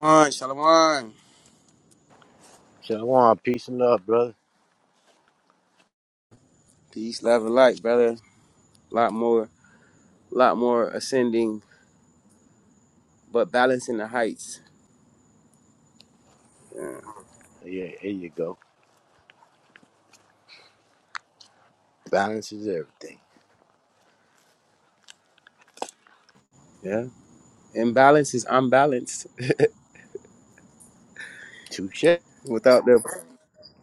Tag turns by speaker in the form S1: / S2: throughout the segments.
S1: Shalom, shalom.
S2: Shalom, peace and love, brother.
S1: Peace, love, and light, brother. A lot more, lot more ascending, but balancing the heights. Yeah.
S2: Yeah, here you go. Balance is everything.
S1: yeah. Imbalance is unbalanced
S2: Touche. Do
S1: without the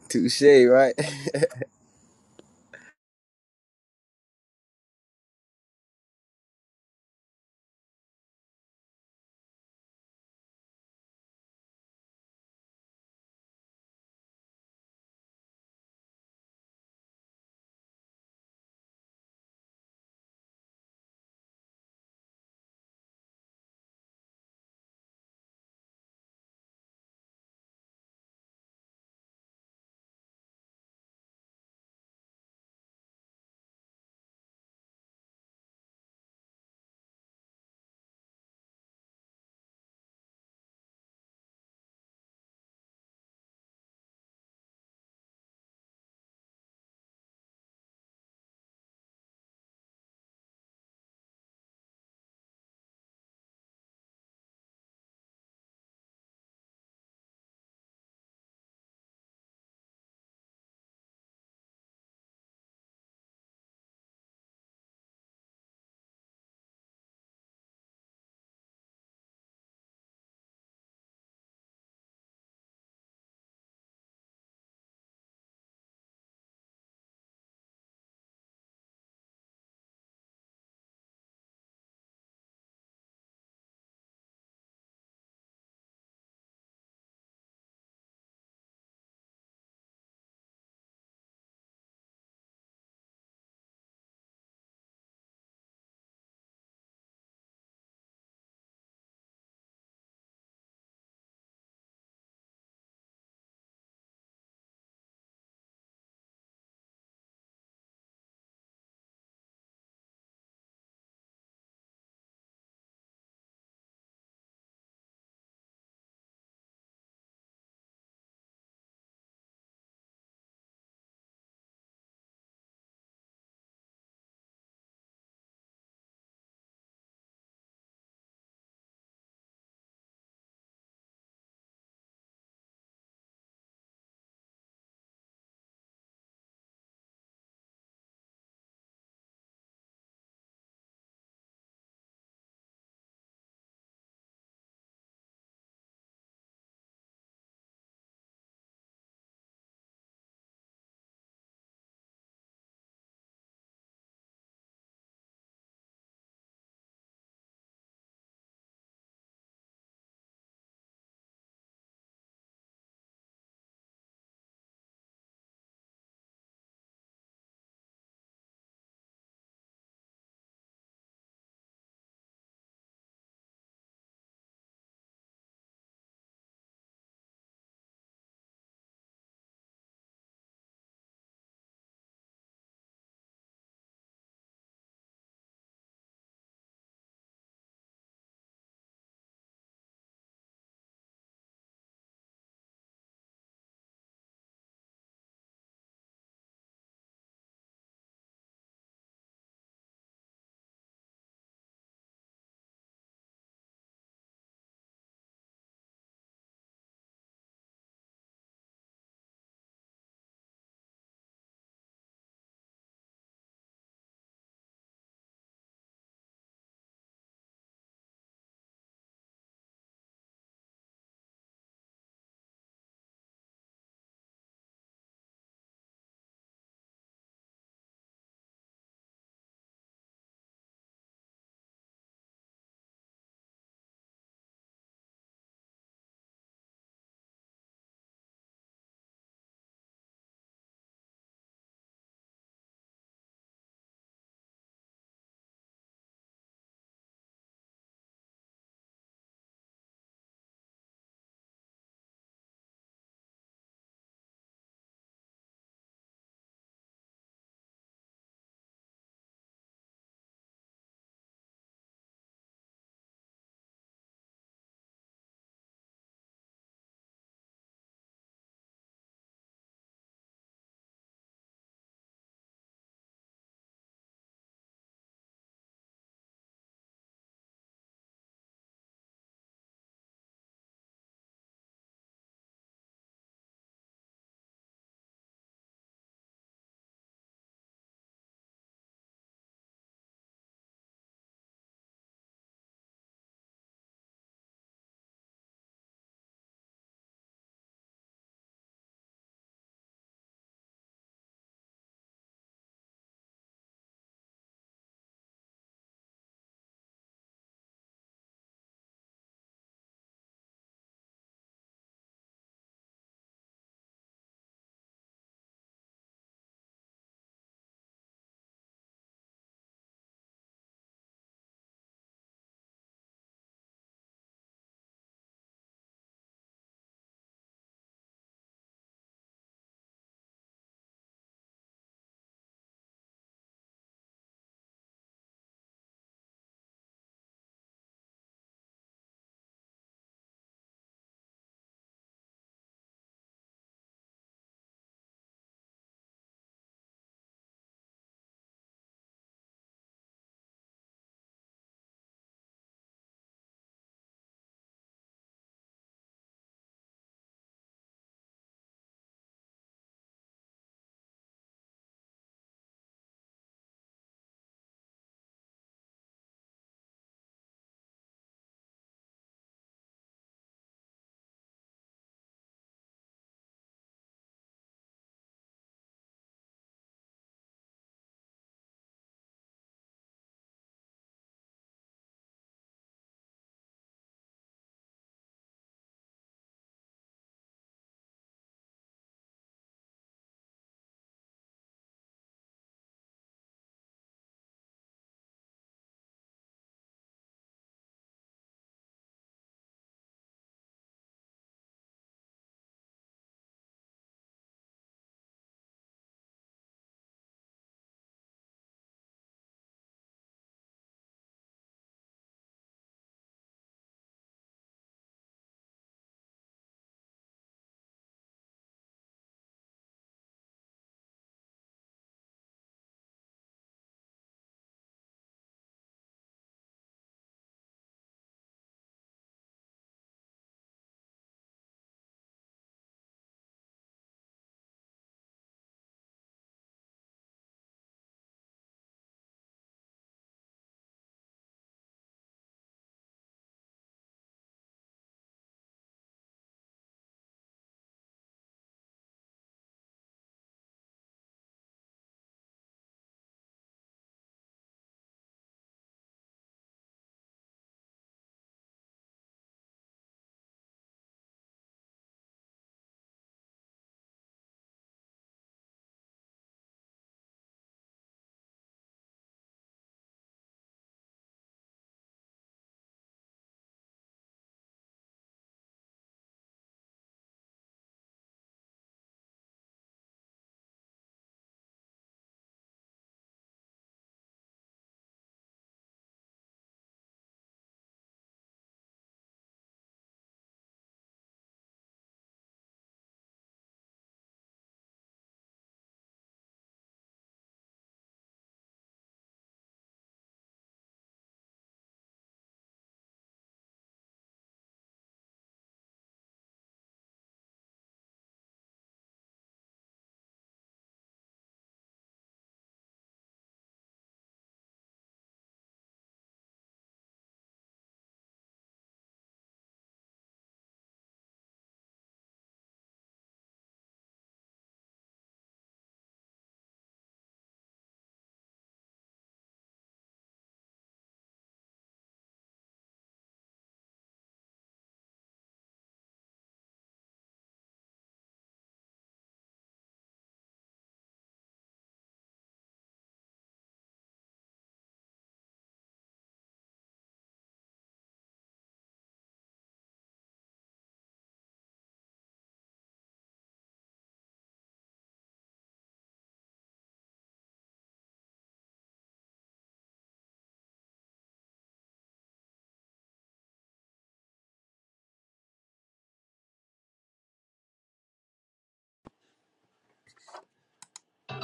S1: touche, right?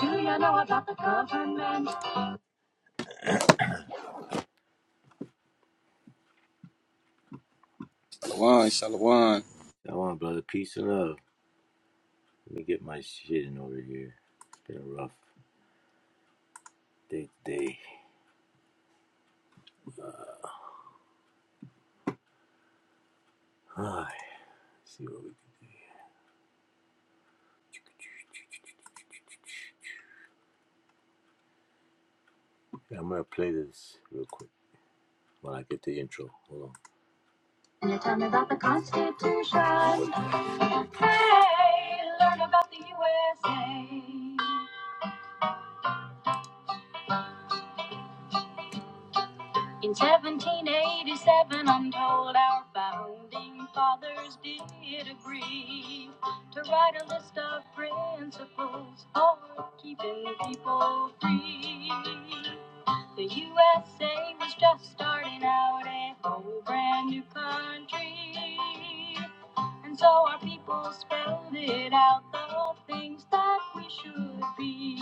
S2: you know about the government?
S1: Shalom, shalom.
S2: Shalom, brother. Peace and love. Let me get my shit in order here. It's been a rough day today. Alright, see what we can do. I'm gonna play this real quick while I get the intro. Hold on. You tell me about the Constitution. Hey, learn about the USA. In 1787, I'm told our founding fathers did agree to write a list of principles for keeping people free. The USA was just starting out a whole brand new country. And so our people spelled it out the things that we should be.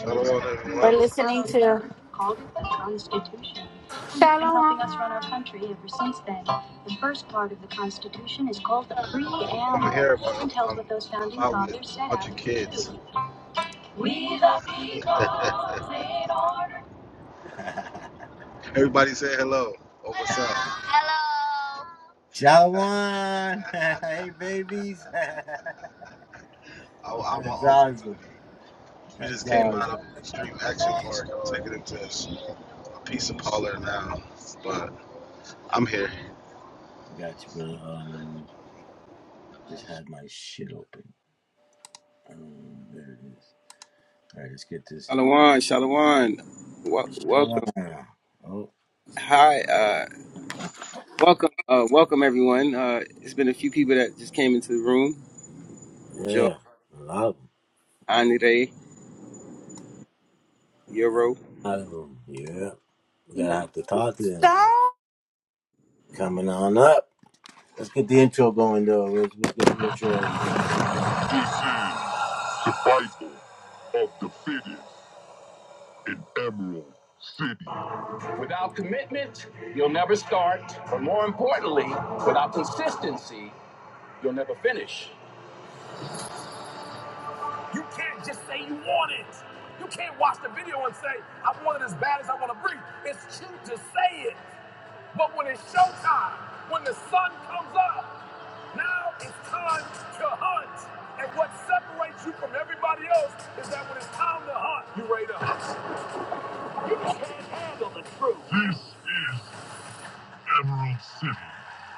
S2: And they put those
S3: We're
S4: everyone.
S2: principles down
S3: listening
S2: on paper
S3: to
S2: called it the Constitution, and it's been helping us run our
S3: Shalom.
S2: country ever since then. The first part of the Constitution is called the
S4: I'm, I'm
S2: Preamble
S4: here, but I'm,
S2: and tells
S4: I'm
S2: what those
S4: I'm
S2: founding
S4: out with
S2: fathers
S4: a
S2: set
S4: bunch of
S2: out to
S4: kids.
S2: do. We the people made order.
S4: Everybody say hello. or what's up? Hello.
S2: Shawan! hey, babies! That's
S4: I, am an uncle to
S2: awesome.
S4: them. We
S2: That's
S4: just came out
S2: awesome.
S4: of Extreme Action Park. I'm taking them to a pizza parlor now, but I'm here.
S2: I got you, brother. Um, just had my shit open. Um, there it is. All right, let's get this.
S1: Shalom, shalom. Wel-
S2: Shawan.
S1: welcome.
S2: Oh.
S1: Hi, uh, welcome, uh, welcome everyone. Uh, it's been a few people that just came into the room. Joe,
S2: Yeah, a lot of,
S1: Anire, Euro.
S2: them. Yeah, we're gonna have to talk to them.
S3: So
S2: Coming on up. Let's get the intro going though. Let's get the intro. Survival of the fittest in Emerald City. Without commitment, you'll never start. But more importantly, without consistency, you'll never finish. Can't watch it. I want it as bad as I want to breathe. It is it. But when it's showtime, when the sun comes up. Now it's time to hunt. And what separates you from everybody else is that when it's time to hunt, you are ready to hunt through. This is Emerald City,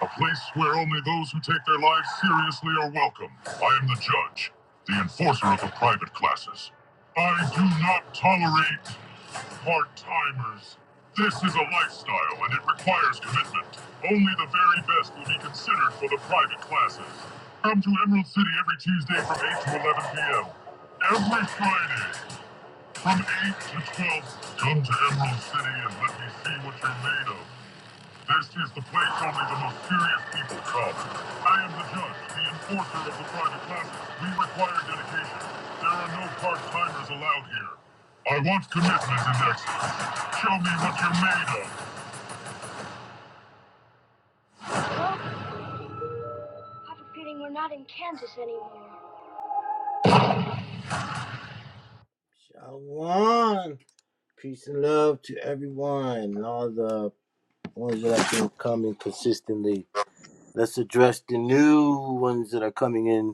S2: a place where only those who take their lives seriously are welcome. I am the judge, the enforcer of the private classes. I do not tolerate part timers. This is a lifestyle and it requires commitment. Only the very best will be considered for the private classes. Come to Emerald City every Tuesday from 8 to 11 p.m. Every Friday from 8 to 12. Come to Emerald City and let me see what you're made of. This is the place only the most serious people come. I am the judge, the enforcer of the private classes. We require dedication. There are no part-timers allowed here. I want commitment and excellence. Show me what you're made of. I have a feeling we're not in Kansas anymore. Shalom. Peace and love to everyone and all the ones that have been coming consistently. Let's address the new ones that are coming in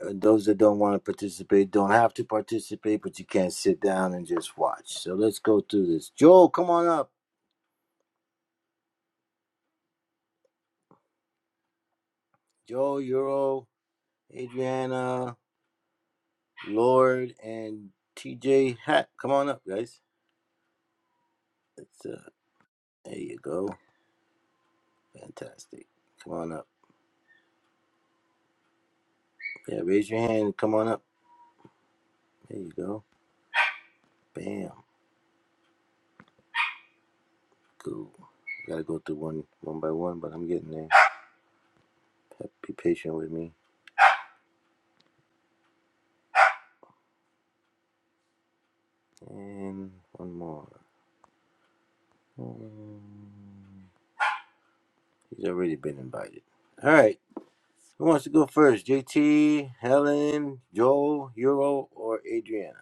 S2: and those that don't want to participate don't have to participate, but you can't sit down and just watch. So let's go through this. Joel, come on up. Joel, Euro, Adriana, Lord, and TJ Hat. Come on up, guys. That's, uh, there you go. Fantastic. Come on up. Yeah, raise your hand. and Come on up. There you go. Bam. Cool. Gotta go through one one by one, but I'm getting there. Be patient with me. And one more. He's already been invited. All right. Who wants to go first? JT, Helen, Joel, Euro, or Adriana?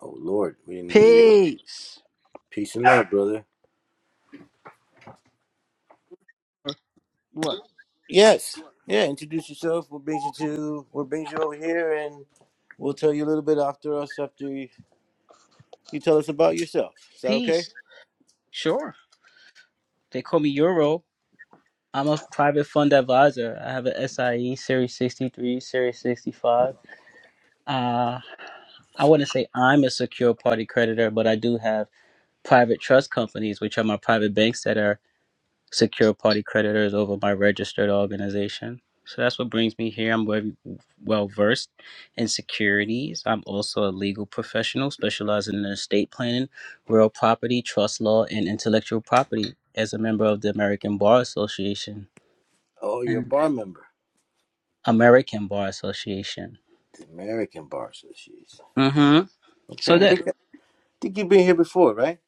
S2: Oh Lord, we didn't do the Lord.
S5: Peace.
S2: Peace and love, brother.
S5: Or What?
S2: Yes. Yeah, introduce yourself. We'll bring you to We'll bring you over here and we'll tell you a little bit after us after you, you tell us about yourself. Is that okay?
S5: Peace. Sure. They call me Euro. I'm a private fund advisor. I have an SIE Series 63, Series 65. Uh, I wouldn't say I'm a secure party creditor, but I do have private trust companies, which are my private banks that are secure party creditors over my registered organization. So that's what brings me here. I'm very well versed in securities. I'm also a legal professional specializing in estate planning, real property, trust law, and intellectual property as a member of the American Bar Association
S2: Oh, you're a
S5: and
S2: bar member.
S5: American Bar Association.
S2: The American Bar Association.
S5: Mm-hmm. So
S2: Okay. I
S5: that
S2: think I think you've been here before, right?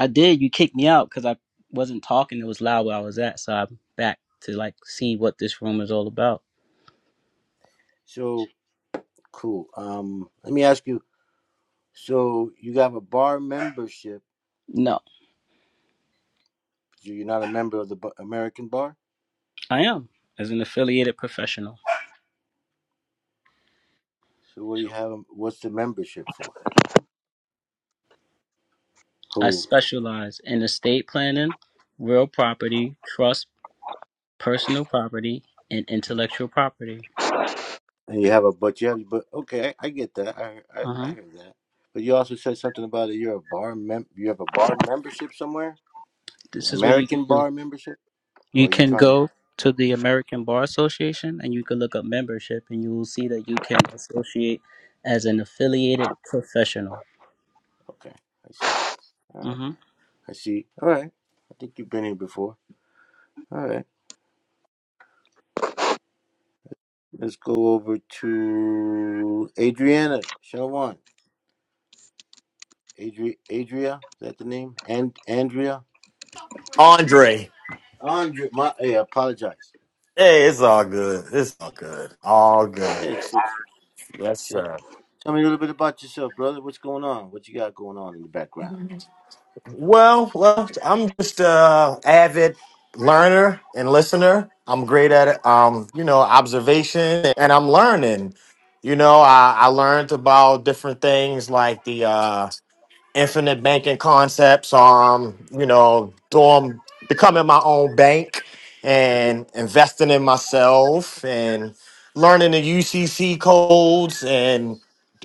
S5: I did. You kicked me out because I wasn't talking. It was loud where I was at. So I'm back to like see what this room is all about.
S2: So cool. Um let me ask you, so you have a bar membership,
S5: No.
S2: so you're not a member of the bar, American Bar?
S5: I am, as an affiliated professional.
S2: So what do you have? um, What's the membership for?
S5: I
S2: Who?
S5: specialize in estate planning, real property, trust, personal property, and intellectual property.
S2: And you have a but you have but okay, I, I get that. I, I I
S5: Uh-huh.
S2: heard that. But you also said something about it. You're a bar mem. You have a bar membership somewhere. The
S5: This is what you can
S2: American
S5: do.
S2: bar membership. Or
S5: You
S2: are you
S5: can
S2: trying?
S5: go to the American Bar Association and you can look up membership and you will see that you can associate as an affiliated professional.
S2: Okay, I see. All right,
S5: Uh-huh.
S2: I see. All right. I think you've been here before. All right. Let's go over to Adriana Shalwan. Adri Adria. Is that the name? And Andrea.
S6: Andre.
S2: Andrea. My. Hey, I apologize.
S6: Hey, it's all good. It's all good. All good.
S2: Yes. yes.
S6: Yes,
S2: Sure.
S6: sir.
S2: Tell me a little bit about yourself, brother. What's going on? What you got going on in the background?
S6: Well, well, I'm just a avid learner and listener. I'm great at um, you know, observation and I'm learning. You know, I, I learned about different things like the uh infinite banking concepts. Um, you know, doing becoming my own bank
S2: Okay.
S6: and investing in myself and learning the UCC codes and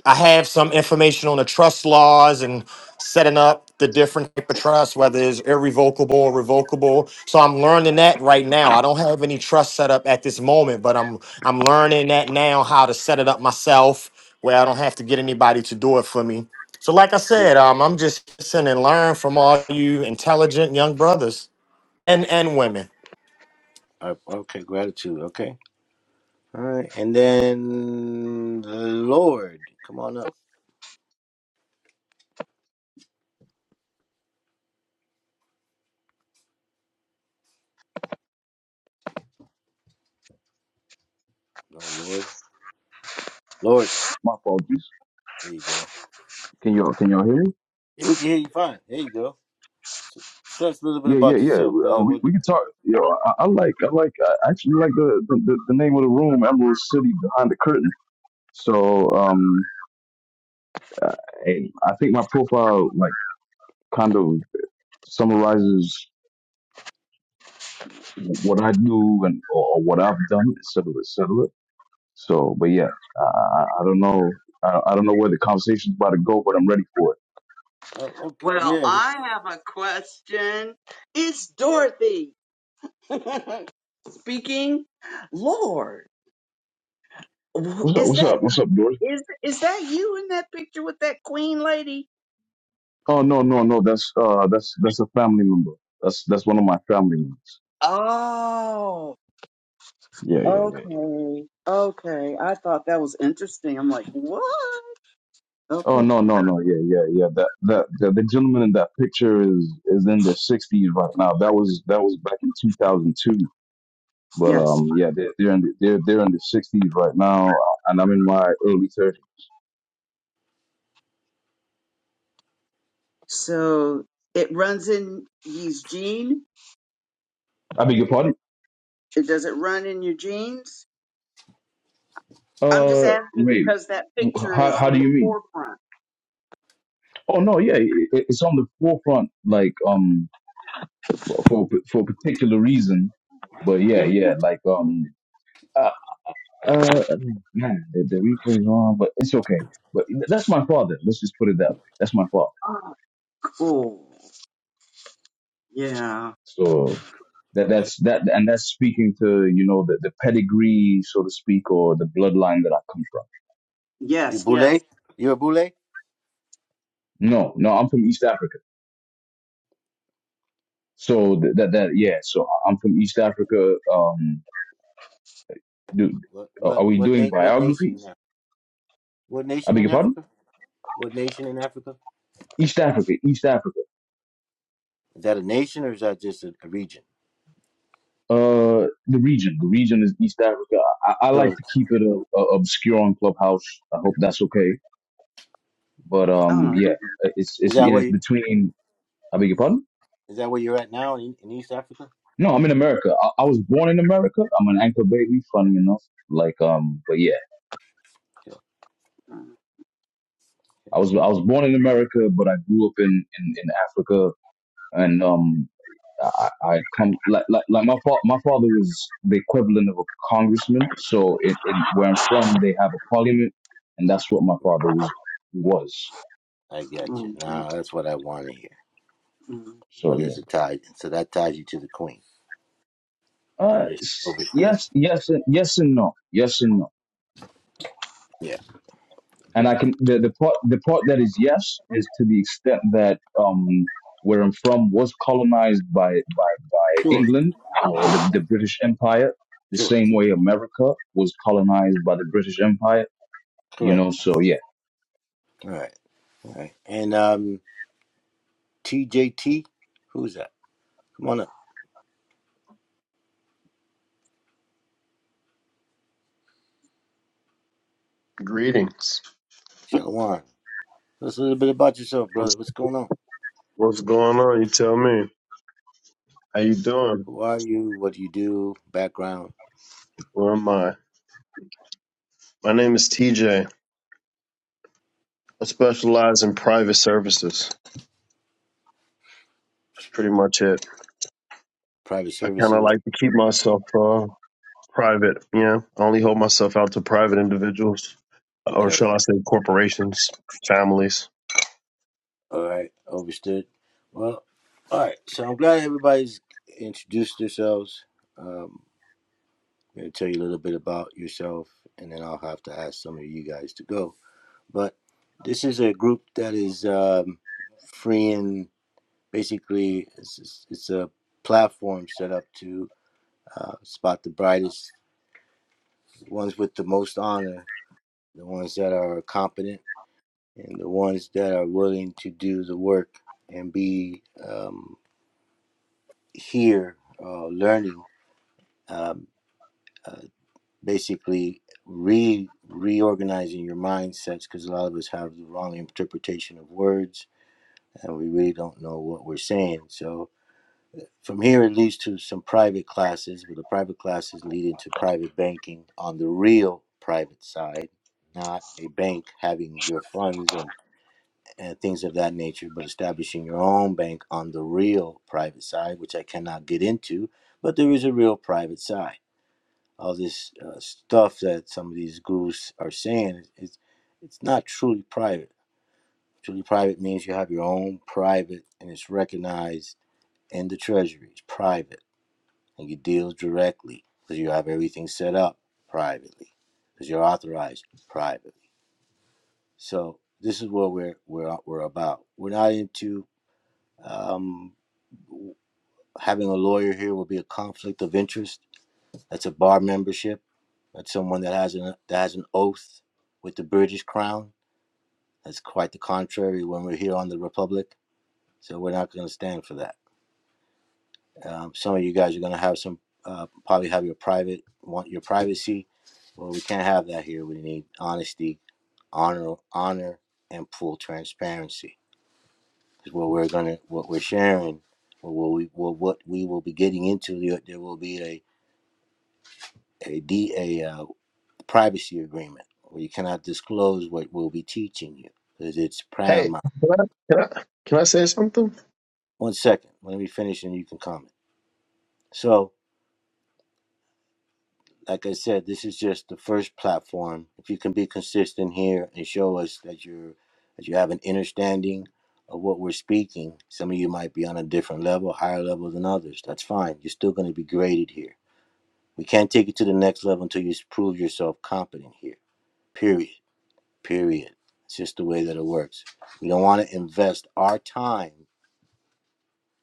S6: I have some information on the trust laws and setting up the different type of trust, whether it's irrevocable or revocable. So I'm learning that right now. I don't have any trust set up at this moment, but I'm I'm learning that now how to set it up myself where I don't have to get anybody to do it for me so, like I
S2: Oh,
S6: said, um, I'm just listening and learn from all you intelligent young brothers and and women.
S2: uh, okay. Gratitude. Okay. All right. And then the Lord, come on up. No, Lord. Lord.
S7: My apologies.
S2: There you go.
S7: Can y'all can y'all hear me?
S2: Yeah, we can hear you fine. There you go. Tell us a little bit
S7: Yeah, yeah,
S2: about
S7: yeah.
S2: yourself,
S7: Uh,
S2: brother.
S7: we
S2: What?
S7: we can talk. Yo, I, I like I like I actually like the, the the the name of the room, Emerald City Behind the Curtain. So um, I, I think my profile like kind of summarizes what I do and or, what I've done, et cetera, et cetera. So, but yeah, I I, I don't know I, I don't know where the conversation's about to go, but I'm ready for it.
S2: Oh, okay.
S8: Well,
S2: Yeah.
S8: I have a question. It's Dorothy speaking. Lord, wh-
S7: What's up?
S8: is
S7: What's
S8: that
S7: up? What's up, Doris?
S8: is is that you in that picture with that queen lady?
S7: Oh no, no, no. That's uh, that's that's a family member. That's that's one of my family members.
S8: Oh,
S7: Yeah, yeah, yeah.
S8: okay, okay. I thought that was interesting. I'm like, what?
S7: Oh
S8: Okay,
S7: no, no, no. Yeah, yeah, yeah. That that the, the gentleman in that picture is is in their sixties right now. That was that was back in two thousand two. But
S8: yes.
S7: um, yeah, they're they're in the, they're they're in the sixties right now, uh, and I'm in my early thirties.
S8: So it runs in ye's gene.
S7: I beg your pardon.
S8: It does it run in your genes? I'm just
S7: Uh,
S8: asking
S7: wait.
S8: because that picture
S7: How
S8: is
S7: how
S8: in
S7: do
S8: the
S7: you mean?
S8: forefront.
S7: Oh no, yeah, it, it's on the forefront. Like um, for for for a particular reason. But yeah,
S8: hmm
S7: yeah, like um, Uh, uh, man, the, the replay is on, but it's okay. But that's my father. Let's just put it that way. That's my father.
S8: Oh, cool. Yeah.
S2: If
S7: So that that's that, and that's speaking to you know the the pedigree, so to speak, or the bloodline that I come from.
S8: Yes, yes.
S2: You're a Boule?
S7: No, no, I'm from East Africa. So th- that that yeah. So I'm from East Africa. Um, do
S2: What?
S7: are are
S2: What?
S7: we
S2: What?
S7: doing
S2: Na- what nation in
S7: biographies?
S2: Africa? What
S7: I
S2: nation
S7: beg
S2: in
S7: your pardon.
S2: Africa? What nation in Africa?
S7: East Africa, East Africa.
S2: Is that a nation or is that just a, a region?
S7: Uh, the region. The region is East Africa. I, I like
S2: So
S7: to keep it uh, uh, obscure on Clubhouse. I hope that's okay. But
S8: Oh
S7: um,
S8: my
S7: yeah, uh, it's
S2: is
S7: it's
S2: that
S7: yeah,
S2: where
S7: it's
S2: you,
S7: between. I beg your pardon.
S2: is that where you're at now in, in East Africa?
S7: No, I'm in America. I, I was born in America. I'm an anchor baby. Funny enough, like um, but yeah,
S8: God.
S7: I was I was born in America, but I grew up in in, in Africa and um, I, I come like like, like my fa- my father was the equivalent of a congressman. So in, in where I'm from, they have a parliament, and that's what my father was. was.
S2: I got you.
S8: Mm, mm,
S2: Now that's what I want to hear.
S8: mm.
S7: So
S2: Well, it's
S7: yeah,
S2: a tie, so that ties you to the queen. I
S7: uh,
S2: just
S7: s-
S2: overstood.
S7: yes, yes, and, yes, and no, yes and no.
S2: Yeah,
S7: And
S2: get
S7: I
S2: it.
S7: can the, the part the part that is yes is to the extent that um where I'm from was colonized by by by
S2: Sure,
S7: England or the
S2: sure,
S7: the British Empire, the
S2: sure.
S7: same way America was colonized by the British Empire you
S2: Correct.
S7: know so yeah
S2: All right, all right. And um, TJT, who's that? Come on up,
S9: Greetings.
S2: Shalwan. Tell us a little bit about yourself,
S9: What's,
S2: brother. What's going on?
S9: what's going on? You tell me. How you doing?
S2: Who are you? What do you do? Background?
S9: Where am I? My name is TJ. I specialize in private services. That's pretty much it.
S2: Private
S9: I kind of
S2: services?
S9: like to keep myself uh, private. Yeah, I only hold myself out to private individuals, or
S2: Okay.
S9: shall I say, corporations, families.
S2: All right. Overstood. Well, all right. So I'm glad everybody's introduced themselves. Um, Maybe tell you a little bit about yourself, and then I'll have to ask some of you guys to go. But this is a group that is um, freeing. Basically, it's, it's a platform set up to uh, spot the brightest the ones with the most honor, the ones that are competent, and the ones that are willing to do the work and be um, here uh, learning. Um, uh, basically re reorganizing your mindsets because a lot of us have the wrong interpretation of words and we really don't know what we're saying. So from here it leads to some private classes, but the private classes lead into private banking on the real private side, not a bank having your funds and, and things of that nature, but establishing your own bank on the real private side, which I cannot get into, but there is a real private side all this uh, stuff that some of these gurus are saying it's it's not truly private truly private means you have your own private and it's recognized in the treasury it's private and you deal directly because you have everything set up privately because you're authorized privately so this is what we're we're, we're about we're not into um, having a lawyer here will be a conflict of interest that's a bar membership that's someone that has an that has an oath with the british crown That's quite the contrary when we're here on the Republic. So we're not going to stand for that. Um, some of you guys are going to have some, uh, probably have your private, want your privacy. Well, we can't have that here. We need honesty, honor, honor, and full transparency. Because what we're going to, what we're sharing, or what we, what what we will be getting into, there, will be a a, D, a uh, privacy agreement where you cannot disclose what we'll be teaching you because it's
S9: Hey,
S2: paramount.
S9: can I can I, can I say something?
S2: One second, let me finish and you can comment. So like I said, this is just the first platform. If you can be consistent here and show us that you're that you have an understanding of what we're speaking, some of you might be on a different level, higher level than others. That's fine. You're still going to be graded here. We can't take you to the next level until you prove yourself competent here. Period. Period. It's just the way that it works. We don't want to invest our time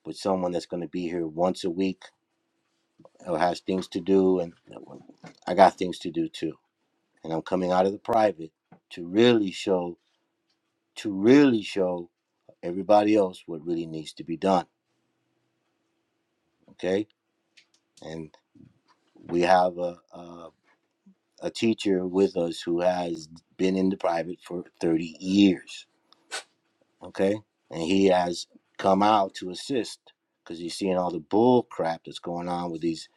S2: with someone that's going to be here once a week or has things to do, and I got things to do too and I'm coming out of the private to really show to really show everybody else what really needs to be done. Okay, and we have a a, a teacher with us who has been in the private for 30 years. Okay, and he has come out to assist because he's seeing all the bull crap that's going on with these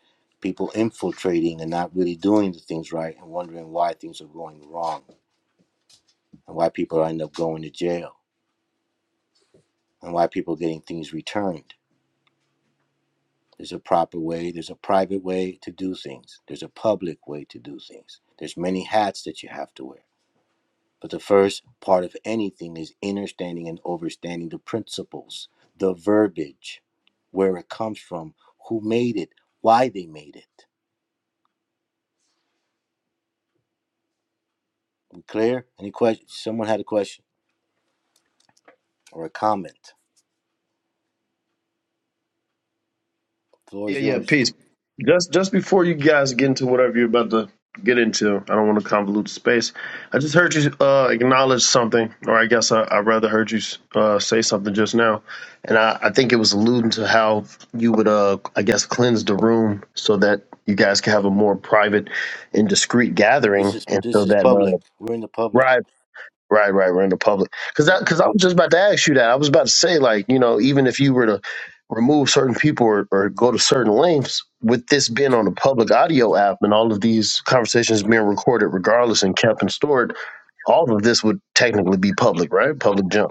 S2: people infiltrating and not really doing the things right and wondering why things are going wrong and why people end up going to jail and why people are getting things returned There's a proper way, there's a private way to do things, there's a public way to do things. There's many hats that you have to wear. But the first part of anything is understanding and overstanding the principles, the verbiage, where it comes from, who made it, why they made it. We clear? Any questions? Someone had a question or a comment. The floor
S9: Yeah,
S2: is
S9: yeah,
S2: yours.
S9: peace. Just just before you guys get into whatever you're about to get into, I don't want to convolute the space. I just heard you uh, acknowledge something, or I guess I, I rather heard you uh, say something just now, and I, I think it was alluding to how you would, uh, I guess, cleanse the room so that you guys can have a more private and discreet
S2: This
S9: gathering,
S2: is
S9: and
S2: this
S9: so
S2: is
S9: that uh,
S2: public. We're in the public.
S9: right, Right, right. We're in the public because that
S2: Right.
S9: because I
S2: But.
S9: was just about to ask you that. I was about to say like you know even if you were to remove certain people or, or go to certain lengths with this being on a public audio app and all of these conversations being recorded regardless and kept and stored, all of this would technically be public, right? Public junk.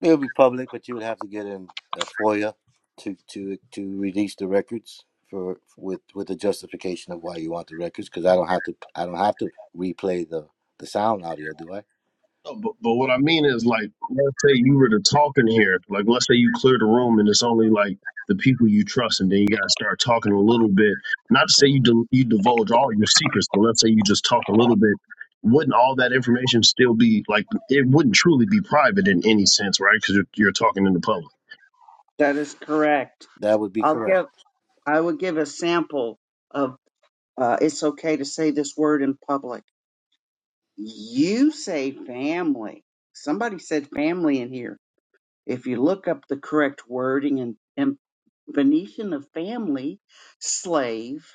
S2: It would be public, but you would have to get in a FOIA to to to release the records for with with the justification of why you want the records. Because I don't have to I don't have to replay the the sound audio, do I?
S9: No, but, but what I mean is, like, let's say you were to talk in here, like, let's say you clear the room and it's only like the people you trust, and then you gotta start talking a little bit. Not to say you
S2: Mm.
S9: dil- you divulge all your secrets, but let's say you just talk a little bit. Wouldn't all that information still be like it wouldn't truly be private in any sense, right? Because you're, you're talking in the public.
S8: That is correct.
S2: That would be
S8: I'll give
S2: correct.
S8: I will give a sample of uh it's okay to say this word in public. You say family. Somebody said family in here. If you look up the correct wording and, and Venetian of family, slave.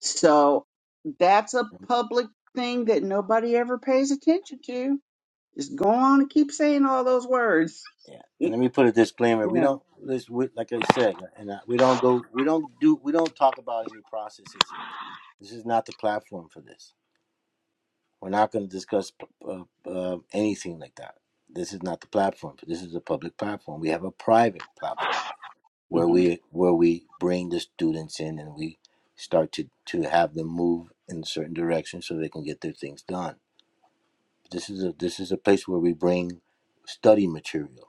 S8: So that's a public thing that nobody ever pays attention to. Just go on and keep saying all those words.
S2: Yeah. And
S8: yeah.
S2: let me put a disclaimer: we don't this we, like I said, and I, we don't go we don't do we don't talk about any processes here. This is not the platform for this. We're not going to discuss uh, uh, anything like that. This is not the platform. This is a public platform. We have a private platform where
S8: hmm
S2: we where we bring the students in and we start to to have them move in a certain direction so they can get their things done. This is a this is a place where we bring study material,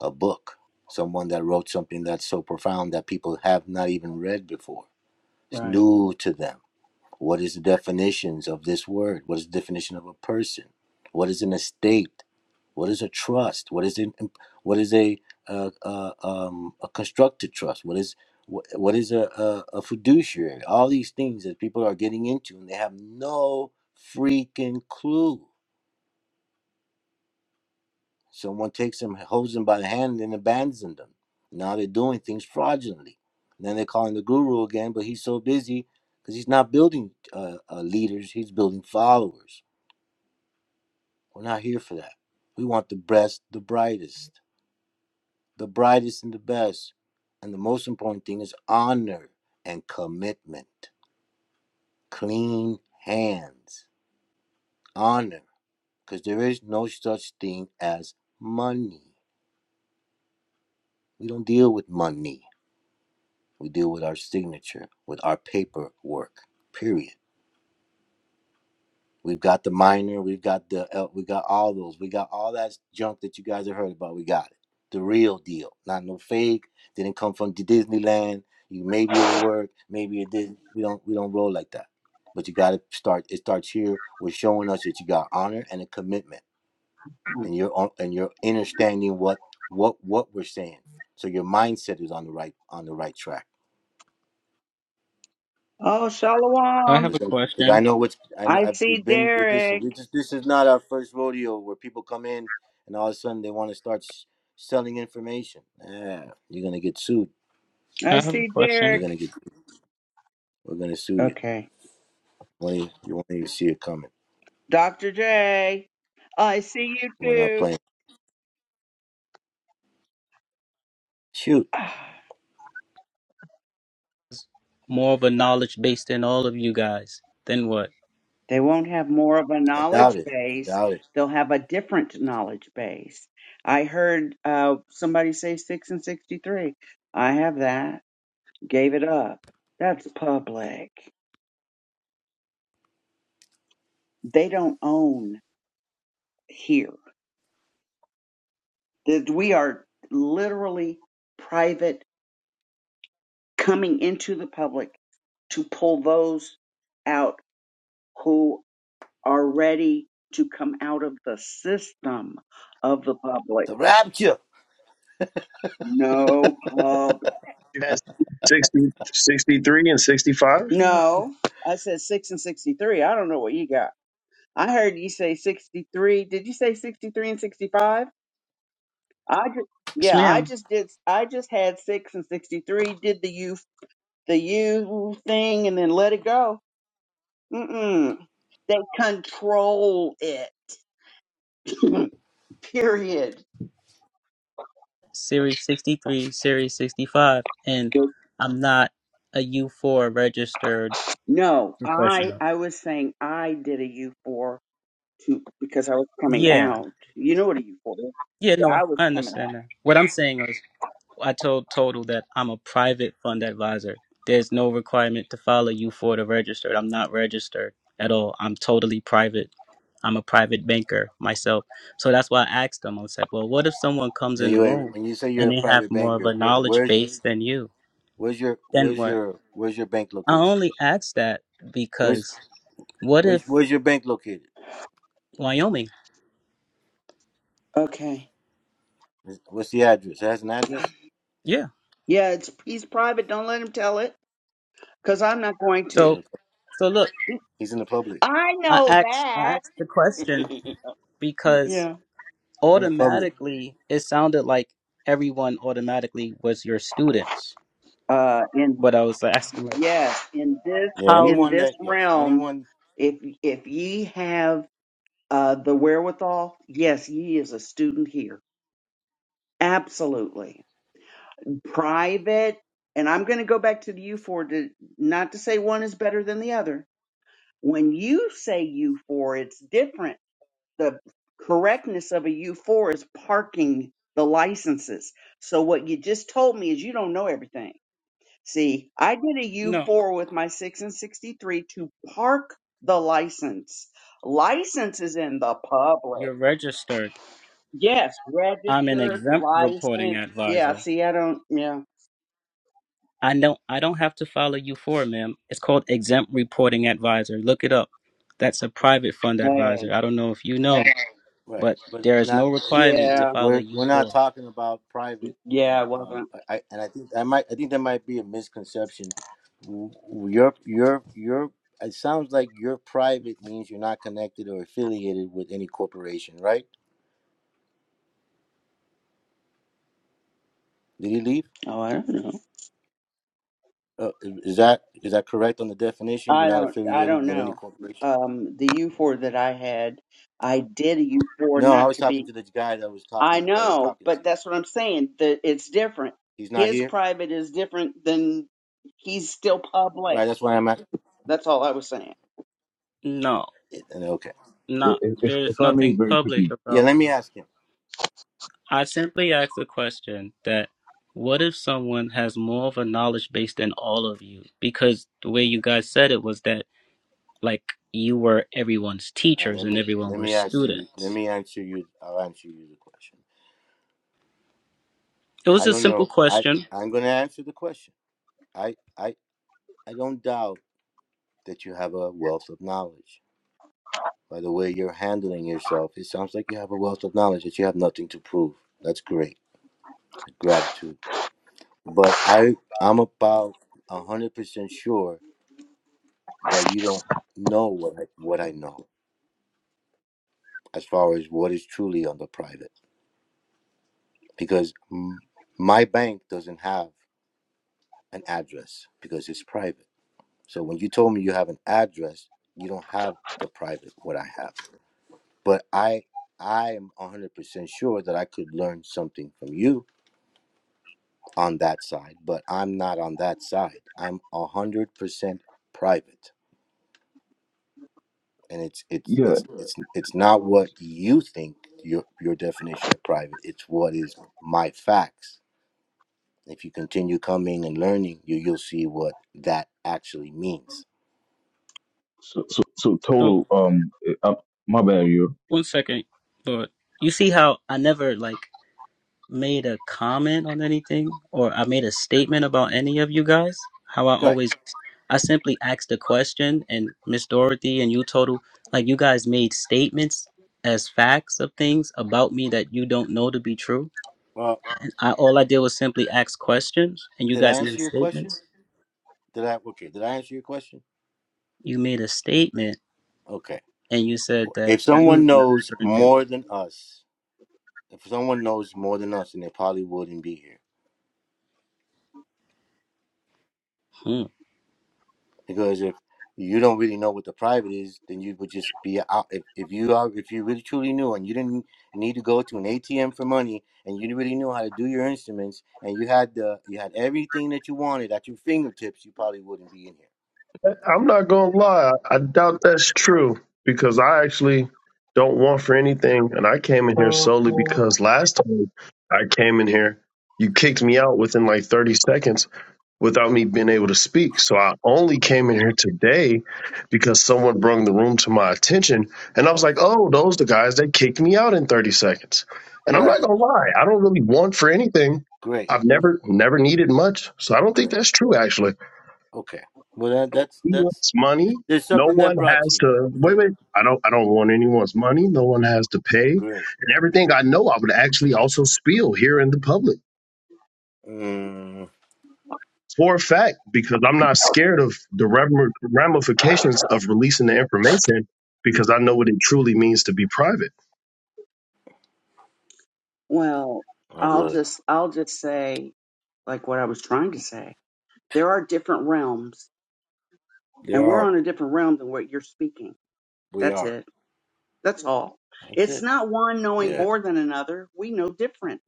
S2: a book, someone that wrote something that's so profound that people have not even read before. It's
S8: Right.
S2: new to them. What is the definitions of this word? What is the definition of a person? What is an estate? What is a trust? What is an, what is a uh, uh, um, a constructed trust? What is what, what is a, a, a fiduciary? All these things that people are getting into and they have no freaking clue. Someone takes them, holds them by the hand, and abandons them. Now they're doing things fraudulently. And then they're calling the guru again, but he's so busy because he's not building uh, uh, leaders; he's building followers. We're not here for that. We want the best, the brightest. the brightest and the best. And the most important thing is honor and commitment. Clean hands. Honor. Because there is no such thing as money. We don't deal with money. We deal with our signature, with our paperwork, period. We've got the minor, we've got the el- we got all those. We got all that junk that you guys have heard about. We got it. The real deal. Not no fake. Didn't come from Disneyland. You maybe it'll work, maybe it didn't. We don't we don't roll like that. But you got to start it starts here with showing us that you got honor and a commitment
S8: Mm.
S2: and you're on, and you're understanding what what what we're saying. So your mindset is on the right on the right track.
S8: Oh,
S5: I
S8: Shalom.
S5: have a
S2: because I
S5: question.
S2: know what's I, kn-
S8: I
S2: I've,
S8: see
S2: we've been with this, and
S8: Derek.
S2: we just this is not our first rodeo where people come in and all of a sudden they want to start s- selling information. Yeah, you're gonna get sued.
S8: I
S5: I have a
S8: see
S5: question.
S2: You're
S8: Derek.
S2: gonna get. We're gonna sue you.
S8: Okay.
S2: When you, you won't even see it coming.
S8: Dr. J. I see you
S2: We're not
S8: too.
S2: playing. Shoot,
S8: Ah,
S5: More of a knowledge based in all of you guys. Then what?
S8: They won't have more of a
S2: I doubt
S8: knowledge
S2: it. I
S8: base.
S2: doubt it.
S8: They'll have a different knowledge base. I heard uh, somebody say 6 and 63. I have that. Gave it up. That's public. They don't own here. that we are literally private coming into the public to pull those out who are ready to come out of the system of the public.
S2: The rapture.
S8: No public.
S9: That's 60 63 and 65.
S8: No, I said six and 63. I don't know what you got. I heard you say 63. Did you say 63 and 65? I just,
S5: Yes,
S8: yeah, I
S5: ma'am.
S8: just did. I just had six and 63, did the you, the you thing and then let it go. Mm-mm. They control it. Period.
S5: Series 63, Series 65, and I'm not a U4 registered
S8: No, I
S5: professional.
S8: I was saying I did a U four to because I was coming
S5: Yeah.
S8: out. You know what a U four is?
S5: Yeah,
S8: Yeah, I
S5: no,
S8: was
S5: I
S8: coming
S5: understand
S8: out.
S5: that. What I'm saying is, I told Total that I'm a private fund advisor. There's no requirement to follow U4 to register. I'm not registered at all. I'm totally private. I'm a private banker myself. So that's why I asked them. I said, well, what if someone comes in the
S2: Anyway,
S5: room
S2: when you say you're
S5: and
S2: a
S5: they have
S2: private
S5: more of
S2: banker,
S5: a
S2: where,
S5: knowledge
S2: where's
S5: base than you?
S2: where's your
S5: Then
S2: where's
S5: what?
S2: your where's your bank
S5: I
S2: location?
S5: only asked that
S2: Where's
S5: because What
S2: where's,
S5: if
S2: where's your bank located?
S5: Wyoming?
S8: Okay.
S2: What's the address? It has an address.
S5: Yeah.
S8: Yeah, it's he's private. Don't let him tell it because I'm not going
S2: He's
S8: to.
S5: So
S2: in
S5: so look,
S2: he's in the public.
S8: I
S5: I
S8: know
S5: asked I
S8: that.
S5: asked the question because
S8: yeah.
S2: He's in the public.
S5: automatically it sounded like everyone automatically was your students.
S8: Uh, in
S5: But I was asking like
S8: yes, in this
S2: Yeah,
S5: how
S8: in
S2: anyone
S8: this
S2: that yes,
S8: realm,
S2: anyone
S8: if if ye have uh the wherewithal, yes, ye is a student here. Absolutely. Private, and I'm going to go back to the U4 to not to say one is better than the other. When you say U4, it's different. The correctness of a U4 is parking the licenses. So what you just told me is you don't know everything. See, I did a
S5: no,
S8: U4 with my 6 and 63 to park the license. License is in the public.
S5: you're registered.
S8: Yes,
S5: I'm an
S8: registered,
S5: exempt reporting
S8: licensed. Yeah,
S5: advisor.
S8: see, I don't, yeah.
S5: I don't I don't have to follow you for it, ma'am. It's called exempt reporting advisor. Look it up. That's a private fund
S8: Hey.
S5: advisor. I don't know if you know,
S2: right,
S5: but
S2: but
S5: there is
S2: not
S5: no
S2: it's
S5: requirement to
S8: Yeah,
S5: follow
S2: we're
S5: you
S2: we're not
S5: for.
S2: talking about private.
S8: yeah, it
S2: Uh, um,
S8: wasn't.
S2: I and I think I might I think there might be a misconception. W- Your your your it sounds like your private means you're not connected or affiliated with any corporation, right? Did he leave?
S8: Oh, I don't know.
S2: Uh, is that is that correct on the definition? You're
S8: I
S2: not
S8: don't. I
S2: affiliated
S8: don't
S2: with any
S8: know.
S2: corporation.
S8: Um, the U four that I had, I did a U four
S2: No, I
S8: not
S2: was
S8: to
S2: talking
S8: be.
S2: to the guy that was
S8: I
S2: talking that was
S8: know,
S2: talking to
S8: but
S2: you.
S8: that's what I'm saying. That it's different.
S2: He's not
S8: His
S2: here,
S8: private is different than he's still public.
S2: right? That's why I'm at.
S8: That's all I was saying.
S5: No,
S2: Okay.
S5: not
S7: if, if,
S5: there's
S7: if i may
S5: nothing
S7: very
S5: public
S7: quickly
S2: Yeah,
S5: about
S2: let me
S5: him.
S2: ask him.
S5: I simply asked a question that what if someone has more of a knowledge base than all of you? Because the way you guys said it was that like you were everyone's
S2: All right,
S5: teachers
S2: let
S5: and
S2: me
S5: everyone
S2: let
S5: were
S2: me ask you. Let
S5: students.
S2: me answer you. I'll answer you the question.
S5: It was
S2: I
S5: a
S2: don't
S5: simple
S2: know. I
S5: question.
S2: I'm going to answer the question. I I I don't doubt that you have a wealth of knowledge. By the way you're handling yourself, it sounds like you have a wealth of knowledge that you have nothing to prove. That's great. Gratitude. But I I'm about a hundred percent sure that you don't know what I, what I know as far as what is truly on the private because mm, my bank doesn't have. an address because it's private. So when you told me you have an address, you don't have the private what I have. But I I am 100% sure that I could learn something from you on that side, but I'm not on that side. I'm 100% private. And it's it's
S7: yeah
S2: it's it's it's not what you think your your definition of private. It's what is my facts. If you continue coming and learning, you you'll see what that actually means.
S7: so so, so
S5: So
S7: total um uh, my bad you
S5: one second, Lord. You see how I never like made a comment on anything or I made a statement about any of you guys. How I
S2: Right.
S5: always, I simply asked a question, and Miss Dorothy and you, Total, like you guys made statements as facts of things about me that you don't know to be true.
S2: Well.
S5: I all I did was simply ask questions, and you
S2: Did I
S5: guys made
S2: answer your question?
S5: statements.
S2: Did I? Okay. Did I answer your question?
S5: You made a statement,
S2: Okay.
S5: and you said that
S2: If
S5: you
S2: someone
S5: know
S2: knows
S5: certain things.
S2: more than us, if someone knows more than us, then they probably wouldn't be here.
S5: Hmm.
S2: Because if you don't really know what the private is, then you would just be out. If, if you are, if you really truly knew, and you didn't need to go to an ATM for money, and you really knew how to do your instruments, and you had the, you had everything that you wanted at your fingertips, you probably wouldn't be in here.
S9: I'm not gonna lie. I doubt that's true because I actually don't want for anything, and I came in here solely because last time I came in here, you kicked me out within like 30 seconds without me being able to speak. So I only came in here today because someone brought the room to my attention, and I was
S2: Okay.
S9: like, "Oh, those the guys that kicked me out in 30 seconds." And I'm not
S2: Right.
S9: gonna lie, I don't really want for anything.
S2: Great.
S9: I've never never needed much, so I don't think
S2: Great.
S9: that's true actually.
S2: Okay. Well, that, that's
S9: He
S2: that's
S9: wants money.
S2: There's
S9: No
S2: something
S9: one
S2: that brought
S9: has
S2: you here.
S9: to wait.
S2: Good.
S9: Wait, I don't. I don't want anyone's money. No one has to pay,
S2: Great.
S9: and everything I know, I would actually also spill here in the public
S2: Mm,
S9: for a fact because I'm not scared of the ram- ramifications of releasing the information because I know what it truly means to be private.
S8: Well,
S2: my
S8: I'll
S2: brother.
S8: just I'll just say like what I was trying to say. There are different realms,
S2: There
S8: and we're
S2: are.
S8: on a different realm than what you're speaking.
S2: We
S8: That's
S2: are.
S8: it. That's all.
S2: That's
S8: It's
S2: it.
S8: not one knowing
S2: Yeah.
S8: more than another. We know different.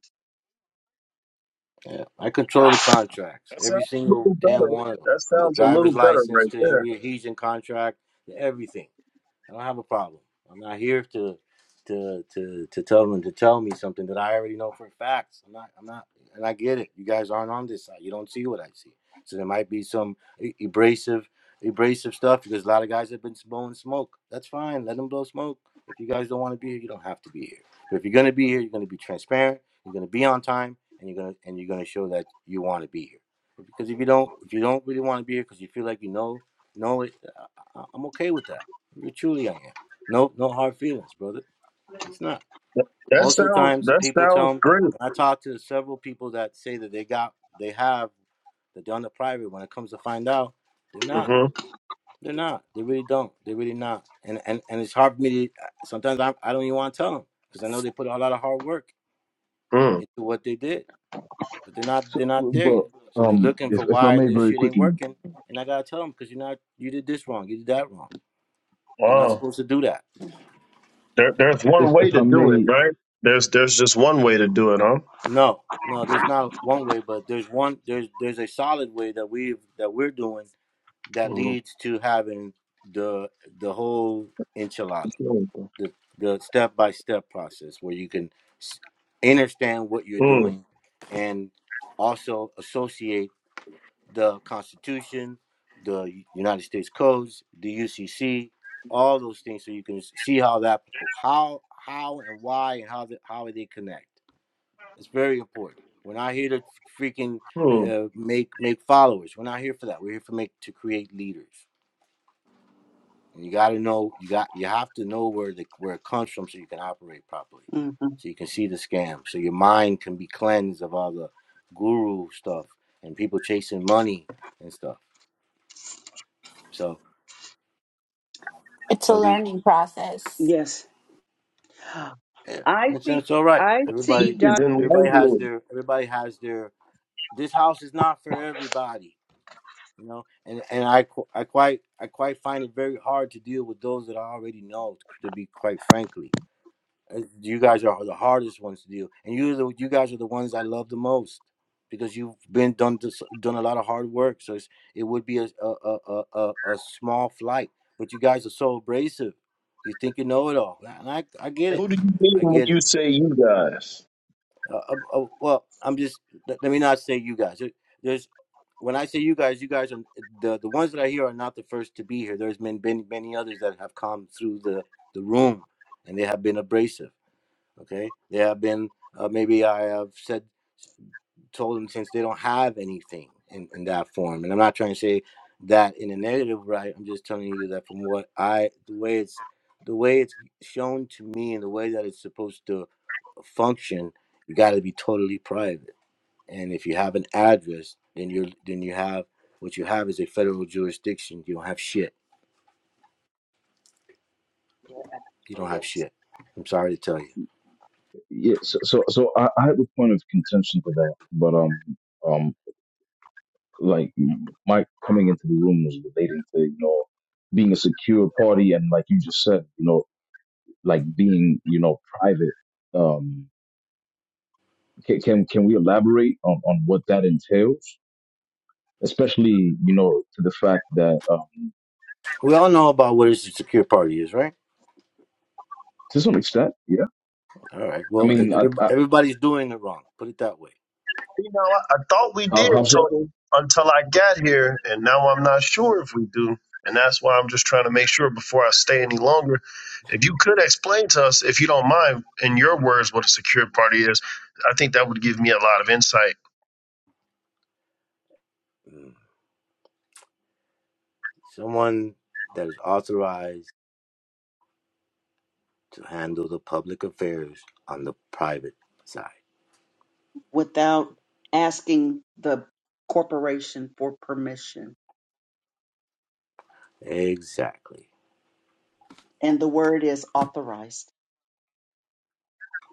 S2: Yeah. I control the contracts.
S9: That sounds
S2: Every
S9: a
S2: single
S9: little
S2: damn
S9: better.
S2: one of them.
S9: That
S2: From the
S9: sounds a little
S2: driver's
S9: better
S2: license
S9: right
S2: to
S9: there.
S2: every adhesion contract to everything. I don't have a problem. I'm not here to to to to tell them to tell me something that I already know for facts. I'm not I'm not and I get it. You guys aren't on this side. You don't see what I see. So there might be some e- abrasive abrasive stuff because a lot of guys have been blowing smoke. That's fine. Let them blow smoke. If you guys don't want to be here, you don't have to be here. But if you're gonna be here, you're gonna be transparent. You're gonna be on time, and you're gonna and you're gonna show that you want to be here. Because if you don't, if you don't really want to be here because you feel like you know know it, I, I- I'm okay with that. You're truly I am. No, no hard feelings, brother. It's not.
S9: That, that
S2: Most of the
S9: sounds.
S2: times,
S9: That
S2: people
S9: sounds
S2: tell me.
S9: great.
S2: When I talk to several people that say that they got, they have, they're done the private. When it comes to find out, they're not.
S9: Mm-hmm.
S2: They're not. They really don't. They really not. And and and it's hard for me to. Sometimes I I don't even want to tell them because I know they put a lot of hard work
S9: Mm.
S2: into what they did, but they're not.
S7: so
S2: They're not there
S7: but
S2: yet. So they're
S7: um
S2: looking
S7: if,
S2: for
S7: if i
S2: why
S7: may
S2: this
S7: very
S2: shit ain't
S7: quickly
S2: working, and I gotta tell them because you're not. You did this wrong. You did that wrong. You're not
S9: Wow.
S2: supposed to do that.
S9: There, there's one
S7: if
S9: way
S7: if
S9: to
S7: i
S9: do it,
S7: may
S9: right? There's there's just one way to do it, huh?
S2: No, no, there's not one way, but there's one there's there's a solid way that we've that we're doing that
S9: Mm,
S2: leads to having the the whole enchilada, the the step by step process where you can s- understand what you're
S9: mm,
S2: doing and also associate the Constitution, the United States codes, the UCC, all those things, so you can see how that how how and why and how the, how they connect it's very important. We're not here to freaking
S9: mm.
S2: uh, make make followers. We're not here for that. We're here for make to create leaders. And you got to know you got you have to know where the where it comes from so you can operate properly.
S8: hmm
S2: So you can see the scam. So your mind can be cleansed of all the guru stuff and people chasing money and stuff. So
S3: It's a
S2: are we?
S3: learning process.
S8: Yes.
S2: Yeah,
S8: I
S2: it's,
S8: see
S2: it's all right.
S8: I see
S2: Everybody,
S9: It's
S8: Dr.
S2: everybody has
S9: enlightening.
S2: their everybody has their. This house is not for everybody you know and and i qu- i quite i quite find it very hard to deal with those that i already know to be quite frankly Uh, you guys are the hardest ones to deal and you the, you guys are the ones i love the most because you've been done this, done a lot of hard work so it's, it would be a a, a a a a small flight but you guys are so abrasive you think you know it all and i i get
S9: And Who
S2: it
S9: do you mean
S2: i
S9: when
S2: get it
S9: you say you guys?
S2: uh, uh, uh, well, I'm just let, let me not say you guys. There- There's when I say you guys, you guys are the the ones that I hear are not the first to be here. There's been been many others that have come through the the room, and they have been abrasive. Okay, they have been uh, maybe I have said told them since they don't have anything in in that form, and I'm not trying to say that in a negative right. I'm just telling you that from what I the way it's the way it's shown to me and the way that it's supposed to function, you got to be totally private. And if you have an address, then you're then you have what you have is a federal jurisdiction. You don't have shit. You don't have
S8: Yes,
S2: shit. I'm sorry to tell you.
S7: yeah so so, so I, I had a point of contention to that but um um like Mike coming into the room was relating to you know being a secure party and like you just said you know like being you know private um can can, can we elaborate on, on what that entails especially you know to the fact that um,
S2: We all know about what a secure party is, right?
S7: to some extent, yeah.
S2: All right.
S7: I
S2: Well, e-,
S7: mean, I, I,
S2: everyb- everybody's doing it wrong. Put it that way.
S9: You know, I, I thought we did,
S7: how how so?
S9: Tony, until I got here, and now I'm not sure if we do. And that's why I'm just trying to make sure before I stay any longer. If you could explain to us, if you don't mind, in your words, what a secure party is, I think that would give me a lot of insight.
S2: Someone that is authorized to handle the public affairs on the private side.
S8: without asking the corporation for permission.
S2: Exactly.
S8: And the word is authorized.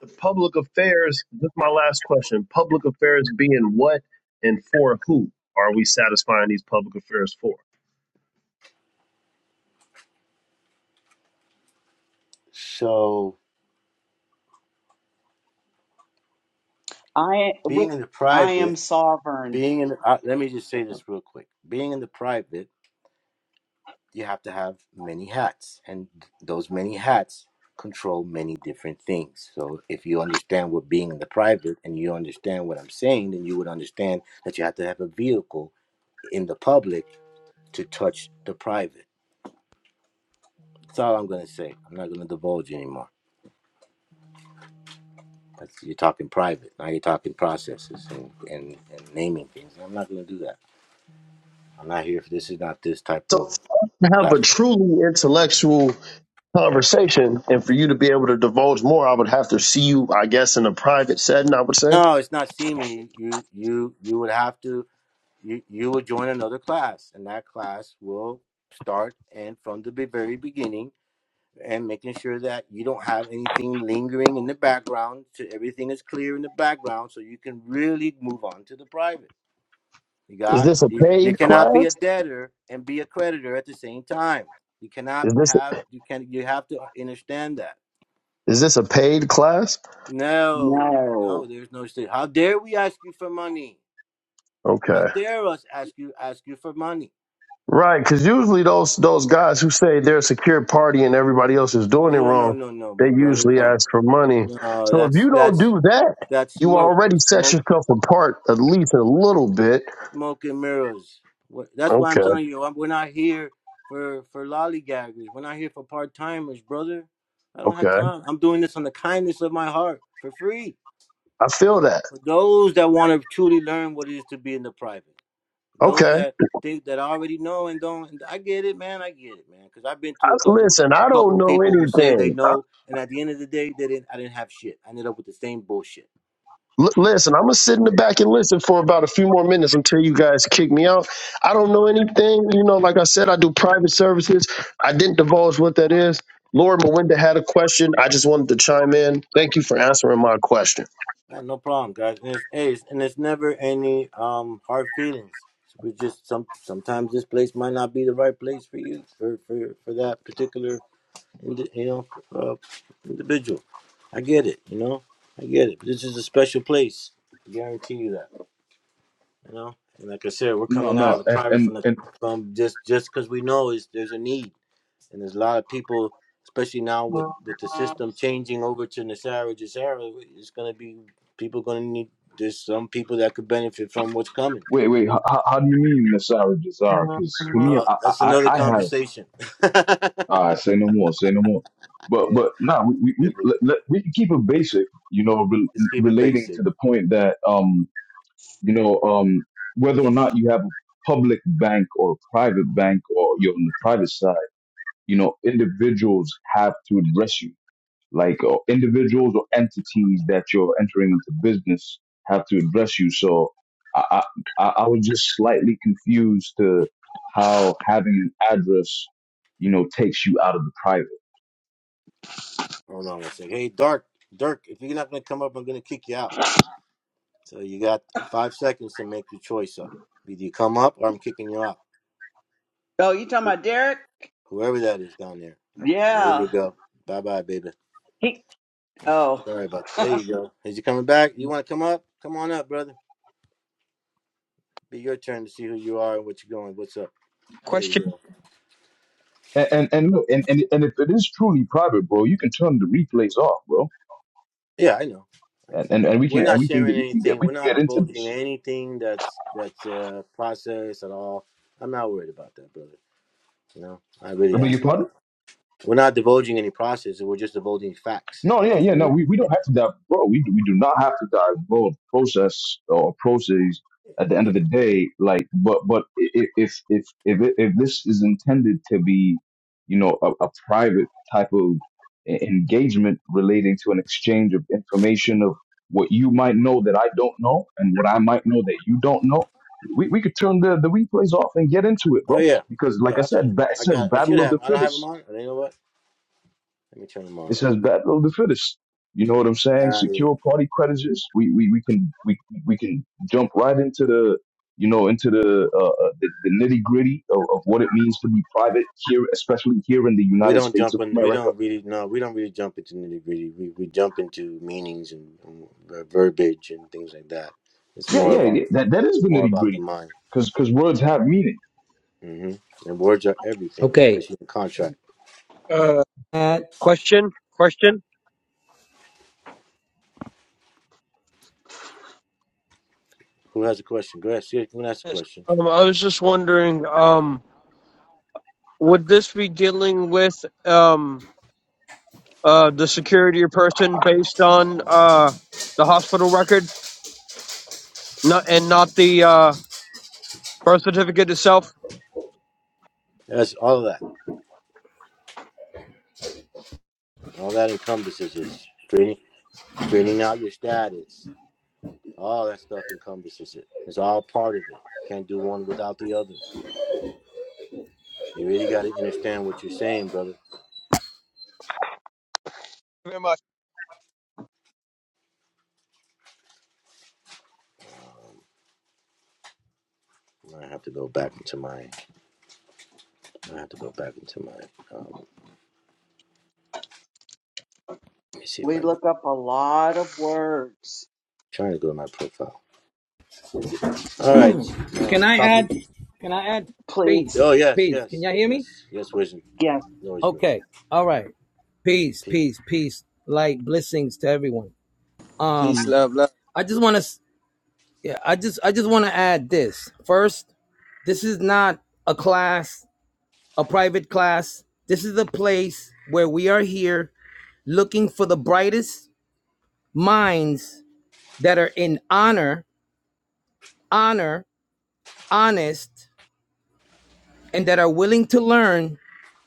S9: The public affairs, this is my last question. Public affairs being what and for who are we satisfying these public affairs for?
S2: So
S8: I we-
S2: being in the
S8: I
S2: private,
S8: am sovereign.
S2: being in, the, uh, let me just say this real quick. Being in the private you have to have many hats, and those many hats control many different things. So if you understand what being in the private and you understand what I'm saying, then you would understand that you have to have a vehicle in the public to touch the private. That's all I'm going to say. I'm not going to divulge anymore. That's, you're talking private. Now you're talking processes and, and, and naming things. I'm not going to do that. I'm not here for this. Is not this type
S9: So
S2: of
S9: to have a
S2: platform.
S9: truly intellectual conversation and for you to be able to divulge more, I would have to see you, I guess, in a private setting, I would say.
S2: No, it's not seeming. You you you would have to. you you will join another class and that class will start and from the be- very beginning and making sure that you don't have anything lingering in the background so everything is clear in the background so you can really move on to the private you
S9: Is
S2: got
S9: this a
S2: you, you
S9: paid
S2: cannot be a
S9: class?
S2: debtor and be a creditor at the same time you cannot
S9: Is this
S2: have you can you have to understand that
S9: is this a paid class?
S2: no no
S8: No.
S2: there's no state how dare we ask you for money how
S9: Okay.
S2: dare us ask you ask you for money
S9: Right, because usually those those guys who say they're a secure party and everybody else is doing it
S2: Oh no
S9: wrong,
S2: no no,
S9: they
S2: my brother,
S9: usually
S2: no,
S9: ask for money.
S2: no.
S9: So if
S2: That's
S9: you don't
S2: that's
S9: do that,
S2: that's
S9: you
S2: smoke,
S9: already set
S2: smoke,
S9: yourself apart at least a little bit.
S2: smoke and mirrors. What, that's why I'm
S9: Okay,
S2: telling you, I'm, we're not here for for lollygaggers. We're not here for part timers, brother. I don't have
S9: okay.
S2: time. I'm doing this on the kindness of my heart for free
S9: I feel that.
S2: for those that want to truly learn what it is to be in the private. Those
S9: Okay.
S2: that think that I already know and don't, and I get it, man. I get it, man. Because I've been
S9: I,
S2: to a couple,
S9: listen,
S2: a
S9: I don't
S2: couple
S9: know
S2: people who say they
S9: anything. I,
S2: know, and at the end of the day, they didn't. I didn't have shit. I ended up with the same bullshit.
S9: l- listen, I'm gonna sit in the back and listen for about a few more minutes until you guys kick me out. I don't know anything. You know, like I said, I do private services. I didn't divulge what that is. Lord Melinda had a question. I just wanted to chime in. Thank you for answering my question.
S2: Nah, no problem, guys. And it's, hey, it's, and it's never any um hard feelings. We just some sometimes this place might not be the right place for you for for for that particular indi- you know uh, individual. I get it, you know. I get it. This is a special place. I guarantee you that. You know, and like I said, we're
S7: No,
S2: coming out of
S7: no,
S2: the
S7: and
S2: private
S7: and,
S2: from the
S7: and
S2: from just just because we know is there's a need, and there's a lot of people, especially now with with the system changing over to Nasara Jasara, it's gonna be people gonna need. There's some people that could benefit from what's coming.
S7: wait, wait. How, how how do you mean Nasara Jazara? Because for me, I
S2: Uh,
S7: I,
S2: that's
S7: I
S2: another
S7: I have
S2: conversation.
S7: uh, say no more, say no more. But
S2: yeah,
S7: but no, nah, we we we,
S2: different.
S7: let, let- we can keep it basic, you know,
S2: Let's
S7: re-
S2: keep it
S7: relating
S2: basic.
S7: to the point that um you know um whether or not you have a public bank or a private bank or you're on the private side, you know, individuals have to address you like uh, individuals or entities that you're entering into business have to address you. So I, I, I was just slightly confused to how having an address, you know, takes you out of the private.
S2: Hold on one second. Hey, Dark, Dirk, if you're not gonna come up, I'm gonna kick you out. So you got five seconds to make your choice up. Either you come up or I'm kicking you out.
S8: Oh, you talking about Derek?
S2: Whoever that is down there. I- There you
S8: Yeah.
S2: go. Bye bye, baby.
S8: He oh,
S2: Sorry about that. There you go. Is you coming back? You want to come up? Come on up, brother. Be your turn to see who you are and what you're going. What's up? There you
S10: Question,
S2: go.
S7: And and, and look, and, and and if it is truly private, bro, you can turn the replays off, bro.
S2: Yeah, I know. I-
S7: And and, and we
S2: We're
S7: can and
S2: not
S7: we can get
S2: sharing
S7: we can get
S2: anything.
S7: we
S2: We're
S7: can
S2: not
S7: get into
S2: divulging
S7: this.
S2: anything that's that's uh, process at all. I'm not worried about that, brother. You know, I really
S7: I beg
S2: am.
S7: your
S2: I'm
S7: pardon?
S2: not. We're not divulging any process. We're just divulging facts
S7: No,
S2: that
S7: yeah, yeah,
S2: people
S7: no,
S2: need.
S7: we, we
S2: Yeah,
S7: don't have to dive, bro. We, we do not have to divulge process or proceeds at the end of
S2: yeah.
S7: the day. Like, but but i- i- if if if it- if this is intended to be, you know, a, a private type of e- engagement relating to an exchange of information of what you might know that I don't know and what I might know that you don't know, we we could turn the the replays off and get into it,
S2: Oh
S7: bro.
S2: yeah,
S7: Because
S2: yeah.
S7: like I
S2: I'll turn
S7: said,
S2: them on.
S7: ba- it
S2: I
S7: says
S2: got. I should
S7: battle of
S2: have.
S7: the
S2: I don't have
S7: fittest.
S2: them on. You know what? Let me turn them on.
S7: It says battle of the fittest. You know what I'm saying?
S2: Got it.
S7: Secure party creditors. We we we can we we can jump right into the you know into the uh, uh, the, the nitty gritty of, of what it means to be private here, especially here in the
S2: We
S7: United
S2: don't
S7: States
S2: jump
S7: of
S2: in. We
S7: America.
S2: don't really no. We don't really jump into nitty gritty. We we jump into meanings and, and ver- verbiage and things like that. It's
S7: Yeah,
S2: more
S7: yeah,
S2: about
S7: yeah. That that is the
S2: more
S7: nitty
S2: about the
S7: gritty,
S2: mind.
S7: because because words have meaning.
S2: hmm And words are everything,
S11: Okay.
S2: especially in contract.
S10: uh,
S11: Uh,
S10: question, question.
S2: Who has a question? Go ahead. See if you can ask a
S10: Yes.
S2: question.
S10: Um, I was just wondering, um, would this be dealing with um, uh, the security or person based on uh, the hospital record, not and not the uh, birth certificate itself? Thank
S2: That's all of that. All that encompasses is straightening straightening out your status. All that stuff encompasses it. It's all part of it. Can't do one without the other. You really got to understand what you're saying, brother.
S10: you very much,
S2: I have to go back into mine. I have to go back into my. Um, let me see if
S8: we
S2: I can.
S8: look up a lot of words.
S2: Trying to go to my profile. All right.
S11: can
S2: Um,
S11: I
S2: copy.
S11: add? Can I add? Peace,
S8: Please.
S2: Oh yes,
S11: peace. Can
S2: yes,
S11: y'all hear me?
S2: yes, yes. Wizard,
S8: Yes.
S2: always yours.
S11: Okay. All right. Peace,
S2: Peace.
S11: peace, peace. Light blessings to everyone.
S1: Peace,
S11: Um,
S1: love, love.
S11: I just want to. Yeah, I just, I just want to add this first. This is not a class, a private class. This is a place where we are here looking for the brightest minds that are in honor, honor, honest, and that are willing to learn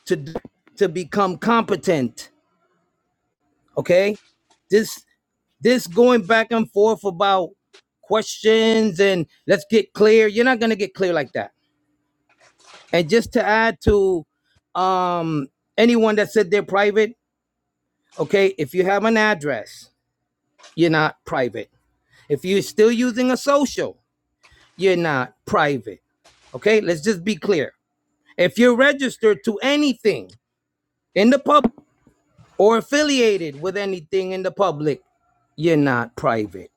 S11: to to become competent. Okay, this this going back and forth about questions and let's get clear. You're not gonna get clear like that. And just to add to um, anyone that said they're private, okay, if you have an address, you're not private. If you're still using a social, you're not private. Okay, let's just be clear. If you're registered to anything in the public or affiliated with anything in the public, you're not private.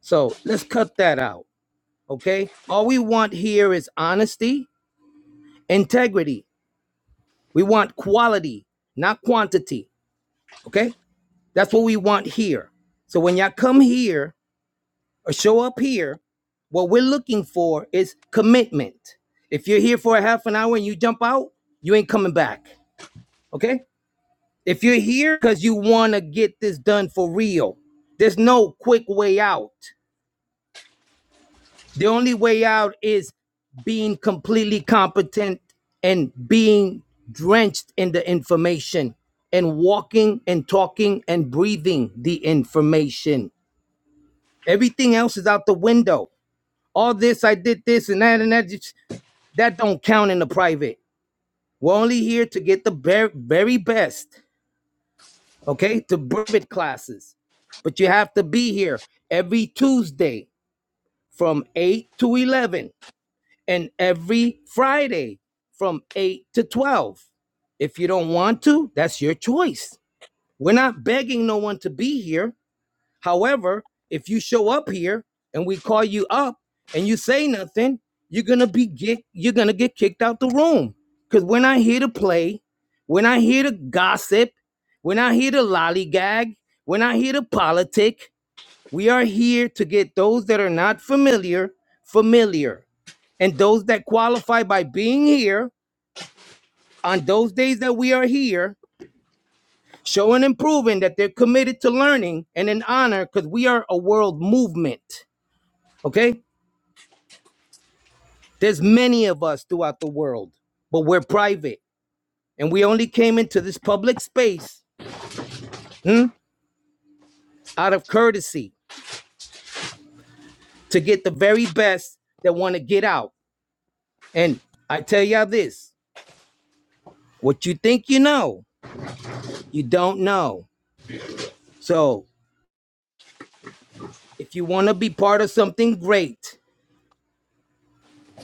S11: So let's cut that out. Okay. All we want here is honesty, integrity. We want quality, not quantity. Okay. That's what we want here. So when y'all come here or show up here, what we're looking for is commitment. If you're here for a half an hour and you jump out, you ain't coming back. Okay. If you're here because you want to get this done for real, there's no quick way out. The only way out is being completely competent and being drenched in the information and walking and talking and breathing the information. Everything else is out the window. All this, I did this and that and that, that don't count in the private. We're only here to get the very, very best. okay, to private classes. But you have to be here every Tuesday from 8 to 11 and every Friday from 8 to 12. If you don't want to, that's your choice. We're not begging no one to be here. However, if you show up here and we call you up and you say nothing, you're gonna be get you're gonna get kicked out the room. Cause we're not here to play, we're not here to gossip, we're not here to lollygag, we're not here to politic. We are here to get those that are not familiar familiar. And those that qualify by being here on those days that we are here, showing and proving that they're committed to learning and in honor, because we are a world movement. Okay? There's many of us throughout the world, but we're private. And we only came into this public space hmm, out of courtesy to get the very best that want to get out. And I tell y'all this what you think you know, you don't know. So if you want to be part of something great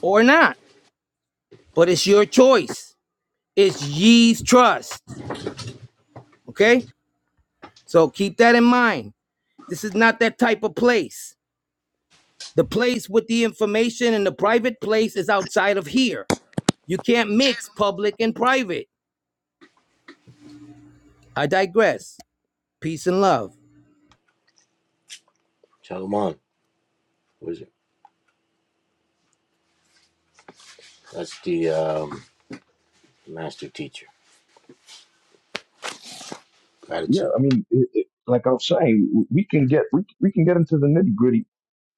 S11: or not, but it's your choice, it's ye's trust. Okay? So keep that in mind. This is not that type of place. The place with the information and the private place is outside of here. You can't mix public and private. I digress. Peace and love.
S2: Shalom, on, Wizard. That's the um, master teacher
S7: Yeah,
S2: gratitude.
S7: I mean, it, it, like I was saying, w- we can get we we can get into the nitty gritty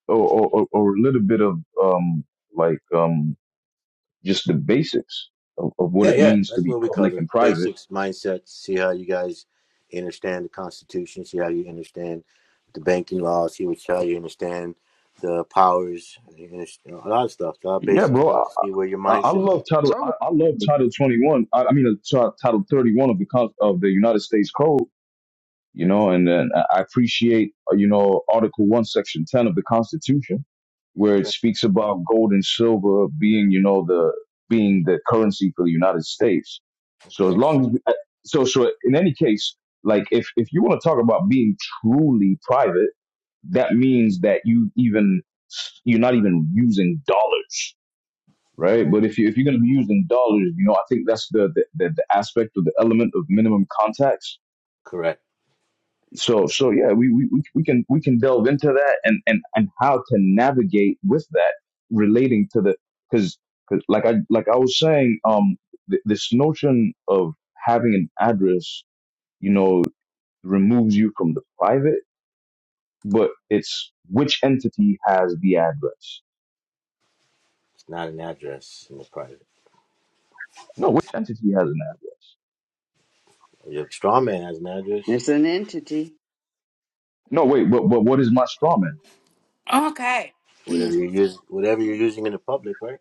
S7: or, or or or a little bit of um like um just the basics of, of what
S2: Yeah,
S7: it
S2: yeah.
S7: means to
S2: That's
S7: be
S2: what we
S7: public
S2: cover.
S7: and private
S2: Basics, mindset. See how you guys understand the Constitution. See how you understand the banking laws. See which how you understand the powers. You understand a lot of stuff. A lot of
S7: Yeah,
S2: basic
S7: bro.
S2: stuff
S7: I,
S2: to see where your
S7: I I
S2: mindset is
S7: love
S2: at.
S7: title. I,
S9: So,
S7: I love title twenty one. I, I mean, uh, Ti- title thirty one of the Con- of the United States Code. You know, and then I I appreciate uh, you know Article one, Section ten of the Constitution, where it
S2: Okay.
S7: speaks about gold and silver being you know the being the currency for the United States. So as
S2: Okay.
S7: long as uh, so so in any case, like if if you want to talk about being truly private, that means that you even you're not even using dollars
S2: Hmm.
S7: right? But if you if you're going to be using dollars, you know, I think that's the the, the the aspect or the element of minimum contacts.
S2: Correct.
S7: So so yeah, we we we we can we can delve into that and and and how to navigate with that relating to the because like I like I was saying, um, th- this notion of having an address, you know, removes you from the private, but it's which entity has the address.
S2: It's not an address in the private.
S7: No, which entity has an address?
S2: Your straw man has an address.
S8: It's an entity.
S7: No, wait, but but what is my strawman?
S3: okay.
S2: Whatever you use, whatever you're using in the public, right?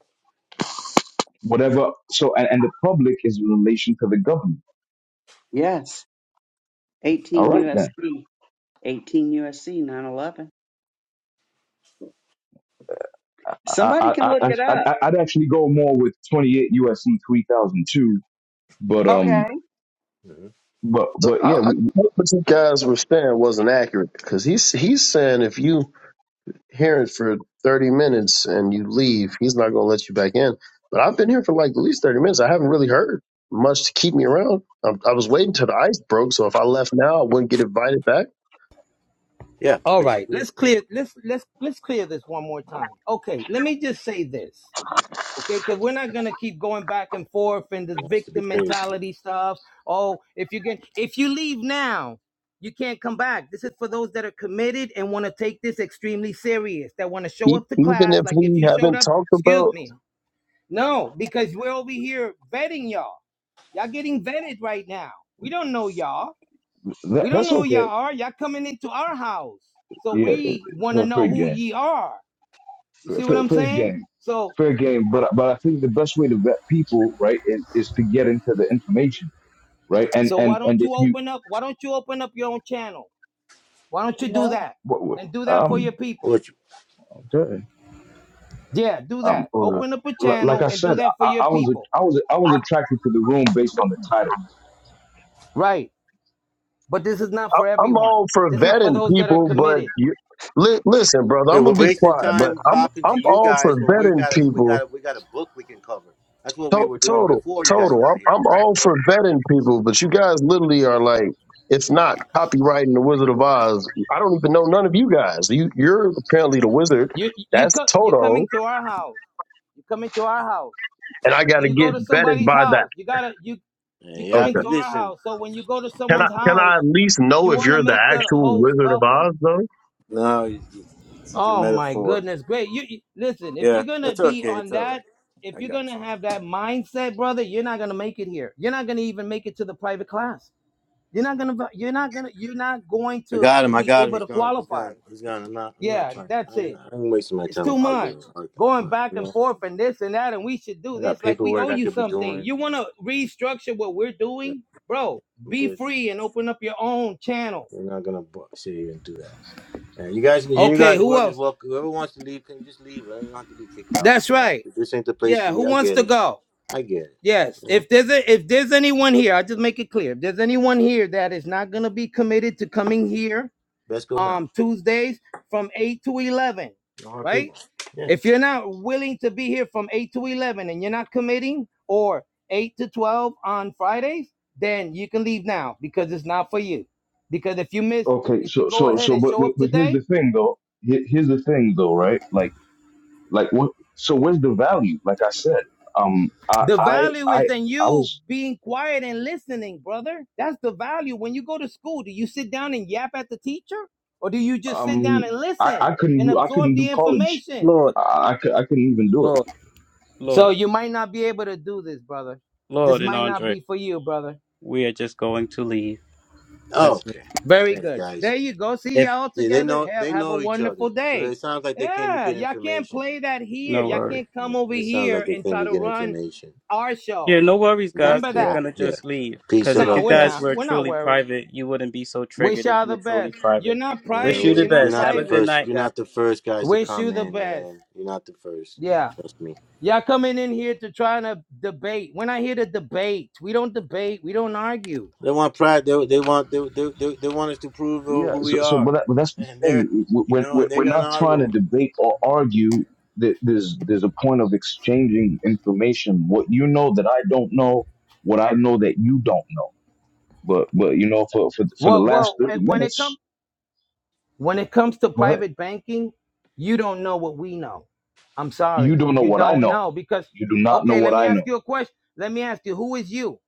S7: whatever. So, and, and the public is in relation to the government.
S8: Yes,
S7: All
S8: 18
S7: right, then.
S8: USC, 18 USC 911.
S7: I,
S8: Somebody
S7: I,
S8: can look
S7: I,
S8: it
S7: I,
S8: up.
S7: I- I'd actually go more with 28 USC 3002, but, um,
S8: Okay.
S2: hmm
S7: but,
S9: so
S7: but
S9: I,
S7: yeah,
S9: I
S7: we, we-
S9: think what you guys were saying wasn't accurate because he's he's saying if you here for 30 minutes and you leave, he's not going to let you back in. But I've been here for like at least 30 minutes. I haven't really heard much to keep me around. I, I was waiting till the ice broke. So if I left now, I wouldn't get invited back.
S2: Yeah,
S11: All right,
S2: basically,
S11: let's
S2: it
S11: clear let's let's let's clear this one more time. Okay, let me just say this. Okay, because we're not gonna keep going back and forth and the
S2: wants to be
S11: victim
S2: catered to.
S11: mentality stuff. Oh, if you get if you leave now, you can't come back. This is for those that are committed and want to take this extremely serious, that want to show
S9: E-
S11: up to
S9: even
S11: class.
S9: if
S11: Like if
S9: we
S11: you showed
S9: haven't
S11: up,
S9: talked
S11: excuse
S9: about,
S11: me. No, because we're over here vetting y'all. Y'all getting vetted right now. We don't know y'all.
S7: that,
S11: We don't
S7: that's
S11: know who y'all
S7: okay.
S11: are. Y'all coming into our house. So
S7: Yeah,
S11: we want to
S7: fair, fair
S11: know who
S7: game.
S11: ye are. You
S7: Fair,
S11: see what
S7: fair,
S11: I'm
S7: fair
S11: saying?
S7: game.
S11: So
S7: Fair game. But, but I think the best way to vet people, right, is, is to get into the information, right? And,
S11: so
S7: and,
S11: why don't
S7: and if
S11: you
S7: you,
S11: open up? Why don't you open up your own channel? Why don't you do
S3: Hello?
S11: that?
S7: what, what,
S11: And do that for your
S7: um,
S11: people.
S2: Which
S7: okay.
S11: Yeah, do
S7: Um,
S11: that.
S9: Oh,
S11: Open up a
S7: li- like
S11: channel
S7: I
S11: and do
S7: said,
S11: that for
S7: I,
S11: your
S7: I was,
S11: people.
S7: I was, I was attracted to the room based on the title
S11: Right. But this is not
S9: I,
S11: for
S9: I'm
S11: everyone.
S9: all for
S11: This is for
S9: vetting
S11: those that are
S9: people, but
S11: committed.
S9: you, li- listen, brother,
S2: Hey,
S9: I'm
S2: we're
S9: going to be
S2: wasting
S9: quiet, but
S2: time
S9: I'm,
S2: talking to
S9: I'm
S2: you
S9: all
S2: guys
S9: for
S2: when we
S9: vetting
S2: got a, we
S9: people
S2: got a, we got a book we can cover. That's what we
S9: To-
S2: were doing
S9: total,
S2: before you guys
S9: total.
S2: got here.
S9: I'm I'm all for vetting people, but you guys literally are like, it's not copywriting the Wizard of Oz. I don't even know none of you guys. You you're apparently the wizard.
S11: You you
S9: That's
S11: co- you're coming
S9: Toto,
S11: to our house. You're coming to our house.
S9: and I got
S11: When
S9: to
S11: you go
S9: get
S11: to
S9: vetted
S11: somebody's
S9: by that.
S11: house, you gotta you you
S2: Yeah,
S11: coming
S9: Okay.
S2: if-
S11: to our
S2: listen.
S11: house. So when you go to
S9: Can I
S11: someone's
S9: can I
S11: house,
S9: at least know
S11: you
S9: if
S11: want to
S9: you're the
S11: make the
S9: actual
S11: host
S9: Wizard of
S11: welcome.
S9: Oz though?
S2: No, it's, it's it's a
S11: Oh my
S2: metaphor.
S11: goodness, great! You, you listen. If
S2: Yeah,
S11: you're gonna
S2: that's
S11: be
S2: okay.
S11: on
S2: It's all
S11: that,
S2: right.
S11: if
S2: I
S11: you're
S2: got you.
S11: gonna have that mindset, brother, you're not gonna make it here. You're not gonna even make it to the private class. You're not gonna. You're not gonna. You're not going
S2: I
S11: to
S2: got him. I
S11: be
S2: got him.
S11: able
S2: He's
S11: to
S2: gone. He's
S11: qualify.
S2: gone. He's gone. I'm not. I'm not
S11: Yeah,
S2: trying.
S11: that's
S2: I'm.
S11: it.
S2: not- I'm wasting my
S11: It's
S2: time with
S11: too much
S2: arguing. Like,
S11: going
S2: uh,
S11: back
S2: You
S11: and
S2: know,
S11: forth and this and that, and we should do
S2: I got
S11: this. Like we
S2: paperwork
S11: owe
S2: I
S11: you
S2: could be
S11: something.
S2: doing.
S11: You want to restructure what we're
S2: Yeah,
S11: doing, bro?
S2: I'm
S11: Be
S2: good.
S11: free and open up your own channel.
S2: We're not gonna bu- sit here and do that. Yeah, you guys, you
S11: Okay,
S2: guys,
S11: who
S2: whoever's
S11: else?
S2: welcome, whoever wants to leave, can just leave. I don't have to be kicked out.
S11: That's
S2: You know,
S11: right.
S2: If this ain't the place for
S11: Yeah,
S2: you.
S11: who
S2: I
S11: wants
S2: get
S11: to
S2: it.
S11: go?
S2: I get it.
S11: Yes.
S2: You know,
S11: If there's a, if there's anyone here, I just make it clear. If there's anyone here that is not gonna be committed to coming here,
S2: best go now.
S11: um, Tuesdays from eight to eleven,
S2: No hard
S11: right?
S2: feelings. Yeah.
S11: If you're not willing to be here from 8 to 11 and you're not committing or 8 to 12 on Fridays, then you can leave now because it's not for you. Because if you miss,
S7: Okay,
S11: if you
S7: so
S11: go
S7: so
S11: ahead
S7: so,
S11: and
S7: but
S11: show
S7: but,
S11: up
S7: but here's the
S11: today,
S7: thing though. Here- Here's the thing though, right? Like like what? So where's the value? Like I said, um, I
S11: the
S7: I
S11: value is
S7: I
S11: in
S7: I
S11: you
S7: was
S11: being quiet and listening, brother. That's the value. When you go to school, do you sit down and yap at the teacher or do you just sit down
S7: um
S11: and
S7: I
S11: listen
S7: I couldn't
S11: and
S7: do I
S11: absorb
S7: couldn't do
S11: the
S7: college.
S11: information?
S5: Lord,
S7: I I, cou- I couldn't even do it.
S5: Lord,
S11: So
S5: Lord,
S11: you might not be able to do this, brother. This
S5: Lord, and
S11: might not
S5: Andre,
S11: be for you, brother.
S5: we are just going to leave.
S2: Oh,
S5: That's it.
S2: okay.
S11: Very
S2: Thanks,
S11: good.
S2: guys.
S11: There you go. See
S5: If
S11: y'all
S2: Yeah, they
S11: together.
S2: know
S11: Have
S2: they
S11: have a
S2: know each other,
S11: wonderful
S2: so
S11: day.
S2: it sounds like they came to
S11: Yeah,
S2: get
S11: y'all can't
S2: information.
S11: play that here.
S5: no
S11: Y'all
S5: worries.
S11: can't
S2: Yeah,
S11: come over
S2: it sounds like
S11: here
S2: they
S11: and
S2: came
S11: try
S2: to
S11: to
S2: get
S11: run
S2: information.
S11: our
S5: Yeah,
S11: show.
S5: no worries,
S2: Yeah,
S5: guys.
S11: Remember
S5: We're
S2: yeah,
S11: that.
S5: gonna
S2: yeah.
S5: just leave
S2: Peace
S5: because
S2: and
S5: if you
S11: No,
S2: love,
S11: we're
S5: guys
S11: not.
S2: guys.
S5: were
S11: We're not
S5: truly
S11: worried.
S5: private, you wouldn't be so triggered
S11: Wish
S5: if
S11: y'all
S5: you were
S11: the
S5: truly
S11: best. You're
S5: private.
S11: not
S2: Yeah,
S5: Wish you
S11: private.
S5: the
S11: You're
S2: we,
S11: not
S2: you're
S5: best.
S2: not
S5: Have
S2: the
S5: a good
S11: private.
S2: first.
S5: night,
S2: You're
S5: guys.
S2: not the first guys to
S11: Wish
S2: come
S11: you the
S2: in,
S11: best.
S2: man. You're not the first.
S11: Yeah.
S2: Trust me.
S11: Y'all coming in here to try to debate. We're not here to debate. We don't debate. We don't argue.
S2: They want pride. They, they want they, they, they, they want us to prove
S7: Yeah.
S2: who we
S7: So so,
S2: are,
S7: but, that, but that's the
S2: and they're
S7: thing.
S2: you
S7: We're,
S2: know,
S7: we're
S2: and they're
S7: we're
S2: in
S7: not
S2: our
S7: trying to
S2: room.
S7: debate or argue. That there's there's a point of exchanging information. What you know that I don't know, what I know that you don't know. But but you know, for for for the
S11: Well,
S7: last
S11: well,
S7: thirty
S11: when it comes
S7: minutes
S11: When it comes to
S7: Go ahead.
S11: private banking, you don't know what we know. I'm
S7: You
S11: sorry.
S7: don't know
S11: You
S7: what I
S11: don't
S7: know.
S11: know because
S7: You do not know
S11: okay, let
S7: what
S11: me
S7: I
S11: ask
S7: know.
S11: you a question. Let me ask you, who is you?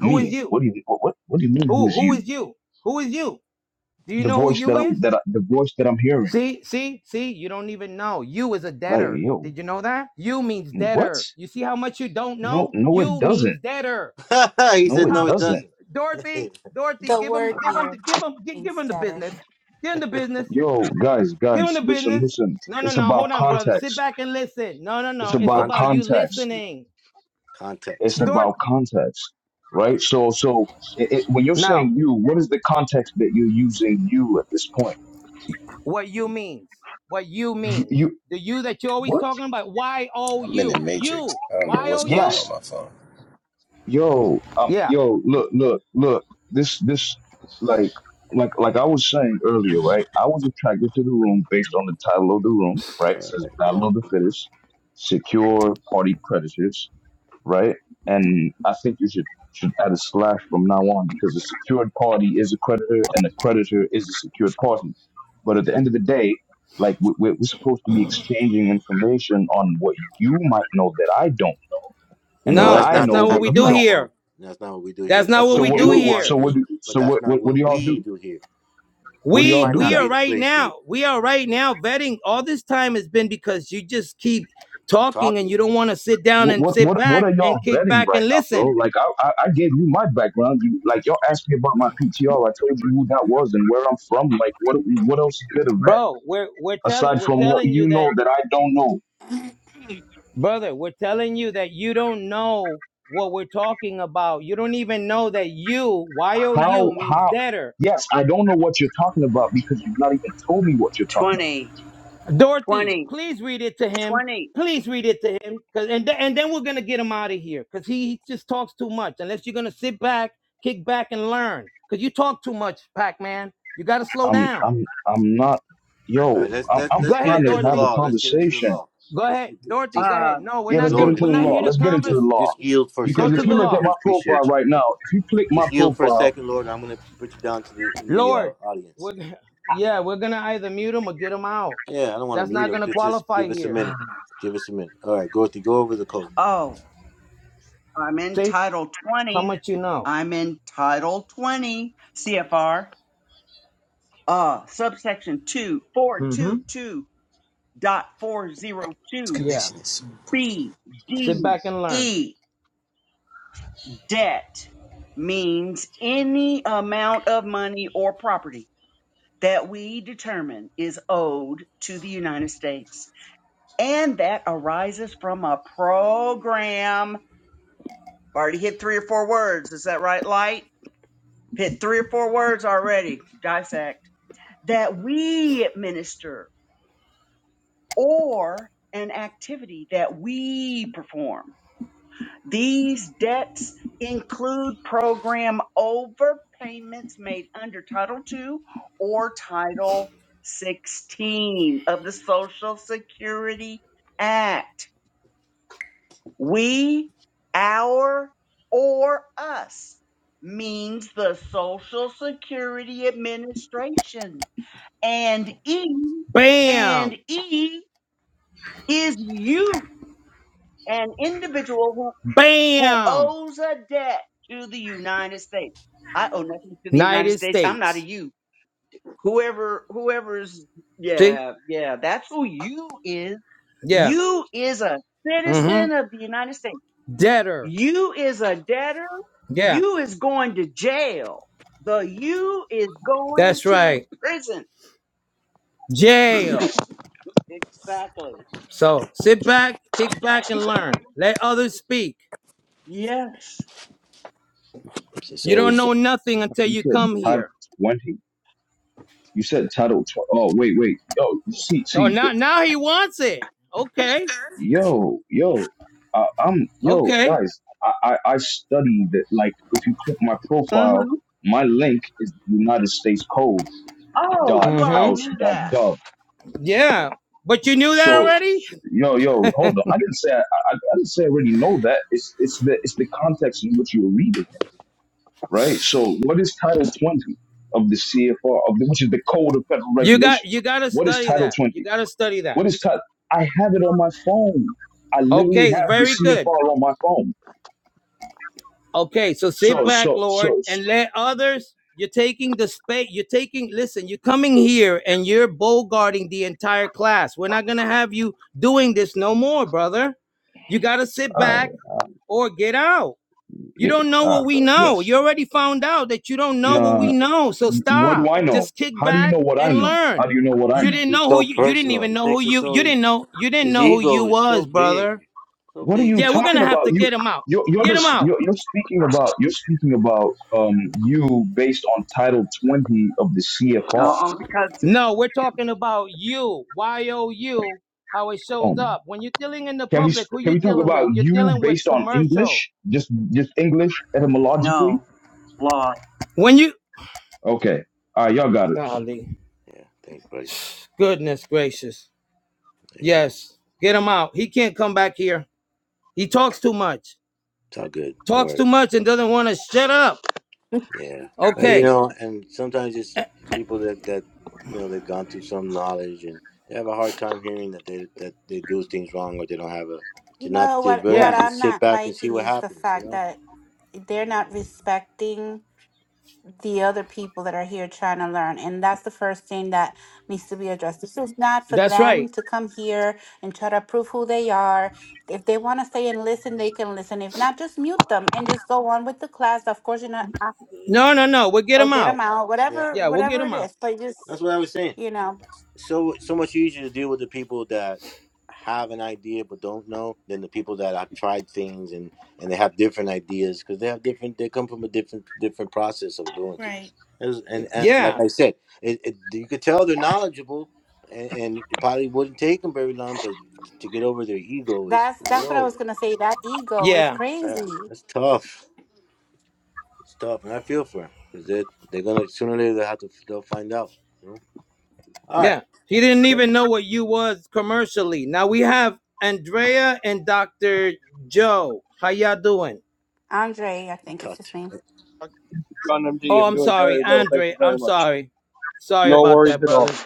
S11: Who is you?
S7: What do you what what, what do you mean?
S11: Who
S7: Who's
S11: who
S7: you?
S11: is you? Who is you? Do you
S7: The
S11: know who
S7: voice
S11: you
S7: that I'm
S11: is?
S7: that I, the voice that I'm hearing.
S11: See, see, see, you don't even know. You is a
S7: Like
S11: debtor.
S7: yo,
S11: Did you know that? You means
S7: what?
S11: debtor. You see how much you don't
S7: No,
S11: know?
S7: no, it
S11: You
S7: doesn't.
S11: means debtor.
S2: he
S7: No,
S2: said,
S7: it
S2: "No,
S11: Cop
S2: it
S7: doesn't.
S2: doesn't."
S11: Dorothy, Dorothy,
S3: The
S11: give him
S3: word
S11: give him
S3: you
S11: give him give
S3: means
S11: him the
S3: better.
S11: business. Give him the business.
S7: Yo, guys,
S11: Give him
S7: guys,
S11: the
S7: listen,
S11: business.
S7: listen.
S11: No, no,
S7: It's
S11: no.
S7: about
S11: Hold on, brother. Sit
S7: context.
S11: back and listen. No, no,
S7: It's
S11: no. It's
S7: about
S11: about
S2: Contact,
S11: you
S7: context.
S11: listening.
S7: It's
S2: context.
S11: Dort.
S7: about context, right? So, so it, it, when you're
S11: Now,
S7: saying you, what is the context that you're using you at this point?
S11: what you means. What you
S7: You,
S11: means.
S7: you
S11: The you that you're always
S7: what?
S11: talking about. Y O
S1: I'm in the
S11: U.
S1: Matrix.
S11: You.
S1: I don't know
S11: Y
S1: what's
S11: O
S1: going on
S11: U?
S1: with
S7: Yes,
S1: my phone.
S7: yo, um,
S11: Yeah.
S7: yo, look, look, look, this, this, like, like, like I was saying earlier, right? I was attracted to the room based on the title of the room, right? It says Battle of the Fittest, Secure Party Creditors, right? And I think you should, should add a slash from now on because a secured party is a creditor and a creditor is a secured party. But at the end of the day, like, we- we're, we're supposed to be exchanging information on what you might know that I don't know and
S2: No,
S7: what
S11: No,
S2: that's
S7: I
S11: that's
S2: not this
S7: know
S11: not what
S7: that
S2: type
S11: we
S2: of
S7: you
S11: do
S7: don't. know.
S2: platform.
S11: here.
S2: That's not what we do
S11: That's
S2: here.
S11: not
S2: That's
S11: what
S2: what
S7: So
S11: we
S7: what,
S11: do
S2: you
S7: what, what
S2: want to
S11: here.
S7: so what
S2: do,
S7: do
S2: but
S7: so
S2: that's
S7: what, what
S2: not
S7: what do
S2: what
S7: y'all
S2: we
S7: do?
S2: do here.
S7: What do
S2: This
S7: y'all
S11: We
S2: might
S7: do
S11: we
S2: not
S7: then?
S11: are
S2: be the
S11: right
S2: place for you
S11: now. We are right now vetting. All this time has been because you just keep talking and
S2: talking.
S11: you don't want to sit down
S7: What
S11: and
S7: what
S11: sit
S7: what what are
S11: back and
S7: y'all
S11: kick
S7: vetting
S11: back
S7: right
S11: and
S7: now, bro?
S11: listen.
S7: Like I I, I gave you my background. You like y'all asked me about my PTR. I told you who that was and where I'm from. Like what what else is there to vet
S11: bro we're we're telling
S7: aside
S11: we're
S7: from what
S11: telling you
S7: you
S11: that
S7: know that I don't know?
S3: You
S11: brother we're telling you that you don't know what we're talking about you don't even know that you y-o-u
S7: How
S11: means
S7: how?
S11: debtor
S7: Yes, I don't know what you're talking about because you've not even told me what you're talking
S8: twenty,
S11: dorothy
S8: twenty,
S11: please read it to him
S8: twenty.
S11: please read it to him, cause and, th- and then we're gonna get him out of here because he just talks too much unless you're gonna sit back kick back and learn because you talk too much pac-man you gotta slow
S7: about. I'm
S11: down
S7: I'm I'm not.
S2: All
S7: Yo,
S2: right, let's
S7: I'm
S2: let's
S7: I'm
S11: go
S2: let's get
S7: trying
S11: ahead
S7: to
S2: into the
S7: have a
S11: dorothy
S2: law. Let's get into the
S7: conversation
S2: law.
S11: go
S2: Let's
S11: ahead
S2: get
S11: dorothy
S2: just
S11: go ahead no we're
S7: Yeah, let's
S11: not
S7: get
S11: gonna
S2: Lord,
S7: into
S2: if
S11: we're
S7: the
S2: you
S11: not
S2: were
S7: law.
S11: here to
S7: Let's get into the
S11: converse
S2: just
S7: law.
S2: just yield for a
S11: go
S7: Because
S11: to
S2: second,
S7: if you
S11: the
S2: Lord,
S7: look
S11: law
S7: at my
S2: please
S7: profile
S2: appreciate you.
S7: right now, if you click my
S2: Just yield for a
S7: profile,
S2: second, Lord. I'm gonna put you down to the in the uh,
S11: Lord,
S2: audience.
S11: we're, yeah, we're gonna either mute him or get him out.
S2: Yeah, I don't want to
S11: That's
S2: mute
S11: not
S2: him,
S11: gonna
S2: but just
S11: qualify
S2: give us a
S11: here.
S8: Uh,
S2: minute. Give us a minute. All right, Gorthy, go over the code.
S8: oh, I'm in
S11: See
S8: Title
S11: how
S8: 20.
S11: much you know.
S8: I'm in Title 20 CFR, uh, subsection two four two
S11: Mm-hmm.
S8: two dot four zero
S1: This
S8: two
S11: Yeah.
S1: connection is.
S8: B,
S11: Sit
S8: D,
S11: back and learn.
S8: E. Debt means any amount of money or property that we determine is owed to the United States and that arises from a program. I've Already hit three or four words. Is that right, Light? Hit three or four words already. Dissect. That we administer or an activity that we perform These debts include program overpayments made under Title II or Title 16 of the Social Security Act. We, our, or us means the Social Security Administration. And E, and
S11: Bam,
S8: E is you, an individual who
S11: bam.
S8: owes a debt to the United States. I owe nothing to the United
S11: United
S8: States. I'm not a
S11: States.
S8: you. Whoever, whoever's,
S11: See?
S8: yeah, yeah, that's who you is.
S11: Yeah.
S8: You is a
S11: Mm-hmm.
S8: citizen of the United States.
S11: Debtor.
S8: You is a debtor.
S11: Yeah.
S8: You is going to jail. The you is going
S11: That's
S8: to
S11: right.
S8: prison.
S11: Jail.
S8: Exactly.
S11: So sit back, kick back, and learn. Let others speak.
S8: Yes.
S2: It's
S11: You don't
S2: always uh,
S11: know nothing until
S7: you
S11: you
S7: said
S11: come
S7: title
S11: here.
S7: 20. You said title 20. Oh, wait, wait. Yo, you see,
S11: Oh,
S7: see, the,
S11: now now he wants it. Okay.
S7: yo, yo, uh, I'm, yo,
S11: Okay.
S7: guys, I, I, I studied that. Like, if you click my
S8: hmm
S7: profile, my link is the United States Code
S8: Oh,
S7: dot
S8: you already
S11: hmm
S7: house
S8: knew
S7: dot
S8: that.
S7: gov.
S11: Yeah, but you knew that
S7: So,
S11: already.
S7: so- yo, yo, hold on. I didn't say I, I, I didn't say I already know that. It's, it's the, it's the context in which you're reading right? So what is Title 20 of the CFR, of the, which is the Code of Federal
S11: You got you
S7: Regulations?
S11: got to
S7: What is
S11: study
S7: Title
S11: that. You
S7: 20?
S11: got to study that.
S7: What is Title? I have it on my phone. I literally
S11: Okay, it's
S7: have the
S11: very good.
S7: CFR on my phone.
S11: Okay, so sit
S7: So,
S11: back,
S7: so,
S11: Lord,
S7: so,
S11: and let others. You're taking the space. You're taking. Listen, you're coming here and you're guarding the entire class. We're not gonna have you doing this no more, brother. You got to sit
S7: uh,
S11: back
S7: uh,
S11: or get out. You
S7: yeah,
S11: don't know
S7: uh,
S11: what we know. You
S7: bless.
S11: already found out that you don't know what we
S7: Uh,
S11: know. So
S7: what do
S11: stop.
S7: I know?
S11: Just kick
S7: How do you
S11: back
S7: know what I
S11: and
S7: know? How
S11: learn.
S7: do you know what I
S11: You
S7: know?
S11: didn't
S2: it's
S11: know who
S2: so
S11: you, you didn't
S2: personal.
S11: even
S2: He
S11: know who
S2: takes it
S11: you you
S2: so
S11: didn't know you didn't
S2: his
S11: know who
S2: ego
S11: you
S2: is so
S11: was,
S2: big,
S11: brother.
S2: so
S7: What are
S2: big
S7: you
S11: Yeah, we're
S2: ego.
S11: gonna
S7: talking
S11: have
S7: about?
S11: to
S7: You,
S11: get him out.
S7: you're, you're
S11: Get him
S7: just,
S11: out.
S7: you're, you're speaking about, you're speaking about, um, you based on Title 20 of the CFR.
S8: No, because
S11: No, we're talking about you. Y O U. How it shows up when you're dealing in the
S7: Can we
S11: public. Who
S7: can
S11: you
S7: we talk
S11: dealing
S7: about
S11: with? You're
S7: you
S11: dealing with
S7: based on
S11: commercial.
S7: English? Just just English etymologically?
S8: no law.
S11: When you
S7: Okay. All right, y'all got it.
S11: golly,
S2: Yeah, thanks, buddy.
S11: goodness gracious.
S2: There you go.
S11: Yes, get him out. He can't come back here. He talks too much.
S2: It's all good. Don't worry.
S11: Talks too much and doesn't want to shut up.
S2: Yeah, Uh, you
S11: Okay.
S2: know, and sometimes it's people that that you know they've gone through some knowledge and they have a hard time hearing that they that they do things wrong or they don't have a to not
S3: know
S2: they
S3: what
S2: rather
S3: what
S11: Yeah,
S2: just
S3: I'm
S2: sit
S3: not
S2: back and see
S3: liking
S2: what
S3: is the
S2: happens. You
S3: fact
S2: know.
S3: that they're not respecting. the other people that are here trying to learn. And that's the first thing that needs to be addressed. This is not for
S11: that's
S3: them
S11: right.
S3: to come here and try to prove who they are. If they want to stay and listen, they can listen. If not, just mute them and just go on with the class. Of course, you know, uh,
S11: No, no, no. We'll get
S3: or
S11: him
S3: get them
S11: out.
S3: out,
S2: Yeah,
S3: whatever,
S11: Yeah, we'll get
S3: whatever it
S11: him out.
S3: is. But just,
S2: that's what I was saying.
S3: you know,
S2: so so much easier to deal with the people that have an idea but don't know than the people that have tried things and and they have different ideas because they have different they come from a different different process of doing things
S3: Right.
S2: and, and, and like
S11: Yeah,
S2: i said it, it, you could tell they're knowledgeable and, and it probably wouldn't take them very long but to get over their ego is
S3: that's that's what I
S2: whoa
S3: was gonna say. That ego is
S11: yeah,
S2: yeah
S3: crazy.
S2: that's tough it's tough and i feel for them because they they're gonna sooner or later they have to they'll find out you know all right
S11: yeah. He didn't
S2: Let-
S11: even know what you was commercially. Now we have Andrea and Dr. Joe. How y'all doing?
S3: Andre, I think it's his name.
S10: Dr. John MD.
S11: Oh,
S10: I'm
S11: I'm
S10: doing
S11: sorry,
S10: very well. Thank
S11: Andre.
S10: you
S11: I'm
S10: very much.
S11: sorry. Sorry
S10: No
S11: about
S10: worries
S11: that,
S10: at all.
S11: brother.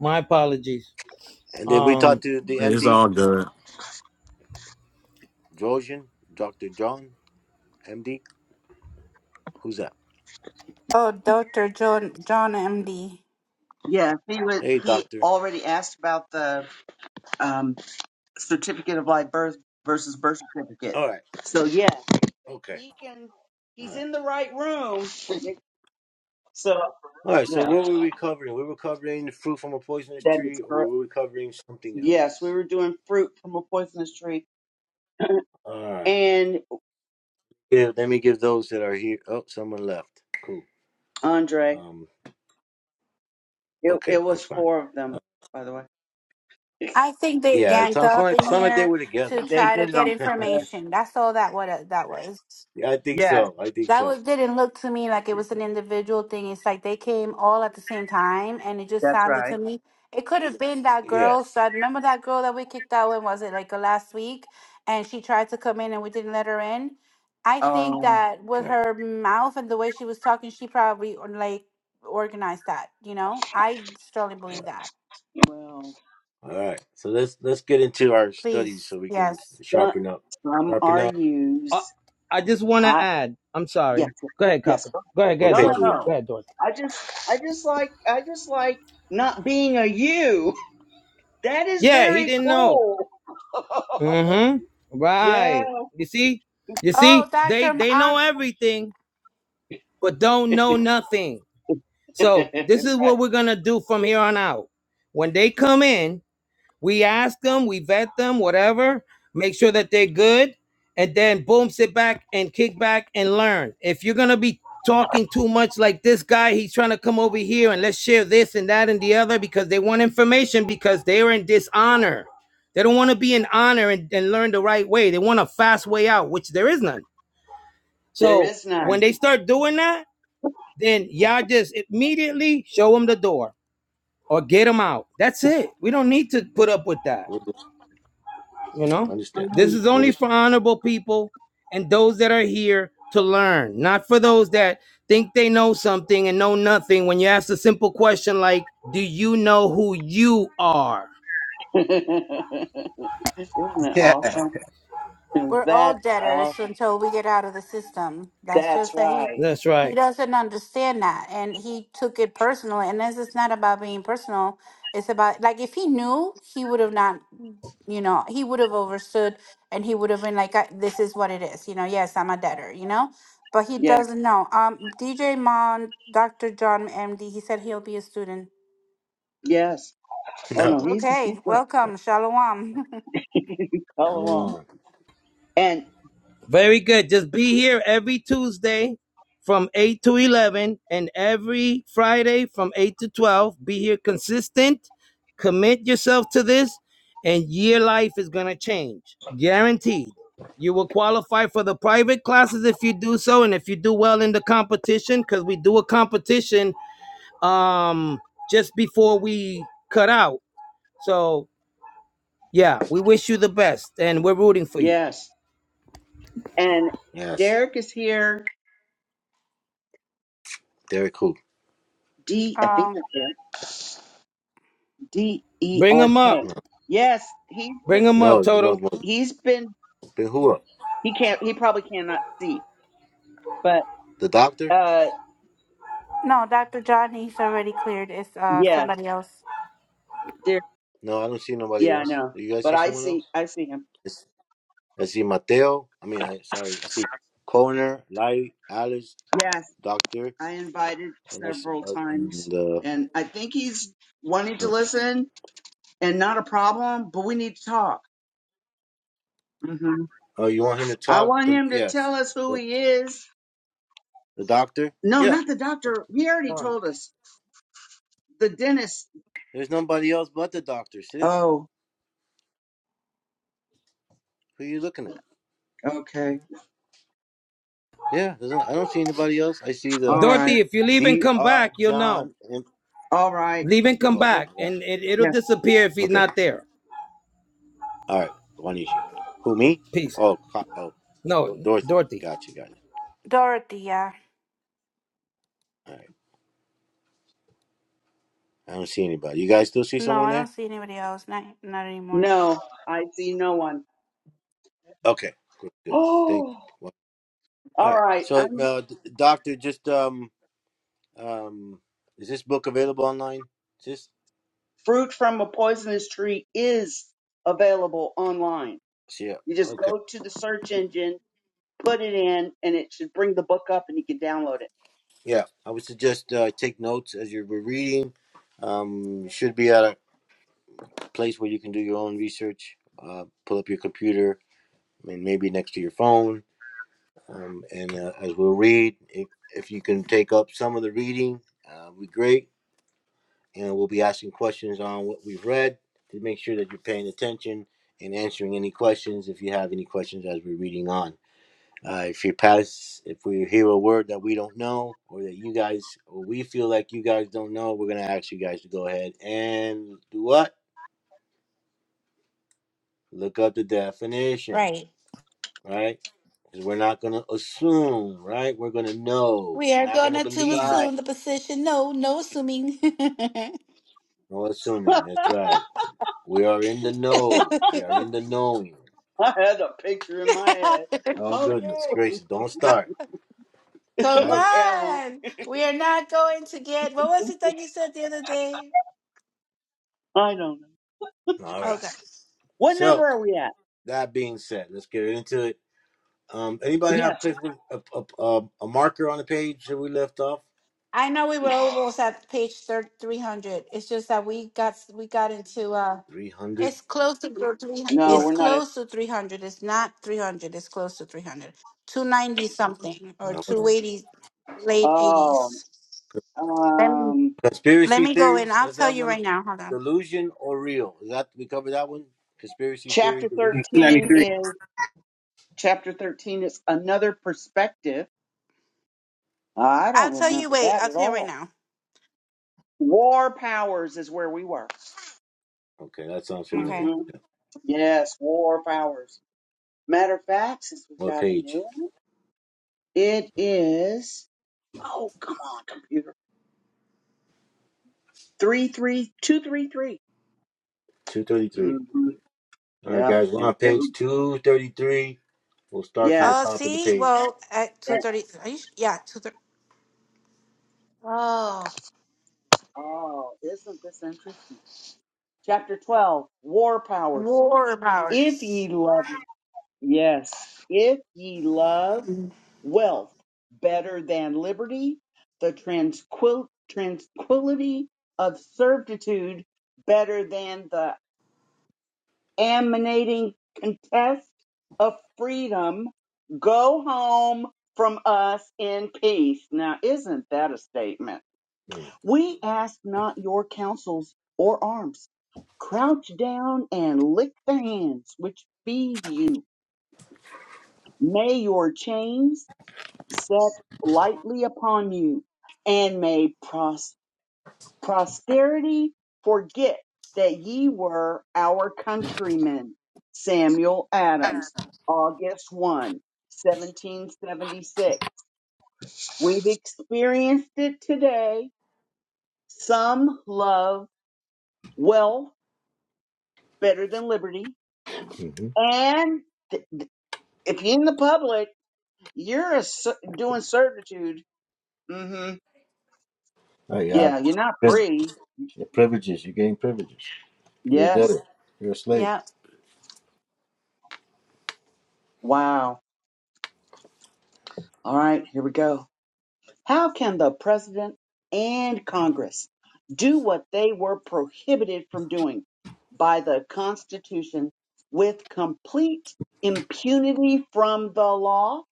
S11: My apologies.
S2: and then we talk
S11: Um,
S2: to the
S6: It's
S2: md
S6: all good.
S2: Drosian, Dr. John, MD. Who's that?
S3: Oh, Doctor John John M D.
S8: Yeah, he was.
S2: Hey,
S8: He
S2: doctor.
S8: already asked about the um, certificate of live birth versus birth certificate.
S2: All right.
S8: So yeah,
S2: Okay.
S8: he can.
S2: All
S8: He's
S2: right.
S8: in the right room. so
S2: All right. So,
S8: yeah,
S2: what were we covering? We were covering the fruit from a poisonous
S8: that is
S2: tree, or
S8: correct.
S2: were we covering something
S8: Yes, we
S2: else?
S8: were doing fruit from a poisonous tree,
S2: All right.
S8: and
S2: Yeah. Let me give those that are here. Oh, someone left. Cool.
S8: Andre.
S2: Um.
S8: It,
S2: Okay.
S8: it
S2: That's
S8: was
S2: fine.
S8: four of them,
S2: Uh,
S8: by the way.
S3: I think they
S2: yeah. It
S3: ganged
S2: sounds
S3: up
S2: like
S3: in
S2: sound like they
S3: here
S2: were together.
S3: to
S8: They
S3: try to
S8: did it
S3: get
S8: on
S2: yeah,
S8: purpose.
S3: information. That's all that what uh, that was.
S2: I think
S8: Yes,
S2: so. I think
S3: That was,
S2: so.
S3: didn't look to me like it was an individual thing. It's like they came all at the same time, and it just
S8: that's
S3: sounded
S8: right.
S3: to me. It could have been that girl.
S2: Yes.
S3: So I remember that girl that we kicked out when was it like uh, last week, and she tried to come in and we didn't let her in. I think
S8: Oh
S3: that with
S2: Right.
S3: her mouth and the way she was talking, she probably or, like organized that. You know, I strongly believe that.
S8: well,
S2: All right. So let's let's get into our studies
S3: Please,
S2: so we can
S3: yes.
S8: but
S2: sharpen up.
S8: some
S2: Sharpen
S8: are
S2: up.
S11: I,
S8: used.
S11: I just want to add. I'm
S8: Yes,
S11: sorry.
S8: yes,
S11: Go ahead,
S8: yes.
S11: Copper.
S8: Go ahead.
S11: Go ahead, go
S2: What
S11: ahead,
S8: No,
S2: page are
S11: Dorothy.
S2: we
S8: no,
S2: on?
S8: no.
S11: Go ahead, Dorothy.
S8: I just, I just like, I just like not being a you. That is
S11: Yeah, he
S8: very
S11: didn't know.
S8: cool.
S11: Mm-hmm.
S8: yeah.
S11: Right. You see? You
S3: Oh,
S11: see?
S3: Doctor,
S11: They they
S3: i
S11: know everything, but don't know nothing. So
S8: right.
S11: this is what we're gonna do from here on out. When they come in, we ask them, we vet them, whatever, make sure that they're good, and then boom, sit back and kick back and learn. If you're gonna be talking too much like this guy, he's trying to come over here and let's share this and that and the other because they want information because they're in dishonor. They don't want to be in honor and, and learn the right way. They want a fast way out, which there is none.
S8: There
S11: So
S8: is
S2: Right.
S11: when
S8: none.
S11: they start doing that, then y'all just immediately show them the door or get them out. That's it. We don't need to put up with that.
S2: Mhm.
S11: You know,
S2: Understand.
S8: Mm.
S11: this is only
S2: Overstand.
S11: for honorable people and those that are here to learn, not for those that think they know something and know nothing when you ask a simple question like, Do you know who you are?
S8: Isn't it
S1: Yeah.
S8: awesome?
S3: we're all
S8: That's awesome.
S3: debtors until we get out of the system. That's
S8: That's
S3: just that he
S8: right.
S11: That's
S3: he
S11: right.
S3: doesn't understand that, and he took it personally. And this is not about being personal. It's about like if he knew, he would have not. You know, he would have understood, and he would have been like, I, "This is what it is." You know, yes, I'm a debtor. You know, but he
S8: Yeah.
S3: doesn't know. Um, DJ Mon, Doctor John, MD, he said he'll be a student.
S8: Yes. Oh
S2: No.
S8: no, he's he's
S3: Okay,
S8: good.
S3: welcome, Shalom.
S8: All
S2: Down the
S8: along.
S2: one.
S8: And
S11: Very good. Just be here every Tuesday from 8 to 11 and every Friday from 8 to 12. Be here consistent. Commit yourself to this, and your life is going to change. Guaranteed. You will qualify for the private classes if you do so, and if you do well in the competition, because we do a competition um, just before we cut out. So, yeah, we wish you the best, and we're rooting for you.
S8: yes. And
S2: Yes.
S8: Derek is here.
S2: Derek who?
S8: D. I think
S3: um,
S8: that's it. D E
S11: Bring
S8: R
S11: them
S8: K.
S11: up.
S2: No.
S8: Yes, he
S11: Bring them up,
S2: No, there's no
S11: Toto.
S2: one.
S8: he's been
S2: But who else?
S8: he can't he probably cannot see, but
S2: The doctor?
S8: uh
S3: No, Dr. John, he's already cleared. It's uh
S8: yeah,
S3: somebody else.
S8: there
S2: No, I don't see nobody
S8: yeah I
S2: else.
S8: know,
S2: Do you guys
S8: but
S2: see
S8: I
S2: someone
S8: see
S2: else?
S8: I see him.
S2: It's- I see Mateo. I mean, I sorry. I see Connor, Larry, Alice,
S8: Yes,
S2: Doctor,
S8: I invited
S2: and us.
S8: several
S2: Uh,
S8: times,
S2: and uh,
S8: and I think he's wanting to
S2: oh,
S8: listen and not a problem, but we need to talk. hmm
S2: oh, you want him to
S8: I
S2: talk?
S8: want
S2: The,
S8: him to
S2: yes.
S8: tell us who
S2: The,
S8: he is.
S2: the doctor?
S8: No,
S2: Yeah.
S8: not the doctor. He already
S2: Come on.
S8: told us. The dentist.
S2: There's nobody else but the doctor, sis.
S8: Oh,
S2: Who are you looking at?
S8: okay.
S2: Yeah, there's no, I don't see anybody else. I see the
S8: All right.
S11: Dorothy, if you leave and come
S2: Dr.
S11: back, you'll know.
S2: John
S8: All right.
S11: Leave and come
S2: Oh,
S11: back,
S2: my God.
S11: and it, it'll disappear if he's
S2: Okay.
S11: not there.
S2: All right. Wanishi. Who, me?
S11: Peace.
S2: Oh, Ka- oh,
S11: No,
S2: Dor- Dorothy.
S11: Dorothy.
S2: Gotcha, gotcha.
S3: Dorothy, yeah.
S2: All right. I don't see anybody. You guys still see
S3: No,
S2: someone
S3: I don't
S2: there?
S3: see anybody else. Not not anymore.
S8: No, I see no one.
S2: Okay. Good. good. Thank
S8: Oh,
S2: you. Well, all
S8: all
S2: right.
S8: right.
S2: So,
S8: I'm,
S2: uh, d- doctor, just um, um, is this book available online? Is this?
S8: fruit from a poisonous tree is available online.
S2: Yeah.
S8: You just
S2: Okay.
S8: go to the search engine, put it in, and it should bring the book up and you can download it.
S2: Yeah. I would suggest uh, take notes as you're reading. Um, you should be at a place where you can do your own research. Uh, pull up your computer. I mean, maybe next to your phone Um, and uh, as we'll read, if, if you can take up some of the reading, uh, would be great. And we'll be asking questions on what we've read to make sure that you're paying attention and answering any questions if you have any questions as we're reading on. Uh, if you pass, if we hear a word that we don't know or that you guys or we feel like you guys don't know, we're gonna ask you guys to go ahead and do what? Look up the definition,
S3: Right.
S2: right? Because 'Cause we're not gonna assume, right? We're gonna know.
S3: We
S2: We're
S3: are
S2: not
S3: going
S2: gonna
S3: to
S2: believe
S8: Right.
S3: assume the position. No, no assuming.
S2: No
S8: I
S2: assuming. That's right. We are in the know. We are in the knowing.
S8: had a picture in my head.
S2: Oh, goodness
S8: Okay.
S2: gracious. Don't start.
S3: Come
S2: Right?
S8: okay, I won't.
S3: on. We are not going to get, what was it that you said the other day?
S8: I don't know.
S2: All
S3: Oh,
S2: right.
S3: God.
S8: What number
S2: So,
S8: are we at?
S2: that being said, let's get into it. Um, anybody have
S8: Yes.
S2: place with a, a, a, a marker on the page that we left off?
S3: I know we were almost at page thir- 300. It's just that we got we got into uh
S2: 300?
S3: it's close to the three
S8: No,
S2: Yeah.
S3: it's
S8: we're not at.
S3: close to 300. It's not 300. It's close to 300. 290 something or
S2: Uh, hold on.
S3: 280 late
S8: Oh,
S3: 80s. Let me
S8: um,
S3: let
S2: Conspiracy
S3: me go in.
S2: theories?
S3: I'll
S2: Is
S3: tell
S2: that
S3: you
S2: one?
S3: right now. Hold on.
S2: Delusion or real? Is that, we covered that one? Conspiracy theory,
S8: chapter
S1: Two
S2: delusion?
S1: ninety
S8: 13
S1: three.
S8: is. Chapter 13 is another perspective. I
S3: I'll
S8: don't
S3: tell you
S8: remember
S3: wait.
S8: that
S3: I'll
S8: at
S3: tell you right
S8: all.
S3: now.
S8: War powers is where we were.
S2: Okay, that sounds familiar.
S3: Okay.
S8: hmm Yes, war powers. Matter of fact, since we've
S2: What
S8: got a
S2: page?
S8: new one, it is, oh, come on, computer. 33233.
S2: 233.
S8: Mm-hmm.
S2: All right,
S8: Yep.
S2: guys, we're
S8: And
S2: on
S8: here we,
S2: page 233. We'll start from the
S8: yes.
S3: Oh,
S2: top of the
S3: see,
S2: page.
S3: well at
S8: yes.
S3: 230 yeah, 230. Oh,
S8: Oh, isn't this interesting? Chapter 12, war powers.
S3: war
S8: If ye
S3: powers.
S8: love Yes. If ye love
S3: Mhm.
S8: wealth better than liberty, the tranquil- tranquility of servitude better than the emanating contest of freedom, go home from us in peace. Now, isn't that a statement? We ask not your counsels or arms. Crouch down and lick the hands which feed you. May your chains set lightly upon you, and may pros- posterity forget that ye were our countrymen. Samuel Adams, August 1, 1776. We've experienced it today. Some love wealth better than liberty.
S2: hmm
S8: And th- th- if you're in the public, you're a, ser- doing servitude. hmm
S2: you have
S8: Yeah, you're not
S2: pri-
S8: free.
S2: privileges. You gain privileges. You're a
S8: Yes
S2: debtor. You're a slave.
S3: Yeah.
S8: Wow. All right, here we go. How can the president and Congress do what they were prohibited from doing by the Constitution with complete impunity from the law?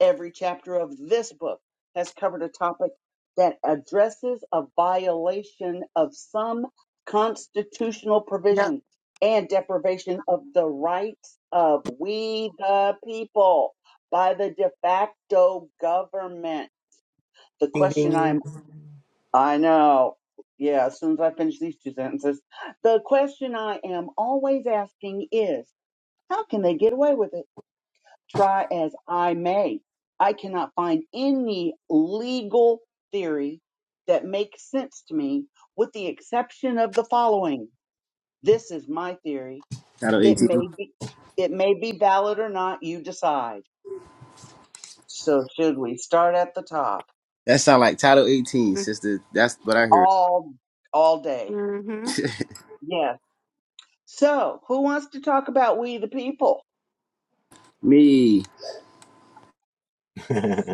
S8: Every chapter of this book has covered a topic that addresses a violation of some constitutional
S3: Yeah.
S8: provision and deprivation of the rights of we the people by the de facto government. The question I'm, I know. Yeah, as soon as I finish these two sentences, the question I am always asking is, how can they get away with it? try as I may, I cannot find any legal theory that makes sense to me, with the exception of the following. This is my theory.
S1: Title
S8: It
S1: 18.
S8: may be, it may be valid or not. You decide. So should we start at the top?
S1: That sound like Title 18, sister. That's what I heard.
S8: All, all day.
S3: Mhm.
S8: Yes. So who wants to talk about we the people?
S1: Me.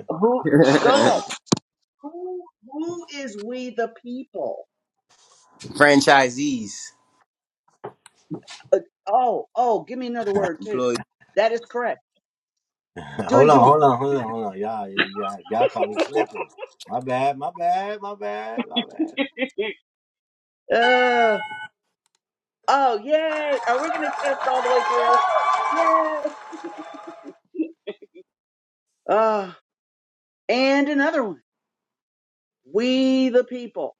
S8: Who? Go ahead. Who, who is we the people?
S1: Franchisees.
S8: Uh, oh, oh, give me another word too.
S1: Employee.
S8: That is correct. Do it
S2: hold on,
S8: again.
S2: hold on, hold on, hold on. Y'all, y- y'all, y'all caught me slipping. My bad, my bad, my bad, my bad.
S8: Uh, oh, yay. Are we going to test all the way through? Yay. Uh, and another one. We the people.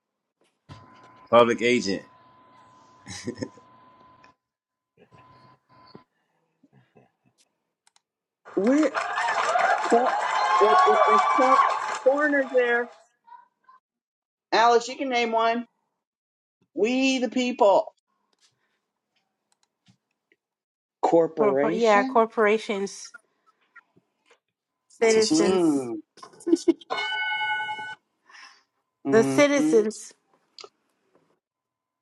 S1: Public agent.
S8: We're cor- it- it- it's cor- corners there. Alice, you can name one. We the people.
S3: Corpor- yeah,
S8: Corporation?
S3: corporations,
S1: Fictitious and
S3: citizens,
S8: Mm,
S3: the
S8: mm-hmm.
S3: citizens.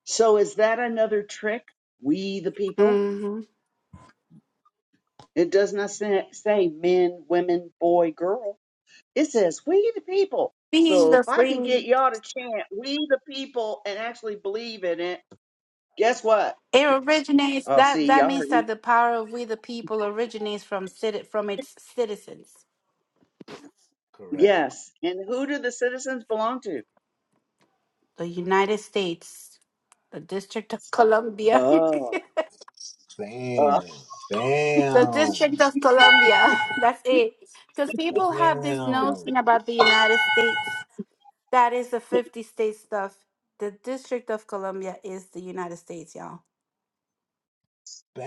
S8: So is that another trick? We the people?
S3: hmm
S8: It does not say, say men, women, boy, girl. It says, "We the people."
S3: Being
S8: So
S3: the
S8: if I can get
S3: free,
S8: y'all to chant "We the people" and actually believe in it, guess what?
S3: it originates.
S8: Oh,
S3: That
S8: see,
S3: that
S8: y'all
S3: means
S8: heard
S3: that
S8: me.
S3: the power of we the people originates from citi- from its citizens.
S2: Correct.
S8: Yes. And who do the citizens belong to?
S3: The United States, the District of
S2: Mm.
S3: Columbia,
S8: Oh, uh,
S2: Bam,
S3: the
S2: bam,
S3: District of Columbia. That's it. Because people have this
S2: bam,
S3: notion about the United States. That is the fifty state stuff. The District of Columbia is the United States, y'all.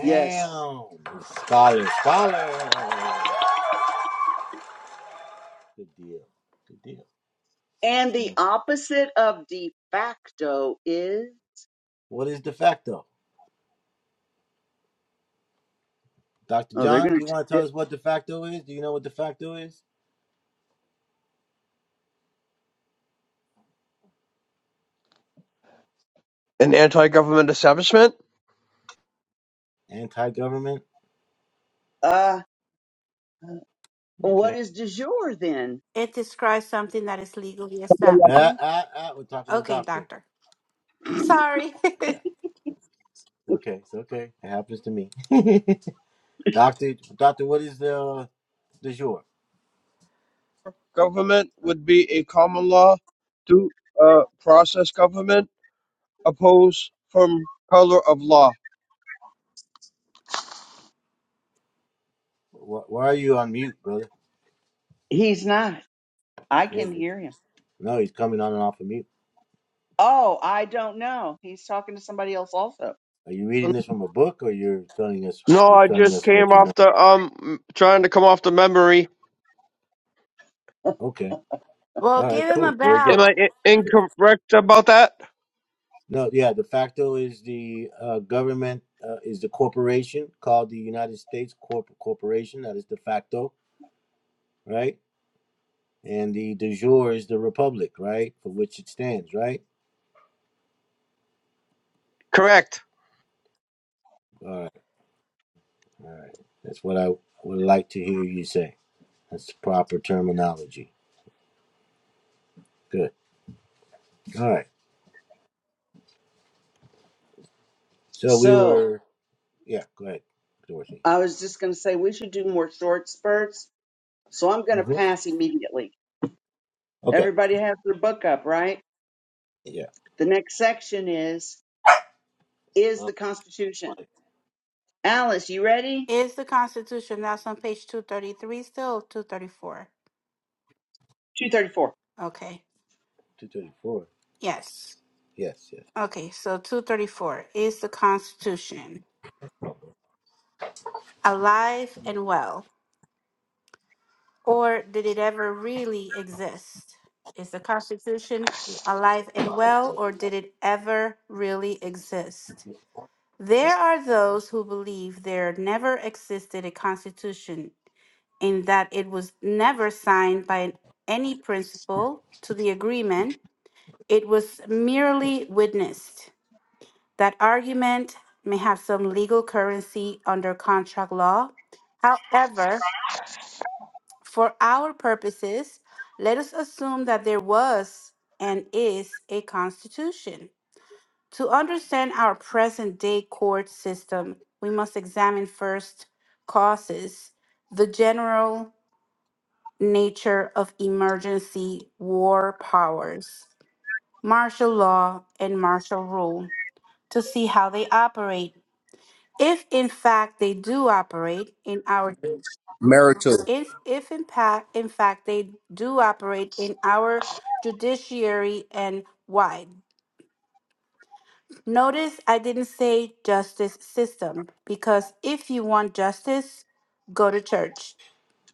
S8: yes.
S2: Scholar, scholar. Good deal. Good deal.
S8: And the
S2: So,
S8: opposite of de facto is
S2: what is de facto? Dr.
S8: oh, they're
S2: John, do
S8: gonna.
S2: you want to
S8: T-
S2: tell us what de facto is? Do you know what de facto is?
S10: An anti-government establishment.
S2: Anti-government.
S8: uh, what
S2: Okay.
S8: is de jure then?
S3: It describes something that is legally accepted.
S2: Ah,
S3: Hmm?
S2: ah, ah, we're talking to
S3: Okay,
S2: doctor.
S3: doctor. Sorry.
S2: Yeah. It's okay. It's okay. It happens to me. doctor, doctor, what is the the jour?
S10: Government would be a common law to uh, process government opposed from color of law.
S2: Wh- Why are you on mute, brother?
S8: He's not. I
S2: Yeah.
S8: can
S2: you-
S8: hear him.
S2: No, he's coming on and off of mute.
S8: Oh, I don't know. He's talking to somebody else also.
S2: Are you reading this from a book, or you're telling us
S10: No,
S2: you're
S10: I
S2: telling
S10: just
S2: us
S10: came
S2: what you know?
S10: off the um trying to come off the memory.
S2: Okay.
S3: well,
S2: All right.
S3: give him a
S2: Cool. Very
S10: Am
S2: good.
S3: bell.
S10: I I- incorrect about that?
S2: No, yeah. De facto is the uh, government uh, is the corporation called the United States Corp Corporation. That is de facto, right? and the du jour is the republic, right, for which it stands, right?
S10: Correct.
S2: All right, all right. That's what I would like to hear you say. That's the proper terminology. Good. All right. So we
S8: So
S2: were, yeah. Go ahead, Dorothy.
S8: I was just going to say we should do more short spurts So I'm going to
S2: hmm
S8: pass immediately.
S2: Okay.
S8: Everybody has their book up, right?
S2: Yeah.
S8: The next section is is the Constitution.
S2: Right.
S8: Alice, you ready?
S3: Is the Constitution that's on page 233 still? 234.
S8: 234.
S3: Okay.
S2: Two thirty-four.
S3: Yes.
S2: Yes. Yes.
S3: Okay, so 234 is the Constitution alive and well, or did it ever really exist? Is the Constitution alive and well, or did it ever really exist? There are those who believe there never existed a constitution in that it was never signed by any principal to the agreement, it was merely witnessed. That argument may have some legal currency under contract law. However, for our purposes, let us assume that there was and is a constitution. To understand our present day court system, we must examine first causes, the general nature of emergency war powers, martial law, and martial rule to see how they operate. If in fact they do operate in our
S1: Marital.
S3: if if in, pa- in fact they do operate in our judiciary and why Notice I didn't say justice system because if you want justice, go to church.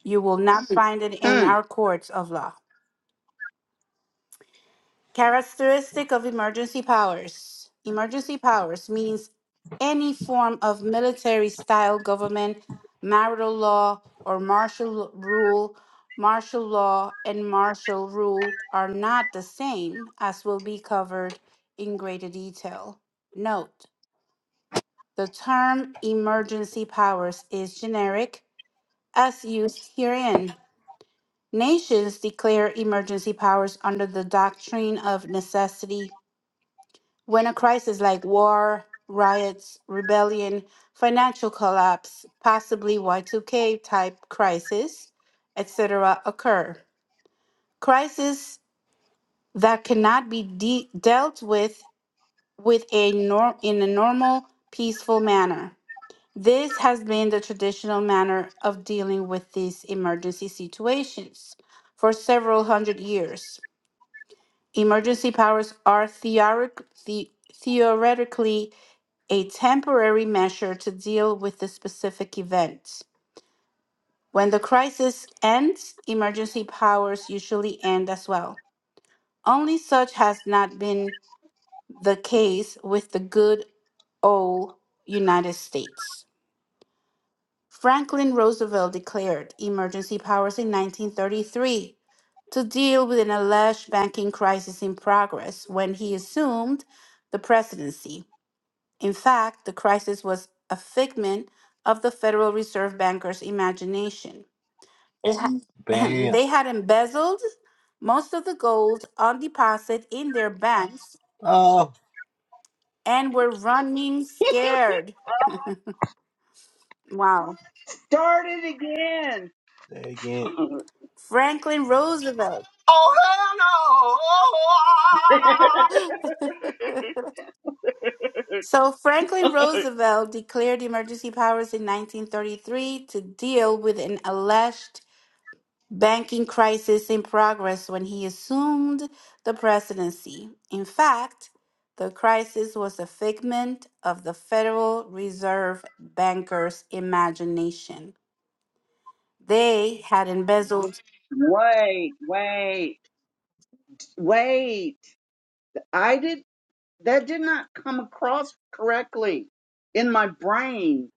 S3: You will not Mhm. find it in
S8: Mm.
S3: our courts of law. Characteristic of emergency powers. Emergency powers means any form of military style government, marital law, or martial rule. Martial law and martial rule are not the same, as will be covered in greater detail. Note The term emergency powers is generic, as used herein. Nations declare emergency powers under the doctrine of necessity when a crisis like war, riots, rebellion, financial collapse, possibly Y2K type crisis, etc., occur. Crises that cannot be de- dealt with with a nor- in a normal, peaceful manner. This has been the traditional manner of dealing with these emergency situations for several hundred years. Emergency powers are theoric- the- theoretically a temporary measure to deal with the specific event. When the crisis ends, emergency powers usually end as well. Only such has not been the case with the good old United States. Franklin Roosevelt declared emergency powers in 1933 to deal with an alleged banking crisis in progress when he assumed the presidency. In fact, the crisis was a figment of the Federal Reserve bankers' imagination. It ha- Mhm.
S2: Bam.
S3: they had embezzled most of the gold on deposit in their banks
S2: Oh,
S3: and were running scared. Wow.
S8: Start it again.
S2: say it again.
S3: Franklin Roosevelt. So Franklin Roosevelt declared emergency powers in 1933 to deal with an alleged banking crisis in progress when he assumed the presidency. In fact, the crisis was a figment of the Federal Reserve bankers' imagination. They had embezzled.
S8: wait, wait, wait. I did that did not come across correctly in my brain.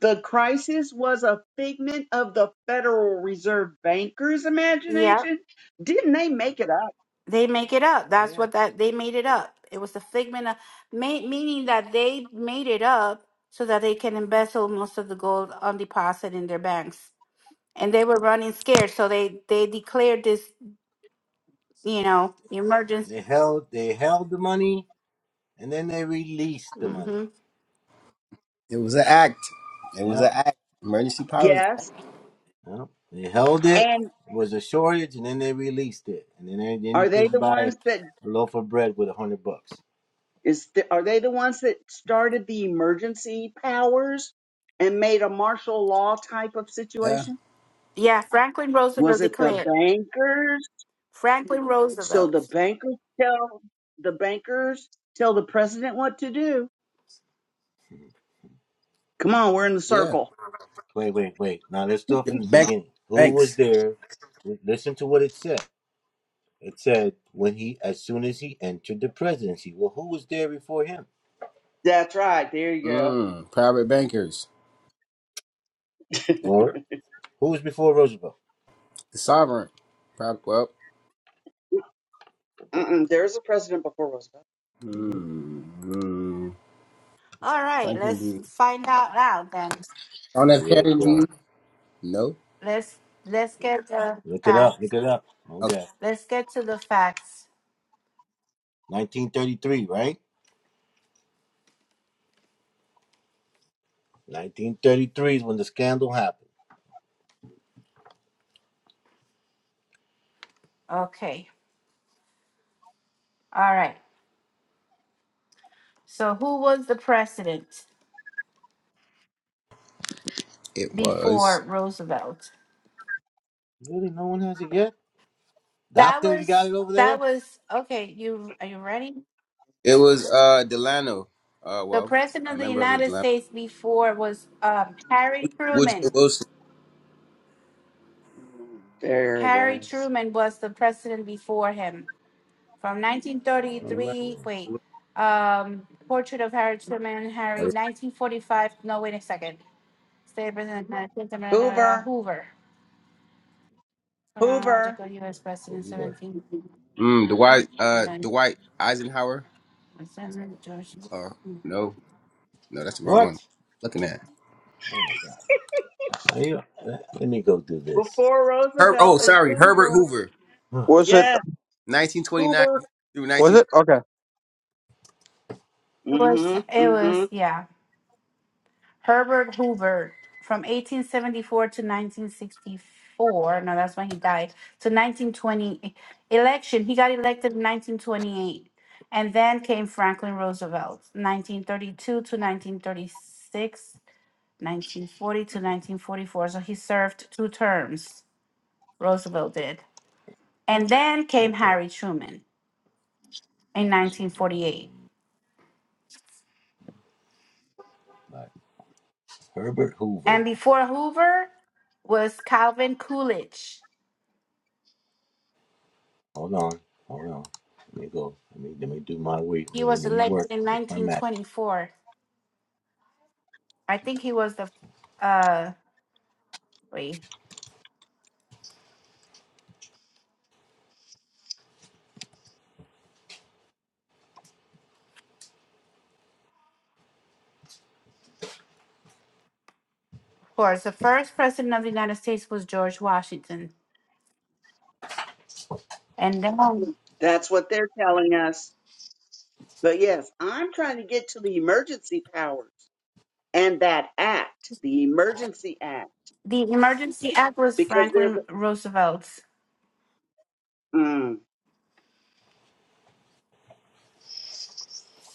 S8: The crisis was a figment of the Federal Reserve bankers' imagination. Didn't they make it up?
S3: They make it up. That's
S2: Yeah.
S3: what that they made it up. It was a figment of ma- meaning that they made it up so that they can embezzle most of the gold on deposit in their banks. And they were running scared, so they they declared this, you know, emergency.
S2: They held. They held the money, and then they released the money.
S3: hmm
S1: It was an act. It was
S2: Yep.
S1: an act. Emergency powers.
S8: Yes.
S2: Yep. They held it.
S8: and.
S2: It was a shortage, and then they released it, and then they, then you
S8: Are they
S2: couldn't
S8: the
S2: buy
S8: ones that
S2: a loaf of bread with a hundred bucks.
S8: is the, are they the ones that started the emergency powers and made a martial law type of
S1: Yeah,
S8: situation?
S3: Yeah, Franklin Roosevelt
S8: Was it the
S3: declared.
S8: bankers?
S3: Franklin
S8: So the
S3: Roosevelt.
S8: bankers tell the bankers tell the president what to do. Come on, we're in the
S1: yeah.
S8: circle.
S2: Wait, wait, wait. Now let's start from the
S1: Bank,
S2: beginning. Who was
S1: banks,
S2: there? Listen to what it said. It said when he, as soon as he entered the presidency. Well, who was there before him,
S8: That's right. There you go.
S1: Mm. Private bankers.
S2: or who was before Roosevelt?
S1: The sovereign. Private, well.
S8: Mm-mm, there's a president before Roosevelt.
S2: hmm
S1: Mm. mm.
S3: All right,
S1: Franklin
S3: let's
S1: D.
S3: find out now then.
S1: John F.
S2: Yeah, bro.
S1: Kennedy. No.
S3: Let's let's get the
S2: Look it up. Look
S3: facts.
S2: it up.
S1: Okay.
S2: Okay.
S3: Let's get to the facts.
S2: 1933, right? 1933 is when the scandal happened.
S3: Okay. All right. So who was the president?
S1: It was.
S3: before Roosevelt.
S2: Really, no one has it yet.
S3: That
S2: Doctor, you got
S3: was
S2: it over there.
S3: that was okay. You are you ready?
S1: It was uh Delano. Uh
S3: The
S1: well,
S3: president
S1: a
S3: of the
S1: member of the
S3: United
S1: Delano.
S3: States before was um, Harry
S1: Woodrow
S3: Truman.
S1: Wilson.
S8: There it
S3: Harry
S8: is.
S3: Truman was the president before him from
S2: Very
S3: 1933.
S2: true.
S3: Wait, um, portrait of Harry Truman. Harry 1945. No, wait a second. State president of the United States, blah, blah, blah, blah,
S8: Hoover.
S3: Hoover.
S8: Hoover.
S3: Chronological U.S. president
S2: Career.
S3: 17.
S1: Mm, Dwight uh Dwight Eisenhower. Uh
S3: George.
S1: no, no, that's the wrong one.
S2: What?
S1: Looking at
S2: Oh my God. I, uh, let me go do this.
S8: Before
S1: Her oh
S8: Roosevelt is
S1: sorry, Herbert
S8: Hoover.
S1: Hoover.
S2: Huh,
S10: Was it
S8: Yes,
S1: Nineteen twenty nine
S8: Hoover.
S1: through
S10: was
S1: nineteen
S10: it? Okay.
S3: It was,
S8: Mm-hmm.
S3: it
S8: Mm-hmm.
S3: was, yeah. Herbert Hoover from 1874 to 1964. No, that's when he died. To 1920 election. He got elected in 1928. And then came Franklin Roosevelt, 1932 to 1936, 1940 to 1944. So he served two terms, Roosevelt did. And then came Harry Truman in
S2: Let's see.
S3: 1948.
S2: Like Herbert
S3: And
S2: Hoover.
S3: before Hoover was Calvin Coolidge
S2: Hold on. Hold on. Let me go. Let me let me do my week.
S3: He
S2: Let me
S3: was
S2: let me
S3: elected
S2: work
S3: in
S2: with my match.
S3: 1924. I think he was the, uh, wait, of course, the first president of the United States was George Washington. And then
S8: That's what they're telling us. But yes, I'm trying to get to the emergency powers and that act, the emergency act,
S3: the Emergency Act was
S8: because there's
S3: Franklin Roosevelt's.
S8: a, mm,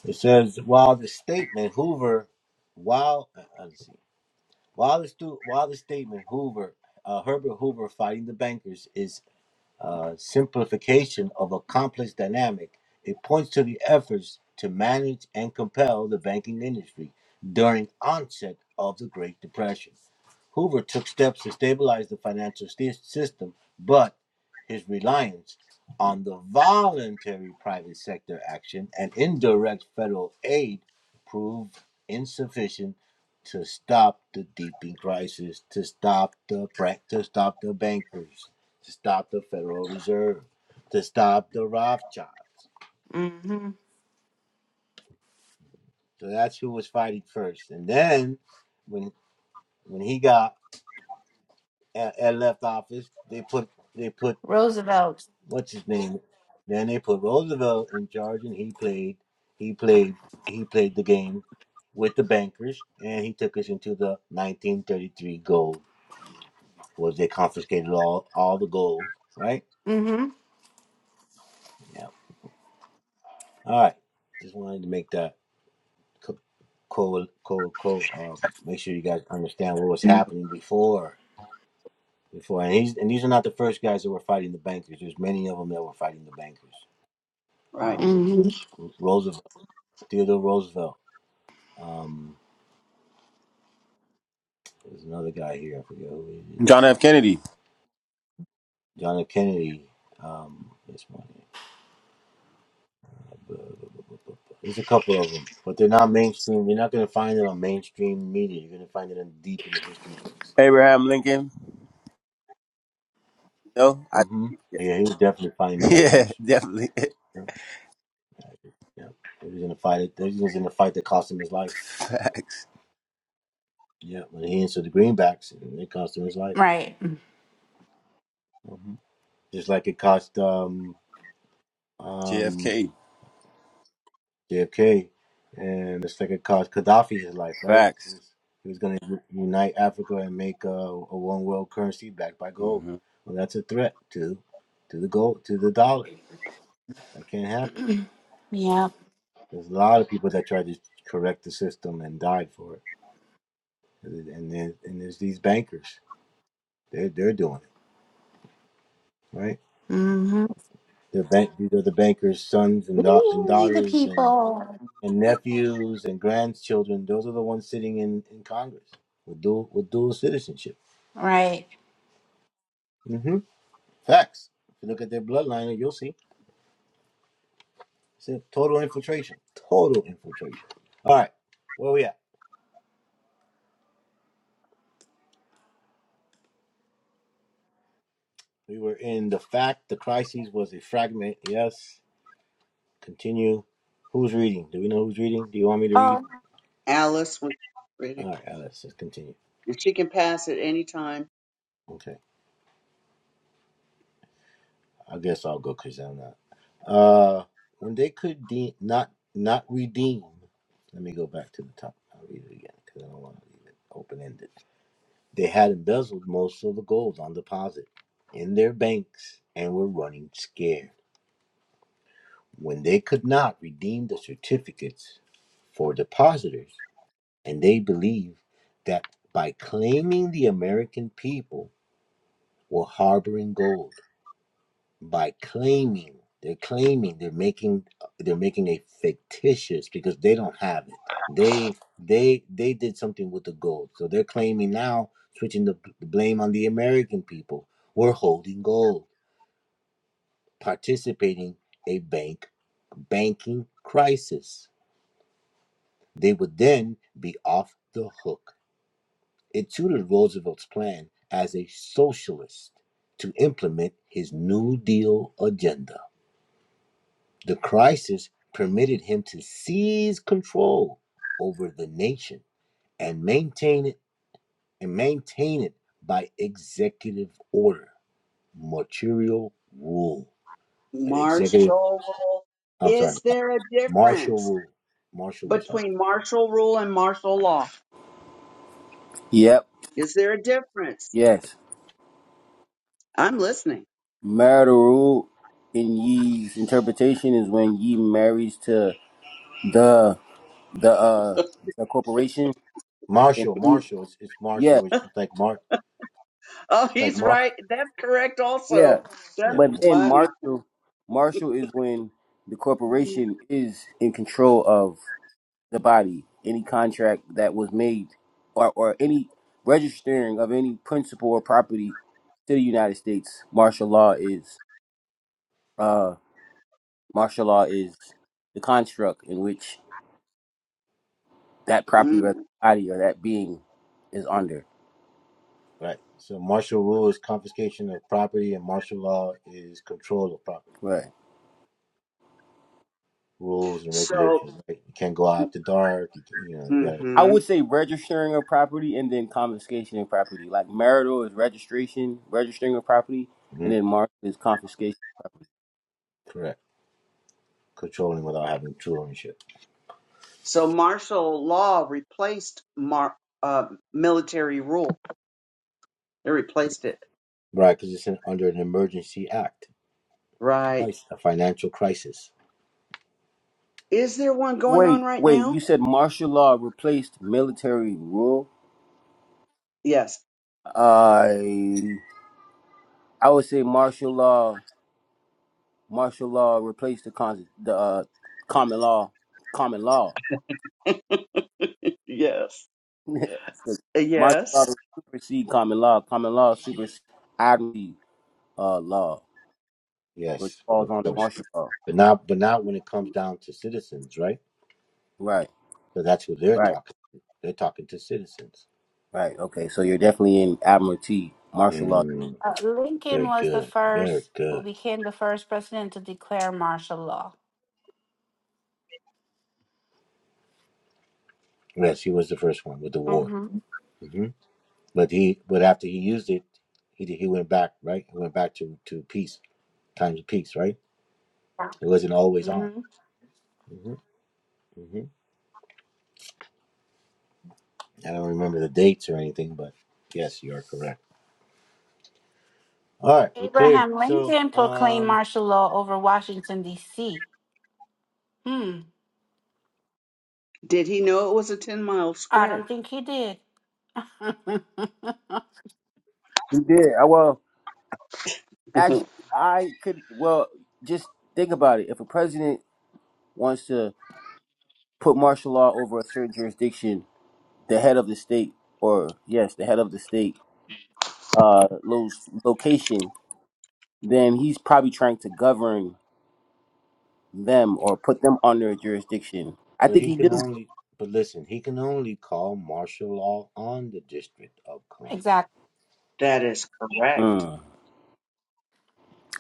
S2: It says while the statement Hoover, while uh, uh, let's see, while the stu- while the statement Hoover, uh, Herbert Hoover fighting the bankers is uh, simplification of a complex dynamic, it points to the efforts to manage and compel the banking industry during onset of the Great Depression. Hoover took steps to stabilize the financial sti- system, but his reliance on the voluntary private sector action and indirect federal aid proved insufficient to stop the deeping crisis, to stop the bra- to stop the bankers, to stop the Federal Reserve, to stop the Rothschilds.
S3: hmm
S2: So that's who was fighting first. And then when when he got and, left office, they put they put
S3: Roosevelt.
S2: what's his name? Then they put Roosevelt in charge, and he played he played he played the game with the bankers, and he took us into the 1933 gold. Was they confiscated all all the gold, right?
S3: hmm
S2: Yeah. All right. Just wanted to make that co co co co Uh, make sure you guys understand what was
S3: hmm
S2: happening before. Before, and, these and these are not the first guys that were fighting the bankers. There's many of them that were fighting the bankers.
S8: right.
S2: Um, Roosevelt, Theodore Roosevelt. Um, there's another guy here. I forget who it
S1: John
S2: is.
S1: F. Kennedy.
S2: John F. Kennedy. Um, this one. There's a couple of them, but they're not mainstream. You're not going to find it on mainstream media. You're going to find it in deep in the history books.
S1: Abraham Lincoln. No? I
S2: hmm Yeah, he was definitely fighting the
S1: yeah,
S2: bankers.
S1: definitely.
S2: Yeah, yeah. He was in a fight. He was in a fight that cost him his life.
S1: Facts.
S2: Yeah, when he answered the greenbacks, it cost him his life.
S3: Right.
S2: hmm Just like it cost um, um,
S1: JFK.
S2: JFK, and it's like it cost Gaddafi his life, right? He
S1: Facts.
S2: was he was going to unite Africa and make a, a one world currency backed by gold.
S1: hmm
S2: Well, that's a threat to to the gold to the dollar. That can't happen.
S3: Yeah.
S2: There's a lot of people that tried to correct the system and died for it. and then and there's these bankers. They're they're doing it right.
S3: hmm
S2: They're bank. These are the bankers' sons and
S3: We
S2: da- and
S3: the
S2: daughters and
S3: people.
S2: and nephews and grandchildren. Those are the ones sitting in in Congress with dual with dual citizenship.
S3: Right.
S2: hmm Facts. If you look at their bloodline, you'll see it's a total infiltration. Total infiltration. All right, where we at? We were in the fact the crisis was a fragment. Yes. Continue. Who's reading? Do we know who's reading? Do you want me to read?
S3: Oh,
S8: Alice was reading,
S2: All right, Alice, let's continue.
S8: and she can pass at any time.
S2: Okay. I guess I'll go because I'm not. Uh, when they could de- not not redeem. Let me go back to the top. I'll read it again because I don't want to leave it open ended. They had embezzled most of the gold on deposit in their banks and were running scared. When they could not redeem the certificates for depositors, and they believed that by claiming the American people were harboring gold. by claiming they're claiming they're making they're making a fictitious because they don't have it they they they did something with the gold so they're claiming now switching the, b- blame on the american people we're holding gold participating a bank banking crisis they would then be off the hook it suited roosevelt's plan as a socialist to implement his new deal agenda The crisis permitted him to seize control over the nation and maintain it and maintain it by executive order, martial rule, an executive.
S8: Martial rule.
S2: I'm sorry,
S8: Is there a
S2: martial
S8: difference
S2: rule, martial rule. Sorry,
S8: between martial rule and martial law?
S1: Yep.
S8: Is there a difference?
S1: Yes.
S8: I'm listening.
S1: Marital in Yee's interpretation is when Yee marries to the the uh the corporation and
S2: martial, martial. It's, it's
S1: yeah
S2: martial. It's like mar,
S8: Oh,
S2: like
S8: he's
S2: mar.
S8: right. That's correct.
S1: yeah,
S8: Also, that's
S2: Yeah,
S1: but then
S8: funny.
S1: Marshall Marshall is when the corporation is in control of the body. Any contract that was made or or any registering of any principal or property to the United States, martial law is uh martial law is the construct in which that property
S8: Mm.
S1: or that body or that being is under.
S2: right. So martial rule is confiscation of property, and martial law is control of property.
S1: Right.
S2: Rules and
S8: So,
S2: regulations. Right? You can't go out after dark. You, you know, you got
S1: I
S8: mhm.
S1: would say registering of property and then confiscation of property. Like marital is registration, registering of property,
S2: to.
S1: and then martial is confiscation.
S2: Correct. Controlling without having true ownership.
S8: So martial law replaced mar- uh, military rule. They replaced it.
S2: Right, because it's an, under an emergency act,
S8: Right.
S2: Crisis, a financial crisis.
S8: Is there one going on
S1: Wait,
S8: right
S1: wait, you
S8: now?
S1: said martial law replaced military rule?
S8: Yes.
S1: I I would say martial law martial law replaced the con- the uh, common law common law.
S8: Yes. Uh,
S1: martial law
S8: Yes.
S1: supersede common law. Common law supersede admiralty uh, law. which
S2: Yes, but
S1: falls
S2: of
S1: under
S2: course,
S1: martial law.
S2: but not, but not when it comes down to citizens, right?
S1: Right,
S2: So that's who they're
S1: right,
S2: talking. To. They're talking to citizens.
S1: right. Okay, so you're definitely in admiralty martial law.
S2: Mm,
S3: uh, Lincoln
S2: very
S3: was the
S2: good, very
S3: first who
S2: good.
S3: became the first president to declare martial law.
S2: Yes, he was the first one with the war.
S3: hmm
S2: hmm But he, but after he used it, he did- he went back, right? He went back to to peace, times of peace, right? It wasn't always on. hmm hmm I don't remember the dates or anything, but yes, you are correct. All right, we're clear.
S3: Abraham
S2: So,
S3: Lincoln proclaimed
S2: um,
S3: martial law over Washington, D.C. Hmm.
S8: Did he know it was a 10 mile
S3: I don't
S8: square?
S3: think he did.
S1: You did. Uh, Well, actually, I could. Well, just think about it. If a president wants to put martial law over a certain jurisdiction, the head of the state, or yes, the head of the state, uh, los- location, then he's probably trying to govern them or put them under a jurisdiction. I
S2: but
S1: think
S2: he
S1: he knew.
S2: can only, but listen, he can only call martial law on the District of Columbia.
S3: exactly.
S8: that is correct.
S1: Mm,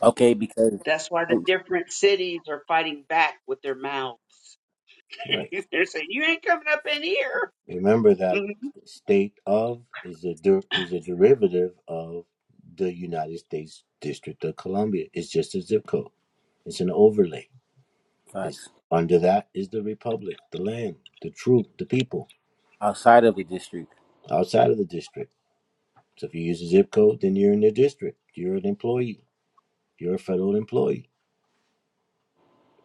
S1: okay, because
S8: That's why the different cities are fighting back with their mouths.
S2: Right.
S8: They're saying, you ain't coming up in here.
S2: Remember that
S8: Mhm.
S2: state of is a der- is a derivative of the United States District of Columbia. It's just a zip code. It's an overlay. It's
S1: facts
S2: under that is the republic, the land, the troop, the people
S1: outside of the district.
S2: outside of the district. So if you use a zip code, then you're in the district. You're an employee. You're a federal employee.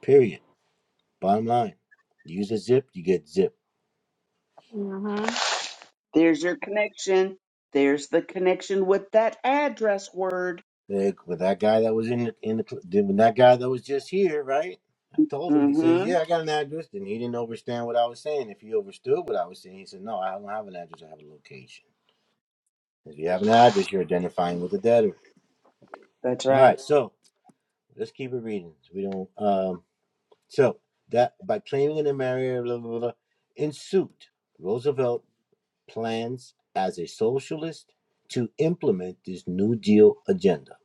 S2: Period. Bottom line, use a zip, you get zip.
S3: hmm
S8: There's your connection. There's the connection with that address word.
S2: Like with that guy that was in the, in the cl- with that guy that was just here, right? I told him. He says,
S8: Mm-hmm.
S2: "Yeah, I got an address," and he didn't understand what I was saying. If he understood what I was saying, he said, "No, I don't have an address. I have a location." If you have an address, you're identifying with the debtor.
S8: That's
S2: All
S8: right.
S2: right, so let's keep it reading. So we don't. Um, so that by claiming an area, blah, blah, blah, blah. in suit, Roosevelt plans as a socialist to implement this New Deal agenda.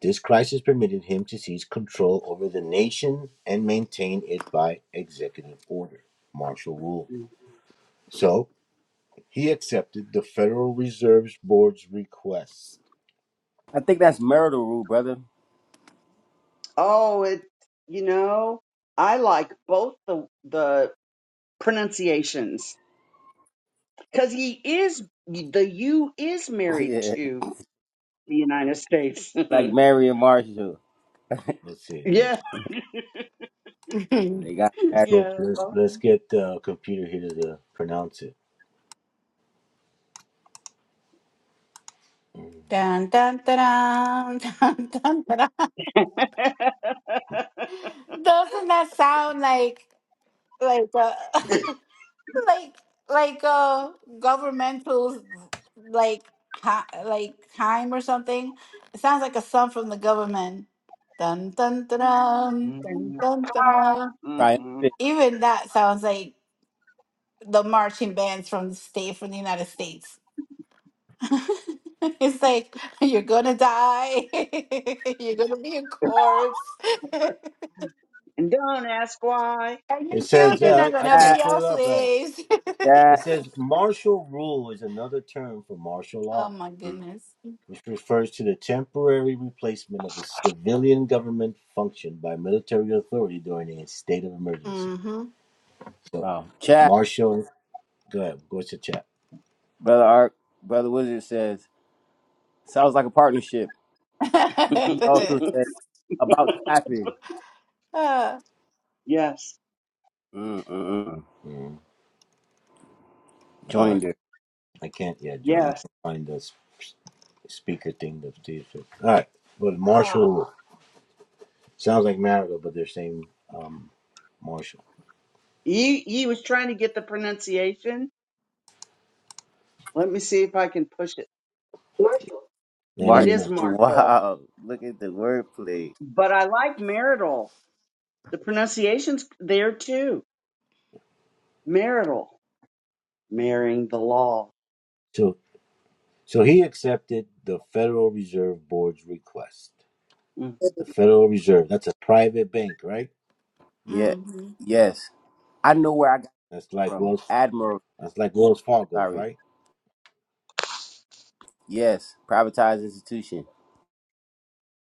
S2: This crisis permitted him to seize control over the nation and maintain it by executive order, martial rule. So he accepted the Federal Reserve Board's request.
S1: I think that's marital rule, brother.
S8: Oh, it, you know, I like both the the pronunciations because he is the U is married
S1: Yeah,
S8: to the United States.
S1: like Mary and Marshall.
S2: Let's see. Let me.
S8: yeah,
S1: They got
S2: Let's
S1: married.
S2: get.
S8: yeah.
S2: Let's, let's get the computer here to the, pronounce it.
S3: dun, dun, dun, dun, dun, dun. Doesn't that sound like like uh, like like a governmental like hi, like time or something? It sounds like a song from the government. Dun dun dun
S8: mm-hmm.
S3: dun dun dun dun.
S1: Triumphant.
S8: And
S3: Even that sounds like the marching bands from the state from the United States. it's like you're gonna die, you're gonna be a corpse, and
S8: don't ask why.
S3: your
S2: It says,
S3: children
S2: yeah,
S3: are
S2: I, I
S3: gonna be
S2: can't pull
S1: Chat,
S3: our
S2: it up right. now.
S3: slaves.
S2: It
S1: chat.
S2: says martial rule is another term for martial
S3: oh
S2: law.
S3: my
S1: Mm.
S3: goodness.
S2: which refers to the temporary replacement of a civilian government function by military authority during a state of emergency.
S3: Mm-hmm.
S2: So,
S1: Wow. Chat,
S2: Marshall, go ahead, go to chat.
S1: brother Ark, brother Wizard says, sounds like a partnership. He also says, about to happen.
S3: Uh
S8: yes,
S1: Mm-mm-mm.
S2: Mm, all right,
S1: Joined it.
S2: I can't yet, Join. I
S8: yes.
S2: can't find the speaker thing to see if it. All right, go to
S8: Ah,
S2: Marshall Rule. Sounds like Marigold, but they're saying um, Marshall.
S8: he he was trying to get the pronunciation. Let me see if I can push it. Marshall.
S2: Man, let
S8: It
S1: Mark,
S2: me
S8: is
S2: know.
S8: Marshall,
S1: wow. Look at the wordplay.
S8: but I like marital. The pronunciation's there too. Marital, marrying the law.
S2: So, so he accepted the Federal Reserve Board's request.
S8: Mm.
S2: The Federal Reserve, that's a private bank, right?
S1: Yeah.
S3: hmm
S1: Yes. I know where I got it
S2: That's like
S1: from.
S2: Wells
S1: Admiral,
S2: That's like Wells Fargo's,
S1: sorry.
S2: right?
S1: Yes. Privatized institution.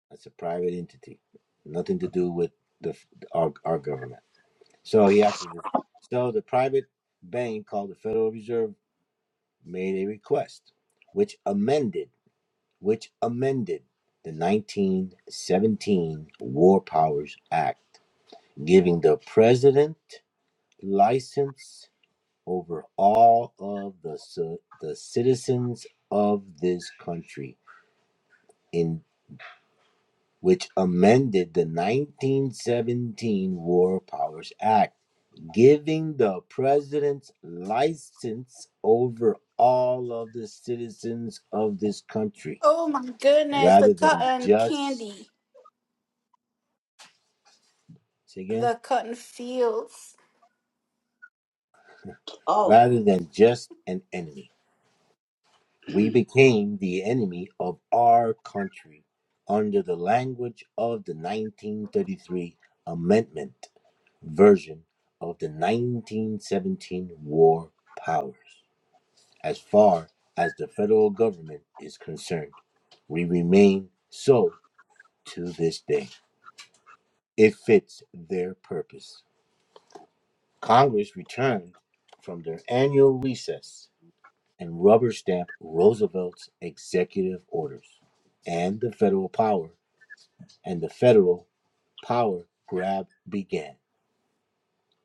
S2: That's a private entity, nothing to do with the our, our government. So he asked, us- so the private bank called the Federal Reserve made a request, which amended, which amended the 1917 War Powers Act, giving the president license over all of the ci- the citizens of this country in. which amended the 1917 War Powers Act, giving the president's license over all of the citizens of this country
S3: Oh my goodness, the
S2: rather than
S3: cotton
S2: just
S3: candy,
S2: say again
S3: the cotton fields.
S8: Oh,
S2: rather than just an enemy we became the enemy of our country under the language of the 1933 amendment version of the 1917 war powers As far as the federal government is concerned, we remain so to this day. It fits their purpose. Congress returned from their annual recess and rubber stamped Roosevelt's executive orders and the federal power, and the federal power grab began.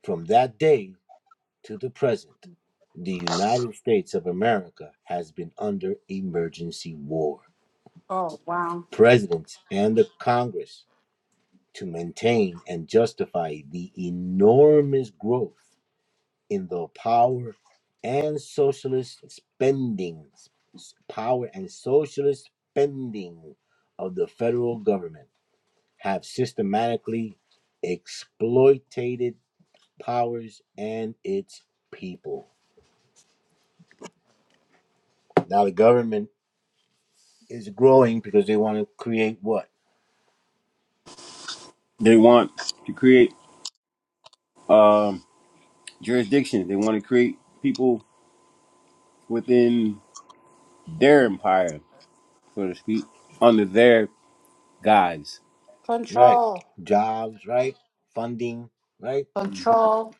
S2: From that day to the present, the United States of America has been under emergency war.
S3: Oh wow.
S2: presidents and the Congress to maintain and justify the enormous growth in the power and socialist spending power and socialist spending of the federal government have systematically exploited powers and its people. Now the government is growing because they want to create what?
S1: They want to create jurisdictions. They want to create people within their empire, so to speak, under their guise,
S2: Right.
S3: Control.
S2: Jobs, right? Funding, right?
S1: Mhm.
S3: Control.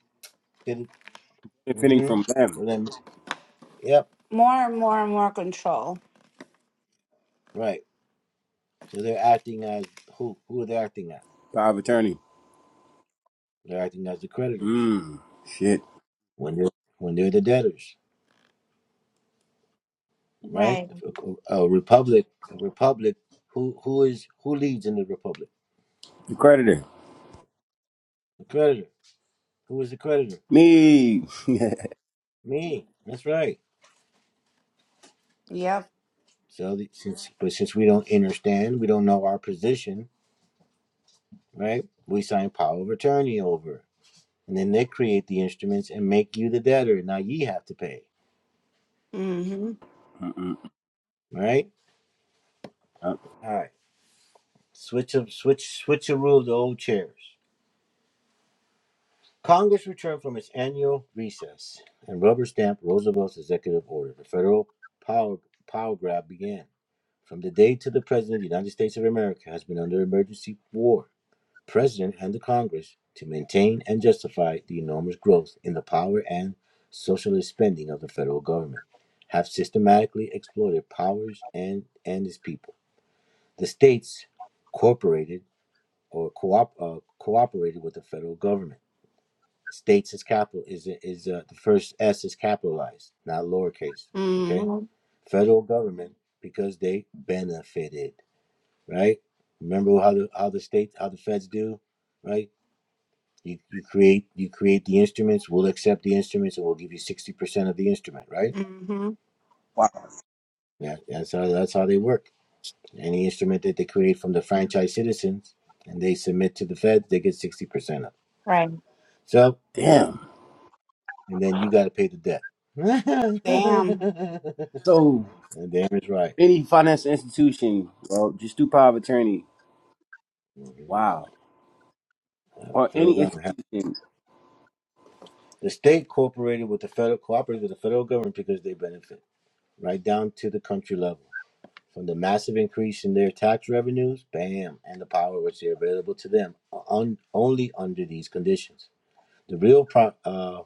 S1: benefiting
S2: hmm
S1: from them.
S2: So then, yep,
S3: More and more and more control.
S2: right. So they're acting as who? Who are they acting as?
S1: Power of attorney.
S2: They're acting as the creditors
S1: Mm, shit.
S2: when they're when they're the debtors, right?
S3: Right.
S2: If A, a republic, a republic. Who who is who leads in the republic?
S1: The creditor.
S2: The creditor. Who is the creditor?
S1: Me.
S2: Me. That's right.
S3: Yep.
S2: So the, since but since we don't understand, we don't know our position, right? We sign power of attorney over, and then they create the instruments and make you the debtor. Now ye have to pay,
S3: Mm-hmm.
S1: Mm-mm.
S2: right?
S1: Uh,
S2: All right. Switch of switch switcheroo of the old chairs. Congress returned from its annual recess and rubber stamped Roosevelt's executive order. The federal power power grab began. From the day to the President of the United States of America has been under emergency war. President and the Congress to maintain and justify the enormous growth in the power and socialist spending of the federal government have systematically exploited powers and, and its people. The states, corporated or coop, uh, cooperated with the federal government. States is capital is is uh, the first S is capitalized, not lowercase. Okay,
S3: Mm-hmm.
S2: federal government because they benefited, right? Remember how the how the state how the feds do, right? You you create you create the instruments. We'll accept the instruments and we'll give you sixty percent of the instrument, right?
S3: Mm-hmm.
S1: wow.
S2: Yeah, that's how that's how they work. Any instrument that they create from the franchise citizens and they submit to the feds, they get sixty percent of.
S3: Right.
S2: So
S1: Damn.
S2: and then you got to pay the debt. and
S3: Damn.
S1: So
S2: Dan is right.
S1: any financial institution, well, just do power of attorney. Wow.
S2: Uh,
S1: Or
S2: federal
S1: any
S2: government, has-
S1: institution,
S2: the state cooperated with the federal cooperated with the federal government because they benefit, right down to the country level. From the massive increase in their tax revenues, bam, and the power which is available to them, on, only under these conditions. The real pro, uh,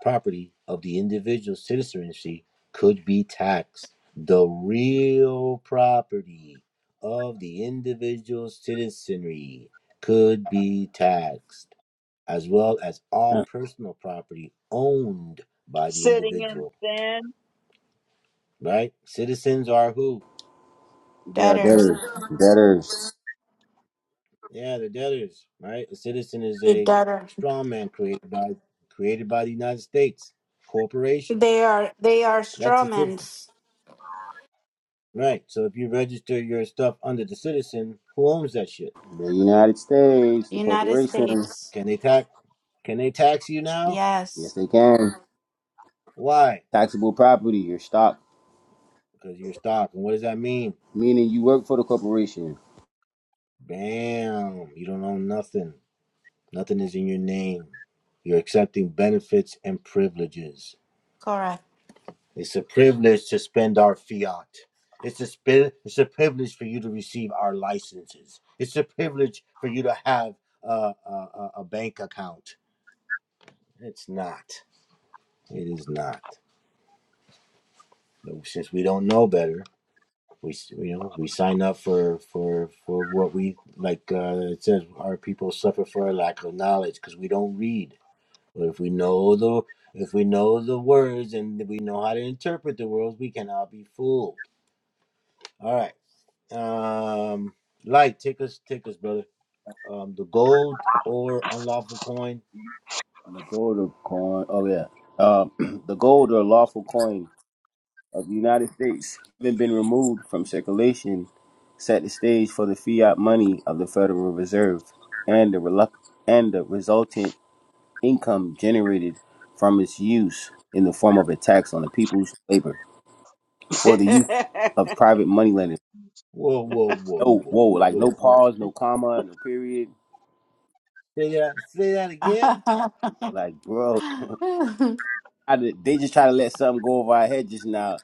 S2: property of the individual citizenry could be taxed. The real property of the individual citizenry could be taxed, as well as all
S1: huh,
S2: personal property owned by the
S8: sitting in
S2: individual.
S8: sin.
S2: Right? Citizens are who?
S1: they are
S3: Debtors.
S1: debtors. Debtors.
S2: Yeah, the debtors. Right? A citizen is
S3: They
S2: a
S3: debtor.
S2: strongman created by created by the United States corporation.
S3: They are they are
S2: That's a citizen.
S3: strawmans.
S2: Right. So if you register your stuff under the citizen, who owns that shit?
S1: The United States, the
S3: United
S1: corporation.
S3: States.
S2: Can they tax? Can they tax you now?
S1: Yes,
S3: Yes.
S1: they can.
S2: Why?
S1: Taxable property, your stock
S2: Because you're stock. And what does that mean?
S1: meaning you work for the corporation.
S2: Bam! You don't own nothing. Nothing is in your name. You're accepting benefits and privileges.
S3: Correct.
S2: It's a privilege to spend our fiat. It's a sp- it's a privilege for you to receive our licenses. It's a privilege for you to have a, a, a bank account. It's not. It is not. No, since we don't know better, we you know we sign up for for for what we like. Uh, it says our people suffer for a lack of knowledge because we don't read. But if we know the if we know the words and we know how to interpret the words, we cannot be fooled. All right, um, like take us take us, brother. Um, the gold or unlawful coin.
S1: The gold or coin, oh yeah, uh, the gold or lawful coin of the United States having been removed from circulation, set the stage for the fiat money of the Federal Reserve and the reluct- and the resultant income generated from its use in the form of a tax on the people's labor for the use of private moneylenders.
S2: Whoa, whoa, whoa,
S1: No,
S2: whoa,
S1: whoa, like no
S2: whoa.
S1: pause, no comma, no period.
S2: Say that. Say that again.
S3: yeah,
S1: Like, bro, I, did- they just try to let something go over our head just now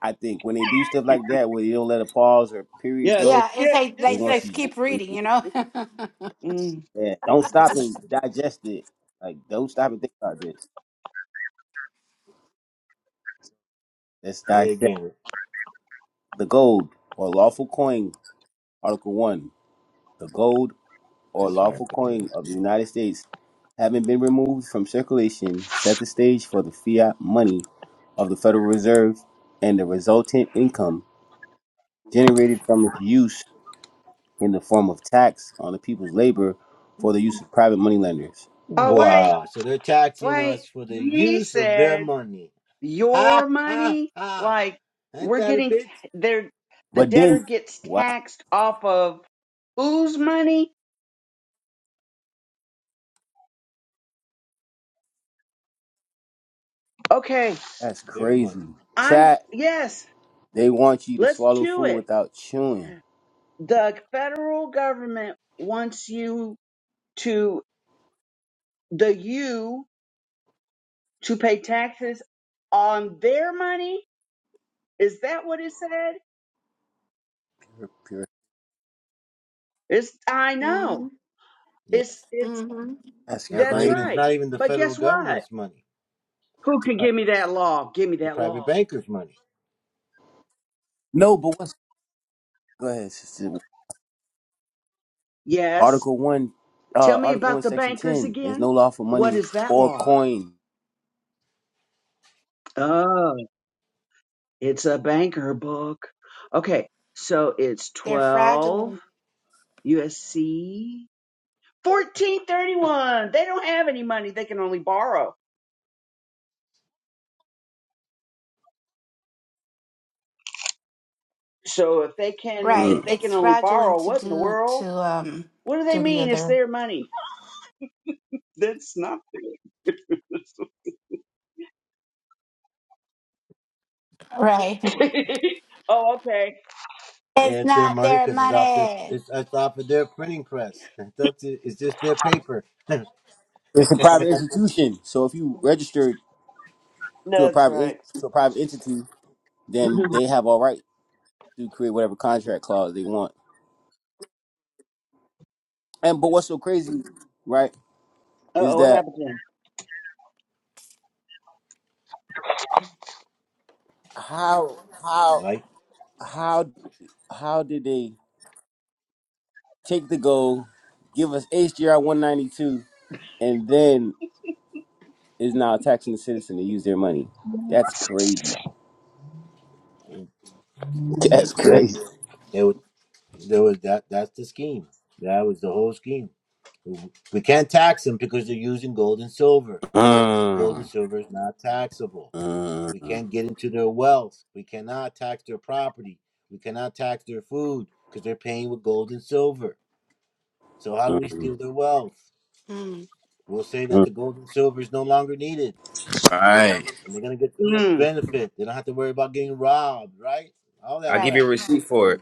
S1: I think when they do stuff like that, where they don't let a pause or period
S8: yeah, just
S1: go,
S3: it's
S8: skip,
S3: like
S8: just
S3: they
S1: they
S3: like,
S8: skip.
S1: want
S3: like,
S1: you.
S3: keep reading, you know.
S8: Mm.
S1: Yeah, don't stop and digest it. Like, don't stop and think about this. Let's
S2: Say it
S1: dissect
S2: again.
S1: the gold or lawful coin, Article One. The gold or
S2: That's
S1: lawful
S2: right.
S1: coin of the United States, having been removed from circulation, set the stage for the fiat money of the Federal Reserve and the resultant income generated from its use in the form of tax on the people's labor for the use of private moneylenders
S8: Oh wait,
S2: Wow. So they're taxing
S8: wait.
S2: us for the
S8: He
S2: use of their
S8: said
S2: money. Ha
S8: your
S2: ha
S8: money.
S2: ha.
S8: Like
S2: Ain't
S8: we're
S2: that a
S8: getting t-
S2: bitch?
S8: there. The
S1: But
S8: debtor
S1: then,
S8: gets
S1: wow,
S8: taxed off of whose money? Okay,
S1: that's
S2: Their
S1: crazy.
S2: money.
S8: I'm
S1: Chat,
S8: yes.
S1: they want you to
S8: Let's
S1: swallow
S8: chew
S1: food
S8: it.
S1: without chewing.
S8: The federal government wants you to. the U to pay taxes on their money? Is that what it said?
S1: Pure- pure-
S8: It's I
S3: hmm
S8: know.
S2: Yeah.
S8: It's it's
S3: hmm
S1: That's
S2: No, it's not
S8: that's
S1: crazy.
S2: even
S8: right.
S2: not even the
S8: But
S2: federal
S8: guess what?
S2: government's money.
S8: Who
S2: It's a
S8: can
S2: pri-
S8: give me that law? Give me
S2: the
S8: that
S2: private
S8: law.
S2: banker's money.
S1: No, but what's go ahead, sister.
S8: Yes.
S1: Article one,
S8: Tell
S1: uh,
S8: me
S1: Article one,
S8: about the
S1: Section
S8: bankers
S1: ten. There's
S8: again.
S1: no law for
S8: What
S1: money
S8: is that
S1: or
S8: law?
S1: coin.
S8: Oh, it's a banker book. Okay, so it's
S3: They're
S8: 12
S3: fraudulent.
S8: USC 1431. They don't have any money. They can only borrow. So if they can,
S3: Right.
S8: if
S1: Mm.
S8: they can
S3: It's
S8: only
S3: fraudulent
S8: borrow
S3: to
S8: what in the
S3: do
S8: world?
S3: to um
S8: What do they
S3: do the
S8: mean? It's
S3: other.
S8: their money. That's not.
S3: Right.
S8: oh, okay.
S3: It's
S2: It's their
S3: not
S2: money
S3: their
S2: because it's off their
S3: money.
S2: it's, it's off of their printing press. That's it. It's just their paper.
S1: It's a private institution, so if you register to a
S8: That's
S1: private in-
S8: right.
S1: to a private entity,
S8: Uh
S1: then they have all right to create whatever contract clause they want. And but
S2: Yeah.
S1: what's so crazy, right, is
S8: Oh, what
S1: that
S8: happened to him?
S1: how how
S2: Like
S1: how how did they? take the gold, give us HGR 192, and then is now taxing the citizen to use their money. That's crazy.
S2: that
S1: That's
S2: that
S1: crazy.
S2: They would, There was that, that's the scheme. That was the whole scheme. We can't tax them because they're using gold and silver. Gold
S1: Uh,
S2: and silver is not taxable.
S1: uh, uh,
S2: We can't get into their wealth. We cannot tax their property. We cannot tax their food because they're paying with gold and silver. So how do we
S1: uh.
S2: steal their wealth?
S3: Hmm.
S2: We'll say that the gold and silver is no longer needed
S1: Right.
S2: and they're going to get so much
S8: Mm,
S2: benefit. They don't have to worry about getting robbed, right? All
S1: I'll
S2: that
S1: give
S3: Right.
S1: you
S2: crap.
S1: a receipt for it.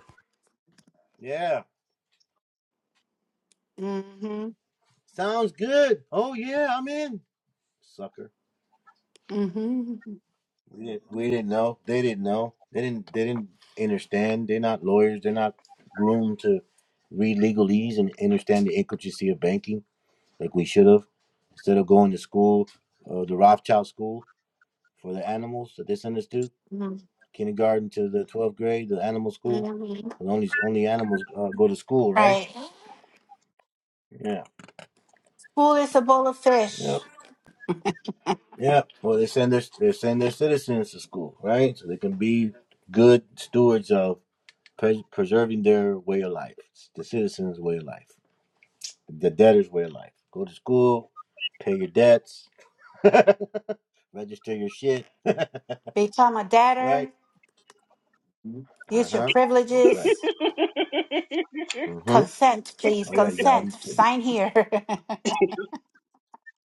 S2: Yeah.
S3: Mm-hmm.
S2: Sounds good. Oh, yeah, I'm in. Sucker.
S3: Mm-hmm.
S2: We didn't, we didn't know. They didn't know. They didn't. They didn't understand. They're not lawyers. They're not groomed to read legalese and understand the intricacy of banking like we should have. Instead of going to school, uh, the Rothschild school for the animals that they send us to, kindergarten to the twelfth grade, the animal school.
S3: Mm-hmm.
S2: And only only animals uh, go to school, right?
S3: Right.
S2: Yeah.
S3: School is a bowl of
S2: Yep.
S3: fish.
S2: Yeah. Well, they send their they send their citizens to school, right? So they can be good stewards of pres preserving their way of life, the citizens' way of life, the debtors' way of life. Go to school, pay your debts, register your shit,
S3: Become a
S2: right?
S3: debtor.
S2: Uh
S3: Use your
S2: huh. That's right.
S3: privileges.
S2: Uh huh.
S3: Consent, please.
S2: Oh yeah, you got all
S3: Consent.
S2: these. Things.
S3: Sign here.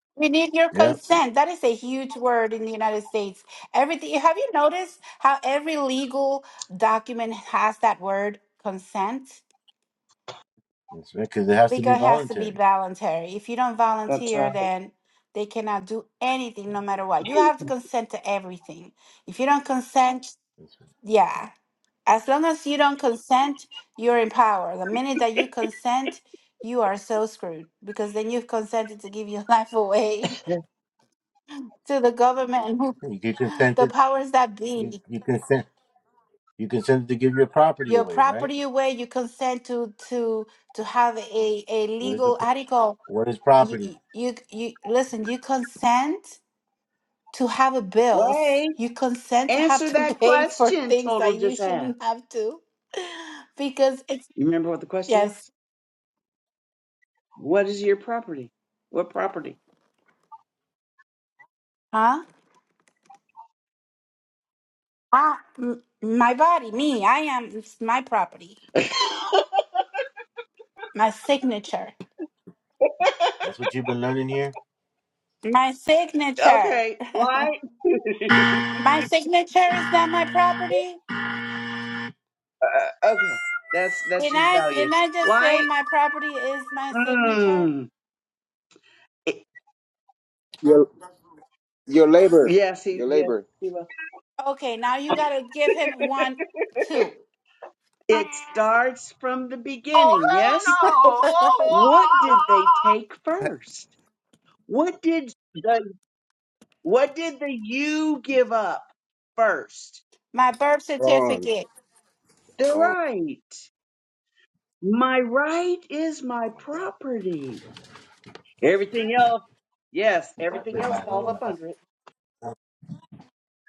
S3: we need your
S2: Yep.
S3: consent. That is a huge word in the United States. Everything. Have you noticed how every legal document has that word consent?
S2: That's right. Because it has to be
S3: Because it has to be
S2: voluntary.
S3: voluntary. If you don't
S8: That's
S3: volunteer,
S8: right.
S3: then they cannot do anything no matter what. You have to consent to everything. If you don't consent, yeah. As long as you don't consent, you're in power. The minute that you consent, you are so screwed because then you've consented to give your life away to the government, who-
S2: You can consent
S3: the powers that
S2: You
S3: be.
S2: you consent. You consented to give your property
S3: Your
S2: away, right?
S3: property away, you consent to to to have a, a
S2: What is the
S3: legal
S2: pro-
S3: article.
S2: what is
S3: you
S2: property?
S3: you you you- listen you consent to have bills
S8: wait,
S3: you consent to have
S8: answer
S3: to
S8: that
S3: pay for
S8: question.
S3: things
S8: Total
S3: that you
S8: just
S3: shouldn't
S8: asked.
S3: have to because it's
S8: You remember what the question
S3: yes
S8: was? What is your property? What property?
S3: huh ah, m- my body me i am it's my property my signature
S2: That's what you've been learning here.
S3: my signature
S8: Okay, light.
S3: my signature is not my property
S8: uh, okay, that's that's
S3: didn't
S8: she's
S3: i
S8: value.
S3: didn't i just say
S8: Light.
S3: my property is my signature
S8: Mm.
S1: Your your labor,
S8: Yes, he.
S1: your
S8: Yes,
S1: labor.
S8: he was.
S3: okay now you gotta give him one two
S8: It starts from the
S2: Oh
S8: beginning,
S2: hell
S8: yes?
S2: no!
S8: What did they take first? What did the what did the you give up first?
S3: my birth
S1: Wrong.
S3: certificate
S8: The
S1: Wrong.
S8: right. My right is
S2: Oh
S8: my
S2: my god.
S8: property. Everything else, yes,
S2: That
S8: everything
S2: bit, man.
S8: else
S2: I don't
S8: falls
S2: know.
S8: up under it.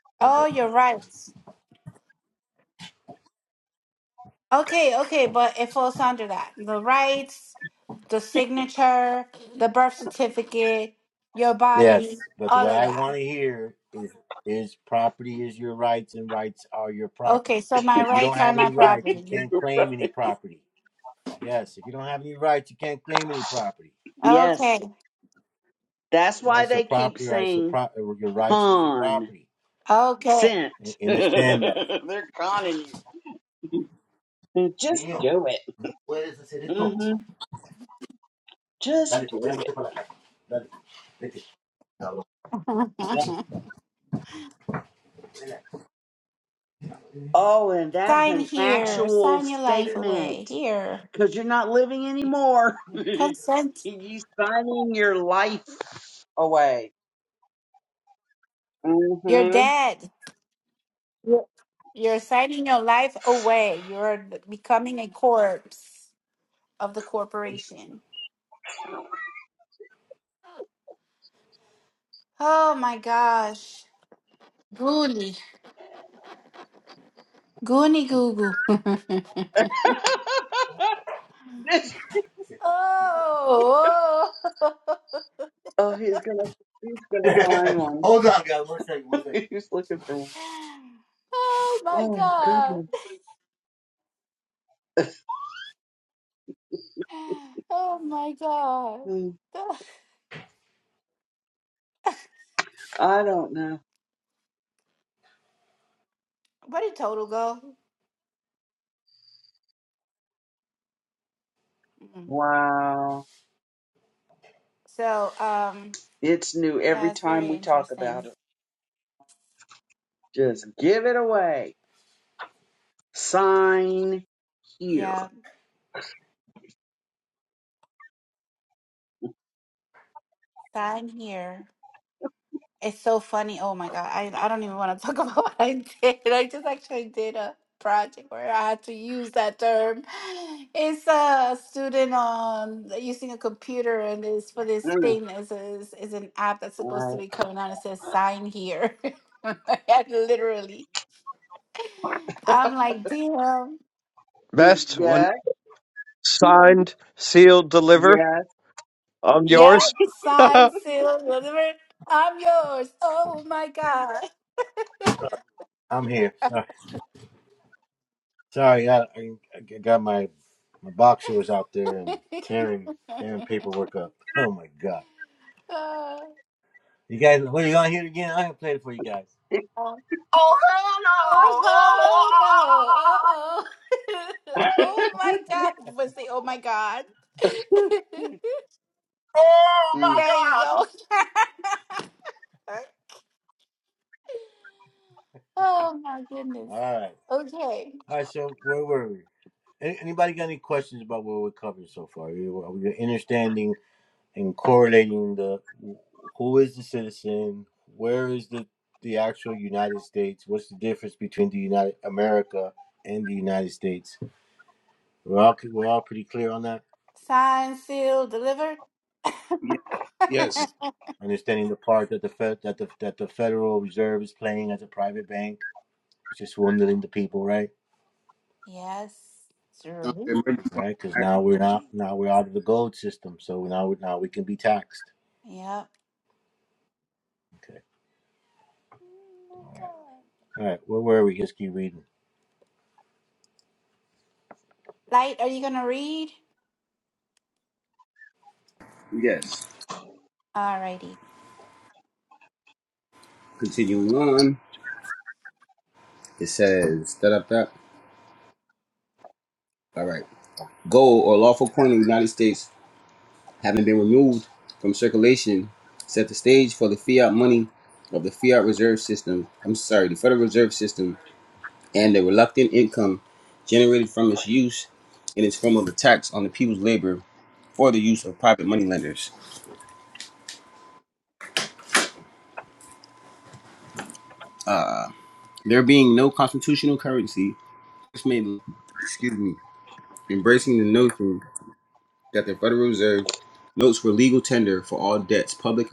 S2: That's-
S3: Oh, your rights. Okay, okay, but it falls under that. The rights, the signature, the birth certificate, your body,
S2: Yes, but
S3: all
S2: what
S3: of
S2: I want
S3: that.
S2: to hear is is property is your rights and rights are your property.
S3: Okay, so my
S2: If you don't
S3: rights are
S2: have
S3: my
S2: any rights, you
S3: property.
S2: can't claim any property. Yes, if you don't have any rights, you can't claim any property.
S8: Yes.
S3: Okay,
S8: That's why
S2: Right? So
S8: they keep
S2: property rights, so
S8: saying
S2: pro- your rights is your
S8: con
S2: property.
S3: okay.
S8: sent.
S2: Un- Understand that.
S8: They're conning you. Just
S2: Niño,
S8: do it.
S2: puedes hacer esto.
S8: hmm Just
S2: Dale, pues,
S8: do
S2: vámonos
S8: it.
S2: para la calle. Dale, vete. Cabrón.
S8: Oh, and that's
S3: sign
S8: an
S3: here.
S8: actual
S3: Sign your life
S8: statement
S3: away. Here.
S8: because you're not living anymore. you
S3: Consent.
S8: are signing your life away.
S3: You're
S8: hmm
S3: dead. You're you're signing your life away. You're becoming a corpse of the corporation. Oh my gosh. Goonie. Goonie goo goo.
S8: This-
S3: oh, oh.
S8: oh, he's gonna he's gonna find one.
S2: Hold on, guys. One second, one second.
S8: he's looking for one.
S3: Oh my
S8: Oh
S3: God.
S8: goodness.
S3: Oh my God.
S8: Hmm. I don't know.
S3: Where did total go? Mm.
S8: Wow.
S3: So, um,
S8: It's new every
S3: yeah, it's
S8: time
S3: very
S8: we talk about
S3: interesting.
S8: it. Just give it away. Sign here.
S3: Yeah, I'm here. It's so funny. Oh my God. I, I don't even want to talk about what I did. I just actually did a project where I had to use that term. It's a student um using a computer and it's for this
S8: Mm.
S3: thing is is is an app that's supposed to
S8: All
S3: be coming on. It says sign here. And Literally. I'm like, damn.
S8: right.
S10: Best when
S8: Yes,
S10: signed, sealed, deliver.
S8: yes.
S10: I'm
S3: Yeah,
S10: yours.
S3: sign, seal, whatever. I'm yours. Oh my God.
S2: I'm here. Sorry. Sorry, I, I, I got my my boxer was out there and tearing tearing paperwork up. Oh my god!
S3: Uh,
S2: You guys, what are you on here again? I haven't played it for you guys.
S3: oh.
S2: Oh hell no!
S3: Oh no! Uh oh! oh my God! What's the? Oh my God!
S2: Oh my
S8: Mm,
S3: there you
S2: god!
S3: go. oh my goodness.
S2: All right,
S3: Okay.
S2: all right. So where were we? Any, anybody got any questions about what we are covering so far? Are we are we understanding? and correlating the who is the citizen, where is the the actual United States, what's the difference between the United America and the United States? We're all we're all pretty clear on that.
S3: Sign, seal, deliver.
S1: Ye- Yes.
S2: Understanding the part that the Fed that the that the Federal Reserve is playing as a private bank, which is swindling the people, right?
S3: yes. Sure.
S1: Uh, emergency
S2: All
S1: clause.
S2: right, because
S1: Act-
S2: now we're not now we're out of the gold system, so now we now we can be taxed.
S3: Yep.
S2: Okay,
S3: Oh my God.
S2: all right, where were we? Just keep reading.
S3: Light, are you gonna read?
S1: Yes.
S3: Alrighty.
S1: Continuing on, it says, da da da. All right. Gold or lawful coin in the United States. having been removed from circulation, set the stage for the fiat money of the fiat reserve system. I'm sorry, the Federal Reserve System and the reluctant income generated from its use in its form of a tax on the people's labor for the use of private moneylenders. There being no constitutional currency, this made, excuse me, embracing the notion that the Federal Reserve notes were legal tender for all debts, public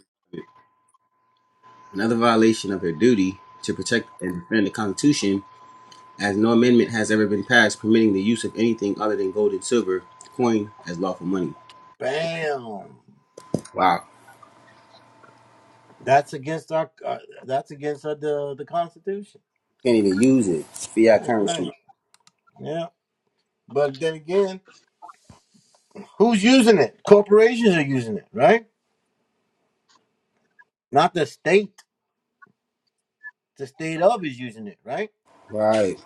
S1: and other violation of their duty to protect and defend the Constitution as no amendment has ever been passed permitting the use of anything other than gold and silver coin as lawful money.
S2: Bam.
S1: Wow.
S2: That's against our. Uh, that's against uh, the the Constitution.
S1: Can't even use it. Fiat
S2: That's right.
S1: currency.
S2: Yeah. But then again, who's using it? Corporations are using it, right? Not the state. The state of is using it, right?
S1: Right.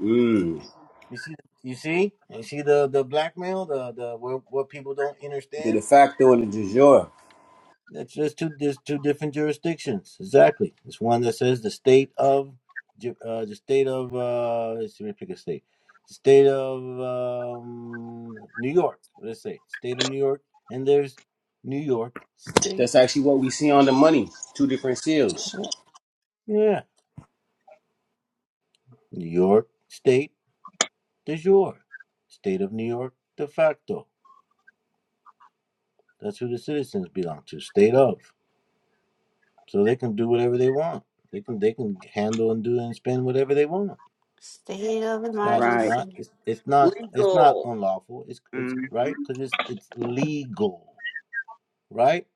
S1: Mm.
S2: You see, you see, you see the the blackmail, the the what, what people don't
S1: The
S2: understand.
S1: de facto and the de jure.
S2: That's just two there's two different jurisdictions. Exactly. It's one that says the state of Ju- uh, the state of uh, let's see, let me pick a state. The state of um, New York. Let's say state of New York, and there's New York
S1: That's
S2: State.
S1: actually what we see on the money. Two different seals.
S2: Yeah. Yeah. New York State de jure. State of New York de facto. That's who the citizens belong to. State of. So they can do whatever they want. They can they can handle and do and spend whatever they want.
S3: State of
S2: It's not. It's
S8: right.
S2: not.
S3: emergency.
S2: It's, it's not. It's not
S8: Legal.
S2: unlawful. It's it's
S8: Mm.
S2: right because it's it's legal, right?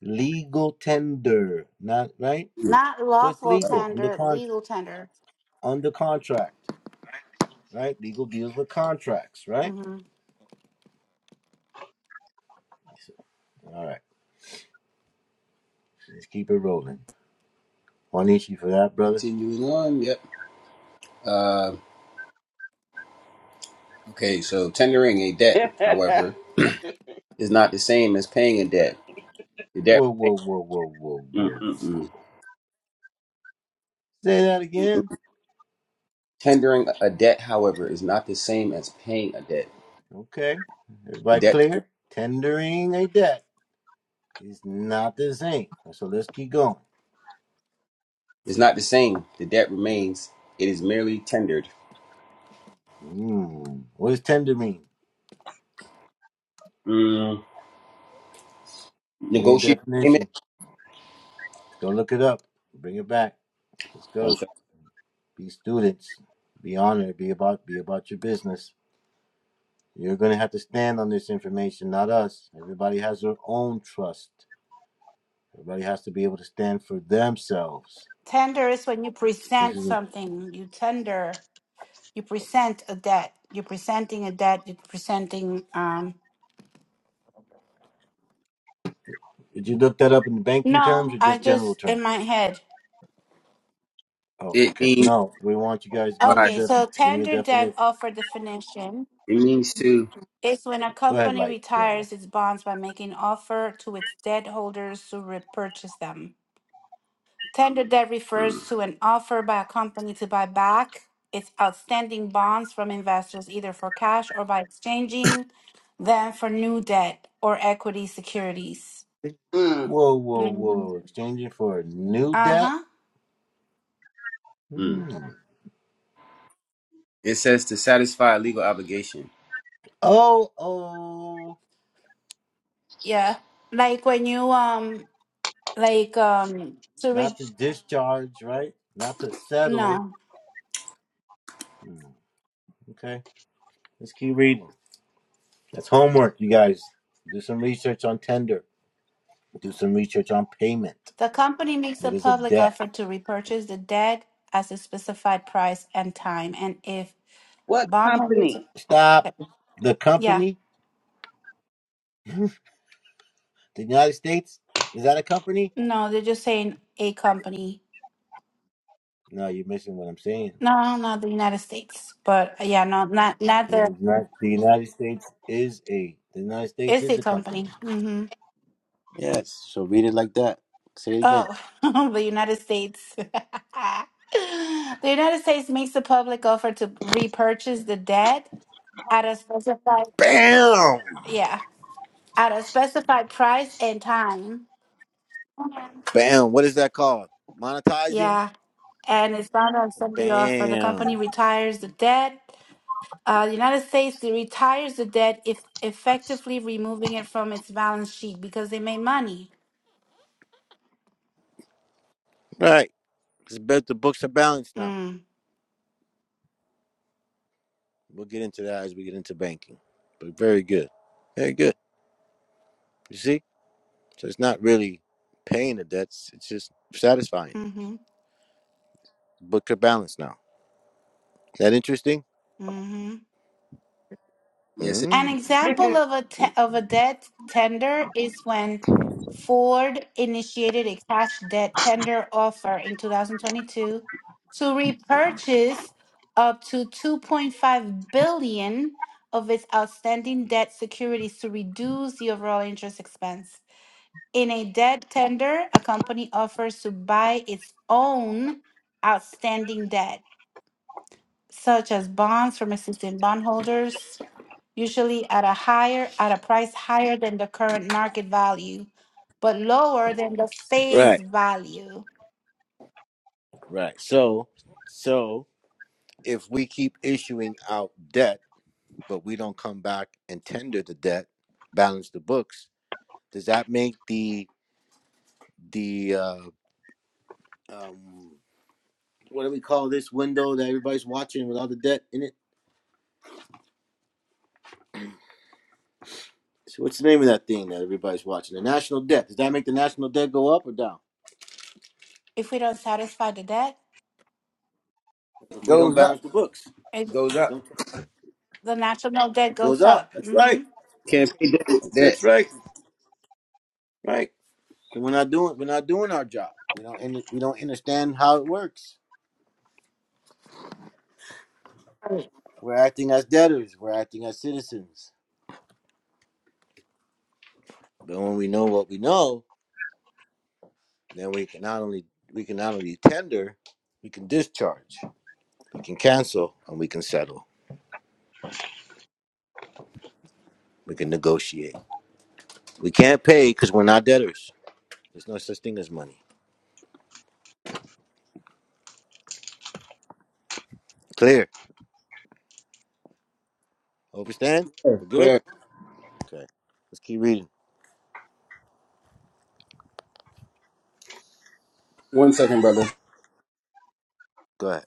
S2: Legal tender, not right.
S1: Mm.
S3: Not
S2: So it's
S3: lawful
S2: legal under
S3: tender,
S2: con
S3: legal tender.
S2: under contract, right? Legal deals with contracts, right?
S3: Mm-hmm.
S2: So, All right, let's keep it rolling. One issue for that, brother.
S1: Continuing on. Yep. Uh, okay, so tendering a debt, however, is not the same as paying a debt. The debt.
S2: Whoa, whoa, whoa, whoa, whoa, whoa.
S1: Mm-mm-mm.
S2: Say that again.
S1: Tendering a debt, however, is not the same as paying a debt.
S2: Okay,
S1: The
S2: everybody
S1: debt.
S2: clear? Tendering a debt is not the same. So let's keep going.
S1: It's not the same. The debt remains. It is merely tendered.
S2: Hmm. What does tender mean?
S1: Mm,
S2: Give me a
S1: negotiated payment.
S2: definition. Go look it up. Bring it back. Let's
S1: One
S2: go.
S1: second.
S2: Be students. Be honored. Be about be about your business. You're gonna have to stand on this information, not us. Everybody has their own trust. Everybody has to be able to stand for themselves.
S3: Tender is when you
S2: This
S3: present
S2: is,
S3: something. You tender. You present a debt. You're presenting a debt. You're presenting. Um,
S2: did you look that up in banking terms
S3: no,
S2: or
S3: I
S2: just general
S3: just
S2: terms?
S3: in my head.
S2: Oh,
S1: It
S2: okay.
S1: means
S2: No, we want you guys. Give me the
S1: by.
S3: Okay,
S2: def.
S3: so
S2: Give me a
S3: tender debt
S2: definition.
S3: offer definition
S1: It means to.
S3: is when a
S2: Go ahead,
S3: company
S2: light. Go ahead, light.
S3: retires its bonds by making offer to its debt holders to repurchase them. Tender debt
S1: Mm,
S3: refers to an offer by a company to buy back its outstanding bonds from investors, either for cash or by exchanging them for new debt or equity securities.
S8: mm.
S2: Whoa, whoa,
S3: hmm
S2: whoa! Exchanging for new
S3: Uh
S2: debt.
S3: huh.
S1: mm.
S2: Hmm.
S1: It says to satisfy a legal obligation.
S2: Oh, oh.
S3: Yeah. Like when you, um, like, um, to re,
S2: not to discharge, right? Not to settle.
S3: no,
S2: Okay, let's keep reading. That's homework, you guys. Do some research on tender. Do some research on payment.
S3: the company makes
S2: What
S3: a
S2: is a
S3: public
S2: debt?
S3: offer to repurchase the debt at a specified price and time. And if
S8: What
S3: bondholders,
S8: company?
S2: Stop.
S3: okay.
S2: The
S3: yeah,
S2: company, the United States, is that a company?
S3: no, they're just saying a company.
S2: No, you're missing what I'm saying.
S3: No, not the United States, but uh, yeah, no, not not
S2: The
S3: the
S2: United the United States is a the United States
S3: it's
S2: is
S3: a
S2: a company.
S3: company. hmm
S2: Yes. So read it like that. Say it again.
S3: Oh, the United States. The United States makes a public offer to repurchase the debt at a specified
S2: Bam!
S3: yeah at a specified price and time. Okay.
S2: Bam. What is that called? Monetizing?
S3: Yeah, and it's bound to accept the offer. The
S2: Bam.
S3: company retires the debt. Uh, the United States they retires the debt if effectively removing it from its balance sheet because they made money.
S2: Right. It's about the books are balanced now.
S3: Mm.
S2: We'll get into that as we get into banking. But very good. Very good. You see? So it's not really paying the debts, it's just satisfying.
S3: Mm-hmm.
S2: Books are balanced now. Is that interesting?
S3: Mm-hmm.
S1: Yes, it
S3: An
S2: Mm.
S3: example of a te- of a debt tender is when Ford initiated a cash debt tender offer in 2022 to repurchase up to 2.5 billion of its outstanding debt securities to reduce the overall interest expense. In a debt tender, a company offers to buy its own outstanding debt, such as bonds from existing bondholders usually at a higher at a price higher than the current market value, but lower than the face
S2: Right,
S3: value.
S2: right. So so if we keep issuing out debt, but we don't come back and tender the debt, balance the books, does that make the the uh um what do we call this window that everybody's watching with all the debt in it? So what's the name of that thing that everybody's watching? The national debt. Does that make the national debt go up or down?
S3: If we don't satisfy the debt,
S2: If we don't
S1: goes up.
S2: balance the books,
S3: it,
S1: Goes
S2: we
S1: up.
S2: don't, it
S3: the national debt
S2: goes
S3: goes
S2: up.
S3: up.
S2: That's
S3: hmm
S2: right.
S1: Can't pay debt. with
S2: That's, that's
S1: debt.
S2: right. Right. So we're not doing we're not doing our job. We don't we don't understand how it works. We're acting as debtors. We're acting as citizens. But when we know what we know, then we can not only we can not only tender, we can discharge, we can cancel, and we can settle. We can negotiate. We can't pay because we're not debtors. There's no such thing as money. Clear. Overstand?
S1: Clear.
S2: We're good?
S1: Clear.
S2: Okay. Let's keep reading.
S1: One second, brother.
S2: Go ahead.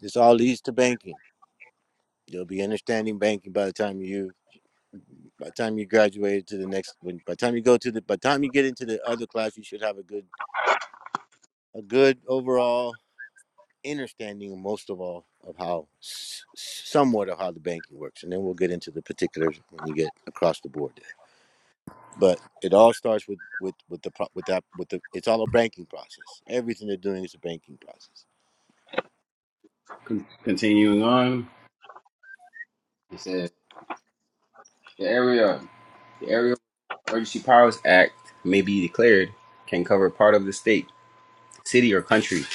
S2: This all leads to banking. You'll be understanding banking by the time you by the time you graduate to the next when by the time you go to the by the time you get into the other class you should have a good a good overall understanding most of all of how somewhat of how the banking works and then we'll get into the particulars when you get across the board there but it all starts with with with the with that with the it's all a banking process everything they're doing is a banking process
S1: Con- continuing on. It says the area. The Area Emergency Powers Act may be declared can cover part of the state, city, or country.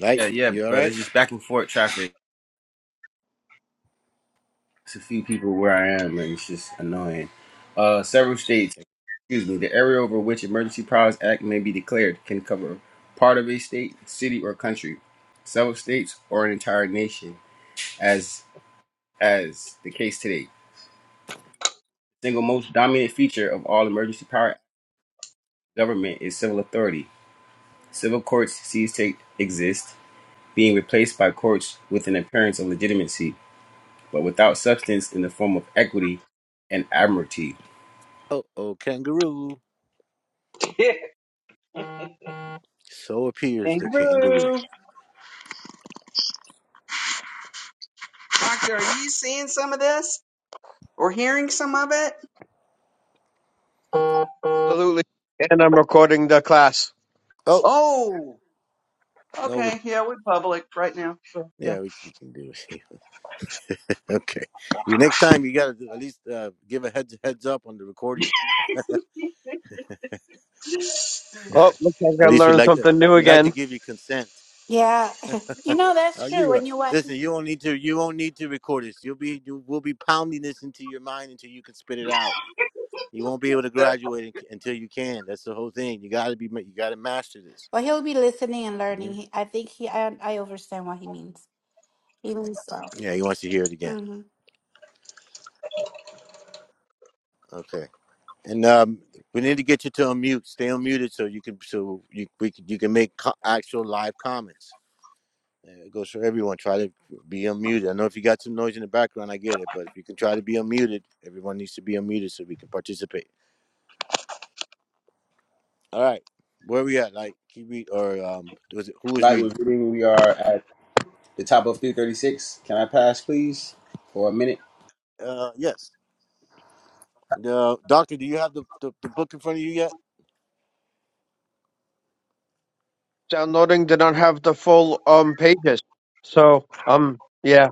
S2: right
S1: Yeah, yeah,
S2: you all right
S1: brother. It's just back and forth traffic. It's a few people where I am, and it's just annoying. Uh, several states, excuse me, the area over which Emergency Powers Act may be declared can cover part of a state, city, or country, several states, or an entire nation, as as the case today. The single most dominant feature of all Emergency Power Act government is civil authority. Civil courts cease to exist, being replaced by courts with an appearance of legitimacy, but without substance in the form of equity and admiralty.
S2: Oh, oh, kangaroo.
S8: Kangaroo.
S2: So appears the kangaroo.
S8: Doctor, are you seeing some of this or hearing some of it?
S10: Absolutely. And I'm recording the class.
S2: Oh,
S8: Oh,
S2: no. rec-
S8: okay. Yeah, we're public right now.
S2: Yeah, we c- you can do it. okay. You next time you gotta do- at least uh, give a heads heads up on the recording.
S10: Oh, looks like
S2: At
S10: I
S2: least we'd
S10: learned
S2: like to
S10: something new
S2: we'd like to
S10: again.
S2: give you consent.
S3: Yeah, you know that's
S2: Are
S3: true.
S2: you uh
S3: When you what?
S2: listen? You don't need to you won't need to record this. You'll be you, we'll be pounding this into your mind until you can spit it out. You won't be able to
S8: The-
S2: graduate unc- until you can. That's the whole thing. You gotta be ma- you gotta master this.
S3: Well, he'll be listening and learning.
S2: Mhm.
S3: He, I think he. I, I understand what he means. Even so.
S2: Yeah, he wants to hear it again.
S3: Mm-hmm.
S2: Okay. And um, we need to get you to unmute. Stay unmuted so you can so you we can, you can make co- actual live comments. Uh, It goes for everyone. Try to be unmuted. I know if you got some noise in the background, I get it, but if you can try to be unmuted, everyone needs to be unmuted so we can participate. All right, where we at? Like, can you read or um, was it who was
S1: Like
S2: reading?
S1: with reading, we are at The top of 336. Can I pass, please, for a minute?
S2: Uh, yes. The doctor, do you have the, the, the book in front of you yet?
S10: Downloading did not have the full um pages. So um yeah.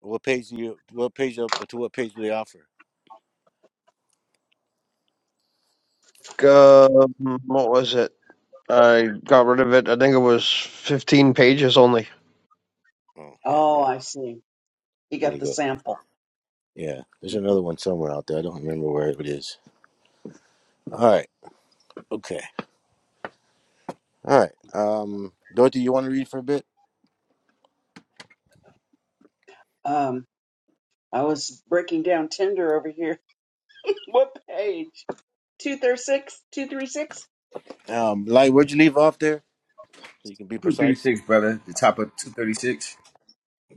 S2: What page do you? What page of, to what page do they offer?
S10: Um, what was it? I got rid of it. I think it was fifteen pages only.
S2: Oh yeah,
S8: oh,
S2: yeah.
S8: I see. You
S2: There
S8: got
S2: you
S8: the
S2: go.
S8: sample.
S2: Yeah, there's
S8: Mhm.
S2: another one somewhere out there. I don't remember where it is. All right. Okay. All right. Um, Dorothy, you want to read for a bit?
S8: Um, I was breaking down Tinder over here. what page? 236? 236?
S2: Um, like, where'd you leave off there? So you can be precise.
S1: 236, brother. The top of 236.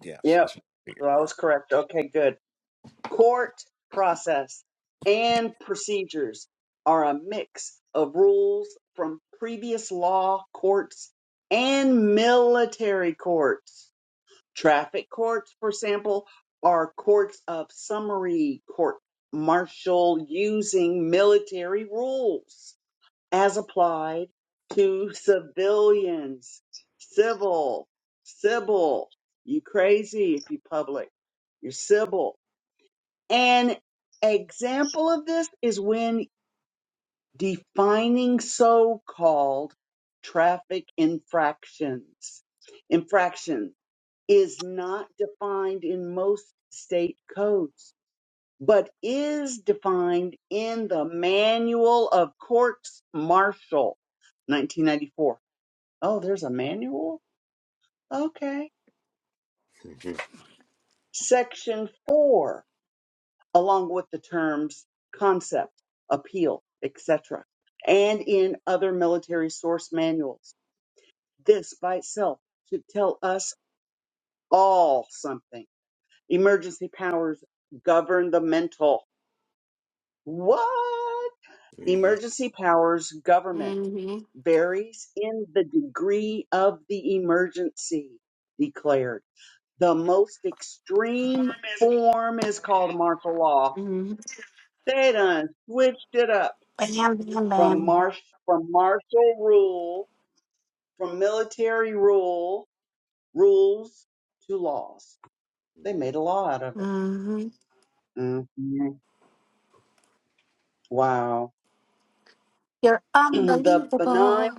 S2: Yeah,
S8: Yep.
S2: that's what I
S8: So
S2: figured.
S8: I
S2: Yeah.
S8: was correct. Okay, good. Court process and procedures are a mix of rules from previous law courts and military courts. Traffic courts, for example, are courts of summary court martial using military rules as applied to civilians. Civil, civil. You crazy if you public. You're civil. An example of this is when defining so-called traffic infractions. Infraction is not defined in most state codes, but is defined in the Manual of Courts Martial, 1994. Oh, there's a manual? Okay. Section 4 along with the terms concept, appeal, etc., and in other military source manuals. This by itself should tell us all something. Emergency powers govern the mental. What? Emergency powers government
S3: Mm-hmm.
S8: varies in the degree of the emergency declared. The most extreme form is called martial law.
S3: Mm-hmm.
S8: They done switched it up
S3: Bam, bam,
S8: from
S3: bam.
S8: marsh from martial rule, from military rule, rules to laws. They made a law out of it.
S3: Mm-hmm.
S8: Mhm. Wow.
S3: You're
S8: the benign,
S3: unbelievable.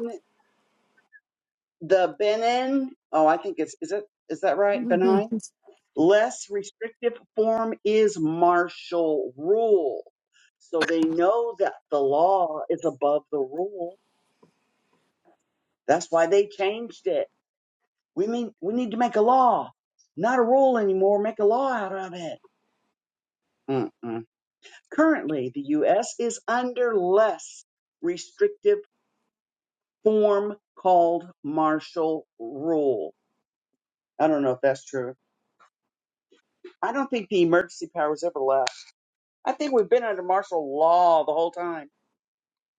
S8: the benign. Oh, I think it's is it is that right? Benign. Less restrictive form is martial rule. So they know that the law is above the rule. That's why they changed it. We mean we need to make a law, not a rule anymore. Make a law out of it Mm-mm. Currently, the U.S. is under less restrictive form called martial rule. I don't know if that's true. I don't think the emergency powers ever left. I think we've been under martial law the whole time.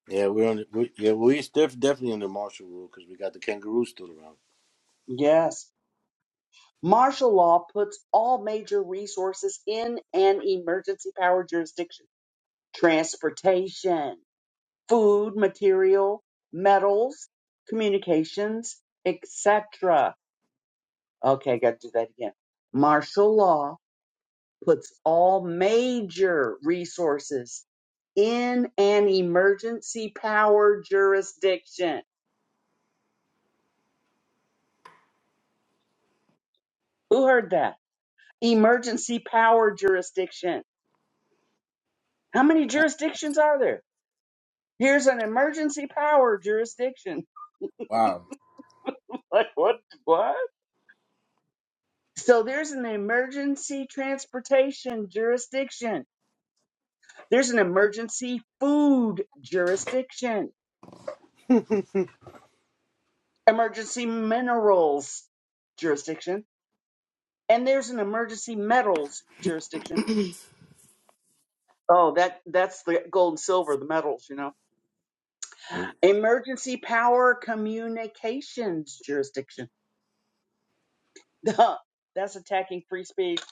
S2: Yeah, we're on. The, we, yeah, we're definitely under martial rule because we got the kangaroo still around.
S8: Yes. Martial law puts all major resources in an emergency power jurisdiction transportation, food, material, metals, communications, etc. Okay, got to do that again. Martial law puts all major resources in an emergency power jurisdiction. Who heard that? Emergency power jurisdiction. How many jurisdictions are there? Here's an emergency power jurisdiction.
S1: Wow.
S8: Like what? What? So there's an emergency transportation jurisdiction. There's an emergency food jurisdiction emergency minerals jurisdiction, and there's an emergency metals jurisdiction. Oh, that that's the gold and silver, the metals, you know. Emergency power communications jurisdiction. Duh, that's attacking free speech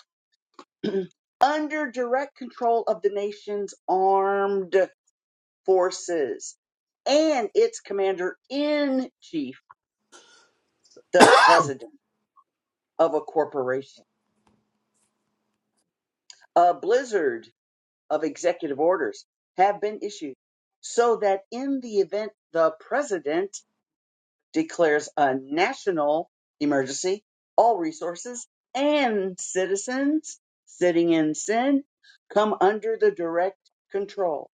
S8: under direct control of the nation's armed forces and its commander in chief, the president of a corporation. A blizzard of executive orders have been issued so that in the event the president declares a national emergency, all resources and citizens sitting in sin come under the direct control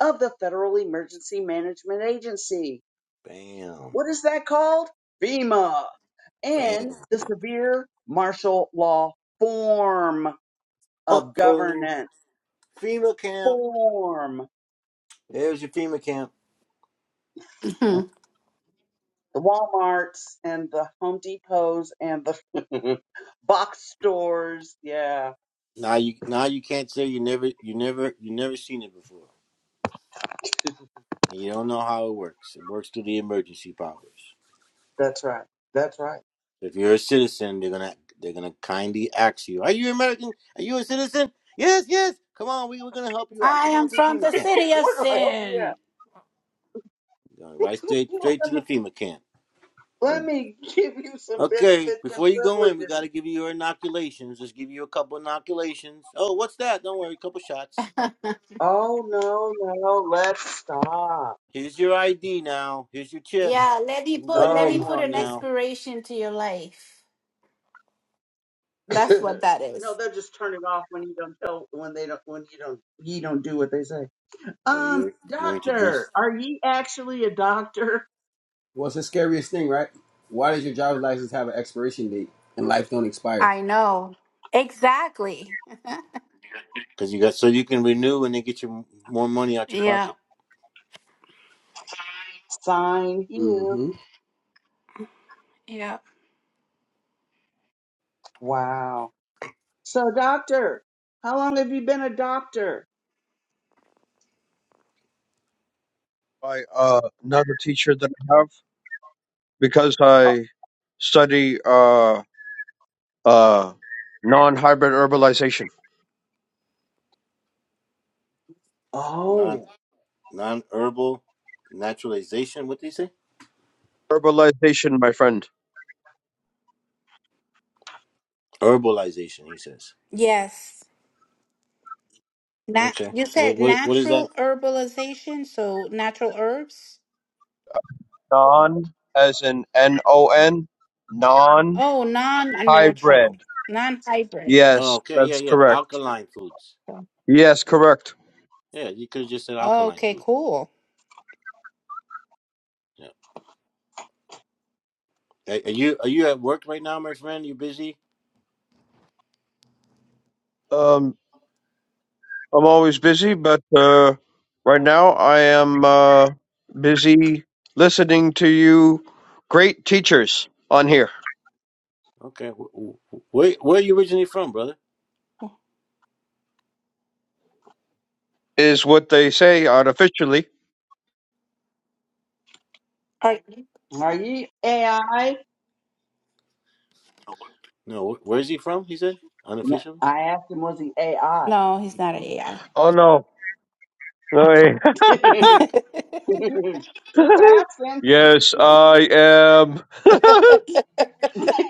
S8: of the Federal Emergency Management Agency. What is that called? FEMA.
S2: Bam.
S8: And the severe martial law form
S2: Uh
S8: of
S2: oh.
S8: governance.
S2: FEMA camp.
S8: Form.
S2: There's your FEMA camp.
S8: the Walmarts and the Home Depots and the box stores. Yeah.
S2: Now you now you can't say you never you never you never seen it before, and you don't know
S8: Right.
S2: how it works. It works through the emergency powers.
S8: That's right. That's right.
S2: If you're a citizen, they're gonna they're gonna kindly ask you, "Are you American? Are you a citizen?" Yes, yes. Come on, we we're gonna help you out.
S3: I
S2: Come on
S3: am
S2: to the
S3: from
S2: FEMA
S3: the
S2: camp.
S3: city of
S8: What do I help you
S3: sin.
S2: Going right
S8: at?
S2: straight straight to
S8: let,
S2: the
S8: me,
S2: FEMA camp.
S8: let
S2: And,
S8: me give you some
S2: okay,
S8: benefits and
S2: before you go in, we
S8: privileges.
S2: gotta give you your inoculations. Just give you a couple inoculations. Oh, what's that? Don't worry, a couple shots.
S8: Oh, no, no. Let's stop.
S2: Here's your ID now. Here's your chip.
S3: Yeah, let me
S2: You can go
S3: put let
S2: anywhere
S3: me
S2: you
S8: Oh,
S3: put
S2: want
S3: an
S8: my
S2: now.
S3: expiration to your life. That's
S8: goodness.
S3: what that
S8: No,
S3: is.
S8: they'll just turn it off when you don't tell when they don't when you don't you don't do what they say.
S2: Oh,
S8: Um,
S2: you're you're
S8: doctor,
S2: introduced
S8: are ye actually a doctor?
S1: Well, it's the scariest thing, right? Why does your driver's license have an expiration date and life don't expire?
S3: I know. Exactly.
S2: because you got so you can renew and they get you more money out your
S3: Yeah.
S2: pocket.
S8: Sign here.
S1: Mm-hmm.
S3: Yeah.
S8: Wow. So, doctor, how long have you been a doctor?
S10: by uh, another teacher that I have because I study uh, uh, non hybrid herbalization.
S2: Non
S8: Oh,
S2: non-herbal naturalization. What did he say?
S10: Herbalization, my friend.
S2: Herbalization. He says.
S3: Yes. Nat
S2: Okay.
S3: you
S2: Well,
S3: said
S2: what what is that?
S3: natural herbalization, so natural herbs?
S10: Non, as in N O N, non
S3: Oh, non-natural,
S10: hybrid.
S3: non-hybrid.
S2: Oh,
S10: Yes,
S2: okay. Yeah,
S10: that's
S2: yeah.
S10: correct.
S2: Alkaline foods.
S10: Yes, correct.
S2: Yeah, you could have just said alkaline
S3: Okay,
S2: food.
S3: cool.
S2: Yeah. Are, are you are you at work right now, my friend? You busy?
S10: Um, I'm always busy, but uh, right now I am uh, busy listening to you, great teachers on here,
S2: Okay. Wh- wh- Where where are you originally from, brother?
S10: is what they say artificially.
S3: Are,
S8: are you AI? I
S2: No. wh- Where is he from? He said unofficial.
S8: I asked him, was he AI?
S3: no, he's not an AI.
S10: Oh no, Sorry.
S3: he's
S8: Just asking.
S10: yes, I am.
S3: a, I.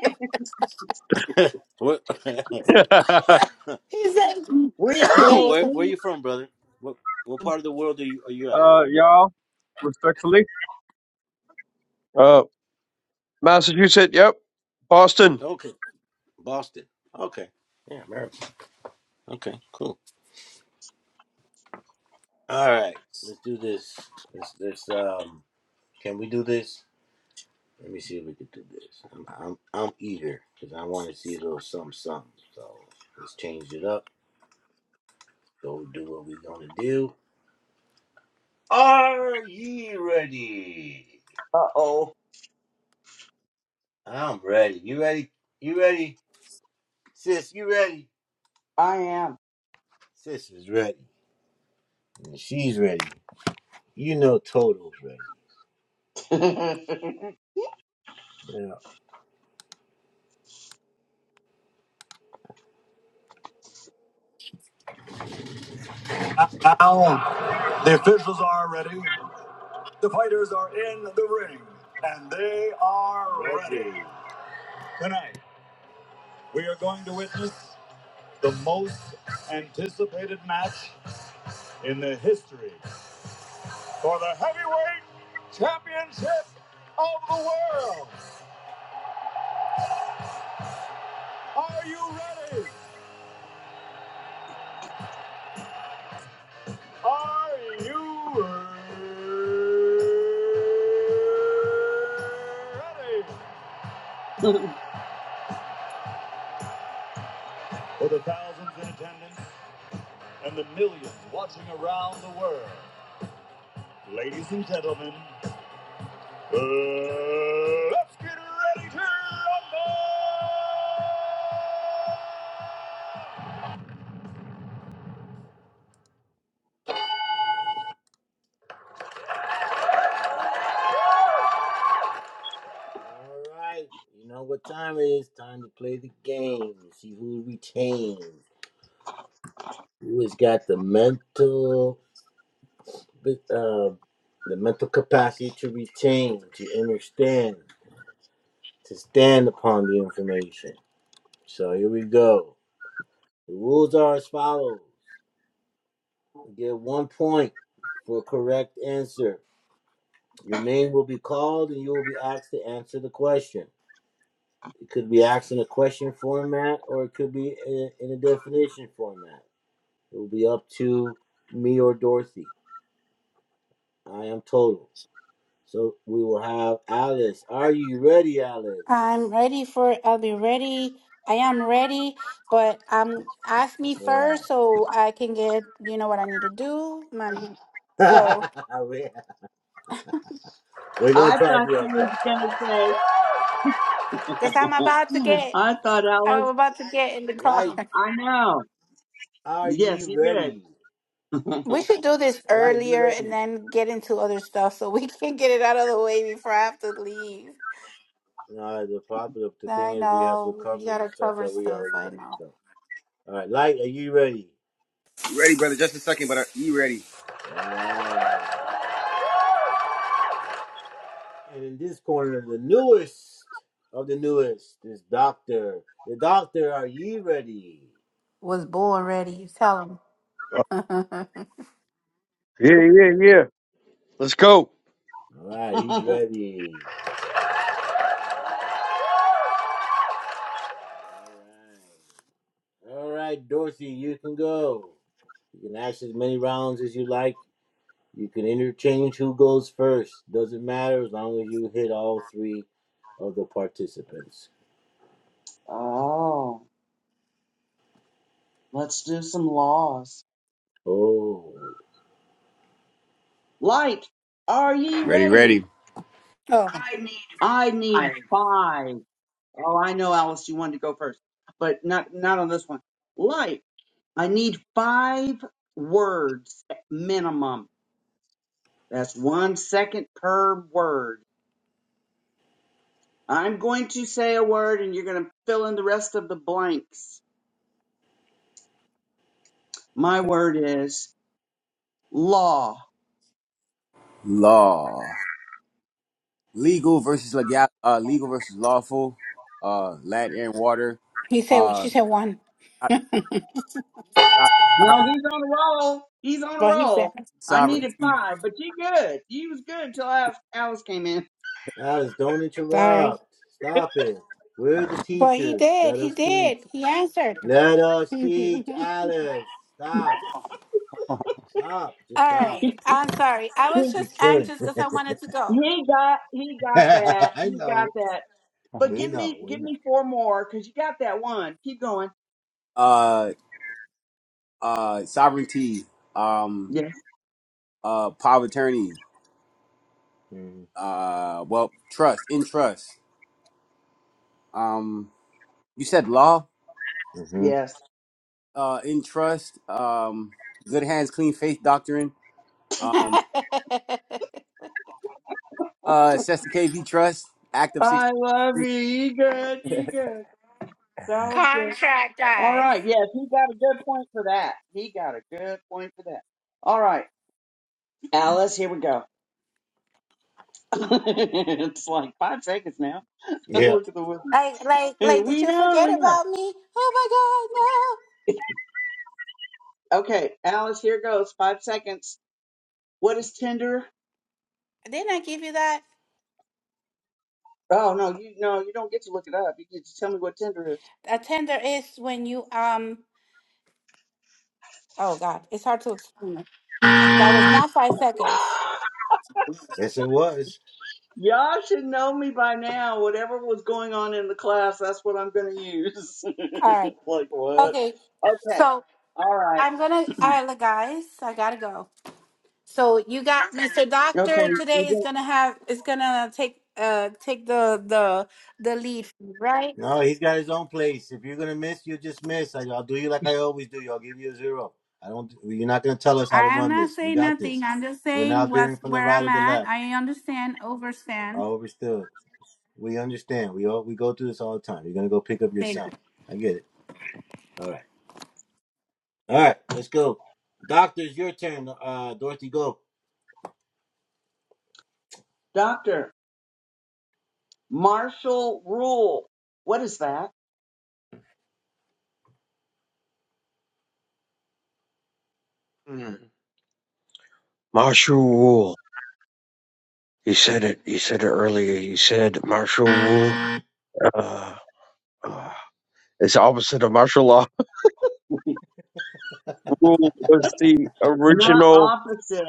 S2: Where where,
S3: He said,
S8: we,
S3: yeah,
S8: we,
S3: what's up?
S2: where are
S8: we.
S2: you from, brother? What what part of the world are you are you at?
S10: uh, y'all, respectfully. Uh, Massachusetts. Yep. Boston.
S2: Okay, Boston. Okay. Yeah, America. Okay, cool. All right, let's do this. Let's let's um. Can we do this? Let me see if we can do this. I'm I'm, I'm eager because I want to see a little something something. So let's change it up. Go do what we are gonna do. Are ye ready?
S8: Uh oh,
S2: I'm ready. You ready? You ready, sis? You ready?
S8: I am.
S2: Sis is ready. And she's ready. You know, Toto's ready. Yeah. Now, the officials are ready. The fighters are in the ring, and they are ready. Tonight, we are going to witness the most anticipated match in the history for the heavyweight championship of the world. Are you ready? Are you ready? For the thousands in attendance and the millions watching around the world, ladies and gentlemen, Uh, let's get ready to rumble! All right, you know what time it is. Time to play the game. See who retains, who has got the mental, uh, the mental capacity to retain, to understand, to stand upon the information. So here we go. The rules are as follows: you get one point for a correct answer. Your name will be called and you will be asked to answer the question. It could be asked in a question format or it could be in a definition format. It will be up to me or Dorothy. I am total. So we will have Alice. Are you ready,
S3: I'm
S2: Alice?
S3: ready for it. I'll be ready. I am ready, but um, ask me
S2: All
S3: first so I can get you know what I need to do. My,
S2: right.
S3: so,
S2: We- are going to
S8: I
S2: try to
S8: thought
S2: do our
S8: you was
S2: best.
S8: gonna say.
S3: cause I'm about to
S8: "Hmm,
S3: get,
S8: I thought
S3: I'm
S8: Alice.
S3: about to get in the car.
S2: Light,
S8: I know.
S2: are
S8: Yes,
S2: you
S8: you did.
S2: ready?
S3: We should do this
S2: Light, you
S3: earlier and
S2: ready?
S3: then get into other stuff so we can get it out of the way before I have to leave.
S2: No, the problem, the thing
S3: I
S2: is we have
S3: know you
S2: recovering
S3: gotta
S2: stuff
S3: cover
S2: that we
S3: stuff.
S2: already
S3: I
S2: read.
S3: know.
S2: So, all right, Light, are you ready?
S1: Ready, brother. Just a second, but are you ready?
S2: And in this corner, the newest of the newest is Doctor. The Doctor, are you ready?
S3: Was born ready. You tell
S10: Uh,
S3: him.
S10: Yeah, yeah, yeah. Let's go.
S2: All right, he's ready. All right. All right, Dorothy, you can go. You can ask as many rounds as you like. You can interchange who goes first. Doesn't matter as long as you hit all three of the participants.
S8: oh, let's do some laws.
S2: Oh.
S8: Light, are ye
S1: Ready,
S8: ready?
S1: ready.
S3: oh,
S8: I need five. Oh, I know, Alice, you wanted to go first, but not not on this one. Light, I need five words minimum. That's one second per word. I'm going to say a word, and you're going to fill in the rest of the blanks. My word is law.
S1: Law. Legal versus legal. Uh, legal versus lawful. Uh, land air, and water.
S3: he said. She
S1: Uh,
S3: said one.
S1: so-
S3: well,
S1: so-
S8: No, he's on a roll. He's on a
S3: he said
S8: roll. I
S2: okay.
S8: needed
S1: sovereignty.
S8: five, but you good. You was good until Alice Alice came in.
S2: Alice, don't
S3: sorry.
S2: interrupt. Stop it. We're the
S3: But he
S2: teachers.
S3: did.
S2: Let
S3: He
S2: us teach.
S3: did. He answered.
S2: Let us
S3: All
S2: teach Alice. Stop. Stop. Just stop.
S3: right. I'm sorry. I was
S2: You're
S3: just
S2: killing.
S3: anxious because I wanted to go.
S8: He got he got that.
S2: I
S8: He got
S2: know.
S8: that. But
S2: We
S8: give
S2: know.
S8: me
S2: We
S8: give
S2: know.
S8: me four more because you got that one. Keep going.
S1: Uh, uh, sovereignty. Um,
S8: Yes.
S1: uh, power of attorney.
S2: Mm-hmm.
S1: uh well trust in trust um you said law
S2: Mm-hmm.
S8: Yes.
S1: uh in trust um good hands clean faith doctrine um uh Sesta KV trust act of
S8: I love
S1: 66
S8: you. You good. You good. That was good.
S3: Contract
S8: All
S3: guys.
S8: right. Yes, he got a good point for that. He got a good point for that. All right. Alice, here we go. it's like five seconds now.
S2: Yeah.
S8: Look at the wheel.
S3: Like, like, like, did
S8: We
S3: you
S8: know,
S3: forget
S8: we know.
S3: about me? Oh my God,
S8: Okay, Alice, here goes. Five seconds. What is Tinder?
S3: no. Didn't I give you that?
S8: Oh no, you no, you don't get to look it up. You get to tell me what Tinder is.
S3: A tender is when you, um, oh God, it's hard to explain. it. That was not five seconds.
S2: Yes, it was.
S8: Y'all should know me by now. Whatever was going on in the class, that's what I'm going to use.
S3: All right.
S8: like what?
S3: Okay.
S8: Okay.
S3: So
S8: All right.
S3: I'm going to, all right, guys, I got to go. So you got Mr.
S8: Okay.
S3: Doctor
S8: You
S3: today is
S8: got-
S3: gonna have is gonna take uh take the the the lead, right?
S2: No, he's got his own place. If you're gonna miss, you just miss. I, I'll do you like I always do. I'll give you a zero. I don't. You're not gonna tell us how to
S3: I am
S2: run
S3: not
S2: this. We
S3: saying
S2: got this.
S3: nothing. I'm just
S2: We're
S3: saying
S2: not veering
S3: what's
S2: from the
S3: where
S2: right
S3: I'm
S2: or the
S3: at.
S2: left.
S3: I understand,
S2: I
S3: overstand.
S2: overstood. We understand. We all we go through this all the time. You're gonna go pick up your
S3: Thank
S2: son.
S3: you.
S2: I get it. All right. All right, let's go. Doctors, your turn. Uh, Dorothy, go.
S8: Doctor, martial rule. What is that?
S10: Mm. Martial rule. He said it. He said it earlier. He said martial rule. Uh, uh, it's the opposite of martial law. Rule was the
S8: Not
S10: original.
S8: opposite,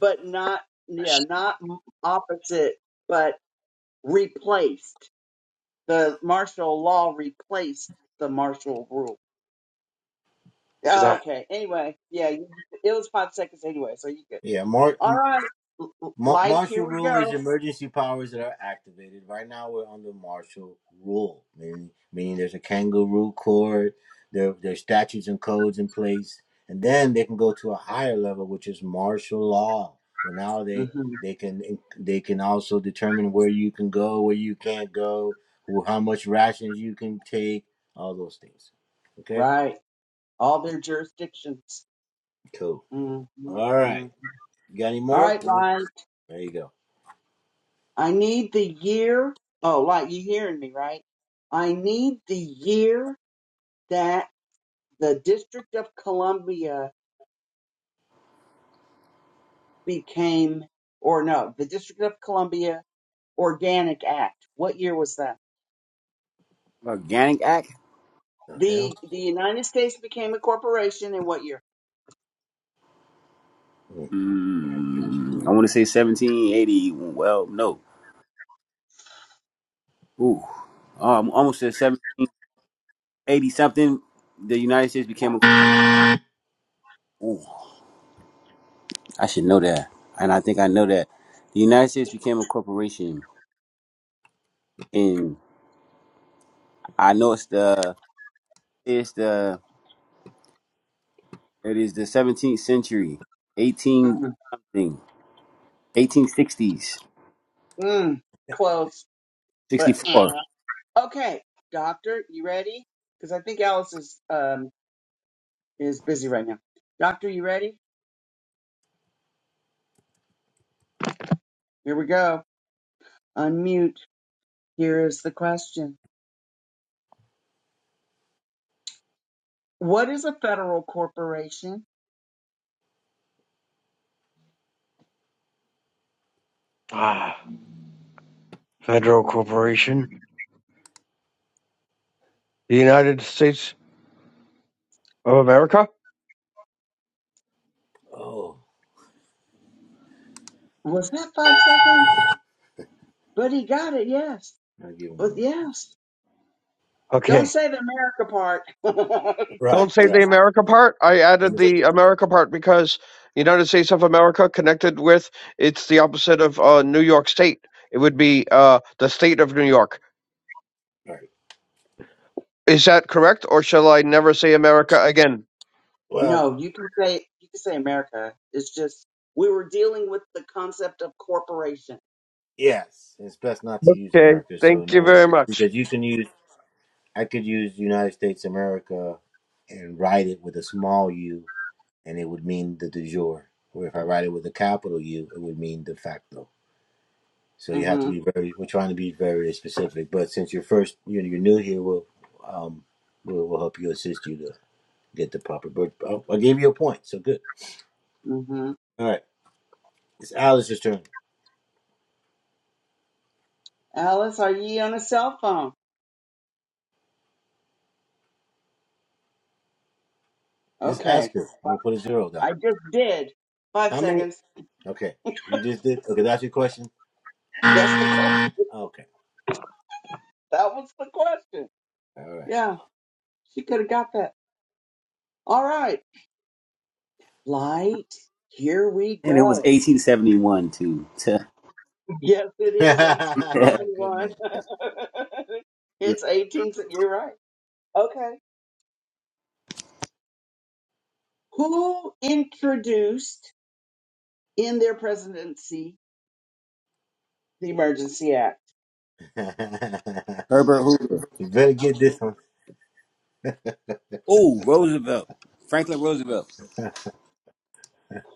S8: but not, yeah, not m- opposite, but replaced. The martial law replaced the martial rule.
S10: For that.
S8: Okay. Anyway, yeah, you- it was five seconds anyway, so you good.
S2: Yeah, mar-
S8: All
S2: m-
S8: right. L- l-
S2: ma-
S8: Light, here
S2: martial
S8: we
S2: rule is
S8: go.
S2: emergency powers that are activated. Right now, we're under martial rule, meaning, meaning there's a kangaroo court, there, there's statutes and codes in place, and then they can go to a higher level, which is martial law. Well, now they
S8: hmm
S2: they can they can also determine where you can go, where you can't go, who, how much rations you can take, all those things. Okay,
S8: Right. All their jurisdictions.
S2: cool.
S8: hmm
S2: All right.
S8: mm
S2: You got any
S8: All
S2: more?
S8: right,
S2: No.
S8: Light.
S2: There you go.
S8: I need the year. Oh, Light, you hearing me, right? I need the year that the District of Columbia became, or no, the District of Columbia Organic Act. What year was that?
S1: organic act
S2: The hell?
S8: The the United States became a corporation in what year?
S1: mm, I want to say 1780 well no ooh um almost said 780 something the United States became a ooh, I should know that and I think I know that the United States became a corporation and I know it's the it's the It is the 17th century, 18
S8: Mm,
S1: something, 1860s,
S8: mm, close, but eh.
S1: 64.
S8: Okay, doctor, you ready? Because I think Alice is um is busy right now. Doctor, you ready? Here we go. Unmute. Here is the question. What is a federal corporation?
S10: Ah, federal corporation. The United States of America.
S2: Oh,
S8: Was that five seconds? But he got it, yes.
S2: I will give him
S8: But
S2: one.
S8: yes. Don't
S10: Okay.
S8: say the America part.
S2: Right,
S10: Don't
S8: Just
S10: say the
S2: right.
S8: the-
S10: America part. I added
S2: No.
S10: the America part because United States of America connected with it's the opposite of uh, New York State. It would be uh, the state of New York.
S2: Right.
S10: Is that correct, or shall I never say America again?
S2: Well,
S8: no, you can say you can say America. It's just we were dealing with the concept of corporation.
S2: yes, it's best not to use
S10: Okay,
S2: America, so
S10: thank
S2: no
S10: you
S2: one
S10: very much.
S2: because you can use. I could use United States America and write it with a small u, and it would mean the de jure. Or if I write it with a capital U, it would mean de facto. So you have to
S8: Mm-hmm.
S2: be very. We're trying to be very specific, but since you're first, you're, you're new here, we'll um, we'll, we'll help you assist you to get the proper. But oh, I gave you a point, so good.
S8: Mm-hmm.
S2: All right. It's Alice's turn.
S8: Alice, are ye on a cell phone?
S2: Just
S8: Okay.
S2: ask her. We'll put a zero down.
S8: I just did. Five
S2: How many?
S8: seconds.
S2: Okay. You just did. Okay. That's your question.
S8: That's the question.
S2: Okay.
S8: That was the question.
S2: All
S8: Yeah, she could have got that. All right. Light, here we
S1: And it was
S8: go.
S1: 1871 too. to-
S8: Yes, it is
S2: right. Good
S8: 1871.
S2: man.
S8: it's 18. You're right. Okay. Who introduced in their presidency the Emergency Act?
S1: Herbert Hoover.
S2: you better get this one.
S1: Oh, Roosevelt. Franklin Roosevelt.